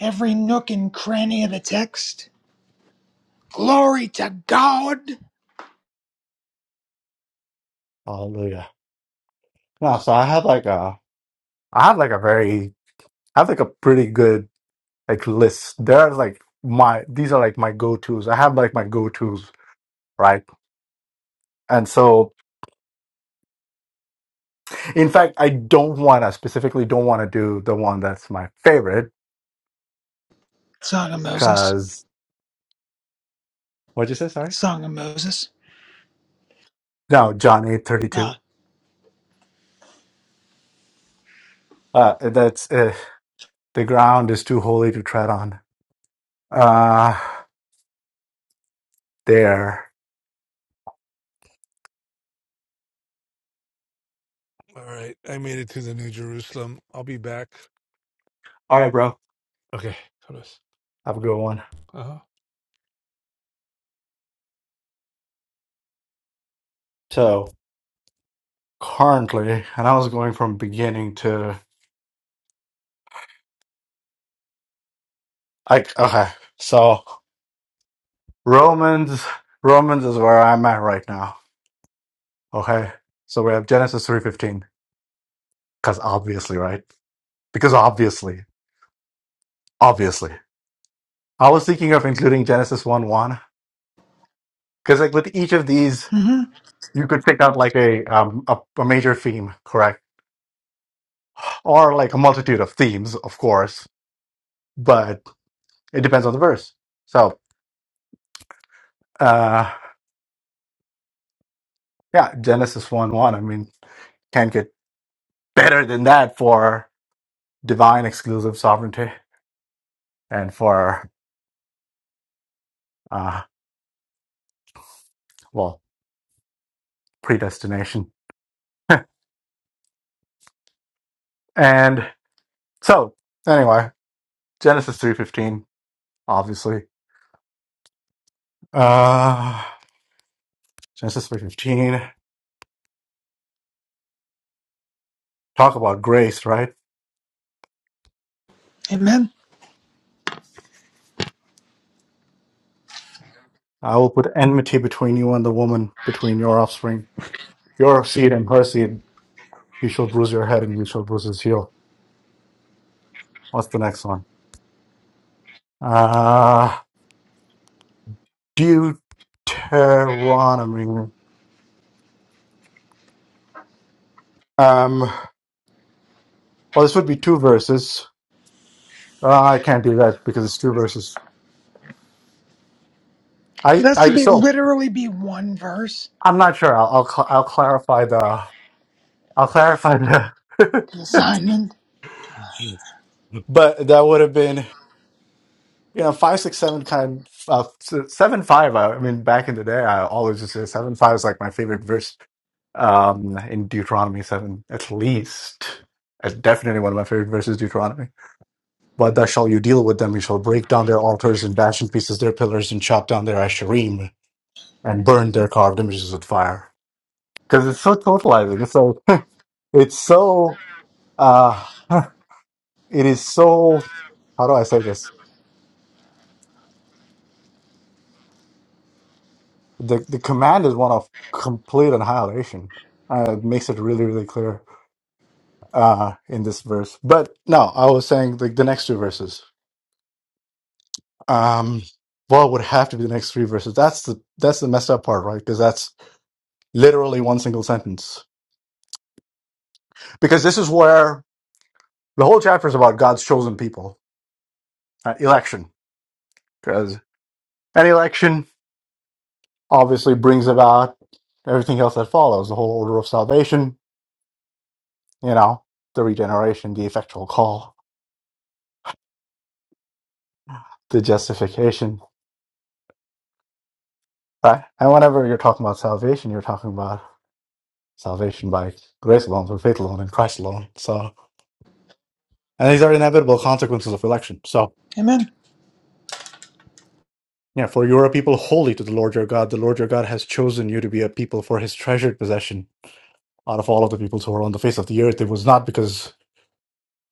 C: every nook and cranny of the text. Glory to God.
B: Hallelujah. No, so I had like a I had like a very I have like a pretty good like lists. They're like my these are like my go tos. I have like my go tos, right? And so, in fact, I don't want to specifically don't want to do the one that's my favorite
C: Song of Moses.
B: because what'd you say? Sorry.
C: Song of Moses.
B: No, John eight thirty two.
C: Ah,
B: Uh, that's uh, the ground is too holy to tread on. Uh, there.
D: all right i made it to the new jerusalem i'll be back
B: All right, bro.
D: Okay, got it.
B: Have a good one.
D: Uh-huh.
B: So currently, and I was going from beginning to like okay. So Romans, Romans is where I'm at right now Okay. So we have Genesis 3.15. Because obviously, right? Because obviously. Obviously. I was thinking of including Genesis one one, Because like with each of these,
C: mm-hmm.
B: you could pick out like a, um, a a major theme, correct? Or like a multitude of themes, of course. But it depends on the verse. So uh yeah, Genesis one one. I mean, can't get better than that for divine exclusive sovereignty and for uh well, predestination. And so anyway. Genesis 3.15, obviously. Uh, Genesis 3.15, talk about grace, right?
C: Amen.
B: I will put enmity between you and the woman, between your offspring, your seed and her seed. You shall bruise your head and you shall bruise his heel. What's the next one? Uh, Deuteronomy. Um, well, this would be two verses. Uh, I can't do that because it's two verses.
C: It
B: I,
C: has
B: I,
C: to be
B: so
C: literally be one verse
B: I'm not sure. I'll, I'll, cl- I'll clarify the, I'll clarify the,
C: Simon.
B: but that would have been you know five six seven kind of uh, seven five I, I mean back in the day i always just say seven five is like my favorite verse um in deuteronomy seven at least it's definitely one of my favorite verses deuteronomy but thou shall you deal with them you shall break down their altars and bash in pieces their pillars and chop down their asherim and burn their carved images with fire because it's so totalizing it's so it's so uh it is so how do i say this the the command is one of complete annihilation. Uh, it makes it really really clear uh, in this verse. But no, I was saying like the next two verses. Um, well, it would have to be the next three verses. That's the that's the messed up part, right? Because that's literally one single sentence. Because this is where the whole chapter is about God's chosen people, uh, election. Because an election obviously brings about everything else that follows, the whole order of salvation. You know, the regeneration, the effectual call, the justification Right? And whenever you're talking about salvation, you're talking about salvation by grace alone, through faith alone, in Christ alone. So, and these are inevitable consequences of election. So,
C: Amen.
B: yeah, for you are a people holy to the Lord your God. The Lord your God has chosen you to be a people for his treasured possession out of all of the peoples who are on the face of the earth. It was not because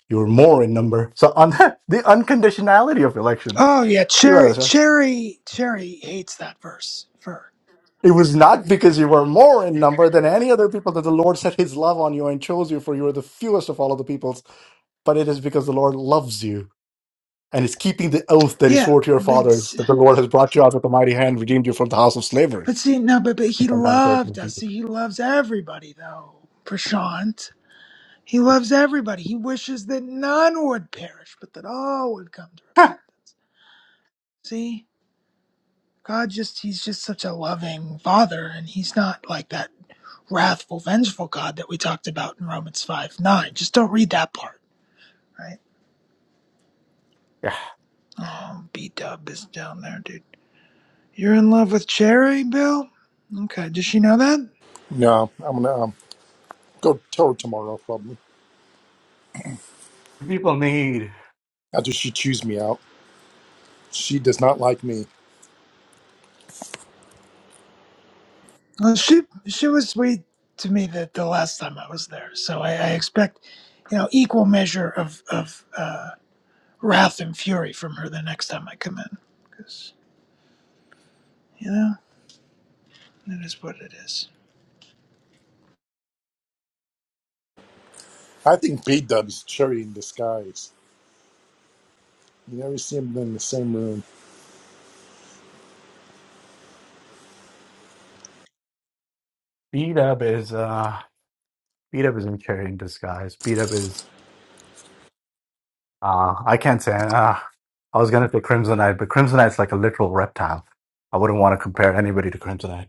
B: you were more in number. So, un- the unconditionality of election.
C: Oh yeah,
B: Think about
C: Cherry,
B: this, right?
C: Cherry, Cherry hates that verse. Fur.
B: It was not because you were more in number than any other people that the Lord set his love on you and chose you, for you were the fewest of all of the peoples but it is because the Lord loves you and is keeping the oath that he
C: Yeah,
B: swore to your
C: but
B: fathers that the Lord has brought you out with a mighty hand, redeemed you from the house of slavery.
C: but see, no, but but he
B: Sometimes there can
C: loved
B: be.
C: us. See, he loves everybody though. Prashant, he loves everybody. He wishes that none would perish, but that all would come to repentance. See, God just—he's just such a loving Father, and he's not like that wrathful, vengeful God that we talked about in Romans five nine. Just don't read that part, right?
B: yeah.
C: Oh, B Dub is down there, dude. You're in love with Cherry, Bill? Okay, does she know that?
F: No, I'm going to um, go tell her tomorrow, probably.
B: People need
F: After she chews me out. She does not like me.
C: Well, she she was sweet to me the, the last time I was there, so I, I expect, you know, equal measure of of uh, wrath and fury from her the next time I come in, because you know that is what it is.
F: I think B Dub's Cherry in disguise. You never see him in the same room.
B: beat up is uh beat up isn't carrying disguise. Beat up is uh I can't say uh I was gonna say Crimsonite, but Crimsonite's like a literal reptile. I wouldn't want to compare anybody to Crimsonite.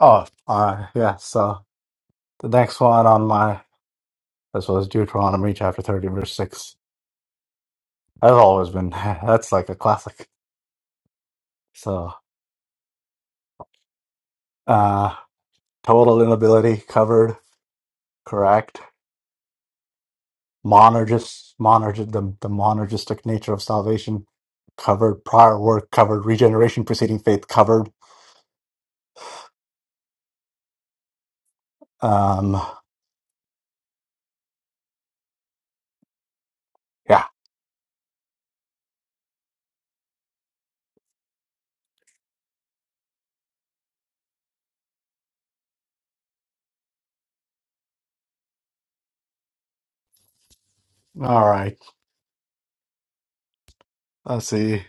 B: Oh, uh yeah, so the next one on my this was Deuteronomy chapter thirty verse six. That's always been that's like a classic. So uh. Total inability covered, correct. Monergist, monergist, the, the monergistic nature of salvation covered. Prior work covered. Regeneration preceding faith covered. Um, yeah. All right. Let's see.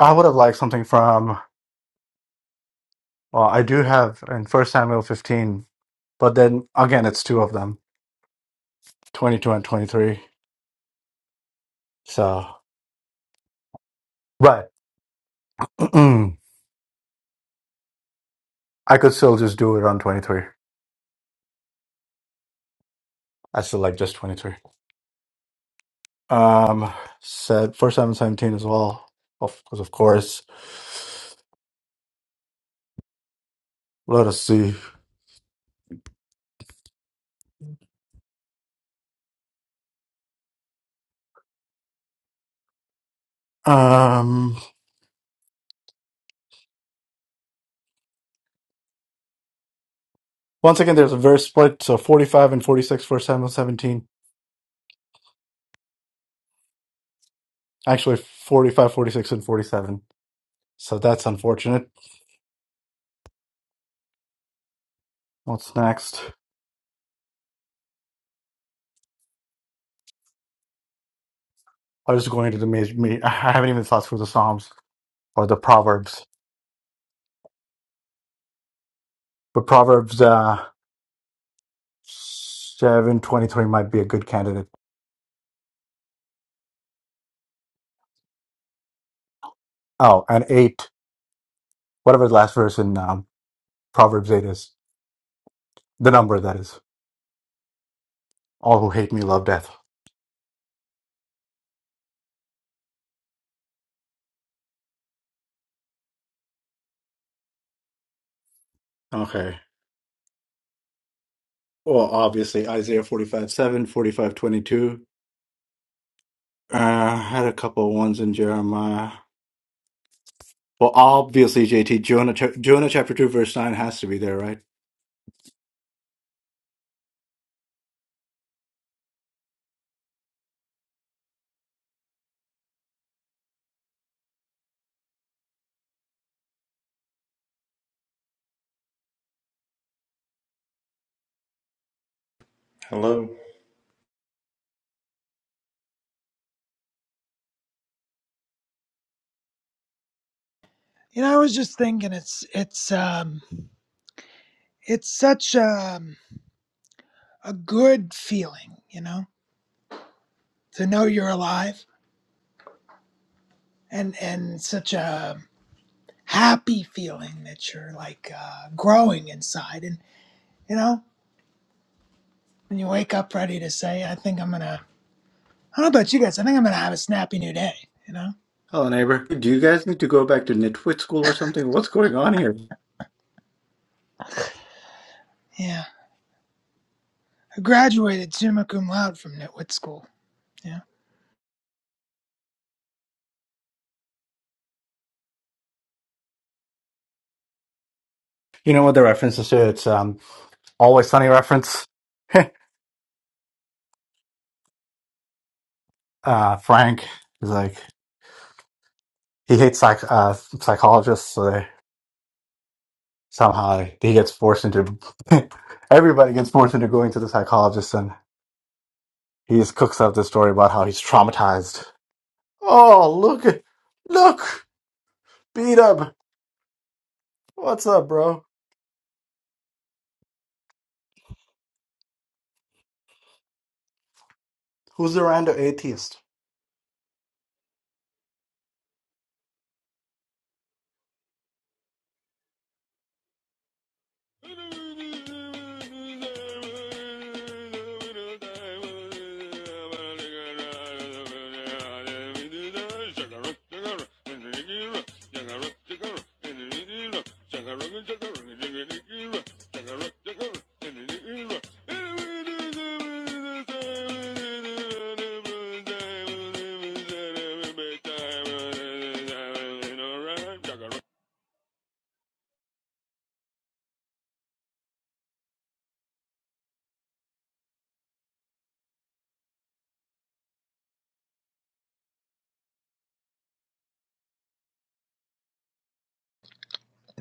B: I would have liked something from. Well, I do have in First Samuel 15, but then again, it's two of them, 22 and 23. So, but I could still just do it on 23. I still like just 23. Um, said for seven seventeen as well, of course, of course. Let us see. Um, once again, there's a very split, so 45 and 46 for seven seventeen. Actually, 45, 46, and 47. So that's unfortunate. What's next? I was going to the major. Me, I haven't even thought through the Psalms or the Proverbs, but Proverbs uh, 7, twenty three might be a good candidate. Oh, and 8, whatever the last verse in um, Proverbs 8 is, the number that is. All who hate me love death. Okay. Well, obviously Isaiah 45 45 22. Uh, I had a couple of ones in Jeremiah. Well, obviously, JT, Jonah, cha- Jonah chapter 2, verse 9 has to be there, right?
H: Hello.
C: You know, I was just thinking, it's it's um, it's such a a good feeling, you know, to know you're alive, and and such a happy feeling that you're like uh, growing inside. And you know, when you wake up ready to say, "I think I'm gonna," I don't know about you guys. I think I'm gonna have a snappy new day. You know?
B: Hello, neighbor. Do you guys need to go back to Nitwit school or something? What's going on here?
C: Yeah. I graduated summa cum laude from Nitwit School. Yeah.
B: You know what the reference is to? It's um, always sunny reference. Uh, Frank is like he hates psych uh, psychologists, so they, somehow he gets forced into. everybody gets forced into going to the psychologist, He just cooks up this story about how he's traumatized. Oh, look, at- look, beat up. What's up, bro? Who's the rando atheist?
I: Alright,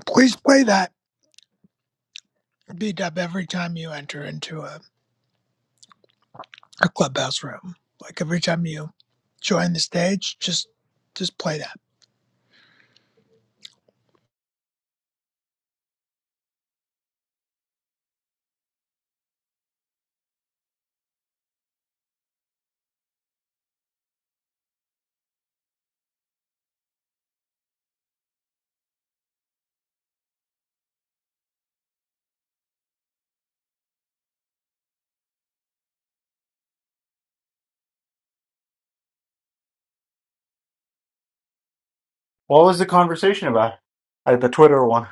C: Please play that beat up every time you enter into a, a clubhouse room. Like every time you join the stage, just just play that.
B: What was the conversation about? Like the Twitter one.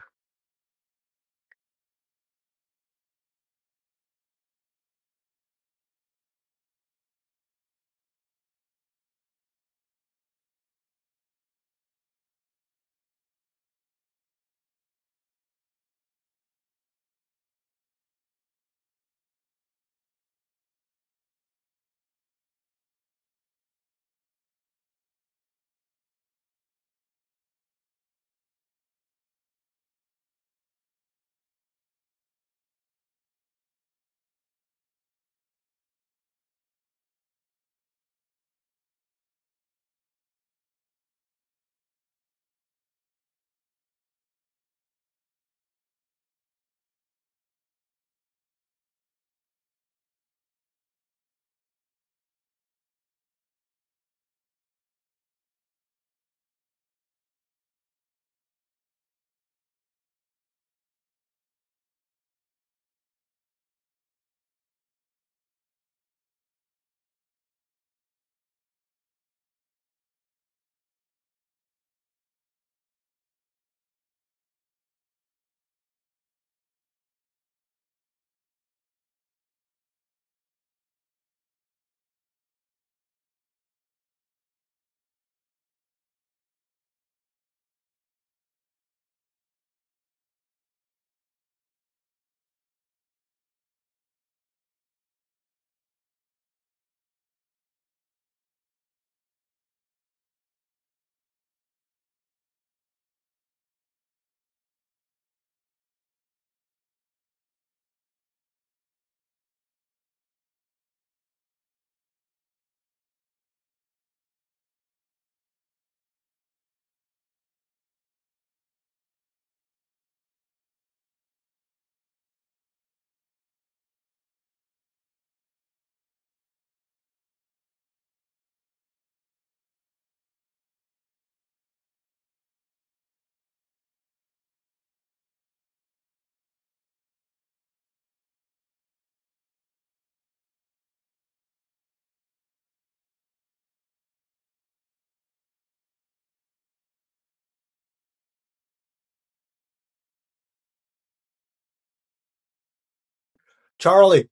B: Charlie.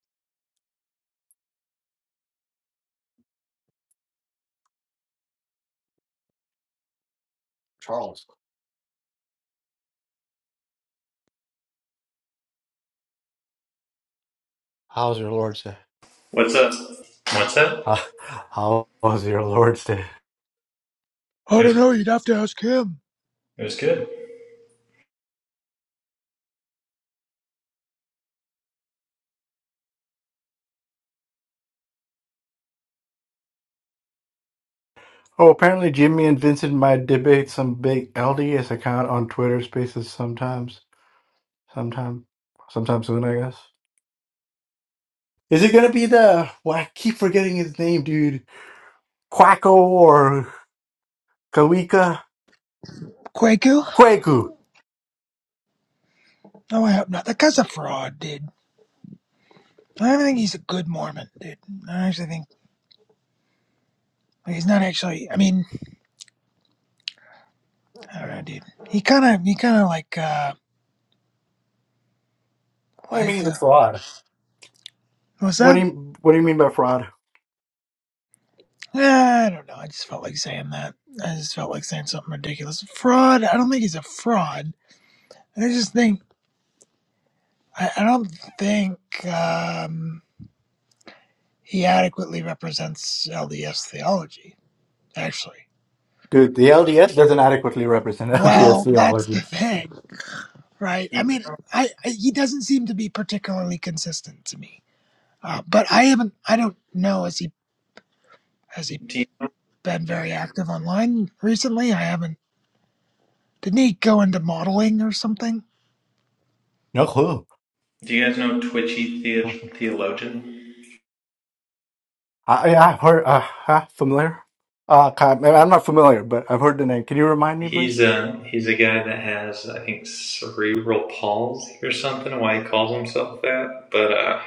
B: Charles. How's your Lord's Day?
H: What's up? What's up?
B: Uh, how was your Lord's Day?
C: I
H: It
C: don't
H: was
C: know. You'd have to ask him.
H: it was good.
B: Oh, apparently Jimmy and Vincent might debate some big LDS account on Twitter Spaces sometimes, sometime, sometime soon, I guess. Is it gonna be the? Well, I keep forgetting his name, dude. Quacko or? Kawika
C: Quaku?
B: Kweku.
C: No, I hope not. That guy's a fraud, dude. I don't even think he's a good Mormon, dude. I actually think. Like, He's not actually. I mean, I don't know, dude. He kind of, he kind of like, uh,
B: What do you
C: like,
B: mean the
C: uh,
B: fraud?
C: what's
B: What
C: that?
B: do you What do you mean by fraud,
C: Yeah, I don't know. I just felt like saying that. I just felt like saying something ridiculous. Fraud. I don't think he's a fraud. I just think, I, I don't think um, he adequately represents LDS theology. Actually,
B: dude? The LDS doesn't adequately represent LDS
C: well, that's the
B: theology.
C: thing, right? I mean, I, I he doesn't seem to be particularly consistent to me. Uh, but I haven't. I don't know. Has he? Has he
H: Do you,
C: been very active online recently. I haven't. Didn't he go into modeling or something?
B: No clue.
H: do you guys know Twitchy the- Theologian?
B: I, yeah, I've heard. Uh, huh, familiar? Uh, kind- I'm not familiar, but I've heard the name. Can you remind me,
H: He's
B: please?
H: a he's a guy that has I think cerebral palsy or something. Why he calls himself that? But uh,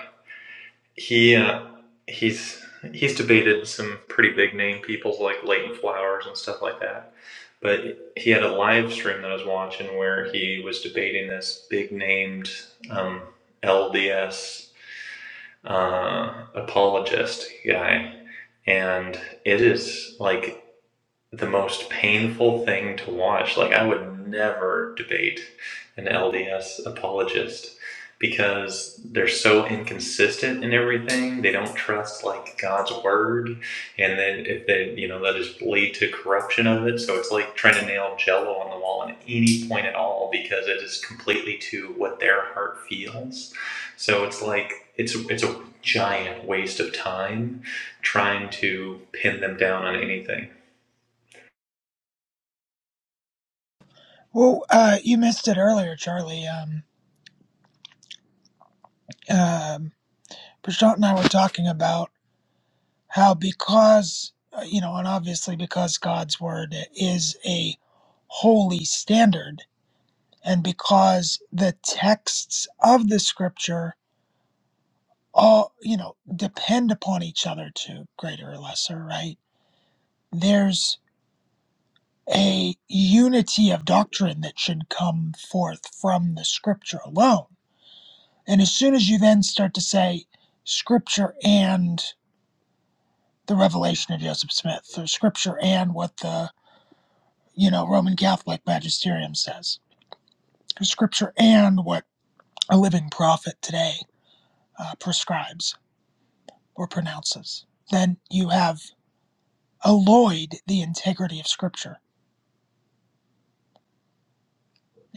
H: he uh, he's he's debated some pretty big name people like Leighton Flowers and stuff like that. But he had a live stream that I was watching where he was debating this big named um, LDS uh, apologist guy, and it is like the most painful thing to watch. Like, I would never debate an LDS apologist because they're so inconsistent in everything. They don't trust, like, God's word. And then if they, you know, that just lead to corruption of it. So it's like trying to nail jello on the wall at any point at all because it is completely to what their heart feels. So it's like, it's, it's a giant waste of time trying to pin them down on anything.
C: Well, uh, you missed it earlier, Charlie. Um, um, Prashant and I were talking about how because uh, you know, and obviously because God's word is a holy standard, and because the texts of the Scripture all you know depend upon each other to greater or lesser, right? There's a unity of doctrine that should come forth from the scripture alone. And as soon as you then start to say scripture and the revelation of Joseph Smith, or scripture and what the, you know, Roman Catholic magisterium says, or scripture and what a living prophet today uh, prescribes or pronounces, then you have alloyed the integrity of scripture.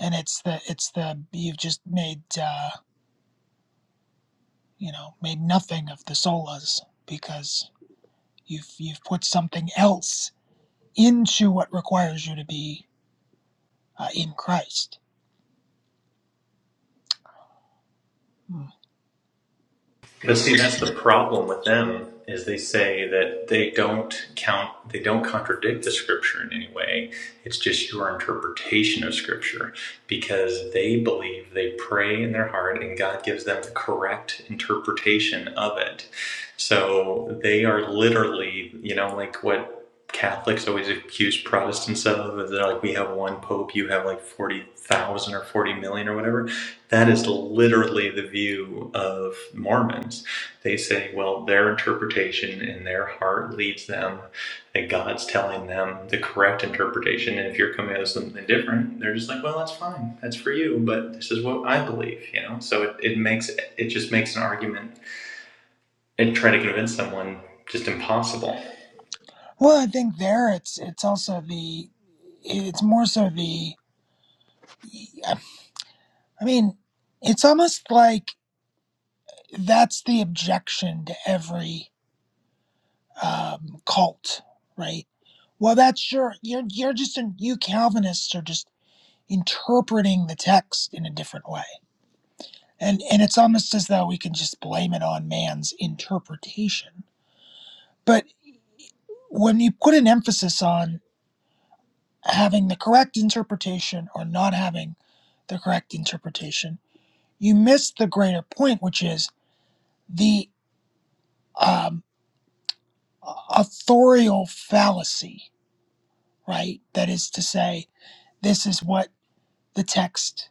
C: And it's the, it's the, you've just made, uh, you know, made nothing of the solas because you've you've put something else into what requires you to be uh, in Christ. Hmm.
H: But see, that's the problem with them is they say that they don't count, they don't contradict the scripture in any way. It's just your interpretation of scripture because they believe they pray in their heart and God gives them the correct interpretation of it. So they are literally, you know, like what Catholics always accuse Protestants of, is they're like, we have one pope, you have like 40,000 or 40 million or whatever that is literally the view of Mormons. They say, well, their interpretation in their heart leads them, that God's telling them the correct interpretation. And if you're coming out with something different, they're just like, well, that's fine. That's for you. But this is what I believe, you know? So it, it makes, it just makes an argument and try to convince someone just impossible.
C: Well, I think there it's it's also the it's more so the I mean, it's almost like that's the objection to every um, cult, right? Well, that's your you're you're just in, you Calvinists are just interpreting the text in a different way And and it's almost as though we can just blame it on man's interpretation. But when you put an emphasis on having the correct interpretation or not having the correct interpretation, you miss the greater point, which is the um, authorial fallacy, right? That is to say, this is what the text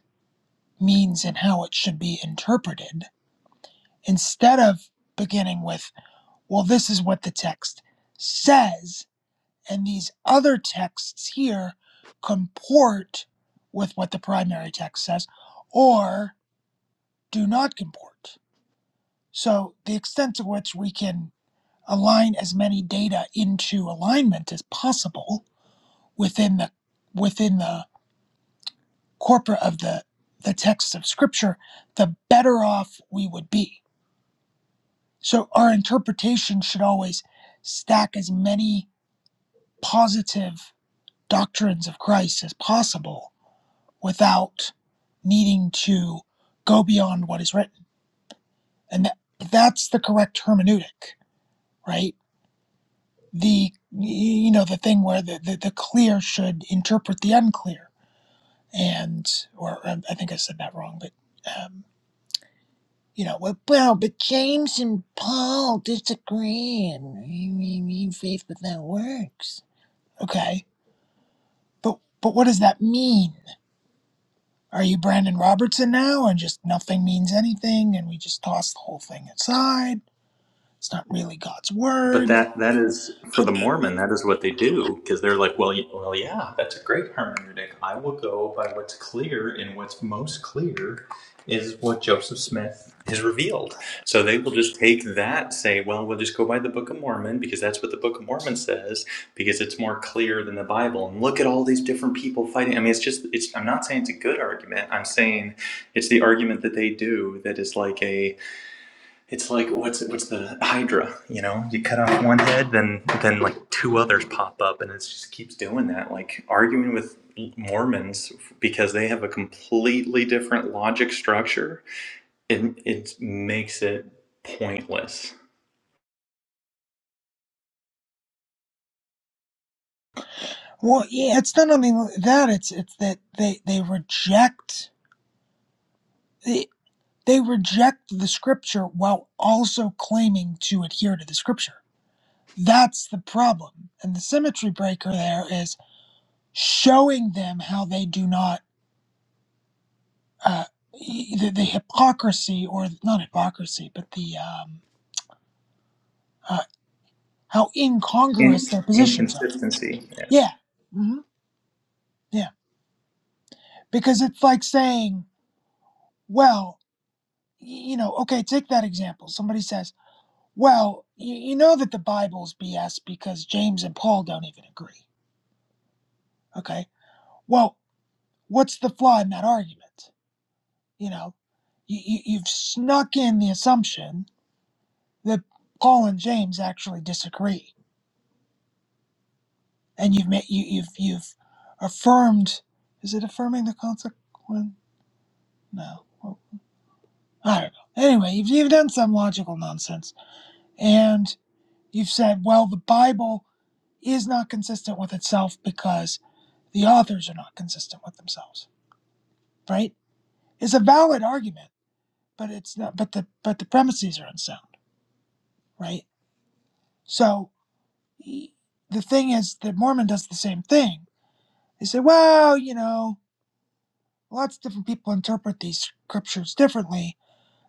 C: means and how it should be interpreted, instead of beginning with, well, this is what the text says and these other texts here comport with what the primary text says or do not comport. So, the extent to which we can align as many data into alignment as possible within the within the corpora of the the text of scripture, the better off we would be. So, our interpretation should always stack as many positive doctrines of Christ as possible without needing to go beyond what is written and that, that's the correct hermeneutic right the you know the thing where the, the, the clear should interpret the unclear and or um, i think i said that wrong but um you know well, well but james and paul disagree and we mean faith without works okay but but what does that mean Are you Brandon Robertson now? And just nothing means anything, and we just toss the whole thing aside. It's not really God's
H: But
C: word.
H: that that is for the
C: But
H: Mormon. That is what they do because they're like, well, y- well, yeah, that's a great hermeneutic. I will go by what's clear, and what's most clear is what Joseph Smith has revealed. So they will just take that, say, well, we'll just go by the Book of Mormon because that's what the Book of Mormon says because it's more clear than the Bible. And look at all these different people fighting. I mean, it's just, it's. I'm not saying it's a good argument. I'm saying it's the argument that they do that is like a it's like what's what's the Hydra? You know, you cut off one head, then then like two others pop up, and it just keeps doing that. Like arguing with Mormons because they have a completely different logic structure. It it makes it pointless.
C: well, yeah, it's not only that. It's it's that they they reject they they reject the scripture while also claiming to adhere to the scripture. That's the problem. And the symmetry breaker there is showing them how they do not uh, e- the, the hypocrisy or not hypocrisy, but the um, uh, how incongruous
H: In
C: their positions are.
H: inconsistency. Yeah.
C: Yeah. hmm Yeah. Because it's like saying, well, you know, okay, take that example. Somebody says, well, you, you know that the Bible's BS because James and Paul don't even agree. Okay. Well, what's the flaw in that argument? You know, you, you, you've snuck in the assumption that Paul and James actually disagree, and you've made, you, you've you've affirmed. Is it affirming the consequent? No. Well, I don't know. Anyway, you've, you've done some logical nonsense. And you've said, well, the Bible is not consistent with itself because the authors are not consistent with themselves, right? It's a valid argument, but it's not, but the, but the premises are unsound, right? So y- the thing is that Mormon does the same thing. They say, well, you know, lots of different people interpret these scriptures differently.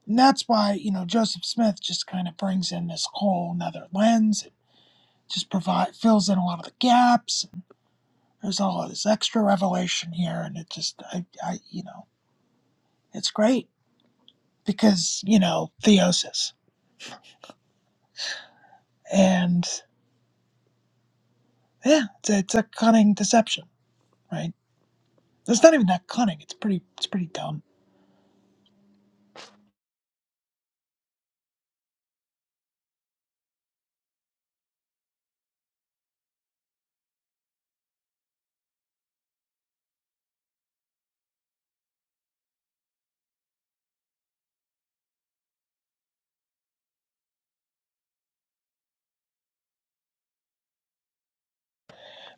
C: And that's why, you know, Joseph Smith just kind of brings in this whole nother lens just provide fills in a lot of the gaps. There's all this extra revelation here, and it just I, I you know it's great because you know theosis and yeah, it's a, it's a cunning deception, right? It's not even that cunning. It's pretty it's pretty dumb.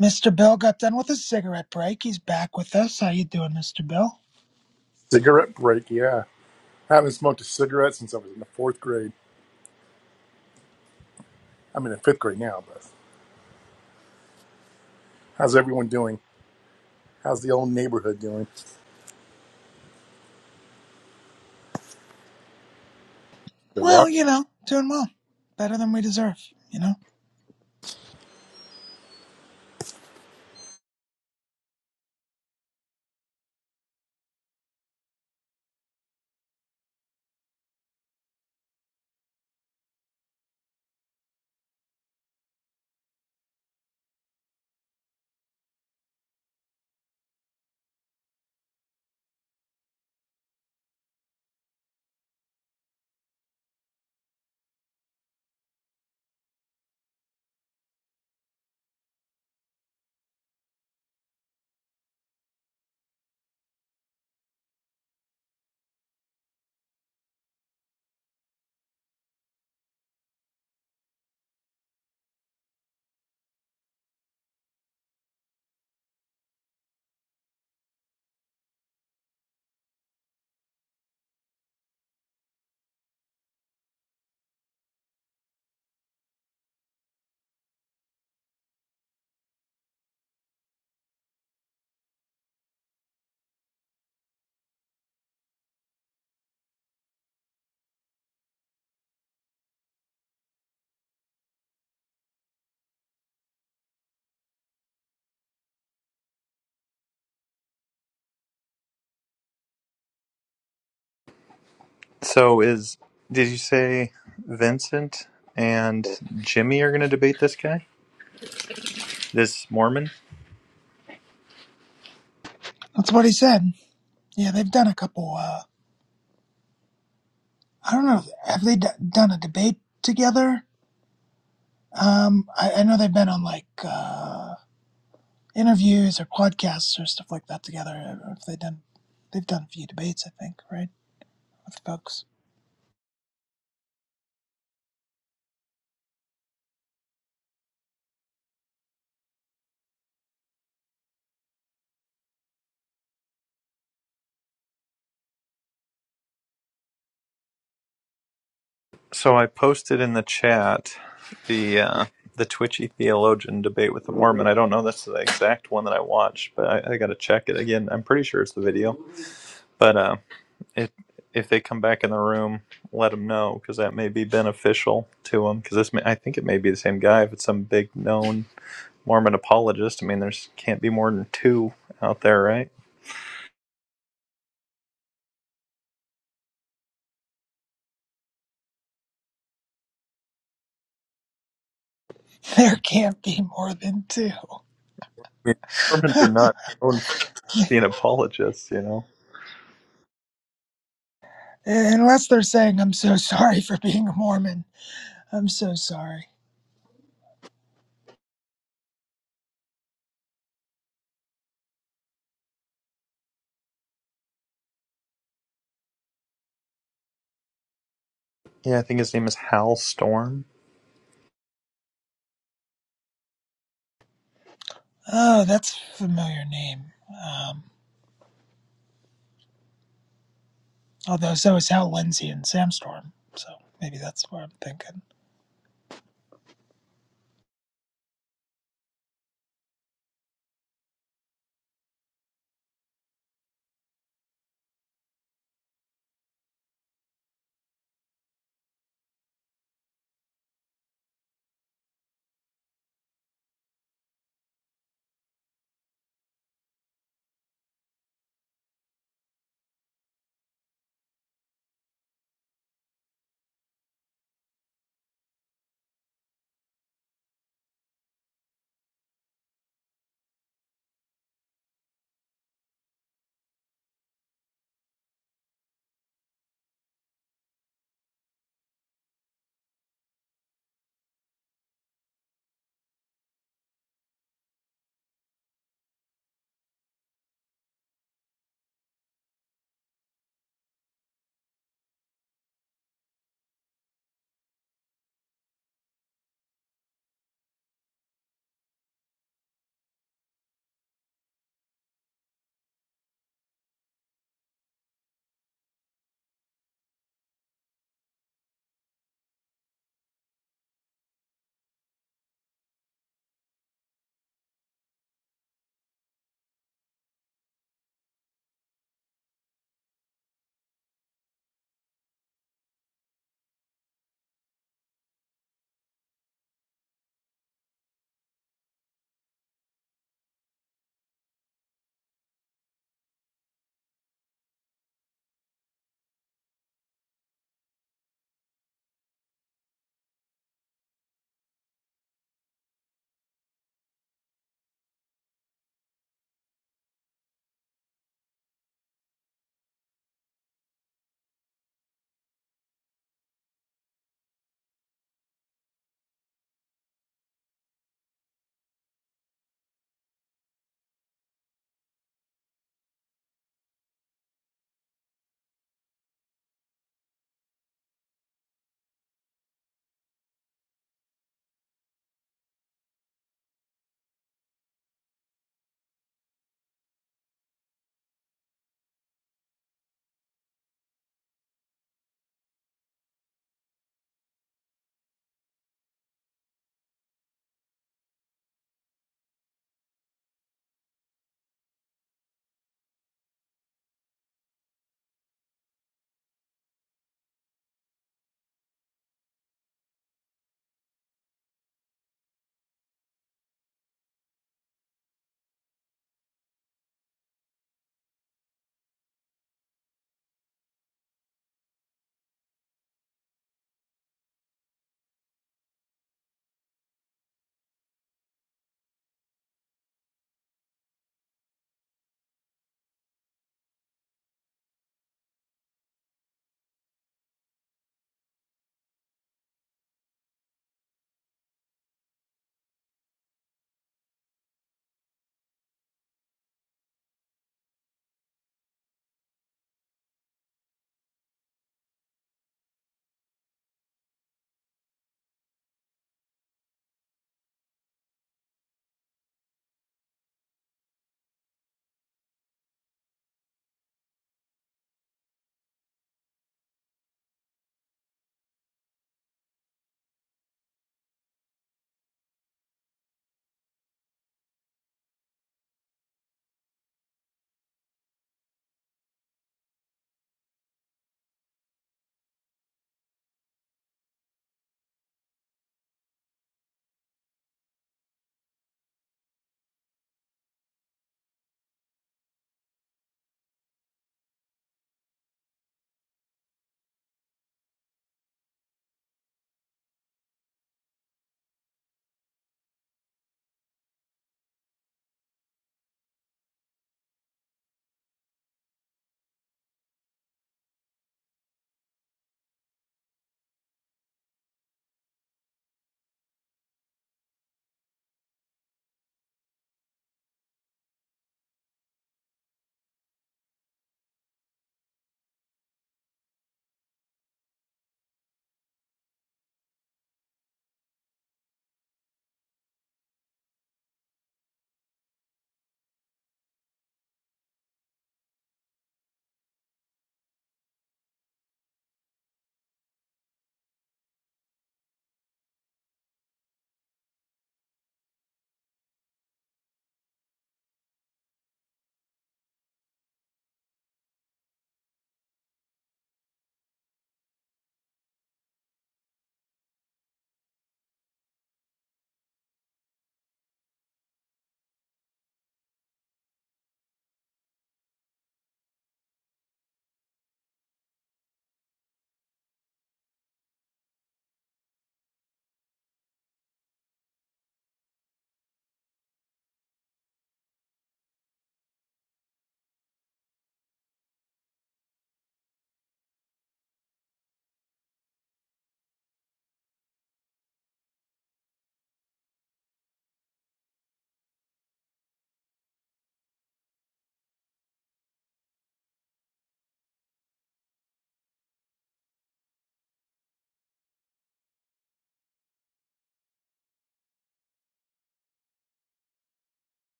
C: Mr. Bill got done with his cigarette break. He's back with us. How you doing, Mr. Bill?
F: Cigarette break, yeah. I haven't smoked a cigarette since I was in the fourth grade. I'm in the fifth grade now, but how's everyone doing? How's the old neighborhood doing?
C: Well, you know, doing well. Better than we deserve, you know?
H: So is did you say Vincent and Jimmy are going to debate this guy, this Mormon?
C: That's what he said. Yeah, they've done a couple, uh, I don't know, have they d- done a debate together? Um, I, I know they've been on like uh, interviews or podcasts or stuff like that together. I don't know if they've done, they've done a few debates, I think, right, with folks.
H: So I posted in the chat the uh, the Twitchy theologian debate with the Mormon. I don't know that's the exact one that I watched, but I, I got to check it again. I'm pretty sure it's the video. But uh, it, if they come back in the room, let them know because that may be beneficial to them. Because this, may, I think it may be the same guy. If it's some big known Mormon apologist, I mean, there's can't be more than two out there, right?
C: There can't be more than two,
H: I mean, Mormons are not known for being apologists, you know.
C: unless they're saying, "I'm so sorry for being a Mormon. I'm so sorry."
H: Yeah, I think his name is Hal Storm.
C: Oh, that's a familiar name. Um, although so is Hal Lindsey and Samstorm, so maybe that's what I'm thinking.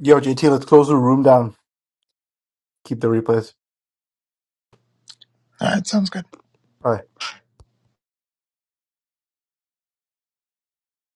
B: Yo, JT, let's close the room down. Keep the replays.
C: All right, sounds good.
B: Bye.